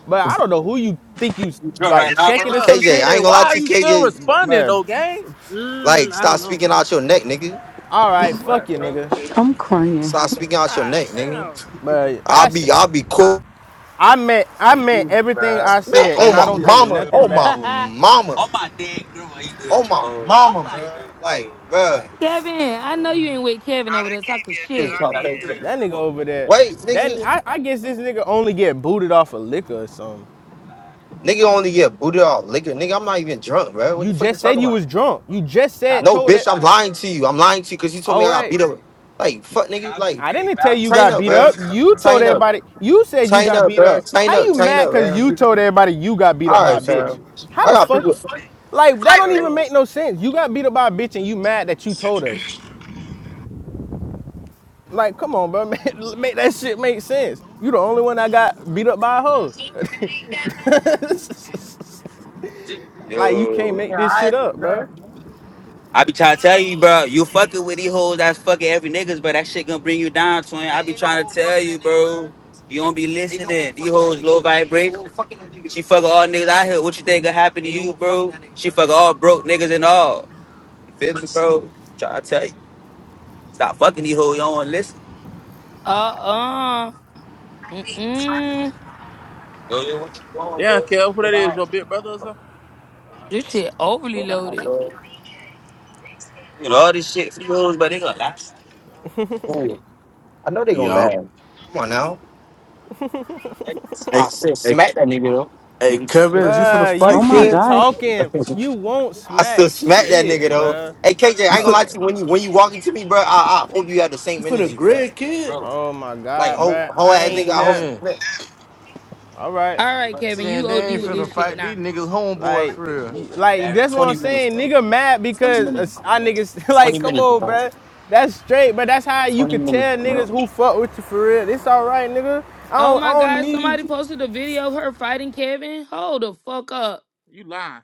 [SPEAKER 6] but I don't know who you think you
[SPEAKER 4] Go
[SPEAKER 6] like
[SPEAKER 4] right
[SPEAKER 22] It's
[SPEAKER 4] now, bro.
[SPEAKER 22] it's
[SPEAKER 6] checking or
[SPEAKER 2] Bruh,
[SPEAKER 6] some
[SPEAKER 4] KJ,
[SPEAKER 22] people
[SPEAKER 6] shit,
[SPEAKER 4] I
[SPEAKER 22] from
[SPEAKER 4] ain't
[SPEAKER 2] KJ,
[SPEAKER 4] gonna lie
[SPEAKER 2] why are
[SPEAKER 4] to
[SPEAKER 22] Murray,
[SPEAKER 4] you,
[SPEAKER 2] you
[SPEAKER 22] ain't
[SPEAKER 2] still
[SPEAKER 4] KJ.
[SPEAKER 6] But,
[SPEAKER 2] responding
[SPEAKER 6] bruh.
[SPEAKER 2] though, gang?
[SPEAKER 4] Like,
[SPEAKER 22] Mm, I
[SPEAKER 4] stop
[SPEAKER 22] don't know.
[SPEAKER 4] speaking out your neck, nigga.
[SPEAKER 6] All right, fuck you, nigga.
[SPEAKER 9] I'm crying.
[SPEAKER 4] Stop speaking out your
[SPEAKER 2] God
[SPEAKER 4] neck, nigga.
[SPEAKER 2] damn.
[SPEAKER 6] But I, I
[SPEAKER 4] I'll be, I'll be cool,
[SPEAKER 6] meant, I meant everything I
[SPEAKER 4] man.
[SPEAKER 6] said,
[SPEAKER 4] Oh
[SPEAKER 6] and I
[SPEAKER 4] my
[SPEAKER 6] don't take
[SPEAKER 4] mama,
[SPEAKER 6] nothing
[SPEAKER 4] oh
[SPEAKER 6] back.
[SPEAKER 4] my mama, Oh my dead girl, you oh my mama, like, Like,
[SPEAKER 1] Kevin, I know you ain't with Kevin
[SPEAKER 22] Nah,
[SPEAKER 1] over
[SPEAKER 22] that
[SPEAKER 1] there
[SPEAKER 22] can't
[SPEAKER 1] talking
[SPEAKER 22] be a chat I
[SPEAKER 1] shit.
[SPEAKER 4] bro.
[SPEAKER 22] be
[SPEAKER 4] like,
[SPEAKER 22] in.
[SPEAKER 4] like-
[SPEAKER 6] That nigga over there,
[SPEAKER 4] Wait,
[SPEAKER 6] that
[SPEAKER 4] nigga,
[SPEAKER 6] I, I guess this nigga only get booted off of liquor or something.
[SPEAKER 4] nigga only get booted off liquor, nigga. I'm not even drunk, bro. What
[SPEAKER 6] You
[SPEAKER 4] the fuck you
[SPEAKER 6] just
[SPEAKER 4] talking?
[SPEAKER 6] said you was drunk. You just said
[SPEAKER 4] No,
[SPEAKER 6] told it.
[SPEAKER 4] bitch, I'm lying to you. I'm lying to you because you told me
[SPEAKER 6] Oh
[SPEAKER 4] I got
[SPEAKER 6] wait,
[SPEAKER 4] beat up. Like, fuck, nigga. Like,
[SPEAKER 6] I didn't tell you
[SPEAKER 4] tighten
[SPEAKER 6] got
[SPEAKER 4] up,
[SPEAKER 6] beat
[SPEAKER 4] bro.
[SPEAKER 6] up. You told
[SPEAKER 4] Tighten up,
[SPEAKER 6] everybody. You said you
[SPEAKER 4] tighten
[SPEAKER 6] got
[SPEAKER 4] up,
[SPEAKER 6] beat
[SPEAKER 4] bro.
[SPEAKER 6] up.
[SPEAKER 4] Tighten
[SPEAKER 6] How
[SPEAKER 4] up,
[SPEAKER 6] you
[SPEAKER 4] tighten
[SPEAKER 6] mad?
[SPEAKER 4] up,
[SPEAKER 6] Cause
[SPEAKER 4] bro.
[SPEAKER 6] you told everybody you got beat up
[SPEAKER 4] All
[SPEAKER 6] by a
[SPEAKER 4] right,
[SPEAKER 6] bitch.
[SPEAKER 4] fam.
[SPEAKER 6] How
[SPEAKER 4] I
[SPEAKER 6] the
[SPEAKER 4] got
[SPEAKER 6] fuck?
[SPEAKER 4] people.
[SPEAKER 6] Like that don't even
[SPEAKER 2] Ugh.
[SPEAKER 6] make no sense. You got beat up by a bitch and you mad that you told us. Like, come on, bro. Make, make that shit make sense. You the only one that got beat up by a hoe. like, you can't
[SPEAKER 4] Yo,
[SPEAKER 6] make this shit up, bro.
[SPEAKER 4] I be trying to tell you, bro. You fucking with these hoes that's fucking every niggas, but that shit gonna bring you down, twin. I be trying to tell you, bro. You don't be listening. These hoes low vibrate. She fucking all niggas out here. What you think gonna happen to you, bro? She fucking all broke niggas and all. You feel me, bro? Trying to tell you. Stop fucking these hoes. You don't wanna listen.
[SPEAKER 1] Uh uh. Mm mm.
[SPEAKER 2] Damn, Kev, who that is? Your big brother or something?
[SPEAKER 1] This shit overly loaded.
[SPEAKER 4] You know, all this shit for these hoes, but they gonna last. Ooh, I know they gonna
[SPEAKER 23] Yo.
[SPEAKER 4] laugh. Come on now. I
[SPEAKER 23] Hey,
[SPEAKER 4] said
[SPEAKER 23] hey,
[SPEAKER 4] smack that nigga
[SPEAKER 23] hey, Kevin, is you finna
[SPEAKER 6] Bruh, you
[SPEAKER 23] fight,
[SPEAKER 9] Oh my
[SPEAKER 6] keep
[SPEAKER 23] kid?
[SPEAKER 9] gosh.
[SPEAKER 4] though.
[SPEAKER 6] talking. You won't
[SPEAKER 4] I
[SPEAKER 6] smack
[SPEAKER 4] still smack that nigga
[SPEAKER 6] shit,
[SPEAKER 4] though.
[SPEAKER 6] bro.
[SPEAKER 4] Hey KJ, I
[SPEAKER 23] You
[SPEAKER 4] ain't gonna
[SPEAKER 6] All
[SPEAKER 23] finna,
[SPEAKER 4] lie to you.
[SPEAKER 6] right,
[SPEAKER 4] When
[SPEAKER 6] bro.
[SPEAKER 4] you when you walk into me, bro, I, I hope you have the
[SPEAKER 23] you
[SPEAKER 4] same
[SPEAKER 23] finna
[SPEAKER 4] energy, bro.
[SPEAKER 23] grid, kid?
[SPEAKER 6] Oh my
[SPEAKER 4] Like
[SPEAKER 6] God,
[SPEAKER 4] whole
[SPEAKER 6] bro.
[SPEAKER 4] whole
[SPEAKER 6] I
[SPEAKER 4] ass
[SPEAKER 20] hey,
[SPEAKER 4] nigga,
[SPEAKER 6] ain't
[SPEAKER 4] I hope.
[SPEAKER 6] never.
[SPEAKER 20] 10.
[SPEAKER 6] All right.
[SPEAKER 1] All right, Kevin,
[SPEAKER 20] 10,
[SPEAKER 1] you OD
[SPEAKER 20] they ain't
[SPEAKER 1] with
[SPEAKER 20] finna
[SPEAKER 1] this shit
[SPEAKER 20] fight
[SPEAKER 1] now.
[SPEAKER 20] these niggas homeboys
[SPEAKER 6] Like,
[SPEAKER 20] for real.
[SPEAKER 6] like
[SPEAKER 4] Man,
[SPEAKER 6] that's what I'm saying. Nigga mad because I niggas like, come on, bruh. That's straight, but that's how you could tell niggas who fuck with you for real. It's all right, nigga. I
[SPEAKER 1] Oh
[SPEAKER 6] don't,
[SPEAKER 1] my
[SPEAKER 6] I don't
[SPEAKER 1] God,
[SPEAKER 6] need
[SPEAKER 1] somebody
[SPEAKER 6] you,
[SPEAKER 1] posted a video of her fighting Kevin. Hold the fuck up.
[SPEAKER 2] You lying.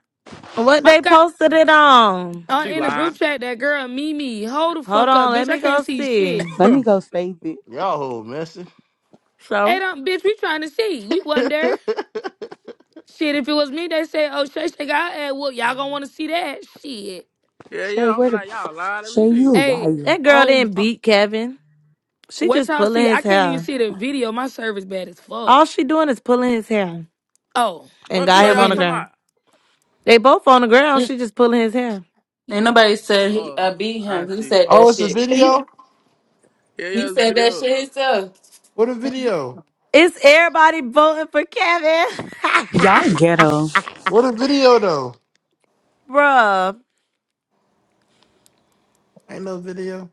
[SPEAKER 21] What
[SPEAKER 1] My
[SPEAKER 21] they
[SPEAKER 1] God,
[SPEAKER 21] posted it on?
[SPEAKER 1] uh,
[SPEAKER 2] She
[SPEAKER 1] in a group
[SPEAKER 2] lying.
[SPEAKER 1] chat, that girl Mimi. Hold the
[SPEAKER 21] Hold
[SPEAKER 1] fuck up,
[SPEAKER 21] on, let
[SPEAKER 1] bitch. I
[SPEAKER 21] me
[SPEAKER 1] can't
[SPEAKER 21] go
[SPEAKER 1] see shit.
[SPEAKER 21] see.
[SPEAKER 9] Let
[SPEAKER 2] yeah,
[SPEAKER 9] me go save it.
[SPEAKER 20] Y'all hold messy.
[SPEAKER 1] Hey,
[SPEAKER 21] So
[SPEAKER 1] don't, bitch, we trying to see. We wasn't there. Shit, if it was me, they say, oh, Shay Shay got ad whoop. Y'all gonna wanna see that? Shit.
[SPEAKER 2] yeah.
[SPEAKER 9] Shay,
[SPEAKER 2] I'll
[SPEAKER 9] where
[SPEAKER 2] be
[SPEAKER 9] the
[SPEAKER 2] like, y'all lying. Let me
[SPEAKER 9] Shay,
[SPEAKER 2] see.
[SPEAKER 9] you a
[SPEAKER 1] Hey,
[SPEAKER 9] liar.
[SPEAKER 21] that girl
[SPEAKER 1] on
[SPEAKER 21] didn't beat Kevin. She
[SPEAKER 1] What
[SPEAKER 21] just
[SPEAKER 1] y'all
[SPEAKER 21] pulling
[SPEAKER 1] see? I
[SPEAKER 21] his
[SPEAKER 1] can't even
[SPEAKER 21] hair.
[SPEAKER 1] see the video. My service bad as fuck.
[SPEAKER 21] All she doing is pulling his hair
[SPEAKER 1] Oh,
[SPEAKER 21] and
[SPEAKER 2] What
[SPEAKER 21] got
[SPEAKER 2] video
[SPEAKER 1] I
[SPEAKER 21] him
[SPEAKER 2] y'all
[SPEAKER 21] on the
[SPEAKER 1] can't.
[SPEAKER 2] talking
[SPEAKER 21] ground.
[SPEAKER 2] about?
[SPEAKER 21] They both on the
[SPEAKER 1] e,
[SPEAKER 21] ground.
[SPEAKER 1] mm,
[SPEAKER 21] She just pulling his hair.
[SPEAKER 7] Ain't nobody said he,
[SPEAKER 2] Oh,
[SPEAKER 7] I beat
[SPEAKER 2] I
[SPEAKER 7] him. He
[SPEAKER 2] see.
[SPEAKER 7] said
[SPEAKER 3] Oh,
[SPEAKER 7] that
[SPEAKER 3] it's a
[SPEAKER 7] shit.
[SPEAKER 3] video.
[SPEAKER 2] Yeah,
[SPEAKER 7] he
[SPEAKER 2] yeah, this
[SPEAKER 7] said that
[SPEAKER 2] video.
[SPEAKER 7] shit himself.
[SPEAKER 3] What a video.
[SPEAKER 21] It's everybody voting for Kevin,
[SPEAKER 9] Y'all ghetto.
[SPEAKER 3] What a video though.
[SPEAKER 21] bruh.
[SPEAKER 3] Ain't no video.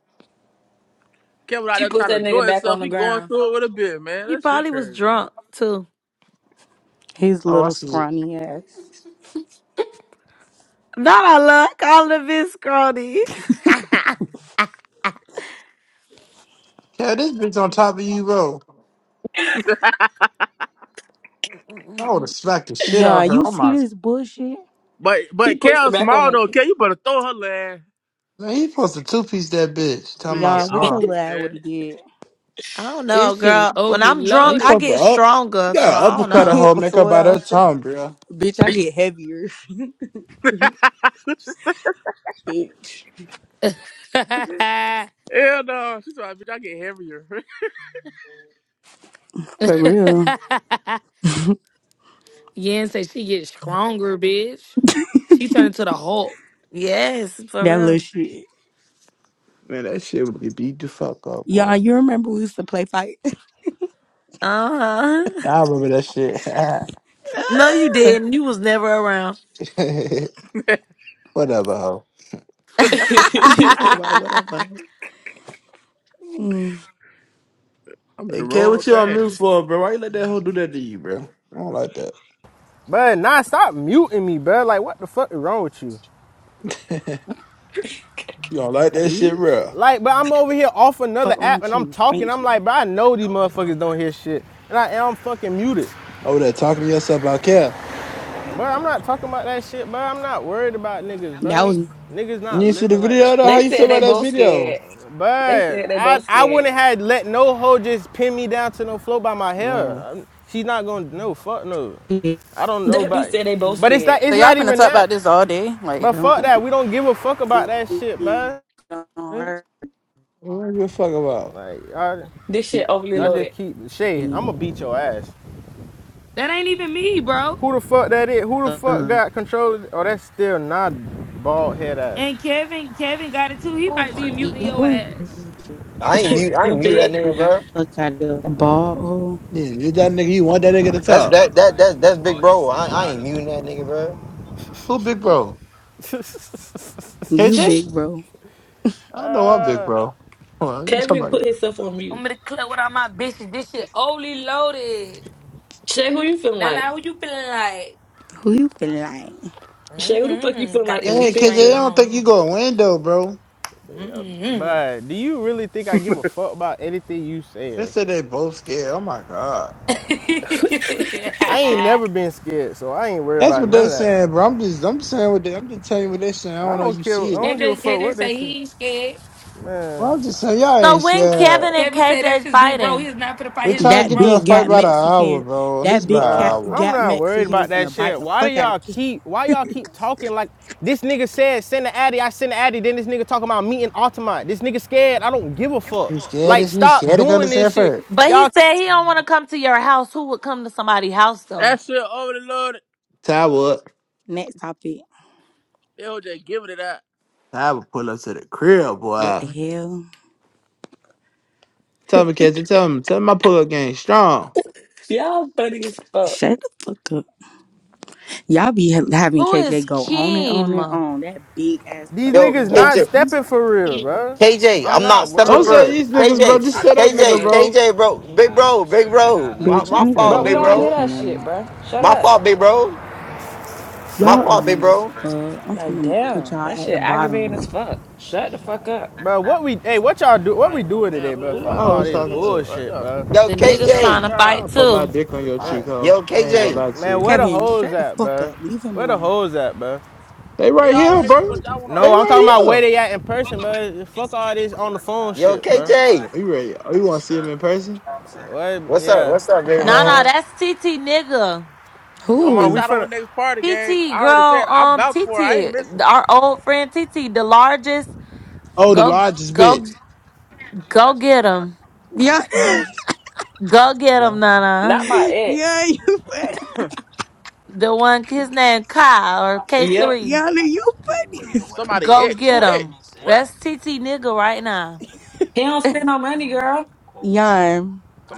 [SPEAKER 2] Kevin out
[SPEAKER 13] She
[SPEAKER 2] there
[SPEAKER 13] pushed
[SPEAKER 2] trying to
[SPEAKER 13] that nigga
[SPEAKER 2] enjoy
[SPEAKER 13] back on
[SPEAKER 2] himself.
[SPEAKER 13] the
[SPEAKER 2] He going
[SPEAKER 13] ground.
[SPEAKER 2] through it with a bit, man.
[SPEAKER 21] He
[SPEAKER 2] That shit
[SPEAKER 21] probably was
[SPEAKER 2] crazy, man.
[SPEAKER 21] drunk too.
[SPEAKER 9] His
[SPEAKER 3] Oh, I
[SPEAKER 9] little
[SPEAKER 3] see it.
[SPEAKER 9] scrawny ass.
[SPEAKER 21] Not I love calling this Scrawny.
[SPEAKER 3] Cat, this bitch on top of you, bro. I would have smacked the shit out of
[SPEAKER 9] Yon, you
[SPEAKER 3] her. Oh my.
[SPEAKER 9] see this bullshit?
[SPEAKER 2] But
[SPEAKER 13] She
[SPEAKER 2] but
[SPEAKER 13] pushed
[SPEAKER 2] Kel
[SPEAKER 13] her back
[SPEAKER 2] small
[SPEAKER 13] on
[SPEAKER 2] though, Kel, you better throw her lad.
[SPEAKER 3] Man, he supposed to two piece that bitch. Talking
[SPEAKER 2] Man,
[SPEAKER 3] about
[SPEAKER 2] get
[SPEAKER 9] Yon, what
[SPEAKER 2] off
[SPEAKER 9] your
[SPEAKER 3] small.
[SPEAKER 2] me,
[SPEAKER 9] lad would
[SPEAKER 2] man.
[SPEAKER 9] have did?
[SPEAKER 21] I don't know,
[SPEAKER 1] This shit is
[SPEAKER 21] girl. When
[SPEAKER 1] overly
[SPEAKER 21] I'm
[SPEAKER 3] Man, he
[SPEAKER 21] drunk, I
[SPEAKER 1] loaded.
[SPEAKER 3] supposed to
[SPEAKER 21] get
[SPEAKER 3] up.
[SPEAKER 21] stronger,
[SPEAKER 3] You
[SPEAKER 21] so
[SPEAKER 3] gotta
[SPEAKER 21] I don't
[SPEAKER 3] uppercut a
[SPEAKER 21] know.
[SPEAKER 3] whole
[SPEAKER 9] Was
[SPEAKER 3] make up by
[SPEAKER 9] well,
[SPEAKER 3] that time, bro.
[SPEAKER 9] bitch, I get heavier. Bitch.
[SPEAKER 2] Hell no. She's like, bitch, I get heavier.
[SPEAKER 9] For real.
[SPEAKER 1] Yen say she get stronger, bitch. She turned into the Hulk.
[SPEAKER 21] Yes, for
[SPEAKER 9] That little
[SPEAKER 21] real.
[SPEAKER 9] shit.
[SPEAKER 3] Man, that shit would be beat the fuck up, boy.
[SPEAKER 9] Yon, you remember we used to play fight?
[SPEAKER 21] Uh huh.
[SPEAKER 3] I remember that shit.
[SPEAKER 21] No, you didn't. You was never around.
[SPEAKER 3] Whatever, hoe.
[SPEAKER 21] so
[SPEAKER 13] the.
[SPEAKER 9] he talk about whatever. Mm,
[SPEAKER 2] I'm in
[SPEAKER 3] Hey,
[SPEAKER 2] the
[SPEAKER 3] kid,
[SPEAKER 2] wrong
[SPEAKER 3] what you on
[SPEAKER 2] thing.
[SPEAKER 3] mute for, bro? Why you let that hoe do that to you, bro? I don't like that.
[SPEAKER 6] but nah, stop muting me, bruh. Like, what the fuck is wrong with you?
[SPEAKER 3] you don't like that shit,
[SPEAKER 9] bitch,
[SPEAKER 3] bro.
[SPEAKER 6] Like, but I'm over here off another
[SPEAKER 9] fuck wrong
[SPEAKER 6] app
[SPEAKER 9] with
[SPEAKER 6] and I'm
[SPEAKER 9] you,
[SPEAKER 6] talking.
[SPEAKER 9] stink
[SPEAKER 6] I'm
[SPEAKER 9] hoe.
[SPEAKER 6] like, bro, I know these motherfuckers don't hear shit, and I am fucking muted.
[SPEAKER 3] Over there talking to yourself about care.
[SPEAKER 9] Yeah,
[SPEAKER 6] Bro, I'm not talking about that shit, bro. I'm not worried about niggas,
[SPEAKER 9] That
[SPEAKER 6] bro.
[SPEAKER 9] was
[SPEAKER 6] Niggas
[SPEAKER 3] You
[SPEAKER 6] not
[SPEAKER 3] didn't see the
[SPEAKER 6] living like
[SPEAKER 3] video,
[SPEAKER 6] that.
[SPEAKER 3] though? How
[SPEAKER 13] they
[SPEAKER 3] you feel
[SPEAKER 13] said
[SPEAKER 3] about
[SPEAKER 13] they
[SPEAKER 3] that
[SPEAKER 13] both
[SPEAKER 3] video?
[SPEAKER 13] scared. They said
[SPEAKER 6] But
[SPEAKER 13] they
[SPEAKER 6] I,
[SPEAKER 13] both
[SPEAKER 6] I
[SPEAKER 13] scared.
[SPEAKER 6] wouldn't have let no hoe just pin me down to no floor by my hair.
[SPEAKER 3] Nah.
[SPEAKER 6] I'm- She not gonna no fuck no. I don't know
[SPEAKER 13] That bitch
[SPEAKER 6] about. it.
[SPEAKER 13] said they both
[SPEAKER 6] But it's not
[SPEAKER 13] scared.
[SPEAKER 7] So
[SPEAKER 6] it's
[SPEAKER 7] y'all
[SPEAKER 6] not
[SPEAKER 7] finna
[SPEAKER 6] even
[SPEAKER 7] talk
[SPEAKER 6] that.
[SPEAKER 7] about this all day? Like
[SPEAKER 6] But fuck
[SPEAKER 9] don't
[SPEAKER 6] that. We don't give a fuck about that shit, man.
[SPEAKER 9] don't
[SPEAKER 7] what?
[SPEAKER 9] hurt
[SPEAKER 3] What do you give a fuck about?
[SPEAKER 6] Like y'all,
[SPEAKER 13] This shit overly
[SPEAKER 6] y'all
[SPEAKER 9] you.
[SPEAKER 6] just
[SPEAKER 13] loaded.
[SPEAKER 6] keep shade. I'ma beat your ass.
[SPEAKER 1] That ain't even me, bro.
[SPEAKER 6] Who the fuck that is? Who the fuck
[SPEAKER 9] Uh,
[SPEAKER 6] got control? Of, it? oh, that's still not bald head ass.
[SPEAKER 1] And Kevin, Kevin got it too. He might be
[SPEAKER 9] you
[SPEAKER 1] muting your
[SPEAKER 9] ain't-
[SPEAKER 1] ass.
[SPEAKER 4] I ain't mute. I ain't mute that
[SPEAKER 13] Stupid.
[SPEAKER 4] nigga,
[SPEAKER 9] I'm not
[SPEAKER 4] bro.
[SPEAKER 9] fuck out of the ball hole.
[SPEAKER 3] Yeah, you that nigga, you want that nigga to
[SPEAKER 4] That's
[SPEAKER 3] talk.
[SPEAKER 4] that that that that's big bro. I, I ain't muting that nigga, bro.
[SPEAKER 3] Who big bro?
[SPEAKER 9] You
[SPEAKER 3] KJ?
[SPEAKER 9] big bro.
[SPEAKER 3] I know I'm big
[SPEAKER 6] Uh,
[SPEAKER 3] bro. Well, you talking
[SPEAKER 13] Kevin
[SPEAKER 3] about
[SPEAKER 13] put himself on
[SPEAKER 1] I'm
[SPEAKER 13] mute.
[SPEAKER 1] in the club with all my bitches. This shit overly loaded.
[SPEAKER 13] Shay, who you feeling
[SPEAKER 1] Now, now,
[SPEAKER 13] like?
[SPEAKER 1] who you feeling like?
[SPEAKER 9] Who you feel like?
[SPEAKER 13] Shay, who the fuck you
[SPEAKER 1] mm
[SPEAKER 13] feeling
[SPEAKER 1] Got
[SPEAKER 13] like
[SPEAKER 1] the
[SPEAKER 13] in this
[SPEAKER 1] G
[SPEAKER 3] Hey KJ,
[SPEAKER 1] string
[SPEAKER 3] I
[SPEAKER 13] picture?
[SPEAKER 3] don't think
[SPEAKER 1] on.
[SPEAKER 3] you gonna win though, bro.
[SPEAKER 6] yeah,
[SPEAKER 1] Mm-hmm.
[SPEAKER 6] but do you really think I give a fuck about anything you
[SPEAKER 3] They
[SPEAKER 6] say?
[SPEAKER 3] said they both scared. Oh my god.
[SPEAKER 1] KJ,
[SPEAKER 6] I ain't never been scared, so I ain't worried
[SPEAKER 3] That's
[SPEAKER 6] about
[SPEAKER 3] what
[SPEAKER 6] none
[SPEAKER 3] they're
[SPEAKER 6] of that shit.
[SPEAKER 3] saying, bro. I'm just I'm saying what they, I'm just telling you what they're saying. I
[SPEAKER 6] I
[SPEAKER 3] don't know if
[SPEAKER 6] don't
[SPEAKER 3] you
[SPEAKER 6] care.
[SPEAKER 3] see
[SPEAKER 6] I
[SPEAKER 3] it.
[SPEAKER 6] don't give a fuck
[SPEAKER 1] KJ
[SPEAKER 6] what they
[SPEAKER 1] say
[SPEAKER 6] say.
[SPEAKER 1] he ain't scared.
[SPEAKER 3] Well,
[SPEAKER 6] Man,
[SPEAKER 3] I'm just saying y'all ain't
[SPEAKER 21] when
[SPEAKER 3] scared.
[SPEAKER 21] Kevin and
[SPEAKER 1] Kevin said that's
[SPEAKER 21] KJ
[SPEAKER 1] his big bro.
[SPEAKER 21] fighting,
[SPEAKER 1] He's not gonna fight
[SPEAKER 3] We're
[SPEAKER 1] his
[SPEAKER 3] trying to
[SPEAKER 1] big
[SPEAKER 9] That
[SPEAKER 3] get to a
[SPEAKER 9] big
[SPEAKER 1] bro.
[SPEAKER 3] fight
[SPEAKER 9] got
[SPEAKER 3] by the hour,
[SPEAKER 9] Mexican.
[SPEAKER 3] bro. At
[SPEAKER 9] That
[SPEAKER 3] least by an
[SPEAKER 9] big cat
[SPEAKER 6] bruh,
[SPEAKER 3] hour.
[SPEAKER 6] I'm
[SPEAKER 9] got
[SPEAKER 6] not worried
[SPEAKER 9] Mexican
[SPEAKER 6] about that
[SPEAKER 9] finna bite
[SPEAKER 6] shit.
[SPEAKER 9] the
[SPEAKER 6] Why do
[SPEAKER 9] fuck out of
[SPEAKER 6] y'all
[SPEAKER 9] kid.
[SPEAKER 6] keep? Why y'all keep talking like this? Nigga said send the addy. I send the addy. Then this nigga talking about meeting Altamont. This nigga scared. I don't give a fuck.
[SPEAKER 3] You scared
[SPEAKER 6] Like
[SPEAKER 3] of you
[SPEAKER 6] stop
[SPEAKER 3] scared to come to
[SPEAKER 6] doing this shit.
[SPEAKER 3] Sanford?
[SPEAKER 21] but he
[SPEAKER 6] Y'all,
[SPEAKER 21] said he don't want to come to your house. Who would come to somebody's house though?
[SPEAKER 2] That shit over the load.
[SPEAKER 3] Ty would.
[SPEAKER 9] Next topic.
[SPEAKER 2] They were just giving it out.
[SPEAKER 3] Ty would pull up to the crib,
[SPEAKER 9] What
[SPEAKER 3] boy.
[SPEAKER 9] the hell?
[SPEAKER 3] Tell me, KJ, tell him, tell him my pull up game strong.
[SPEAKER 13] Y'all funny as fuck.
[SPEAKER 9] Shut the fuck up. Y'all be ha- having
[SPEAKER 21] Who
[SPEAKER 9] KJ
[SPEAKER 21] is
[SPEAKER 9] go on and on and
[SPEAKER 21] Keem?
[SPEAKER 9] on. That big ass
[SPEAKER 6] these
[SPEAKER 9] up.
[SPEAKER 4] Yo,
[SPEAKER 6] niggas
[SPEAKER 9] Yeah.
[SPEAKER 6] not
[SPEAKER 4] KJ,
[SPEAKER 6] stepping for real, bruh.
[SPEAKER 4] KJ,
[SPEAKER 6] I'm
[SPEAKER 4] I'm
[SPEAKER 6] not
[SPEAKER 4] not stepping,
[SPEAKER 3] Don't
[SPEAKER 6] worried.
[SPEAKER 3] say
[SPEAKER 4] bro.
[SPEAKER 3] these niggas, bro.
[SPEAKER 1] This
[SPEAKER 3] Just
[SPEAKER 4] KJ,
[SPEAKER 3] say
[SPEAKER 1] shit
[SPEAKER 3] that nigga,
[SPEAKER 4] KJ,
[SPEAKER 3] bro.
[SPEAKER 1] crazy.
[SPEAKER 4] KJ, bro, big bro, big bro. My
[SPEAKER 9] Bitch, I
[SPEAKER 4] my
[SPEAKER 9] need to
[SPEAKER 4] fault,
[SPEAKER 13] Bro, we
[SPEAKER 4] big
[SPEAKER 13] don't
[SPEAKER 9] roll up.
[SPEAKER 13] want to hear
[SPEAKER 9] Y'all
[SPEAKER 4] bro.
[SPEAKER 13] that shit,
[SPEAKER 9] annoying.
[SPEAKER 13] bro. Shut
[SPEAKER 4] My
[SPEAKER 13] up.
[SPEAKER 4] fault, big bro. My
[SPEAKER 9] Y'all
[SPEAKER 4] fault, big
[SPEAKER 9] annoying as
[SPEAKER 4] bro.
[SPEAKER 9] fuck. I'm
[SPEAKER 13] Like,
[SPEAKER 9] finna put
[SPEAKER 13] damn,
[SPEAKER 9] y'all
[SPEAKER 13] that
[SPEAKER 9] at
[SPEAKER 13] shit
[SPEAKER 9] the
[SPEAKER 13] aggravating
[SPEAKER 9] bottom.
[SPEAKER 13] as fuck. Shut the fuck up.
[SPEAKER 6] But what we hey, what y'all do what we
[SPEAKER 2] Like,
[SPEAKER 6] doing
[SPEAKER 2] damn,
[SPEAKER 6] today,
[SPEAKER 2] who that
[SPEAKER 6] bro?
[SPEAKER 3] Who y'all
[SPEAKER 2] is?
[SPEAKER 6] Fuck all
[SPEAKER 3] hoes
[SPEAKER 6] this
[SPEAKER 2] Who that
[SPEAKER 3] talking
[SPEAKER 2] is?
[SPEAKER 3] to?
[SPEAKER 2] Right
[SPEAKER 6] bullshit,
[SPEAKER 2] there.
[SPEAKER 6] bro.
[SPEAKER 4] Yo,
[SPEAKER 21] The
[SPEAKER 2] Who that
[SPEAKER 21] niggas
[SPEAKER 2] is
[SPEAKER 21] trying
[SPEAKER 2] right
[SPEAKER 21] to
[SPEAKER 4] KJ,
[SPEAKER 3] I'm
[SPEAKER 2] there?
[SPEAKER 3] gonna
[SPEAKER 21] fight
[SPEAKER 3] put my
[SPEAKER 21] too.
[SPEAKER 3] dick on your
[SPEAKER 6] Man,
[SPEAKER 3] cheek, hoe.
[SPEAKER 4] yo,
[SPEAKER 3] I ain't gonna
[SPEAKER 4] KJ,
[SPEAKER 3] lie to
[SPEAKER 6] man,
[SPEAKER 3] you.
[SPEAKER 6] where the
[SPEAKER 9] Kevin,
[SPEAKER 6] hoes
[SPEAKER 9] shut the
[SPEAKER 6] at,
[SPEAKER 9] fuck
[SPEAKER 6] bro?
[SPEAKER 9] up. Leave him
[SPEAKER 6] Where the
[SPEAKER 9] alone.
[SPEAKER 6] hoes at, bro?
[SPEAKER 3] They
[SPEAKER 2] They
[SPEAKER 3] right
[SPEAKER 2] all
[SPEAKER 3] here,
[SPEAKER 2] right here,
[SPEAKER 3] bro.
[SPEAKER 2] but y'all want to
[SPEAKER 3] They
[SPEAKER 6] No,
[SPEAKER 2] argue
[SPEAKER 6] I'm
[SPEAKER 2] with each
[SPEAKER 6] talking
[SPEAKER 3] right
[SPEAKER 2] other.
[SPEAKER 6] about
[SPEAKER 3] here.
[SPEAKER 6] where they at in person, bro. Fuck all this on the phone
[SPEAKER 4] yo,
[SPEAKER 6] shit, bro.
[SPEAKER 4] KJ.
[SPEAKER 3] Are you ready? Oh, you wanna see them in person?
[SPEAKER 6] What?
[SPEAKER 4] What's up?
[SPEAKER 6] Yeah.
[SPEAKER 4] What's up, big
[SPEAKER 21] Nah, nah,
[SPEAKER 4] bro?
[SPEAKER 3] oh,
[SPEAKER 21] that's TT nigga.
[SPEAKER 2] Don't
[SPEAKER 6] Come on,
[SPEAKER 2] miss
[SPEAKER 6] we
[SPEAKER 9] Who?
[SPEAKER 2] out on
[SPEAKER 6] finna.
[SPEAKER 2] the next party, gang.
[SPEAKER 21] TT,
[SPEAKER 2] I already
[SPEAKER 21] girl,
[SPEAKER 2] said I'm
[SPEAKER 21] um,
[SPEAKER 2] vouched for. it. I ain't
[SPEAKER 21] TT,
[SPEAKER 2] missing.
[SPEAKER 21] our old friend TT, the largest.
[SPEAKER 3] the
[SPEAKER 21] Go,
[SPEAKER 3] largest
[SPEAKER 21] go,
[SPEAKER 3] bitch.
[SPEAKER 4] You
[SPEAKER 21] go
[SPEAKER 4] asked me
[SPEAKER 21] get
[SPEAKER 4] if I
[SPEAKER 21] him.
[SPEAKER 9] Yeah,
[SPEAKER 4] wanted to take
[SPEAKER 21] Go get him,
[SPEAKER 3] No.
[SPEAKER 13] Not
[SPEAKER 21] Nana.
[SPEAKER 13] my ex.
[SPEAKER 9] yeah, you,
[SPEAKER 21] The one, his name Kyle or
[SPEAKER 13] Yep.
[SPEAKER 21] K3.
[SPEAKER 9] yeah, you,
[SPEAKER 4] cool.
[SPEAKER 2] Somebody
[SPEAKER 21] Go
[SPEAKER 2] X.
[SPEAKER 21] get
[SPEAKER 2] Who
[SPEAKER 4] You know what
[SPEAKER 21] him.
[SPEAKER 4] I'm
[SPEAKER 2] X?
[SPEAKER 4] saying?
[SPEAKER 2] What?
[SPEAKER 21] That's TT nigga right now.
[SPEAKER 13] He don't spend no money, girl.
[SPEAKER 9] yeah.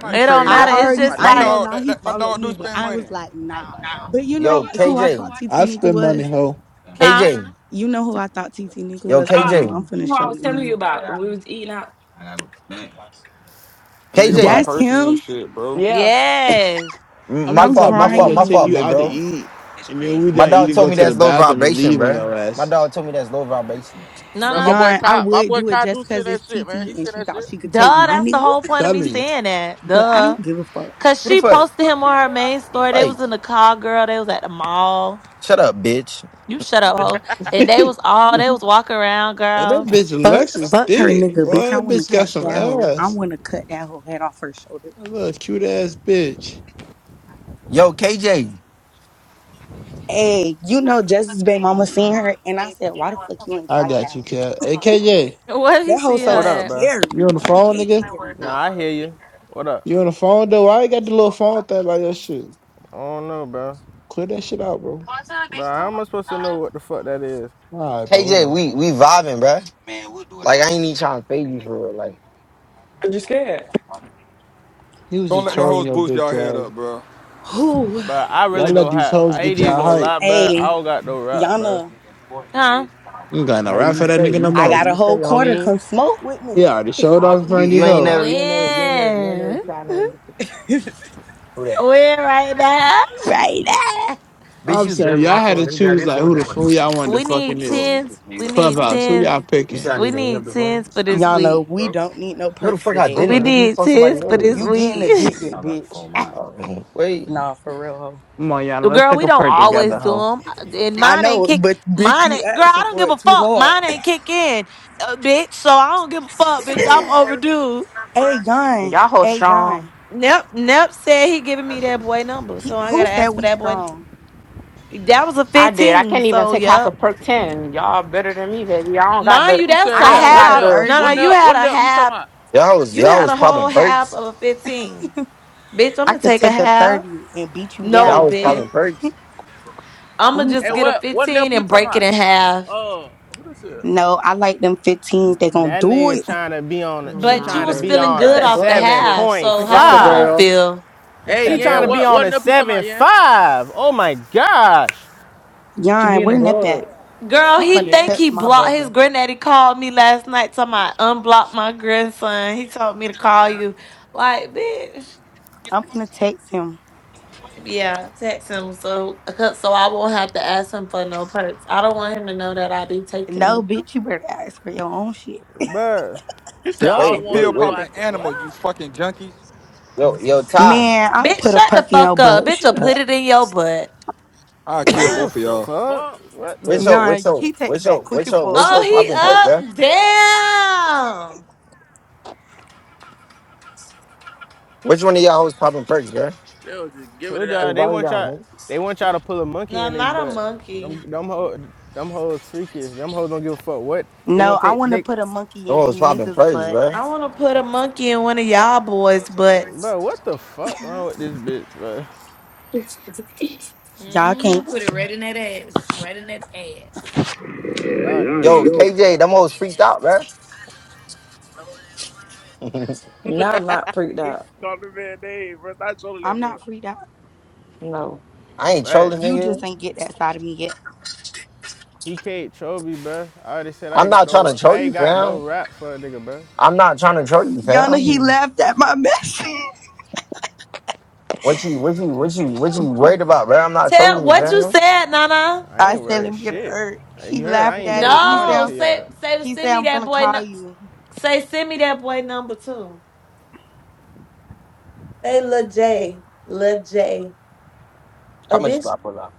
[SPEAKER 15] You
[SPEAKER 21] It
[SPEAKER 2] said
[SPEAKER 21] don't
[SPEAKER 15] crazy?
[SPEAKER 9] I
[SPEAKER 21] matter.
[SPEAKER 15] That,
[SPEAKER 2] somebody
[SPEAKER 21] It's
[SPEAKER 9] already,
[SPEAKER 21] just
[SPEAKER 2] somebody
[SPEAKER 15] my
[SPEAKER 9] I ain't
[SPEAKER 2] X.
[SPEAKER 21] like,
[SPEAKER 9] gonna
[SPEAKER 15] dog,
[SPEAKER 9] lie,
[SPEAKER 15] that,
[SPEAKER 9] he
[SPEAKER 15] that, my
[SPEAKER 9] followed
[SPEAKER 15] dog do
[SPEAKER 9] me, but
[SPEAKER 15] spend
[SPEAKER 9] I
[SPEAKER 15] money.
[SPEAKER 9] was like, nah. But you know
[SPEAKER 4] Well, Yo, But you know
[SPEAKER 9] who I thought TT
[SPEAKER 3] I
[SPEAKER 9] Nigga
[SPEAKER 3] spend money,
[SPEAKER 9] was?
[SPEAKER 3] hoe.
[SPEAKER 4] K
[SPEAKER 21] huh?
[SPEAKER 4] J, who KJ, I KJ,
[SPEAKER 9] You know who I thought TT Nigga
[SPEAKER 4] yo,
[SPEAKER 9] was? Hold on, I'm
[SPEAKER 4] KJ,
[SPEAKER 13] You know
[SPEAKER 9] finna
[SPEAKER 13] what I
[SPEAKER 9] show
[SPEAKER 13] was
[SPEAKER 9] you
[SPEAKER 13] telling you
[SPEAKER 9] him.
[SPEAKER 13] about. We was eating out.
[SPEAKER 4] Man,
[SPEAKER 15] A nigga buy
[SPEAKER 3] I,
[SPEAKER 4] KJ.
[SPEAKER 9] That's
[SPEAKER 15] purses and
[SPEAKER 9] him.
[SPEAKER 15] shit, bro.
[SPEAKER 13] Yeah.
[SPEAKER 21] Yes.
[SPEAKER 4] m-
[SPEAKER 3] I'm
[SPEAKER 4] My
[SPEAKER 3] the
[SPEAKER 9] I'm
[SPEAKER 3] type of
[SPEAKER 4] fault, my
[SPEAKER 3] nigga
[SPEAKER 4] fault,
[SPEAKER 3] that
[SPEAKER 4] my
[SPEAKER 3] take
[SPEAKER 4] fault,
[SPEAKER 9] crying.
[SPEAKER 3] you
[SPEAKER 4] big
[SPEAKER 3] out to
[SPEAKER 4] bro.
[SPEAKER 3] eat.
[SPEAKER 4] it's
[SPEAKER 3] And then when
[SPEAKER 4] crazy.
[SPEAKER 3] we
[SPEAKER 4] My
[SPEAKER 3] done
[SPEAKER 4] dog
[SPEAKER 3] eating,
[SPEAKER 4] told
[SPEAKER 3] go
[SPEAKER 4] me
[SPEAKER 3] to the
[SPEAKER 4] that's low
[SPEAKER 3] bathroom and
[SPEAKER 4] vibration,
[SPEAKER 3] leave on
[SPEAKER 4] bro.
[SPEAKER 3] your
[SPEAKER 4] My
[SPEAKER 3] ass.
[SPEAKER 4] dog told me that's low vibration.
[SPEAKER 2] Bro, my
[SPEAKER 21] Nana.
[SPEAKER 2] boy
[SPEAKER 9] Yarn, I
[SPEAKER 2] Kai, my
[SPEAKER 9] would
[SPEAKER 2] boy
[SPEAKER 9] do it
[SPEAKER 2] Kai do
[SPEAKER 9] just cause
[SPEAKER 2] send that
[SPEAKER 9] it's
[SPEAKER 2] shit, man.
[SPEAKER 9] TT
[SPEAKER 2] He
[SPEAKER 9] and
[SPEAKER 2] sent
[SPEAKER 9] she
[SPEAKER 2] that
[SPEAKER 9] thought
[SPEAKER 2] shit.
[SPEAKER 9] she could take
[SPEAKER 21] Duh,
[SPEAKER 9] my
[SPEAKER 21] that's the
[SPEAKER 9] nigga,
[SPEAKER 21] whole point of
[SPEAKER 3] Tell
[SPEAKER 21] me
[SPEAKER 3] me.
[SPEAKER 21] saying that.
[SPEAKER 9] but I
[SPEAKER 21] Duh.
[SPEAKER 9] don't give a fuck.
[SPEAKER 21] Cause
[SPEAKER 4] What the
[SPEAKER 21] she
[SPEAKER 4] fuck?
[SPEAKER 21] posted him on her main story. They
[SPEAKER 4] Like,
[SPEAKER 21] was in the car, girl. They was at the mall.
[SPEAKER 4] shut up, bitch.
[SPEAKER 21] You shut up, ho. And they was all they was walking around,
[SPEAKER 3] And that
[SPEAKER 21] girl.
[SPEAKER 3] bitch
[SPEAKER 9] Fuck,
[SPEAKER 3] Alexis, is
[SPEAKER 9] fuck her
[SPEAKER 3] thick.
[SPEAKER 9] nigga,
[SPEAKER 3] Boy,
[SPEAKER 9] bitch. I
[SPEAKER 3] that
[SPEAKER 9] wanna
[SPEAKER 3] bitch got
[SPEAKER 9] catch
[SPEAKER 3] some
[SPEAKER 9] that hoe. I
[SPEAKER 3] ass.
[SPEAKER 9] wanna cut that hoe head off her shoulders.
[SPEAKER 3] That little cute ass bitch.
[SPEAKER 4] Yo, KJ,
[SPEAKER 9] Hey, you know Justice Bay mama seen her and I said, Why the fuck you ain't
[SPEAKER 3] I
[SPEAKER 9] fight that
[SPEAKER 3] got you,
[SPEAKER 9] hoe?
[SPEAKER 3] Cat. Hey,
[SPEAKER 1] hmm
[SPEAKER 3] KJ,
[SPEAKER 21] What did he
[SPEAKER 9] That hoe
[SPEAKER 21] see her
[SPEAKER 9] so
[SPEAKER 6] What up,
[SPEAKER 21] at?
[SPEAKER 6] bro?
[SPEAKER 9] scary.
[SPEAKER 3] you on
[SPEAKER 9] And
[SPEAKER 3] the
[SPEAKER 9] I
[SPEAKER 3] phone,
[SPEAKER 9] hate
[SPEAKER 3] nigga?
[SPEAKER 9] scary hoe.
[SPEAKER 6] Nah, I hear you. What up?
[SPEAKER 3] You on the phone though? I ain't got the little phone thing like your shit.
[SPEAKER 6] I don't know, bro.
[SPEAKER 3] Clear that shit out, bro.
[SPEAKER 6] Bro, how am I supposed to know what the fuck that is?
[SPEAKER 3] All right, bro.
[SPEAKER 4] KJ,
[SPEAKER 3] Whatever.
[SPEAKER 4] we we vibing, bro. Man, we'll do it Like I ain't even trying to fade you for real. Like,
[SPEAKER 13] Cause you scared.
[SPEAKER 3] He was
[SPEAKER 15] Don't
[SPEAKER 3] just
[SPEAKER 15] let them
[SPEAKER 3] trolling
[SPEAKER 15] hoes
[SPEAKER 3] your
[SPEAKER 15] boost
[SPEAKER 3] bitch
[SPEAKER 15] y'all head
[SPEAKER 3] ass.
[SPEAKER 15] up, bro.
[SPEAKER 9] Who?
[SPEAKER 6] Bro, I
[SPEAKER 3] Y'all
[SPEAKER 6] really
[SPEAKER 3] let
[SPEAKER 6] don't
[SPEAKER 3] these
[SPEAKER 6] have.
[SPEAKER 3] hoes
[SPEAKER 6] I
[SPEAKER 3] get
[SPEAKER 6] did
[SPEAKER 3] y'all
[SPEAKER 6] go a
[SPEAKER 3] hype.
[SPEAKER 6] lot, bro. I
[SPEAKER 9] Hey,
[SPEAKER 6] don't got no rap, bro.
[SPEAKER 9] Yana,
[SPEAKER 21] Huh?
[SPEAKER 3] I'm going
[SPEAKER 4] all
[SPEAKER 3] to
[SPEAKER 4] right,
[SPEAKER 3] rap
[SPEAKER 4] you
[SPEAKER 3] for that
[SPEAKER 4] stay,
[SPEAKER 3] nigga no
[SPEAKER 4] you
[SPEAKER 9] I
[SPEAKER 4] stay,
[SPEAKER 3] more.
[SPEAKER 9] got a
[SPEAKER 4] you stay,
[SPEAKER 9] whole quarter.
[SPEAKER 4] homie.
[SPEAKER 9] Come smoke with
[SPEAKER 3] He
[SPEAKER 9] me.
[SPEAKER 3] already showed off in front
[SPEAKER 4] You
[SPEAKER 3] of
[SPEAKER 4] you
[SPEAKER 3] these
[SPEAKER 4] ain't
[SPEAKER 3] hoes.
[SPEAKER 4] never, you ain't never, you ain't never, you ain't never
[SPEAKER 21] When?
[SPEAKER 4] try no. Who that?
[SPEAKER 21] When right now?
[SPEAKER 9] right now.
[SPEAKER 4] Bitch,
[SPEAKER 3] I'm
[SPEAKER 4] you. was.
[SPEAKER 3] saying y'all had to choose like who the fool y'all wanted to
[SPEAKER 21] We
[SPEAKER 3] fucking
[SPEAKER 21] need
[SPEAKER 3] is.
[SPEAKER 21] tens.
[SPEAKER 4] Bro,
[SPEAKER 21] We need
[SPEAKER 3] Clubhouse. Who
[SPEAKER 21] tens.
[SPEAKER 3] y'all
[SPEAKER 4] You
[SPEAKER 3] picking?
[SPEAKER 4] said I
[SPEAKER 21] We
[SPEAKER 4] need to hang up
[SPEAKER 21] need
[SPEAKER 4] the phone?
[SPEAKER 21] tens
[SPEAKER 4] Just
[SPEAKER 21] for
[SPEAKER 4] Hung
[SPEAKER 21] this
[SPEAKER 4] up, the
[SPEAKER 9] Y'all know
[SPEAKER 21] week.
[SPEAKER 4] phone,
[SPEAKER 9] we
[SPEAKER 4] bro.
[SPEAKER 9] don't need no
[SPEAKER 4] No, the
[SPEAKER 9] perks
[SPEAKER 4] fuck I
[SPEAKER 9] today,
[SPEAKER 21] We
[SPEAKER 4] didn't,
[SPEAKER 9] bruh.
[SPEAKER 4] nigga. You
[SPEAKER 21] need
[SPEAKER 4] called somebody
[SPEAKER 21] tens for
[SPEAKER 4] earlier.
[SPEAKER 21] this
[SPEAKER 9] You getting
[SPEAKER 21] week.
[SPEAKER 9] addicted, bitch.
[SPEAKER 4] Oh, mm-hmm. wait.
[SPEAKER 9] Nah, for real, hoe.
[SPEAKER 3] Come on, y'all. Let's
[SPEAKER 21] Girl,
[SPEAKER 3] pick
[SPEAKER 21] we
[SPEAKER 3] a
[SPEAKER 21] don't
[SPEAKER 3] perk
[SPEAKER 21] always
[SPEAKER 3] together,
[SPEAKER 21] do
[SPEAKER 3] hoe.
[SPEAKER 21] them. And
[SPEAKER 9] I
[SPEAKER 21] mine ain't
[SPEAKER 9] know,
[SPEAKER 21] kick.
[SPEAKER 9] but bitch,
[SPEAKER 21] Mine
[SPEAKER 9] you
[SPEAKER 21] ain't. Girl, I
[SPEAKER 9] asking
[SPEAKER 21] don't
[SPEAKER 9] for
[SPEAKER 21] give a
[SPEAKER 9] it too
[SPEAKER 21] fuck.
[SPEAKER 9] hard.
[SPEAKER 21] Mine ain't kick in, uh, bitch. So I don't give a fuck, bitch. I'm overdue.
[SPEAKER 9] A gun,
[SPEAKER 11] Y'all hold
[SPEAKER 9] a
[SPEAKER 11] strong.
[SPEAKER 9] gun.
[SPEAKER 21] Nep Nep said he giving me that boy number,
[SPEAKER 9] He,
[SPEAKER 21] so I
[SPEAKER 9] who
[SPEAKER 21] gotta
[SPEAKER 9] said
[SPEAKER 21] ask for
[SPEAKER 9] we
[SPEAKER 21] that boy.
[SPEAKER 9] strong?
[SPEAKER 21] That was a
[SPEAKER 11] I did. I
[SPEAKER 21] fifteen,
[SPEAKER 11] can't even
[SPEAKER 21] so
[SPEAKER 11] take half a
[SPEAKER 21] yep.
[SPEAKER 11] perk ten. Y'all better than me, baby. I don't got
[SPEAKER 21] Mind
[SPEAKER 11] the.
[SPEAKER 21] you,
[SPEAKER 2] Who
[SPEAKER 21] that's
[SPEAKER 9] I
[SPEAKER 2] said
[SPEAKER 21] a
[SPEAKER 11] I
[SPEAKER 9] could
[SPEAKER 2] that?
[SPEAKER 11] don't
[SPEAKER 2] What
[SPEAKER 9] take
[SPEAKER 11] got
[SPEAKER 9] a
[SPEAKER 21] half.
[SPEAKER 2] nip?
[SPEAKER 11] the.
[SPEAKER 21] No, no,
[SPEAKER 2] What
[SPEAKER 9] thirty.
[SPEAKER 21] you
[SPEAKER 2] nip?
[SPEAKER 21] had
[SPEAKER 2] What
[SPEAKER 21] a
[SPEAKER 2] nip you talking
[SPEAKER 21] half.
[SPEAKER 2] about?
[SPEAKER 4] Y'all was
[SPEAKER 21] You
[SPEAKER 4] y'all
[SPEAKER 21] had
[SPEAKER 4] was
[SPEAKER 21] a whole
[SPEAKER 4] popping
[SPEAKER 21] half of
[SPEAKER 4] perks.
[SPEAKER 21] a fifteen, bitch. I'm
[SPEAKER 9] I
[SPEAKER 21] gonna
[SPEAKER 9] could
[SPEAKER 21] take a
[SPEAKER 9] take a
[SPEAKER 21] half.
[SPEAKER 9] thirty and beat you
[SPEAKER 21] No,
[SPEAKER 4] Y'all was
[SPEAKER 9] down.
[SPEAKER 4] popping
[SPEAKER 21] bitch.
[SPEAKER 4] perks.
[SPEAKER 21] I'm
[SPEAKER 9] Let
[SPEAKER 21] gonna
[SPEAKER 9] me
[SPEAKER 2] Hey,
[SPEAKER 21] just get
[SPEAKER 9] stop.
[SPEAKER 21] a
[SPEAKER 2] what? What nip
[SPEAKER 21] fifteen
[SPEAKER 2] you
[SPEAKER 21] and
[SPEAKER 2] talking
[SPEAKER 21] break it
[SPEAKER 2] about?
[SPEAKER 21] in half.
[SPEAKER 2] Uh, who this is?
[SPEAKER 9] No, I like them 15s. They gonna
[SPEAKER 6] That
[SPEAKER 9] do
[SPEAKER 6] nigga
[SPEAKER 9] it.
[SPEAKER 6] trying to be on. A,
[SPEAKER 11] Mm,
[SPEAKER 6] she
[SPEAKER 21] But
[SPEAKER 11] Nah,
[SPEAKER 21] you
[SPEAKER 6] trying to
[SPEAKER 21] was
[SPEAKER 6] be
[SPEAKER 21] feeling
[SPEAKER 11] baby.
[SPEAKER 6] on
[SPEAKER 13] That's
[SPEAKER 6] a
[SPEAKER 21] good
[SPEAKER 13] that
[SPEAKER 21] off the
[SPEAKER 13] bug
[SPEAKER 6] seven
[SPEAKER 13] shit.
[SPEAKER 21] half,
[SPEAKER 6] point
[SPEAKER 21] so
[SPEAKER 11] I'm
[SPEAKER 21] how
[SPEAKER 11] just
[SPEAKER 21] the
[SPEAKER 11] a
[SPEAKER 21] whole
[SPEAKER 6] five.
[SPEAKER 11] girl.
[SPEAKER 21] feel?
[SPEAKER 13] That's
[SPEAKER 2] Hey,
[SPEAKER 6] She
[SPEAKER 13] that
[SPEAKER 2] yeah,
[SPEAKER 6] trying to
[SPEAKER 13] bug
[SPEAKER 6] be
[SPEAKER 2] what?
[SPEAKER 6] on
[SPEAKER 2] What
[SPEAKER 6] a
[SPEAKER 13] shit.
[SPEAKER 2] nip you talking
[SPEAKER 6] seven
[SPEAKER 2] about,
[SPEAKER 6] point
[SPEAKER 2] yeah?
[SPEAKER 6] five. Oh my gosh,
[SPEAKER 13] She be
[SPEAKER 9] Yon,
[SPEAKER 13] in the
[SPEAKER 9] where Nip at?
[SPEAKER 13] bug.
[SPEAKER 21] Girl,
[SPEAKER 9] I'm
[SPEAKER 2] Beyond,
[SPEAKER 21] he
[SPEAKER 9] finna
[SPEAKER 21] think
[SPEAKER 2] yeah.
[SPEAKER 9] text
[SPEAKER 21] he
[SPEAKER 9] my
[SPEAKER 21] blocked his
[SPEAKER 9] brother.
[SPEAKER 21] granddaddy called me last night talking I unblock my grandson. He told me to call you. Like, bitch.
[SPEAKER 9] I'm finna text him.
[SPEAKER 21] Yeah, text him so because- so I won't have to ask him for no perks. I don't want him to know that I be taking
[SPEAKER 9] No,
[SPEAKER 21] it.
[SPEAKER 9] bitch, you better ask for your own shit.
[SPEAKER 6] bro.
[SPEAKER 2] You said
[SPEAKER 15] Y'all
[SPEAKER 2] I don't
[SPEAKER 15] some
[SPEAKER 4] Wait,
[SPEAKER 2] want
[SPEAKER 4] wait,
[SPEAKER 15] pill
[SPEAKER 2] him to know
[SPEAKER 4] wait.
[SPEAKER 2] I
[SPEAKER 15] popping
[SPEAKER 2] said what?
[SPEAKER 15] animals, you fucking junkies.
[SPEAKER 4] Yo, yo, Ty.
[SPEAKER 9] Man, I'll
[SPEAKER 21] Bitch,
[SPEAKER 9] put a
[SPEAKER 21] shut the
[SPEAKER 9] perk in your
[SPEAKER 21] fuck up.
[SPEAKER 9] butt.
[SPEAKER 21] Bitch, will
[SPEAKER 9] Shut
[SPEAKER 21] put
[SPEAKER 9] up.
[SPEAKER 21] it in your butt.
[SPEAKER 15] I kill
[SPEAKER 6] What
[SPEAKER 2] What
[SPEAKER 6] the
[SPEAKER 15] both of
[SPEAKER 2] the
[SPEAKER 15] y'all.
[SPEAKER 6] fuck?
[SPEAKER 2] fuck?
[SPEAKER 6] What the?
[SPEAKER 4] What's
[SPEAKER 6] F
[SPEAKER 4] your what's
[SPEAKER 9] Yon,
[SPEAKER 4] your
[SPEAKER 9] he texts
[SPEAKER 4] what's your
[SPEAKER 9] back quick
[SPEAKER 4] what's
[SPEAKER 9] and
[SPEAKER 4] your
[SPEAKER 9] full.
[SPEAKER 4] what's
[SPEAKER 21] Oh,
[SPEAKER 4] your popping perk, bro?
[SPEAKER 21] he up. Damn.
[SPEAKER 4] Which one of y'all was popping perks, bro?
[SPEAKER 2] They was just giving
[SPEAKER 6] Told
[SPEAKER 2] it up.
[SPEAKER 6] y'all they want y'all they want y'all to pull a
[SPEAKER 21] No,
[SPEAKER 6] monkey in
[SPEAKER 21] I'm
[SPEAKER 6] they
[SPEAKER 21] not a
[SPEAKER 6] butt.
[SPEAKER 21] monkey.
[SPEAKER 6] Them them hoes them hoes freaky. If Them hoes don't give a fuck what they gonna
[SPEAKER 9] No, I
[SPEAKER 6] take.
[SPEAKER 9] wanna
[SPEAKER 6] They
[SPEAKER 9] put a monkey
[SPEAKER 4] Them
[SPEAKER 9] in you
[SPEAKER 4] was popping
[SPEAKER 9] niggas'
[SPEAKER 4] perks, bro?
[SPEAKER 21] I
[SPEAKER 9] butts.
[SPEAKER 21] want to put a monkey in one of y'all boys, but
[SPEAKER 6] bro, what the fuck wrong with this bitch, bro?
[SPEAKER 9] Y'all can't.
[SPEAKER 1] Put it right in that ass. Right in that ass.
[SPEAKER 6] Yeah, y'all niggas,
[SPEAKER 4] Yo,
[SPEAKER 6] yeah,
[SPEAKER 4] KJ,
[SPEAKER 6] yeah.
[SPEAKER 4] them hoes freaked out, bro.
[SPEAKER 13] No, I'm not freaked
[SPEAKER 2] Think
[SPEAKER 13] out.
[SPEAKER 2] you called the man name, bro. Stop trolling that
[SPEAKER 9] I'm
[SPEAKER 2] man.
[SPEAKER 9] not freed out.
[SPEAKER 13] No.
[SPEAKER 4] I ain't
[SPEAKER 6] But
[SPEAKER 4] trolling,
[SPEAKER 9] You just
[SPEAKER 4] nigga.
[SPEAKER 9] ain't get that side of me yet.
[SPEAKER 6] he can't troll me, bro. I already said I
[SPEAKER 4] I'm
[SPEAKER 6] ain't got
[SPEAKER 4] not trying to
[SPEAKER 6] no
[SPEAKER 4] troll
[SPEAKER 6] I ain't
[SPEAKER 4] you,
[SPEAKER 6] got no
[SPEAKER 4] fam.
[SPEAKER 6] rap for a nigga, bro.
[SPEAKER 4] I'm not trying to troll you,
[SPEAKER 9] Yana, he
[SPEAKER 4] fam.
[SPEAKER 9] laughed at my message.
[SPEAKER 4] What you what you what you what you worried about, bro? I'm not
[SPEAKER 21] tell
[SPEAKER 4] trolling you,
[SPEAKER 21] what you
[SPEAKER 4] bro.
[SPEAKER 21] said, Nana.
[SPEAKER 6] I
[SPEAKER 9] I
[SPEAKER 6] ain't
[SPEAKER 9] said,
[SPEAKER 6] worried
[SPEAKER 9] let me get a
[SPEAKER 6] shit.
[SPEAKER 9] hurt. He
[SPEAKER 6] You heard I
[SPEAKER 9] laughed
[SPEAKER 6] ain't been
[SPEAKER 9] at it. He
[SPEAKER 6] responding
[SPEAKER 9] said,
[SPEAKER 21] No,
[SPEAKER 6] to
[SPEAKER 21] say
[SPEAKER 6] y'all.
[SPEAKER 21] say
[SPEAKER 9] he
[SPEAKER 21] send
[SPEAKER 9] said,
[SPEAKER 21] me
[SPEAKER 9] I'm
[SPEAKER 21] that
[SPEAKER 9] gonna
[SPEAKER 21] boy. nu-
[SPEAKER 9] call you.
[SPEAKER 21] Say send me that boy number two. Say Lil J, Lil J.
[SPEAKER 4] How
[SPEAKER 21] A
[SPEAKER 4] much do
[SPEAKER 21] bitch.
[SPEAKER 4] I pull out?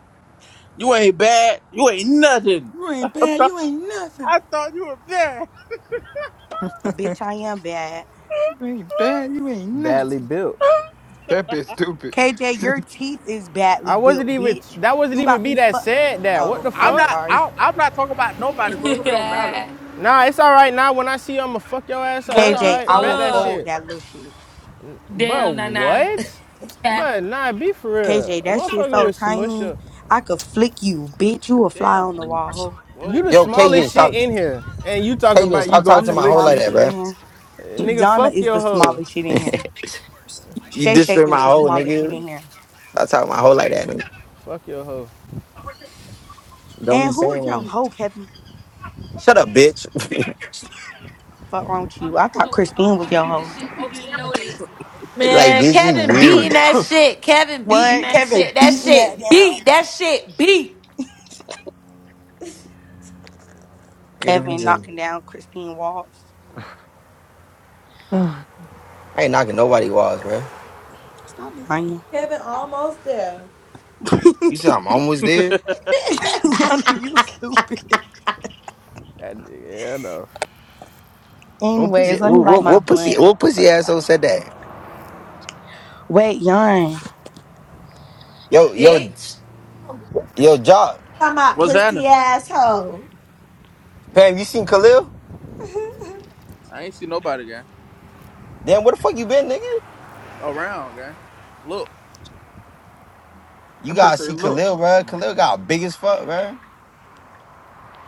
[SPEAKER 2] You ain't bad. You ain't nothing.
[SPEAKER 15] You
[SPEAKER 2] I
[SPEAKER 15] ain't bad.
[SPEAKER 2] thought,
[SPEAKER 15] You ain't nothing.
[SPEAKER 2] I thought you were bad.
[SPEAKER 9] A bitch, I am bad.
[SPEAKER 15] you ain't bad. You ain't
[SPEAKER 6] Badly
[SPEAKER 15] nothing.
[SPEAKER 6] built.
[SPEAKER 15] That bitch stupid.
[SPEAKER 9] KJ, your teeth is
[SPEAKER 6] I
[SPEAKER 9] badly
[SPEAKER 6] wasn't
[SPEAKER 9] built,
[SPEAKER 6] even
[SPEAKER 9] bitch.
[SPEAKER 6] that wasn't
[SPEAKER 9] You
[SPEAKER 6] even
[SPEAKER 9] got
[SPEAKER 6] me
[SPEAKER 9] me
[SPEAKER 6] that
[SPEAKER 9] fu-
[SPEAKER 6] said that. What
[SPEAKER 9] Oh,
[SPEAKER 6] the
[SPEAKER 2] I'm
[SPEAKER 9] I'm
[SPEAKER 6] fuck?
[SPEAKER 2] not.
[SPEAKER 9] sorry.
[SPEAKER 2] I, I'm not talking about nobody, so it really don't matter.
[SPEAKER 6] Nah, it's all right now. When I see you, I'ma fuck your ass up. It's
[SPEAKER 1] what
[SPEAKER 6] all
[SPEAKER 1] the
[SPEAKER 9] KJ,
[SPEAKER 6] right.
[SPEAKER 9] I
[SPEAKER 6] Bet
[SPEAKER 9] will
[SPEAKER 6] that
[SPEAKER 1] fuck?
[SPEAKER 9] fold
[SPEAKER 6] shit.
[SPEAKER 9] that little shit.
[SPEAKER 6] But
[SPEAKER 1] Damn, nah, nah.
[SPEAKER 6] what? But nah, be for real.
[SPEAKER 9] KJ,
[SPEAKER 6] A
[SPEAKER 9] that shit
[SPEAKER 6] motherfucker
[SPEAKER 9] so
[SPEAKER 6] would smush
[SPEAKER 9] tiny.
[SPEAKER 6] up.
[SPEAKER 9] I could flick you, bitch. You a fly
[SPEAKER 2] Damn.
[SPEAKER 9] on the wall, ho.
[SPEAKER 6] You the
[SPEAKER 2] Whoa.
[SPEAKER 4] Yo, KJ,
[SPEAKER 6] smallest shit
[SPEAKER 4] stop
[SPEAKER 6] in here, and you talking
[SPEAKER 4] KJ,
[SPEAKER 6] about you
[SPEAKER 4] stop
[SPEAKER 6] gonna
[SPEAKER 4] talking
[SPEAKER 9] I'm
[SPEAKER 4] to
[SPEAKER 9] the
[SPEAKER 4] my
[SPEAKER 6] flick
[SPEAKER 4] hoe
[SPEAKER 6] some
[SPEAKER 4] like
[SPEAKER 9] smallest
[SPEAKER 4] that,
[SPEAKER 6] shit,
[SPEAKER 9] shit
[SPEAKER 4] bro.
[SPEAKER 9] in
[SPEAKER 6] Eh,
[SPEAKER 9] here.
[SPEAKER 6] nigga.
[SPEAKER 9] Yana
[SPEAKER 6] Fuck
[SPEAKER 9] is
[SPEAKER 6] your
[SPEAKER 9] the
[SPEAKER 6] hoe.
[SPEAKER 9] smallest shit in here.
[SPEAKER 4] You
[SPEAKER 9] Shay Shay
[SPEAKER 4] disrespect
[SPEAKER 9] is
[SPEAKER 4] my
[SPEAKER 9] the
[SPEAKER 4] hoe,
[SPEAKER 9] smallest shit
[SPEAKER 4] nigga.
[SPEAKER 9] in here.
[SPEAKER 4] Stop talking to my hoe like that, nigga.
[SPEAKER 6] Fuck your hoe.
[SPEAKER 4] Don't be
[SPEAKER 9] And who
[SPEAKER 4] saying
[SPEAKER 9] is your
[SPEAKER 4] that.
[SPEAKER 9] hoe, Kevin?
[SPEAKER 4] Shut up, bitch.
[SPEAKER 9] Fuck wrong with
[SPEAKER 1] I'm
[SPEAKER 9] you?
[SPEAKER 1] in the
[SPEAKER 9] I thought
[SPEAKER 1] club with all my
[SPEAKER 9] Christine was
[SPEAKER 1] bitch.
[SPEAKER 9] your hoe.
[SPEAKER 1] This shit overloaded.
[SPEAKER 4] like
[SPEAKER 21] Man,
[SPEAKER 4] bitch, you
[SPEAKER 21] Kevin beating
[SPEAKER 4] weird.
[SPEAKER 21] that shit. Kevin beating
[SPEAKER 9] What?
[SPEAKER 21] that
[SPEAKER 9] Kevin
[SPEAKER 21] shit. That
[SPEAKER 9] beating that
[SPEAKER 21] shit
[SPEAKER 9] down.
[SPEAKER 21] beat. That shit beat.
[SPEAKER 4] You gotta be
[SPEAKER 9] Kevin
[SPEAKER 4] just-
[SPEAKER 9] knocking down Christine walls.
[SPEAKER 4] I ain't knocking nobody walls, bro.
[SPEAKER 9] Stop lying.
[SPEAKER 21] Kevin almost there.
[SPEAKER 9] y'all
[SPEAKER 4] You said I'm almost there?
[SPEAKER 9] know you stupid.
[SPEAKER 6] That yeah, I know.
[SPEAKER 4] What pussy
[SPEAKER 9] Anyways, let me
[SPEAKER 4] what,
[SPEAKER 9] light
[SPEAKER 4] what,
[SPEAKER 9] my
[SPEAKER 4] what pussy
[SPEAKER 9] blunt.
[SPEAKER 4] what pussy
[SPEAKER 9] Fuck
[SPEAKER 4] asshole
[SPEAKER 9] y'all.
[SPEAKER 4] said that?
[SPEAKER 9] Wait, Yon.
[SPEAKER 4] Yo, yo,
[SPEAKER 21] Bitch.
[SPEAKER 4] yo, job,
[SPEAKER 21] Talking about
[SPEAKER 2] What's
[SPEAKER 21] pussy
[SPEAKER 2] happening?
[SPEAKER 21] asshole.
[SPEAKER 4] Fam, you seen Khalil?
[SPEAKER 2] I ain't see nobody, guy.
[SPEAKER 4] Damn, where the fuck you been, nigga?
[SPEAKER 2] Around, guy. Look,
[SPEAKER 4] You
[SPEAKER 15] That bitch
[SPEAKER 4] gotta
[SPEAKER 15] say,
[SPEAKER 4] see
[SPEAKER 15] look.
[SPEAKER 4] Khalil, bro. Khalil got big as fuck, bro.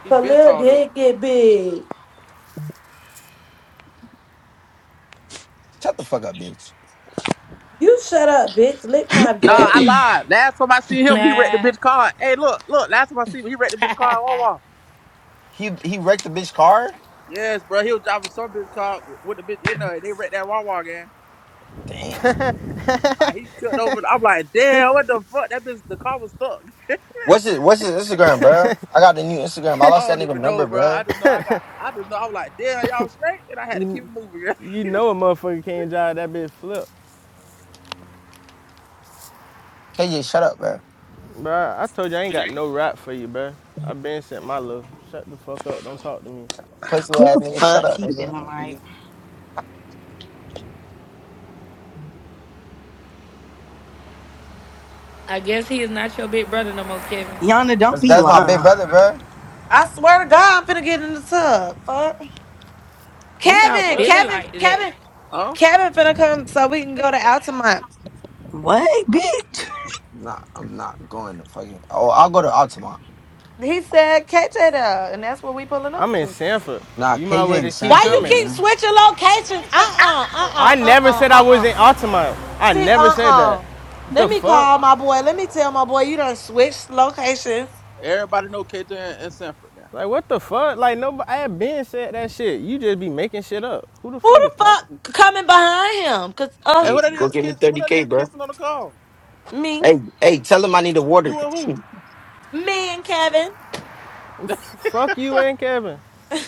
[SPEAKER 2] he been
[SPEAKER 21] Khalil
[SPEAKER 2] tall though.
[SPEAKER 21] did get big.
[SPEAKER 4] Shut the fuck up, bitch.
[SPEAKER 21] You shut up, bitch. Lick my
[SPEAKER 2] Nah,
[SPEAKER 21] butt.
[SPEAKER 2] I lied. Last time I seen him, he wrecked the
[SPEAKER 1] Nah.
[SPEAKER 2] bitch car. Hey, look, look. Last time I seen him, he wrecked the bitch car at Wawa.
[SPEAKER 4] He he wrecked the bitch car.
[SPEAKER 2] Yes, bro. He was driving some bitch car with the bitch in there, and they wrecked that Wawa, guy.
[SPEAKER 4] Damn.
[SPEAKER 2] Like he took over. I'm like, damn, what the fuck? That bitch, the car was stuck.
[SPEAKER 4] What's his What's his Instagram, bro? I got the new Instagram. I lost
[SPEAKER 2] I
[SPEAKER 4] that
[SPEAKER 2] don't
[SPEAKER 4] nigga
[SPEAKER 2] even know,
[SPEAKER 4] number,
[SPEAKER 2] bro. I
[SPEAKER 4] bro.
[SPEAKER 2] just know I got. I just know I was like, damn, y'all straight, and I had to keep
[SPEAKER 6] You,
[SPEAKER 2] it moving.
[SPEAKER 6] you know a motherfucker can't drive that bitch flip,
[SPEAKER 4] KJ, shut up, bro.
[SPEAKER 6] Bruh, I told you I ain't got no rap for you, bruh. I been sent my love. Shut the fuck up. Don't talk to me.
[SPEAKER 4] Pussy
[SPEAKER 9] Who
[SPEAKER 4] ass
[SPEAKER 9] the
[SPEAKER 4] nigga, shut
[SPEAKER 9] fuck
[SPEAKER 4] up,
[SPEAKER 9] he
[SPEAKER 4] nigga.
[SPEAKER 9] feeling like?
[SPEAKER 1] I guess he is not your big brother no more, Kevin.
[SPEAKER 9] Yana, don't
[SPEAKER 4] That's,
[SPEAKER 9] be
[SPEAKER 4] that's my big
[SPEAKER 9] lying.
[SPEAKER 4] brother, bro.
[SPEAKER 21] I swear to God, I'm finna get in the tub. Fuck.
[SPEAKER 1] Who y'all
[SPEAKER 21] Kevin,
[SPEAKER 2] what?
[SPEAKER 1] feeling
[SPEAKER 21] Kevin,
[SPEAKER 1] like today?
[SPEAKER 21] Kevin,
[SPEAKER 2] Huh?
[SPEAKER 21] Kevin finna come so we can go to Altamont.
[SPEAKER 9] What, bitch?
[SPEAKER 4] Nah, I'm not going to fucking. Oh, I'll go to Altamont.
[SPEAKER 21] He said, catch it up. And that's what we pulling up
[SPEAKER 6] I'm in
[SPEAKER 21] to.
[SPEAKER 6] Sanford.
[SPEAKER 4] Nah,
[SPEAKER 6] You might as
[SPEAKER 4] KJ
[SPEAKER 6] well
[SPEAKER 4] in
[SPEAKER 6] just keep
[SPEAKER 21] Why you
[SPEAKER 4] Sanford,
[SPEAKER 6] coming.
[SPEAKER 21] keep
[SPEAKER 4] bro.
[SPEAKER 21] switching locations? Uh-uh,
[SPEAKER 6] I
[SPEAKER 21] uh-uh,
[SPEAKER 6] never
[SPEAKER 21] uh-uh,
[SPEAKER 6] said I was
[SPEAKER 21] uh-uh.
[SPEAKER 6] in Altamont. I
[SPEAKER 21] See,
[SPEAKER 6] never said that.
[SPEAKER 21] uh-uh.
[SPEAKER 6] What The
[SPEAKER 21] Let me
[SPEAKER 6] fuck?
[SPEAKER 21] call my boy. Let me tell my boy you done switched locations.
[SPEAKER 2] Everybody know KJ and, and Sanford now.
[SPEAKER 6] Like what the fuck? Like nobody I had been said that shit. You just be making shit up. Who the
[SPEAKER 21] Who
[SPEAKER 6] fuck is
[SPEAKER 21] the
[SPEAKER 6] talking?
[SPEAKER 21] fuck coming behind him? Cause uh
[SPEAKER 2] And
[SPEAKER 4] Yeah,
[SPEAKER 2] who that
[SPEAKER 4] Go
[SPEAKER 2] is
[SPEAKER 4] get me
[SPEAKER 2] kiss? Who
[SPEAKER 4] thirty
[SPEAKER 2] that
[SPEAKER 4] k,
[SPEAKER 2] is
[SPEAKER 4] bro.
[SPEAKER 2] kissing on the call?
[SPEAKER 21] me.
[SPEAKER 4] Hey, hey, tell him I need a water.
[SPEAKER 2] You and who?
[SPEAKER 21] Me and Kevin.
[SPEAKER 6] F- fuck you and Kevin.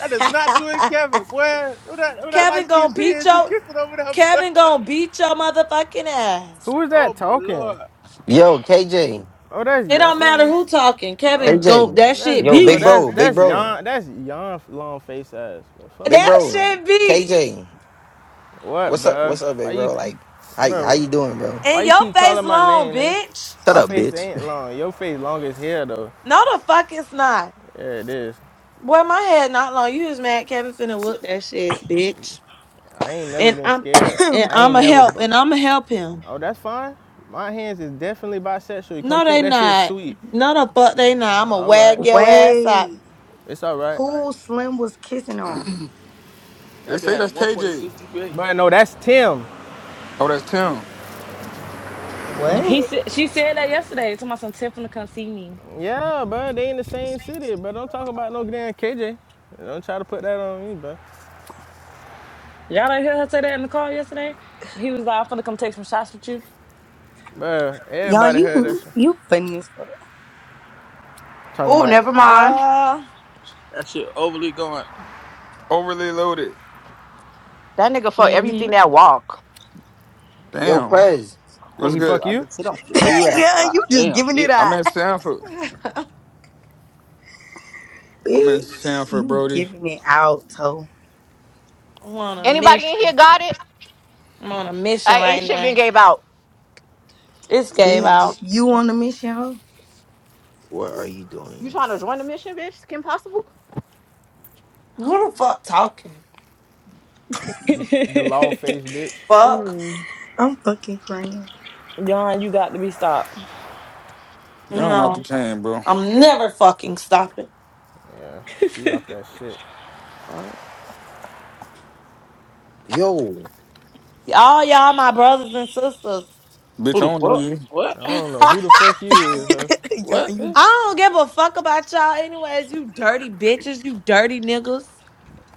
[SPEAKER 2] that is not you and Kevin, boy. Who that? Who that light
[SPEAKER 21] Kevin
[SPEAKER 2] skinned
[SPEAKER 21] gonna
[SPEAKER 2] shit
[SPEAKER 21] beat
[SPEAKER 2] is you
[SPEAKER 21] your
[SPEAKER 2] kissing over there, boy?
[SPEAKER 21] Kevin gonna beat your motherfucking ass.
[SPEAKER 6] Who is
[SPEAKER 2] Oh
[SPEAKER 6] that
[SPEAKER 2] my
[SPEAKER 6] talking?
[SPEAKER 2] lord,
[SPEAKER 4] Yo, KJ,
[SPEAKER 6] Oh, that's
[SPEAKER 21] It don't
[SPEAKER 6] young
[SPEAKER 21] matter
[SPEAKER 6] man.
[SPEAKER 21] who talking. Kevin
[SPEAKER 6] Oh,
[SPEAKER 21] gon'
[SPEAKER 4] KJ,
[SPEAKER 21] that
[SPEAKER 6] that's
[SPEAKER 21] shit
[SPEAKER 4] yo,
[SPEAKER 6] oh
[SPEAKER 21] beat.
[SPEAKER 4] big
[SPEAKER 6] that's
[SPEAKER 4] bro, big
[SPEAKER 6] that's
[SPEAKER 4] bro,
[SPEAKER 6] young that's young long face ass. Well, fuck
[SPEAKER 4] big
[SPEAKER 21] That
[SPEAKER 6] her.
[SPEAKER 4] bro,
[SPEAKER 21] shit beat.
[SPEAKER 4] KJ.
[SPEAKER 6] What,
[SPEAKER 4] What's up?
[SPEAKER 6] bruh?
[SPEAKER 4] What's up,
[SPEAKER 6] Why
[SPEAKER 4] big
[SPEAKER 6] you,
[SPEAKER 4] bro? Like, how how
[SPEAKER 6] bro?
[SPEAKER 4] you doing, bro?
[SPEAKER 6] Why
[SPEAKER 21] In
[SPEAKER 6] you
[SPEAKER 21] your
[SPEAKER 6] keep
[SPEAKER 21] face
[SPEAKER 6] calling my
[SPEAKER 21] long,
[SPEAKER 6] name, nigga?
[SPEAKER 21] bitch.
[SPEAKER 4] Shut
[SPEAKER 6] My
[SPEAKER 4] up,
[SPEAKER 6] face
[SPEAKER 4] bitch.
[SPEAKER 6] ain't long. Your face long as hell though.
[SPEAKER 21] No the fuck it's not.
[SPEAKER 6] Yeah, it is.
[SPEAKER 21] Boy, my head not long. You just mad Kevin finna whoop that shit, bitch.
[SPEAKER 6] I ain't never
[SPEAKER 21] And
[SPEAKER 6] been
[SPEAKER 21] I'm
[SPEAKER 6] scared.
[SPEAKER 21] and
[SPEAKER 6] I ain't
[SPEAKER 21] I'ma
[SPEAKER 6] never.
[SPEAKER 21] help
[SPEAKER 6] Bu-
[SPEAKER 21] and I'ma help him.
[SPEAKER 6] oh, that's fine. My hands is definitely bisexual. You come
[SPEAKER 21] No,
[SPEAKER 6] think
[SPEAKER 21] they
[SPEAKER 6] that shit's
[SPEAKER 21] not.
[SPEAKER 6] sweet.
[SPEAKER 21] No the fuck they not. I'ma
[SPEAKER 6] All right,
[SPEAKER 21] wag your ass up.
[SPEAKER 9] Wait.
[SPEAKER 6] it's all right.
[SPEAKER 9] Who Slim was kissing on?
[SPEAKER 15] They
[SPEAKER 2] that bitch
[SPEAKER 15] say
[SPEAKER 2] had a
[SPEAKER 15] that's KJ.
[SPEAKER 2] 1.6 GPA.
[SPEAKER 6] But no, that's Tim.
[SPEAKER 15] Oh, that's Tim.
[SPEAKER 9] What?
[SPEAKER 13] He said she said that yesterday. Talking about some Tiff finna come see me.
[SPEAKER 6] Yeah, bro, they in the same city, but don't talk about no damn KJ. Don't try to put that on me, bro.
[SPEAKER 13] Y'all didn't hear her say that in the car yesterday. He was like, "I'm finna come take some shots with you."
[SPEAKER 6] Bro,
[SPEAKER 9] Yon,
[SPEAKER 6] everybody heard
[SPEAKER 9] you
[SPEAKER 6] this.
[SPEAKER 9] you funny as fuck.
[SPEAKER 6] Talking
[SPEAKER 11] Oh,
[SPEAKER 6] about,
[SPEAKER 11] never mind.
[SPEAKER 21] Ah,
[SPEAKER 2] That shit overly going.
[SPEAKER 15] Overly loaded.
[SPEAKER 11] That nigga fuck
[SPEAKER 1] Mm-hmm.
[SPEAKER 11] everything that walk.
[SPEAKER 4] Yo,
[SPEAKER 2] Well,
[SPEAKER 15] Damn.
[SPEAKER 2] I'm
[SPEAKER 4] Quez,
[SPEAKER 6] did
[SPEAKER 15] What's
[SPEAKER 6] he
[SPEAKER 2] calling me, but
[SPEAKER 15] good?
[SPEAKER 6] fuck
[SPEAKER 2] I
[SPEAKER 6] you?
[SPEAKER 2] just said I'm gonna
[SPEAKER 4] where
[SPEAKER 2] take
[SPEAKER 4] you
[SPEAKER 2] it
[SPEAKER 4] at?
[SPEAKER 2] down.
[SPEAKER 9] yeah,
[SPEAKER 2] God
[SPEAKER 9] you just
[SPEAKER 2] damn,
[SPEAKER 9] giving
[SPEAKER 2] bitch.
[SPEAKER 9] it
[SPEAKER 15] I'm
[SPEAKER 9] up.
[SPEAKER 15] in Sanford.
[SPEAKER 21] I'm
[SPEAKER 15] I'm in
[SPEAKER 9] Bitch,
[SPEAKER 15] Sanford,
[SPEAKER 9] you
[SPEAKER 15] Brody.
[SPEAKER 9] giving it out, toe.
[SPEAKER 21] on a
[SPEAKER 11] Anybody in here
[SPEAKER 21] mission.
[SPEAKER 11] got it?
[SPEAKER 21] I'm on a mission
[SPEAKER 11] I ain't
[SPEAKER 21] right
[SPEAKER 11] shit been
[SPEAKER 21] now.
[SPEAKER 11] gave out.
[SPEAKER 21] This gave
[SPEAKER 9] Bitch,
[SPEAKER 21] out.
[SPEAKER 9] you on the mission, hoe?
[SPEAKER 4] What are you
[SPEAKER 11] You
[SPEAKER 4] doing?
[SPEAKER 11] trying to join the mission, bitch? Kim Possible?
[SPEAKER 21] Who the fuck talking?
[SPEAKER 6] The law face bitch.
[SPEAKER 21] Fuck.
[SPEAKER 11] Mm.
[SPEAKER 9] I'm fucking crying.
[SPEAKER 13] Yon, you got to be stopped.
[SPEAKER 15] Y'all not the
[SPEAKER 21] No.
[SPEAKER 15] chain, bro.
[SPEAKER 21] I'm never fucking stopping.
[SPEAKER 6] She off that shit.
[SPEAKER 11] Fuck.
[SPEAKER 4] Yo,
[SPEAKER 21] All y'all my brothers and sisters.
[SPEAKER 15] Bitch,
[SPEAKER 2] Who
[SPEAKER 15] I
[SPEAKER 2] the
[SPEAKER 15] don't know
[SPEAKER 2] fuck?
[SPEAKER 15] you.
[SPEAKER 6] I
[SPEAKER 2] What?
[SPEAKER 6] don't know
[SPEAKER 21] I
[SPEAKER 6] who the fuck you is, huh?
[SPEAKER 9] Y'all,
[SPEAKER 2] What?
[SPEAKER 9] you
[SPEAKER 21] don't give a fuck about y'all anyways, you dirty bitches, you dirty niggas.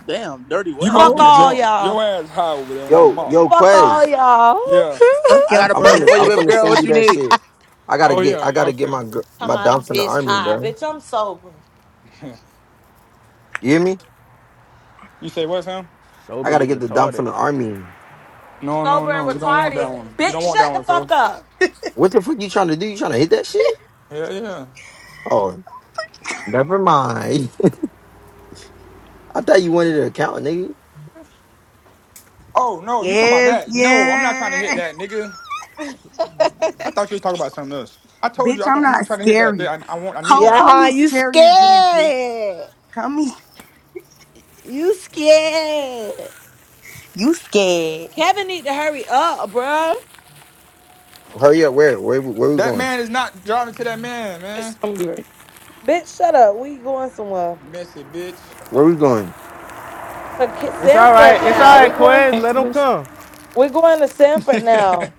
[SPEAKER 2] Damn, dirty
[SPEAKER 15] You
[SPEAKER 2] what?
[SPEAKER 21] Fuck
[SPEAKER 15] must be
[SPEAKER 9] hoe.
[SPEAKER 21] all
[SPEAKER 2] niggas?
[SPEAKER 15] drunk.
[SPEAKER 21] y'all.
[SPEAKER 15] Your ass high over there on that
[SPEAKER 4] yo,
[SPEAKER 15] mop.
[SPEAKER 4] yo,
[SPEAKER 21] Fuck all
[SPEAKER 4] Quez.
[SPEAKER 21] y'all.
[SPEAKER 15] Yeah.
[SPEAKER 9] Fuck
[SPEAKER 2] I
[SPEAKER 9] your
[SPEAKER 2] got a
[SPEAKER 4] I'm
[SPEAKER 2] perk
[SPEAKER 4] finna,
[SPEAKER 9] flimsy
[SPEAKER 2] for you,
[SPEAKER 4] I'm
[SPEAKER 9] ass,
[SPEAKER 2] baby
[SPEAKER 4] finna
[SPEAKER 2] girl.
[SPEAKER 4] send
[SPEAKER 9] bitch.
[SPEAKER 2] What
[SPEAKER 4] you
[SPEAKER 2] you
[SPEAKER 4] that
[SPEAKER 2] need?
[SPEAKER 4] shit. I gotta
[SPEAKER 15] Oh
[SPEAKER 4] get,
[SPEAKER 15] yeah.
[SPEAKER 4] I gotta get
[SPEAKER 15] Okay.
[SPEAKER 4] my gr- my
[SPEAKER 21] Come out a
[SPEAKER 4] dom from the
[SPEAKER 21] bitch
[SPEAKER 4] army,
[SPEAKER 21] high.
[SPEAKER 4] bro.
[SPEAKER 21] Bitch, I'm sober.
[SPEAKER 4] You hear me?
[SPEAKER 15] you say what, Sam?
[SPEAKER 4] I
[SPEAKER 6] Soberly
[SPEAKER 4] gotta get the dom
[SPEAKER 6] retarded.
[SPEAKER 4] from the army.
[SPEAKER 15] No, no,
[SPEAKER 21] Sober and
[SPEAKER 15] no. You don't want
[SPEAKER 21] retarded.
[SPEAKER 15] that one. You
[SPEAKER 21] Bitch,
[SPEAKER 15] don't want that
[SPEAKER 21] shut the
[SPEAKER 15] one,
[SPEAKER 21] fuck
[SPEAKER 15] bro.
[SPEAKER 21] up.
[SPEAKER 4] What the fuck you trying to do? You trying to hit that shit?
[SPEAKER 15] Yeah, yeah.
[SPEAKER 4] Oh, never mind. I thought you wanted an account, nigga.
[SPEAKER 15] Oh no, you talking about
[SPEAKER 9] Yes,
[SPEAKER 15] that? No, I'm not trying to hit
[SPEAKER 9] yeah.
[SPEAKER 15] that, nigga. I thought you was talking about something else. I told you
[SPEAKER 9] Bitch,
[SPEAKER 15] I
[SPEAKER 9] I'm
[SPEAKER 15] don't, I'm not
[SPEAKER 9] not
[SPEAKER 15] trying to hit that. Bitch.
[SPEAKER 9] scary.
[SPEAKER 15] I, I want. I need
[SPEAKER 9] Hoe,
[SPEAKER 15] that
[SPEAKER 21] Yeah,
[SPEAKER 15] one.
[SPEAKER 9] call
[SPEAKER 21] huh?
[SPEAKER 9] me
[SPEAKER 21] you
[SPEAKER 9] scary again, bitch.
[SPEAKER 21] scared.
[SPEAKER 9] Call me.
[SPEAKER 21] You scared.
[SPEAKER 9] You scared.
[SPEAKER 21] Kevin need to hurry up, bruh.
[SPEAKER 4] Hurry up. Where, where, where we
[SPEAKER 15] That
[SPEAKER 4] going?
[SPEAKER 15] man is not driving to that man,
[SPEAKER 13] It's
[SPEAKER 15] man.
[SPEAKER 13] gonna be right.
[SPEAKER 21] Bitch, shut up. We going somewhere.
[SPEAKER 15] Messy bitch.
[SPEAKER 4] Where we going?
[SPEAKER 21] To Ki-
[SPEAKER 6] It's all right.
[SPEAKER 21] Sanford
[SPEAKER 6] It's
[SPEAKER 21] now.
[SPEAKER 6] all right,
[SPEAKER 21] We going
[SPEAKER 6] Quez.
[SPEAKER 13] Thanks
[SPEAKER 6] Let
[SPEAKER 13] for
[SPEAKER 6] him
[SPEAKER 13] this.
[SPEAKER 6] come.
[SPEAKER 21] we going to Sanford now.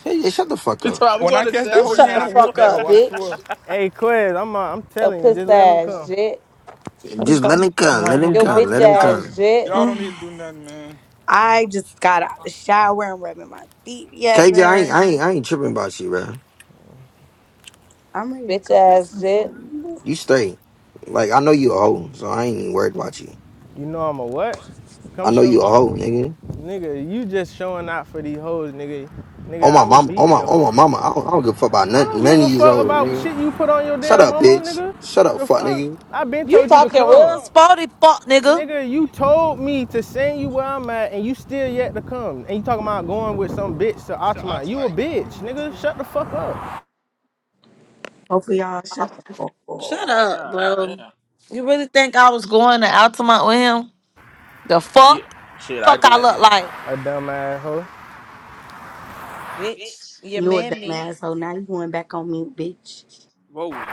[SPEAKER 4] Hey, shut the fuck
[SPEAKER 2] She
[SPEAKER 4] up.
[SPEAKER 2] told me we
[SPEAKER 15] when
[SPEAKER 2] going
[SPEAKER 15] I
[SPEAKER 2] to
[SPEAKER 15] catch that
[SPEAKER 21] You
[SPEAKER 15] hoe,
[SPEAKER 2] separate
[SPEAKER 15] yeah,
[SPEAKER 21] shut
[SPEAKER 15] I'm
[SPEAKER 21] the
[SPEAKER 15] gonna
[SPEAKER 2] now.
[SPEAKER 15] whoop
[SPEAKER 21] fuck
[SPEAKER 15] that hoe.
[SPEAKER 21] up,
[SPEAKER 15] I swear.
[SPEAKER 21] bitch.
[SPEAKER 6] Hey, Quez, I'm i I'm
[SPEAKER 21] Your
[SPEAKER 6] telling you,
[SPEAKER 21] puss
[SPEAKER 6] just let them
[SPEAKER 21] ass
[SPEAKER 6] come.
[SPEAKER 21] shit.
[SPEAKER 13] I just
[SPEAKER 4] Just
[SPEAKER 13] got
[SPEAKER 4] let
[SPEAKER 13] i
[SPEAKER 4] him come.
[SPEAKER 13] right
[SPEAKER 4] Let him
[SPEAKER 13] here.
[SPEAKER 21] Your
[SPEAKER 15] Y'all
[SPEAKER 4] come.
[SPEAKER 21] bitch
[SPEAKER 4] Let
[SPEAKER 15] can't.
[SPEAKER 4] him
[SPEAKER 15] Y'all.
[SPEAKER 21] ass
[SPEAKER 4] come.
[SPEAKER 21] shit.
[SPEAKER 15] Y'all don't need
[SPEAKER 9] Mm.
[SPEAKER 15] to do nothing, man.
[SPEAKER 9] I just got out the shower. I'm rubbing my feet
[SPEAKER 4] KJ, I ain't,
[SPEAKER 9] together.
[SPEAKER 4] I ain't, I ain't tripping about you, bro.
[SPEAKER 9] I'm ready to
[SPEAKER 21] Bitch
[SPEAKER 9] go get
[SPEAKER 21] ass
[SPEAKER 9] some
[SPEAKER 21] shit.
[SPEAKER 9] food.
[SPEAKER 4] You straight. Like I know you a hoe, so I ain't even worried about you.
[SPEAKER 6] You know I'm a what? Come
[SPEAKER 4] I know
[SPEAKER 6] show
[SPEAKER 4] you a
[SPEAKER 6] me,
[SPEAKER 4] hoe, nigga.
[SPEAKER 6] nigga. You just showing out for these hoes, nigga. Nigga,
[SPEAKER 4] On
[SPEAKER 6] I
[SPEAKER 4] my
[SPEAKER 6] would
[SPEAKER 4] mama, on
[SPEAKER 6] beat
[SPEAKER 4] my
[SPEAKER 6] the.
[SPEAKER 4] on my
[SPEAKER 6] F-
[SPEAKER 4] mama, I don't, I don't give a fuck about
[SPEAKER 6] I
[SPEAKER 4] none,
[SPEAKER 6] don't
[SPEAKER 4] none
[SPEAKER 6] give
[SPEAKER 4] of
[SPEAKER 6] a
[SPEAKER 4] these
[SPEAKER 6] fuck
[SPEAKER 4] hoes,
[SPEAKER 6] about
[SPEAKER 4] nigga.
[SPEAKER 6] shit you put on your
[SPEAKER 4] Shut
[SPEAKER 6] damn
[SPEAKER 4] up,
[SPEAKER 6] mama,
[SPEAKER 4] bitch.
[SPEAKER 6] nigga.
[SPEAKER 4] Shut
[SPEAKER 6] What
[SPEAKER 4] up,
[SPEAKER 6] The
[SPEAKER 4] fuck,
[SPEAKER 6] fuck?
[SPEAKER 4] nigga.
[SPEAKER 6] I been
[SPEAKER 21] You
[SPEAKER 6] told you to
[SPEAKER 21] talking
[SPEAKER 6] come,
[SPEAKER 21] real sporty fuck, nigga.
[SPEAKER 6] nigga. You told me to send you where I'm at, and you still yet to come. And you talking about going with some bitch to Altamont? You a bitch, nigga. Shut the fuck up,
[SPEAKER 9] Hopefully, y'all shut the fuck up.
[SPEAKER 21] Shut up,
[SPEAKER 2] God
[SPEAKER 21] bro.
[SPEAKER 2] damn.
[SPEAKER 21] You really think I was going to Altamont with him? The
[SPEAKER 2] Yeah.
[SPEAKER 21] fuck?
[SPEAKER 2] Shit, I
[SPEAKER 21] Fuck I
[SPEAKER 2] did.
[SPEAKER 21] look like,
[SPEAKER 6] a dumb ass hoe.
[SPEAKER 21] bitch. You
[SPEAKER 9] You a dumb
[SPEAKER 21] man me.
[SPEAKER 9] asshole. Now you going back on mute, bitch.
[SPEAKER 2] Whoa.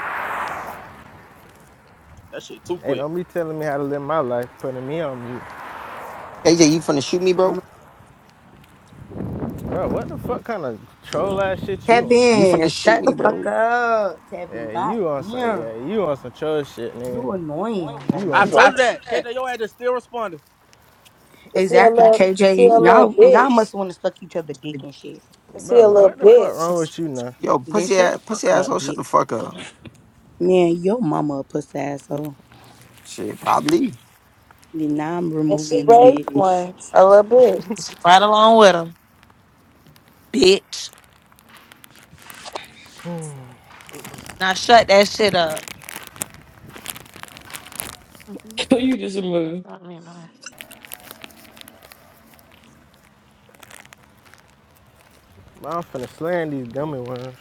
[SPEAKER 2] That shit too
[SPEAKER 6] Hey,
[SPEAKER 2] quick.
[SPEAKER 6] don't be telling me how to live my life, putting me on mute.
[SPEAKER 4] KJ, you finna shoot me, bro?
[SPEAKER 9] I'm- like,
[SPEAKER 6] Bro, what the fuck kind of troll ass shit you on?
[SPEAKER 4] You
[SPEAKER 9] Kevin,
[SPEAKER 4] finna shoot
[SPEAKER 9] shut the
[SPEAKER 4] me,
[SPEAKER 9] fuck
[SPEAKER 4] bro?
[SPEAKER 9] up. Kevin,
[SPEAKER 6] Yeah, you on some
[SPEAKER 9] goddamn.
[SPEAKER 6] yeah, you on some troll shit, nigga.
[SPEAKER 9] You annoying.
[SPEAKER 6] You on
[SPEAKER 2] I
[SPEAKER 6] some
[SPEAKER 2] told
[SPEAKER 21] I
[SPEAKER 2] you that. K J, your ass is still responding.
[SPEAKER 21] can see a
[SPEAKER 9] Exactly,
[SPEAKER 21] little, see
[SPEAKER 9] KJ.
[SPEAKER 21] a little
[SPEAKER 9] Y'all y'all
[SPEAKER 21] bitch.
[SPEAKER 9] must want to suck each other dick and shit.
[SPEAKER 21] Can see a
[SPEAKER 6] bro,
[SPEAKER 21] little
[SPEAKER 6] what the fuck wrong
[SPEAKER 21] bitch.
[SPEAKER 6] with you now?
[SPEAKER 4] Yo,
[SPEAKER 9] Then
[SPEAKER 4] pussy
[SPEAKER 9] shut
[SPEAKER 4] ass,
[SPEAKER 9] the
[SPEAKER 4] pussy
[SPEAKER 9] fuck up,
[SPEAKER 4] asshole, shut the
[SPEAKER 9] bitch.
[SPEAKER 4] fuck up.
[SPEAKER 9] Man, your mama a pussy asshole.
[SPEAKER 4] Shit, probably.
[SPEAKER 9] Then now I'm
[SPEAKER 21] And
[SPEAKER 9] removing
[SPEAKER 21] she
[SPEAKER 9] you,
[SPEAKER 21] raised
[SPEAKER 9] bitch.
[SPEAKER 21] one, a little bitch. Right along with him, bitch. Now shut that shit up.
[SPEAKER 13] you just moved.
[SPEAKER 6] Bro, I'm finna slam these dummy worms.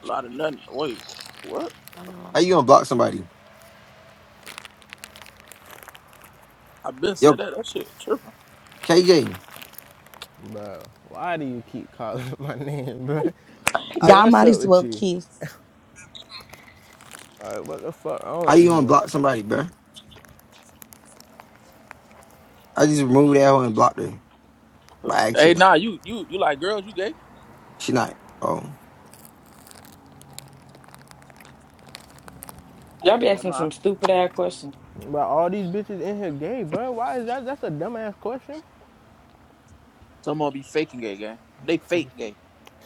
[SPEAKER 2] A lot of nothing. Wait. What?
[SPEAKER 4] How you gonna block somebody?
[SPEAKER 2] I been said
[SPEAKER 4] Yo,
[SPEAKER 2] that. That shit tripping.
[SPEAKER 4] KJ,
[SPEAKER 6] Bro, why do you keep calling my name, bro? Hey,
[SPEAKER 9] Y'all
[SPEAKER 6] what's
[SPEAKER 9] might
[SPEAKER 6] up
[SPEAKER 9] as
[SPEAKER 6] with
[SPEAKER 9] well
[SPEAKER 6] you?
[SPEAKER 9] kiss.
[SPEAKER 6] Alright, what the fuck wrong
[SPEAKER 4] how you
[SPEAKER 6] with this
[SPEAKER 4] gonna
[SPEAKER 6] nigga?
[SPEAKER 4] block somebody, bro? I just removed that hoe and blocked her by
[SPEAKER 2] Hey,
[SPEAKER 4] accident.
[SPEAKER 2] nah, you you you like girls, you gay?
[SPEAKER 4] She not. Oh,
[SPEAKER 13] Y'all be
[SPEAKER 2] But never
[SPEAKER 13] asking some
[SPEAKER 2] mind.
[SPEAKER 13] stupid ass questions.
[SPEAKER 6] Bro, all these bitches in here gay, bro. Why is that that's a dumbass question?
[SPEAKER 2] Some of 'em be faking gay, gang. They fake gay.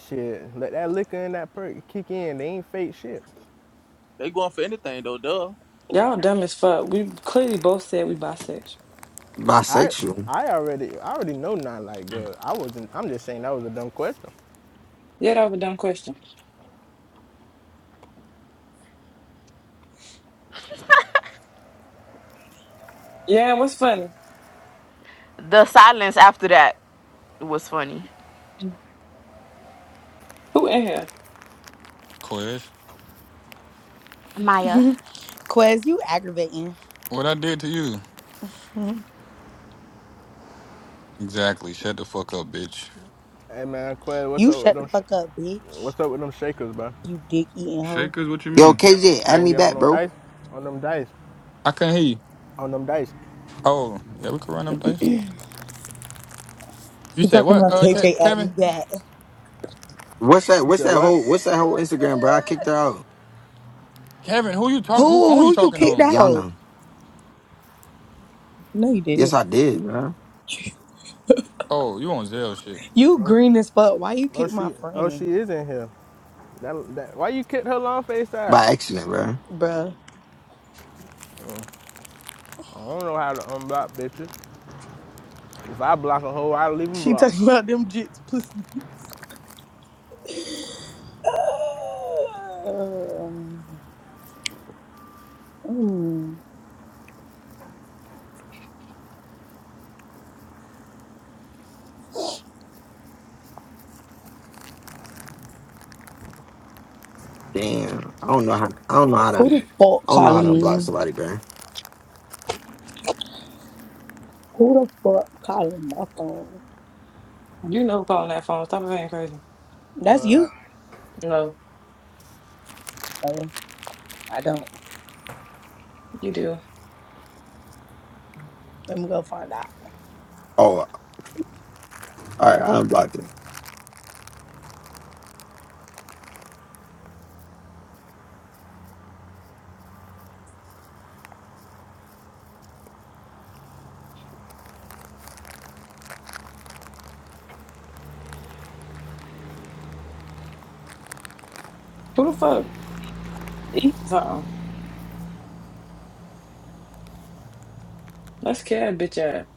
[SPEAKER 6] Shit, let that liquor and that perk kick in. They ain't fake shit.
[SPEAKER 2] They going for anything though, duh.
[SPEAKER 13] Y'all dumb as fuck. We clearly both said we bisexual.
[SPEAKER 6] I
[SPEAKER 4] bisexual.
[SPEAKER 6] I already I already know not like good. I wasn't. I'm just saying that was a dumb question.
[SPEAKER 13] Yeah, that was a dumb question. Yeah, and what's funny?
[SPEAKER 11] The silence after that was funny.
[SPEAKER 13] Who in here?
[SPEAKER 15] Quiz.
[SPEAKER 11] Maya.
[SPEAKER 9] Quez, you aggravating.
[SPEAKER 15] What I did to you?
[SPEAKER 9] you
[SPEAKER 15] Exactly. Shut the fuck up, bitch.
[SPEAKER 6] Hey man, Quez, what's up with
[SPEAKER 9] shut the
[SPEAKER 6] them?
[SPEAKER 9] fuck
[SPEAKER 6] Sh-
[SPEAKER 9] up, bitch.
[SPEAKER 6] what's up with them shakers, bro?
[SPEAKER 9] You dick eating hoe.
[SPEAKER 15] Shakers, what you
[SPEAKER 4] Yo,
[SPEAKER 15] mean?
[SPEAKER 4] KJ,
[SPEAKER 6] You
[SPEAKER 4] add
[SPEAKER 6] don't
[SPEAKER 4] me
[SPEAKER 6] get on
[SPEAKER 4] back,
[SPEAKER 6] no
[SPEAKER 4] bro.
[SPEAKER 6] dice, on them dice,
[SPEAKER 15] I couldn't hear you.
[SPEAKER 6] on them dice.
[SPEAKER 15] Oh, yeah, we could run them dice. You
[SPEAKER 9] You
[SPEAKER 15] said
[SPEAKER 9] talking
[SPEAKER 15] what?
[SPEAKER 9] about
[SPEAKER 15] Uh, Ke-
[SPEAKER 9] KJ at
[SPEAKER 15] Kevin,
[SPEAKER 9] me
[SPEAKER 4] What's that?
[SPEAKER 6] You
[SPEAKER 4] What's
[SPEAKER 6] said
[SPEAKER 4] that
[SPEAKER 6] what?
[SPEAKER 4] whole? What's that whole Instagram, bro? I kicked her out.
[SPEAKER 15] Kevin, who you
[SPEAKER 9] Who
[SPEAKER 15] talking? Who phone you
[SPEAKER 9] who you
[SPEAKER 15] talking
[SPEAKER 9] kicked
[SPEAKER 15] on?
[SPEAKER 4] Y'all
[SPEAKER 9] out?
[SPEAKER 4] know.
[SPEAKER 9] No, you
[SPEAKER 4] Yes,
[SPEAKER 9] didn't.
[SPEAKER 4] I did, bro.
[SPEAKER 15] Oh, you on Zell shit.
[SPEAKER 9] You
[SPEAKER 6] Oh,
[SPEAKER 9] green as fuck. Why you
[SPEAKER 6] oh,
[SPEAKER 9] kick my
[SPEAKER 6] she oh she
[SPEAKER 9] friend,
[SPEAKER 6] is in here. That, that why you kicked her long face ass?
[SPEAKER 4] By accident, bro.
[SPEAKER 9] bruh?
[SPEAKER 6] I don't know how to unblock bitches. If I block a hoe, I leave them
[SPEAKER 9] She
[SPEAKER 6] blocked.
[SPEAKER 9] talking about them jits pussy. Um, mm.
[SPEAKER 4] Damn. I don't know how. I don't know how
[SPEAKER 9] who
[SPEAKER 4] to. I
[SPEAKER 9] the fuck
[SPEAKER 4] don't know how
[SPEAKER 9] calling
[SPEAKER 4] to unblock
[SPEAKER 9] me?
[SPEAKER 4] somebody, bro.
[SPEAKER 9] Who the fuck calling my phone?
[SPEAKER 13] You know who calling that phone. Stop being crazy.
[SPEAKER 9] That's
[SPEAKER 6] Well,
[SPEAKER 9] you.
[SPEAKER 13] No,
[SPEAKER 9] Oh, I don't.
[SPEAKER 13] You do.
[SPEAKER 9] Let me go find out.
[SPEAKER 4] Oh, all right. I unblocked it.
[SPEAKER 13] Who the fuck eat something? Let's kill that bitch ass.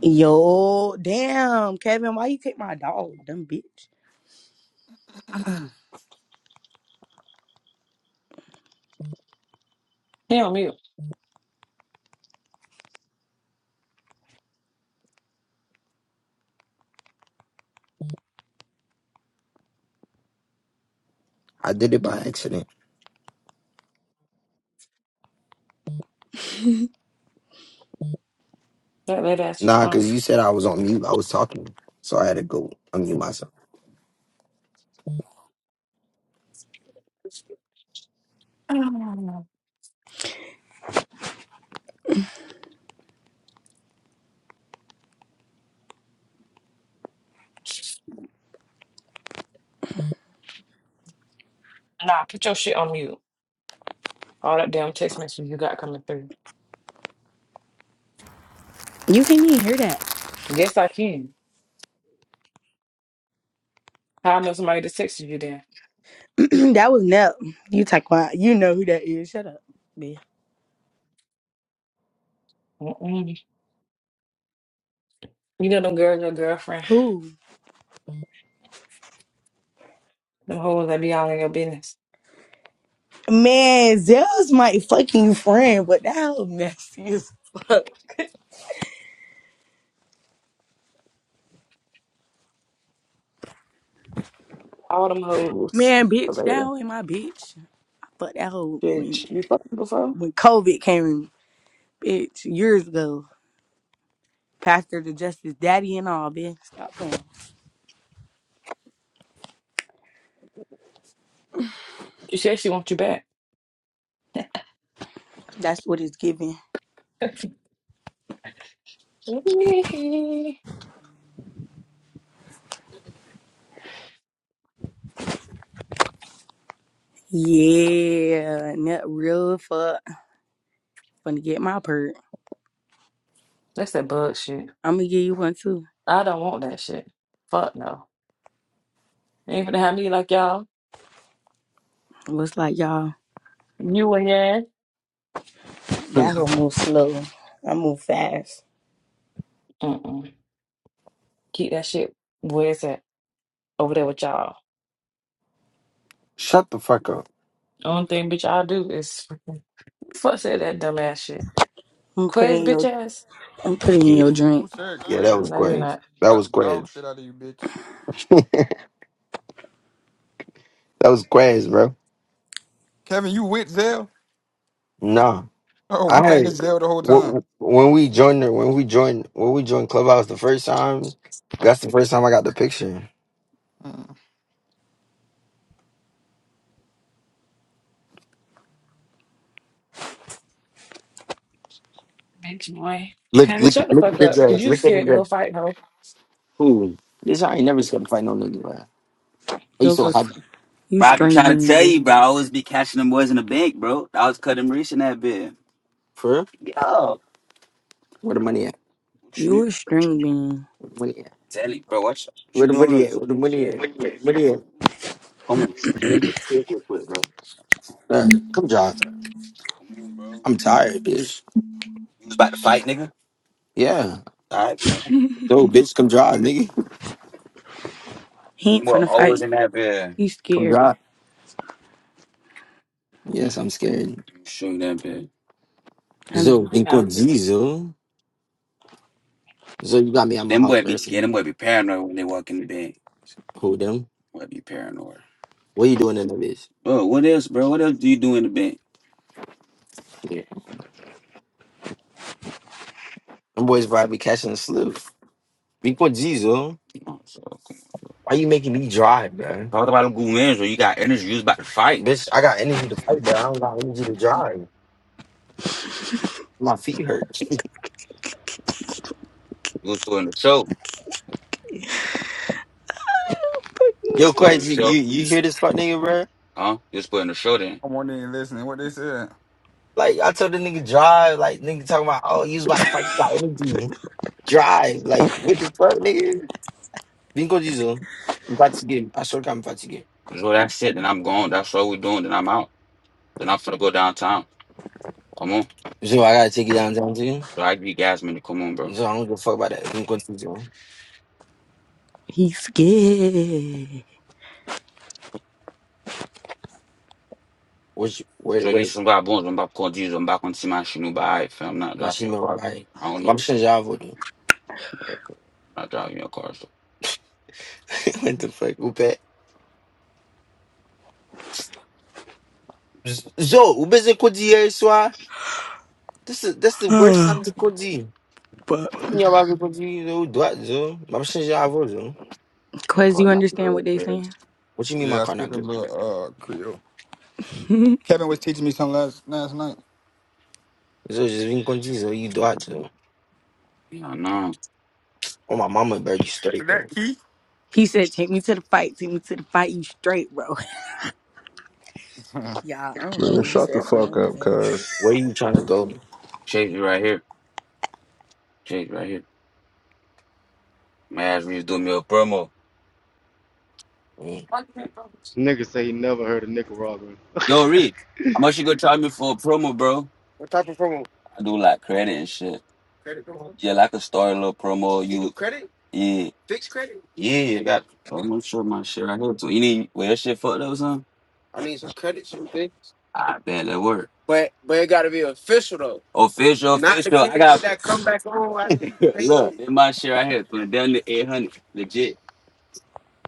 [SPEAKER 9] Yo, damn, Kevin, why you kick my dog, dumb bitch?
[SPEAKER 13] He on mute.
[SPEAKER 4] I did it by accident.
[SPEAKER 13] That late ass
[SPEAKER 4] Nah, cause
[SPEAKER 13] response.
[SPEAKER 4] you said I was on mute. I was talking, so I had to go unmute myself.
[SPEAKER 13] Um, Nah, put your shit on mute. All that damn text messages you got coming through.
[SPEAKER 9] You can't even hear that.
[SPEAKER 13] Yes, I can. How I know somebody that texted you then?
[SPEAKER 9] that was Nep. You talk about. You know who that is. Shut up, bitch.
[SPEAKER 13] Mm-mm. You know them girls, your girlfriend,
[SPEAKER 9] Who?
[SPEAKER 13] them hoes that be all in your business.
[SPEAKER 9] Man, Zell's my fucking friend, but that hoe messy as fuck.
[SPEAKER 13] All them hoes.
[SPEAKER 9] Man, bitch, that hoe ain't my bitch. I fucked that hoe when,
[SPEAKER 13] Bitch, you fucked her before?
[SPEAKER 9] when COVID came in, bitch, years ago. Pastor to Justice Daddy and all, bitch. Stop playing.
[SPEAKER 13] She said she wants you back.
[SPEAKER 9] That's what it's giving. Yeah, not real fuck. Gonna get my perk.
[SPEAKER 13] That's that bug shit.
[SPEAKER 9] I'm gonna give you one too.
[SPEAKER 13] I don't want that shit. Fuck no. Ain't gonna have me like y'all.
[SPEAKER 9] Looks like y'all,
[SPEAKER 13] You and your ass.
[SPEAKER 9] that hoe move slow. I move fast.
[SPEAKER 13] Mm-mm. Keep that shit where it's at over there with y'all.
[SPEAKER 4] Shut the fuck up.
[SPEAKER 13] Only
[SPEAKER 9] I'm,
[SPEAKER 13] thing bitch I do is fuss at that dumbass shit.
[SPEAKER 9] I'm
[SPEAKER 13] Quez
[SPEAKER 9] putting
[SPEAKER 13] bitch
[SPEAKER 9] your,
[SPEAKER 13] ass.
[SPEAKER 9] I'm putting in
[SPEAKER 4] Yeah.
[SPEAKER 9] your
[SPEAKER 15] Who
[SPEAKER 9] drink.
[SPEAKER 15] said
[SPEAKER 4] Yeah, that
[SPEAKER 15] Quez?
[SPEAKER 4] was
[SPEAKER 13] No, you're
[SPEAKER 4] Quez.
[SPEAKER 13] not.
[SPEAKER 4] That
[SPEAKER 15] Got
[SPEAKER 4] was
[SPEAKER 15] the
[SPEAKER 4] Quez.
[SPEAKER 15] dog shit out of you, bitch.
[SPEAKER 4] that was Quez, bro.
[SPEAKER 15] Kevin, you with Zell?
[SPEAKER 4] No.
[SPEAKER 15] Oh, I'm
[SPEAKER 4] I
[SPEAKER 15] thinking
[SPEAKER 4] had
[SPEAKER 15] it's Zell the whole
[SPEAKER 4] wh-
[SPEAKER 15] time.
[SPEAKER 4] wh- when we joined the- when we joined when we joined Clubhouse the first time. That's the first time I got the picture.
[SPEAKER 15] Mm.
[SPEAKER 13] Bitch boy. Kind of shut the fuck up. Cause you scared to go fight, ho.
[SPEAKER 9] Yo, look, you
[SPEAKER 4] Bro, I'm
[SPEAKER 9] string
[SPEAKER 4] trying to
[SPEAKER 9] bean,
[SPEAKER 4] tell
[SPEAKER 9] bitch.
[SPEAKER 4] you, bro. I always be catching them boys in the bank, bro. I was cutting rich in that bit. For real? Where the money at?
[SPEAKER 9] You are a string bean.
[SPEAKER 4] Where the money at? Tell you, bro. Watch. what Where you the doing? money at? Where the money at? Where the money at? Uh, come, John. I'm tired, bitch. You was about to fight, nigga. Yeah. All right, cool. No, bitch, come drive, nigga.
[SPEAKER 9] He ain't
[SPEAKER 4] We're
[SPEAKER 9] finna
[SPEAKER 4] always
[SPEAKER 9] fight.
[SPEAKER 4] in that bit.
[SPEAKER 9] He's
[SPEAKER 4] Come
[SPEAKER 9] scared.
[SPEAKER 4] drive. Yes, I'm scared. Shooting that bit.
[SPEAKER 9] I know.
[SPEAKER 4] Zo,
[SPEAKER 13] We know.
[SPEAKER 4] inconzi, Zo. Zo, you got me at my Them house, boy heart, be person. yeah, them boy be paranoid when they walk in the bed. Who them? Boy be paranoid. What you doing in the bitch? bro? what else, bro? What else do you do in the bed? Them boys probably be catching a slip. Inconzi, Zo. Oh, so Why you making me drive, man? talk about them good wins when you got energy, you was about to fight. Bitch, I got energy to fight, but I don't got energy to drive. My feet hurt. You was putting the show. Yo, Putting the crazy, you show. you hear this fuck nigga, bro? Huh? You was putting the show
[SPEAKER 15] I wasn't even listening what they said.
[SPEAKER 4] Like I told the nigga drive, like nigga talking about, oh, you was about to fight about energy. Drive, like what the fuck, nigga? Bingo diesel. I swear to God, I'm about to get. So that's it. Then I'm gone. That's all we're doing. Then I'm out. Then I'm finna go downtown. Come on. So I gotta take you downtown to you. So I give Gasman to come on, bro. So I don't give a fuck about that. Bingo diesel.
[SPEAKER 9] He's scared.
[SPEAKER 4] Which where So where this is what I'm going. I'm about to Jesus. I'm back on see my shinu by fam. Not my driving your shima car. right? I don't My know. shima do. Not driving your car. So What the fuck, Upe? So Ube's a good year, This is that's the worst
[SPEAKER 9] Oh,
[SPEAKER 4] time to call G.
[SPEAKER 9] but
[SPEAKER 4] Yeah, I will call do it, so. My person is avoid, so.
[SPEAKER 9] Quez, you understand what they saying?
[SPEAKER 4] What you mean my
[SPEAKER 15] Yeah, I
[SPEAKER 4] car
[SPEAKER 15] speak
[SPEAKER 4] not
[SPEAKER 15] a
[SPEAKER 4] good?
[SPEAKER 15] little uh Creole. Kevin was teaching me something last last night.
[SPEAKER 4] So just being called so you do it, so. Yeah, no. Oh my mama, bro, you
[SPEAKER 15] Is
[SPEAKER 4] straight,
[SPEAKER 15] that
[SPEAKER 4] bro.
[SPEAKER 15] Keith?
[SPEAKER 9] he said, "Take me to the fight. Take me to the fight. You straight, bro." Yeah, I don't know
[SPEAKER 17] Man,
[SPEAKER 9] what he
[SPEAKER 17] shut the
[SPEAKER 9] said for
[SPEAKER 17] fuck up,
[SPEAKER 9] him.
[SPEAKER 17] cuz.
[SPEAKER 4] Where you trying to go? Chase me right here. Chase me right here. My ass Reeves doing me a promo. Mm.
[SPEAKER 13] Fuck that, bro.
[SPEAKER 18] Nigga say he never heard of Nicaraguan.
[SPEAKER 4] Yo, Reed, how much you gonna charge me for a promo, bro? I do like credit and shit. Yeah, like a start a little promo. You, yeah, yeah, you got. Oh, I'm not sure my shit right here too. You need, where your shit fucked up or something? Not bad, that work. Official In my share, I had put it down to 800. Legit.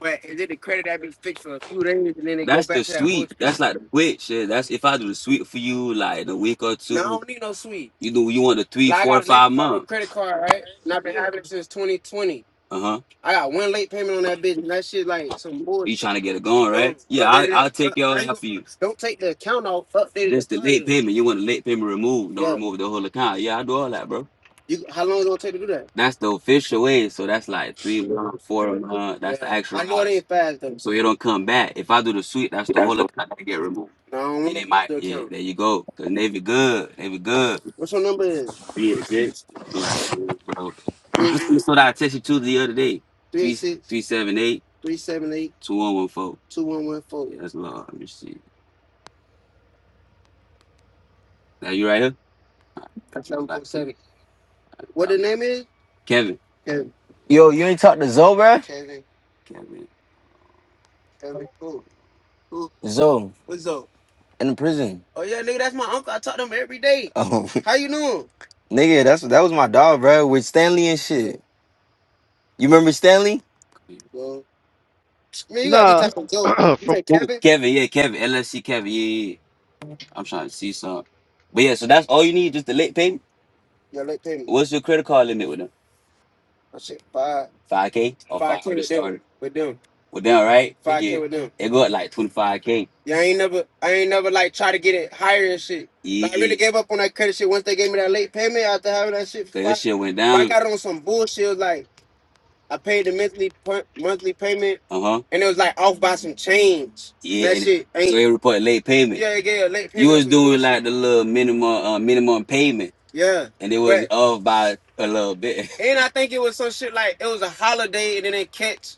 [SPEAKER 4] But is it the credit that be fixed for two days and then it go That's the back the to that sweet. bullshit? That's like the quick shit. That's if I do the sweet for you, like in a week or No, I two. don't need no sweet. You do. You want the three, Like I four, got a late five federal month. credit card, right? And I've been having it since 2020. Uh huh. I got one late payment on that bitch, and that shit like some You bullshit. trying to get it going, Don't right? Don't Yeah, I update it. I'll take Up, your I for you. don't take the account off. Update it That's the late accordingly. payment. You want the late payment removed? Don't Yeah, remove the whole account. Yeah, I do all that, bro. You how long is it gonna take to do that? That's the official way. So that's like three months, four months. That's yeah. the Yeah, actual I know it ain't fast though. So it don't come back. If I do the sweep, that's the
[SPEAKER 15] That's
[SPEAKER 4] whole
[SPEAKER 15] the.
[SPEAKER 4] account that get removed. No, I don't And want they to use might, the yeah, account. there you go. Cause they be good. They be good. What's your number? Is? Like, bro. Three That's the I texted you the other day. Two one eight Three seven eight. two one one four. two one one four. Yeah, that's love. Let me see. Now you right here? That's seven Like, What the name is? Kevin. Kevin. Yo, you ain't talk to Zoe, bro? Kevin. Kevin. Kevin. Who? Who? Zoe What's up? in the prison. Oh yeah, nigga, that's my uncle. I talk to him every day. Oh, How you know him? nigga, that's that was my dog, bro. with Stanley and shit. You remember Stanley? Well, man, you got me
[SPEAKER 18] nah,
[SPEAKER 4] talking Joe. You
[SPEAKER 18] from
[SPEAKER 4] say Kevin. Kevin? Kevin, yeah, Kevin. LFC Kevin, yeah, yeah. yeah. I'm trying to see some. But yeah, so that's all you need, just the late payment. Yeah, late payment. What's your credit card limit with them? I said five, Five K or five five K or the with them, with them, Well right? five K with them. it go up like twenty five K. Yeah, I ain't never, I ain't never like try to get it higher and shit. Yeah. Like, I really Yeah. gave up on that credit shit once they gave me that late payment after having that shit Cause that shit went down. I got on some bullshit like. I paid the monthly per- monthly payment, Uh huh. and it was like off by some change. Yeah. That And shit so ain't. they report late payment. Yeah, yeah, late You payment or was doing like bullshit. the little minimum uh, minimum payment, Yeah, and it was but off by a little bit. and I think it was some shit like it was a holiday and it didn't catch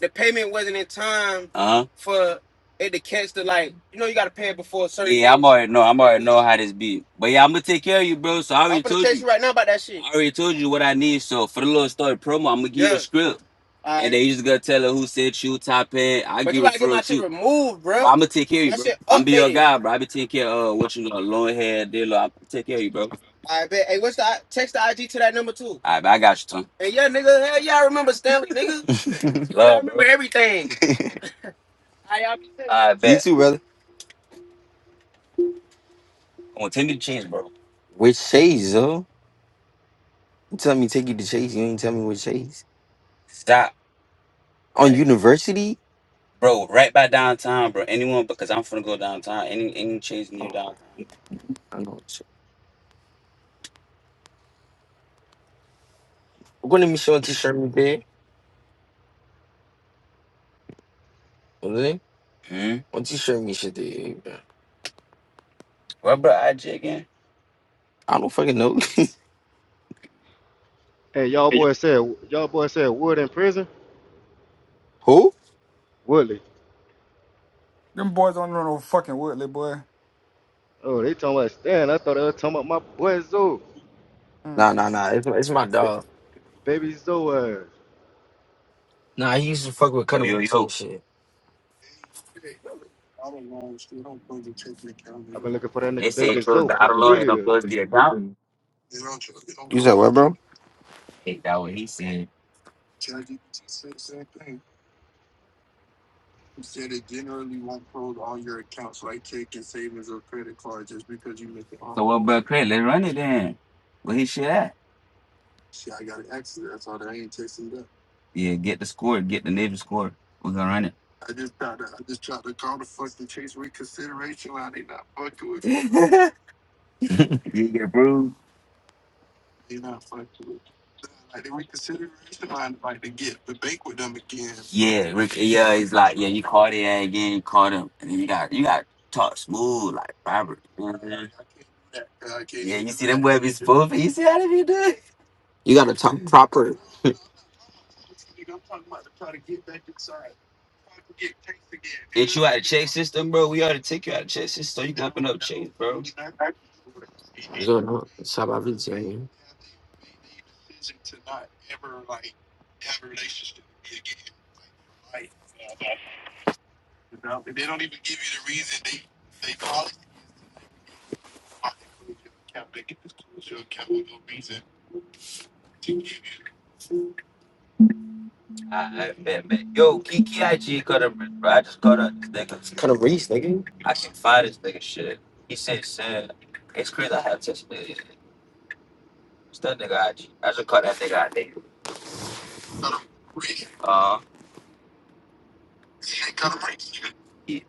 [SPEAKER 4] the payment wasn't in time Uh huh. for it to catch the like. You know, you gotta pay it before a certain Yeah, I'm already know. I'm already know how this be. But yeah, I'm gonna take care of you, bro. So I I'm already I'm gonna told text you. you right now about that shit. I already told you what I need. So for the little story promo, I'm gonna give you a Yeah. script, All and right. then you just gonna tell her who said you top head. I But get you gotta get my referral shit too. removed, bro. I'm gonna take care of you, That bro. shit I'm be your updated. guy, bro. I be taking care of uh, what you know, long hair, dealer. I'm take care of you, bro. I bet. Hey, what's the I- text the IG to that number too? All right, I got you, Tom. And yeah, nigga, hell yeah, I remember Stanley, nigga. Nigga, I remember bro. everything. I You bet. too, brother. I am gonna want to cheese, bro. With Chase, though. You tell me take you to Chase. You ain't tell me with Chase. Stop. On university? Bro, right by downtown, bro. Anyone because I'm finna go downtown. Any any chase near Oh, downtown. I know. I'm going to me show t-shirt me there. Okay? Hmm. What t-shirt me shit there, bro? What bro, I G again. I don't fucking know.
[SPEAKER 18] and y'all boy said y'all boy said Wood in prison.
[SPEAKER 4] Who?
[SPEAKER 18] Woodley.
[SPEAKER 15] Them boys don't know no fucking Woodley, boy.
[SPEAKER 18] Oh, they talking about Stan. I thought they was talking about my boy Zoe,
[SPEAKER 4] Nah, nah, nah.
[SPEAKER 15] Mm-mm.
[SPEAKER 4] It's, it's my
[SPEAKER 18] ba-
[SPEAKER 4] dog.
[SPEAKER 18] baby Zoe. ass.
[SPEAKER 4] Nah, he used to fuck with Yo, Cutting yo, Bricks yo. shit.
[SPEAKER 18] I've been looking for that
[SPEAKER 4] They
[SPEAKER 18] nigga
[SPEAKER 4] say,
[SPEAKER 18] baby Zoe for years.
[SPEAKER 4] what, bro? "Oh, bro, Craig, let's run it then." Where he shit at? Yeah, get the score, get the nigga score. We're gonna run it. You get bruised. Yeah, Rick, yeah, he's like, yeah, you caught it yeah, again, you caught him, and then you got you got to talk smooth like Robert. You know? Well, if he said, "How you do it?" You gotta talk proper. system, bro. We ought to take you out of check system. So You... I, I, man, man. Yo, Kiki IG cut up, bro. I just caught a nigga. Cut a reese, nigga. I can find this nigga shit. He said, sad. It's crazy I have testimony. It's that nigga IG. I just caught that nigga out there. Uh, yeah,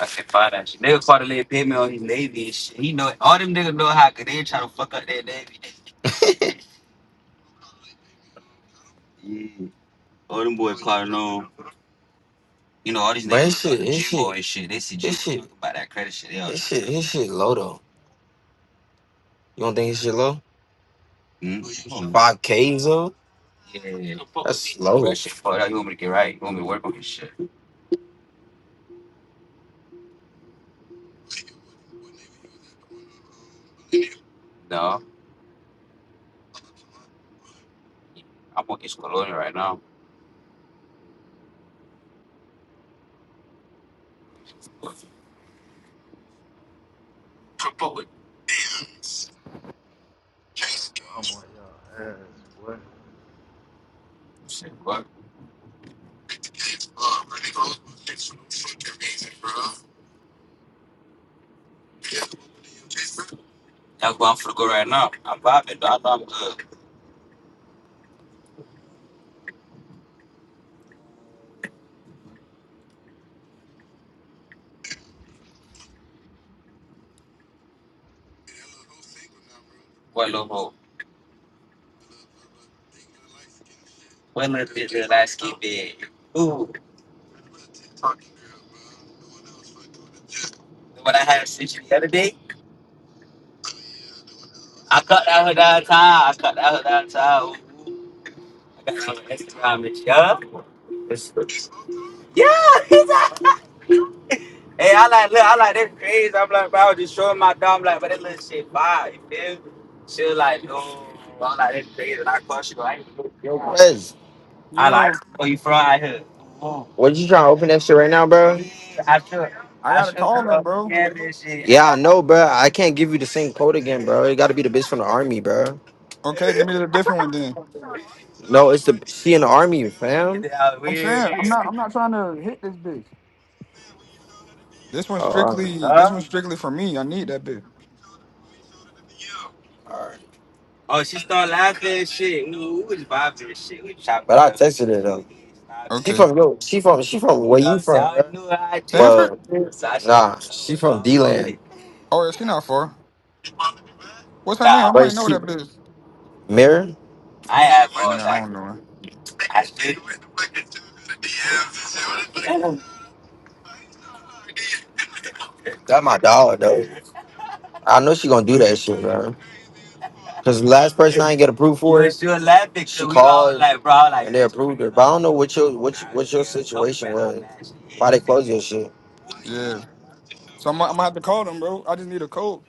[SPEAKER 4] I can find that shit. Nigga caught a little pimp on his Navy and shit. He know all them niggas know how cause they trying to fuck up that Navy. All them boys clowning on. You know all these But niggas his shit, to his Jimbo shit, and shit. They see his Jimbo shit, talking about that credit shit. They all his shit, his shit low though. You don't think his shit low? Five Ks though? Yeah, That's low. that shit fucked up. You want me to get right? You want me to work on this shit? No, I'm working this right now.
[SPEAKER 18] I'm on y'all ass, boy.
[SPEAKER 4] Shit, what? That's where I'm finna go right now. I'm vibing. Though. I know I'm good. What little bro? What little Ooh, what I had sent you the other day? I cut out her downtown. I cut out her downtown. I got her on Instagram and shit. Huh? Yeah, he's out. Hey, I like, look, I like that crazy. I'm like, bro, I was just showing my dog. I'm like, but that little shit fire, you feel? me? She was like, no, I like that crazy. And I caught you. I ain't- I like,
[SPEAKER 15] Yo.
[SPEAKER 4] where you from out here? What you trying to open that shit right now, bro? I should.
[SPEAKER 15] I
[SPEAKER 4] I
[SPEAKER 15] gotta
[SPEAKER 4] should
[SPEAKER 15] call
[SPEAKER 4] have
[SPEAKER 15] them, bro.
[SPEAKER 4] opened this shit. Yeah, I know, bro. I can't give you the same quote again, bro. It got to be the bitch from the army, bro.
[SPEAKER 15] Okay, give me the different one then.
[SPEAKER 4] No, it's the she in the army, fam. Yeah,
[SPEAKER 15] I'm
[SPEAKER 4] weird.
[SPEAKER 15] saying I'm not I'm not trying to hit this bitch. This one's
[SPEAKER 4] Oh, alright.
[SPEAKER 15] strictly this one's strictly for me. I need that bitch.
[SPEAKER 4] oh, she started laughing and shit. We, we was vibing and shit. We chopped but I it up. texted her though. She
[SPEAKER 15] Okay.
[SPEAKER 4] from yo. She from she from where you from? I knew what I did.
[SPEAKER 15] Sanford?
[SPEAKER 4] Well, nah, she from D land.
[SPEAKER 15] Oh, is she not far? What's her name?
[SPEAKER 4] Nah,
[SPEAKER 15] I might
[SPEAKER 4] Where's
[SPEAKER 15] know that bitch.
[SPEAKER 4] Mirror? I have.
[SPEAKER 15] No, I
[SPEAKER 4] I
[SPEAKER 15] don't know her.
[SPEAKER 4] did. That my dog though. I know she gonna do that shit, bro. Cause the last person I ain't get approved for it, she called and they approved her. But I don't know what your what you, what your situation was. Why they closed your shit?
[SPEAKER 15] Yeah. So I'm, I'm gonna have to call them, bro. I just need a code.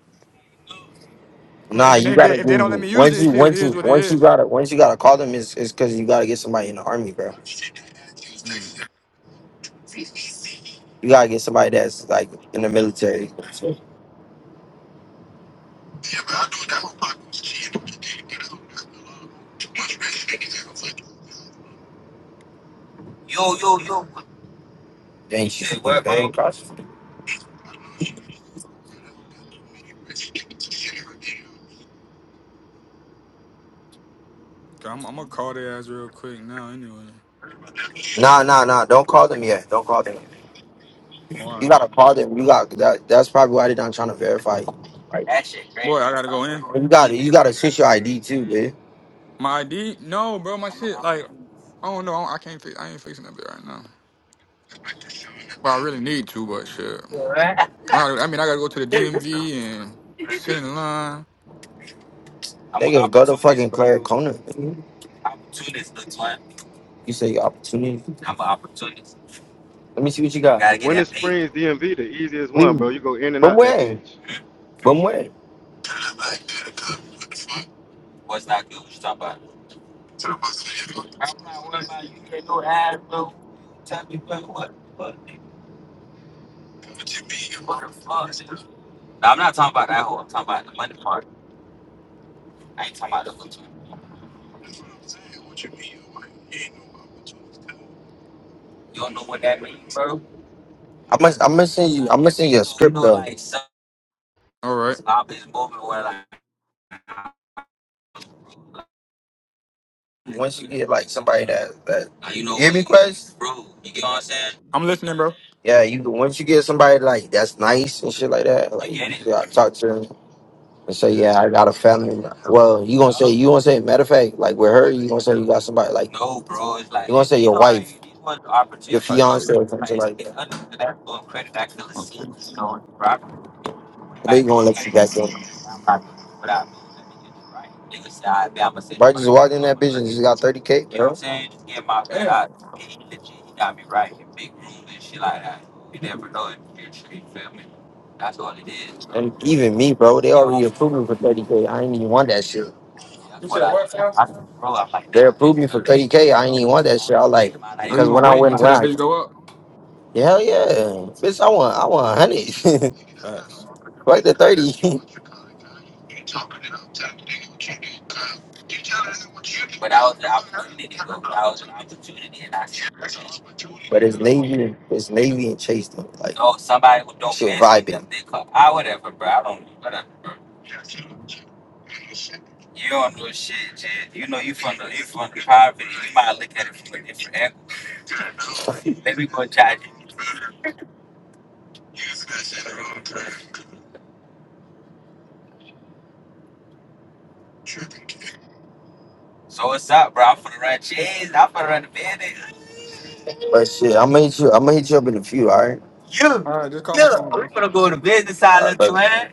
[SPEAKER 15] I mean,
[SPEAKER 4] Nah,
[SPEAKER 15] if, it
[SPEAKER 4] you
[SPEAKER 15] ain't,
[SPEAKER 4] gotta
[SPEAKER 15] that- if they don't let me
[SPEAKER 4] do
[SPEAKER 15] use
[SPEAKER 4] once
[SPEAKER 15] it,
[SPEAKER 4] you
[SPEAKER 15] shit, it
[SPEAKER 4] once you
[SPEAKER 15] is what it
[SPEAKER 4] once you
[SPEAKER 15] is.
[SPEAKER 4] gotta once you gotta call them is is cause you gotta get somebody in the army, bro.
[SPEAKER 15] Hmm.
[SPEAKER 4] You gotta get somebody that's like in the military. Thank you.
[SPEAKER 15] Okay, I'm, I'm gonna call their ass real quick now. Anyway.
[SPEAKER 4] Nah, nah, nah. Don't call them yet. Don't call them. You
[SPEAKER 15] Why?
[SPEAKER 4] gotta call them. You got that. That's probably why they not trying to verify. you.
[SPEAKER 15] Boy, I gotta go in.
[SPEAKER 4] You got to You got to switch your ID too, man.
[SPEAKER 15] My ID? No, bro. My shit. Like, I don't know. I can't. Fix, I ain't fixing that bit right now. Well, I really need to, but shit. I, gotta, I mean, I gotta go to the DMV and sit in line.
[SPEAKER 4] They gonna go to fucking Claire Corner. man. You say opportunity. You got.
[SPEAKER 18] The Winter Springs DMV, the easiest one, bro. You go in and
[SPEAKER 4] But
[SPEAKER 18] out that
[SPEAKER 4] where? I'm
[SPEAKER 18] bitch.
[SPEAKER 4] gonna. I'm gonna send you. I'm gonna send you a script though.
[SPEAKER 15] All right.
[SPEAKER 4] once you get like somebody that that you know, you hear me, Quest? Bro, you get what I'm saying?
[SPEAKER 15] I'm listening, bro.
[SPEAKER 4] Yeah, you once you get somebody like that's nice and shit like that, like you gotta talk to them and say,
[SPEAKER 15] Yeah,
[SPEAKER 4] yeah, I got a family. Well, you gonna say you gonna say matter of fact, like with her, you gonna say you got somebody like no, bro. It's like you gonna say your wife, your
[SPEAKER 15] type shit.
[SPEAKER 4] fiance, or something like that.
[SPEAKER 15] Okay.
[SPEAKER 4] They gonna let you back in. Bro, just walked in that bitch and just got 30K, bro.
[SPEAKER 15] Damn.
[SPEAKER 4] And even me, bro, they already approved me for 30K. I ain't even want that shit.
[SPEAKER 15] You said what now?
[SPEAKER 4] They approved me for 30K. I ain't even want that shit. I was like,
[SPEAKER 15] Are you
[SPEAKER 4] because
[SPEAKER 15] gonna
[SPEAKER 4] when I
[SPEAKER 15] wait
[SPEAKER 4] went,
[SPEAKER 15] until
[SPEAKER 4] when
[SPEAKER 15] that
[SPEAKER 4] I,
[SPEAKER 15] bitch go up?
[SPEAKER 4] hell yeah. Bitch, I want, I want 100.
[SPEAKER 15] Facts.
[SPEAKER 4] Right to 30. But that was an opportunity, though. That was an opportunity, and I took it. But it's Navy, it's Navy and Chase though. Like Oh, somebody who don't shit mess with them, vibing. they call. I whatever, bro. I don't. Whatever. You don't know shit, Jed. You know you from the you from the poverty. You might look at it from a different angle. Let me go charge you. So what's up, bro? I'm finna run cheese. I'm finna run the business. But shit, I'm gonna hit you. I'm gonna hit you up in a few. All right. You,
[SPEAKER 15] All right, just call my
[SPEAKER 4] you.
[SPEAKER 15] phone,
[SPEAKER 4] We
[SPEAKER 15] bro.
[SPEAKER 4] finna go to business All side, right, island, but twin.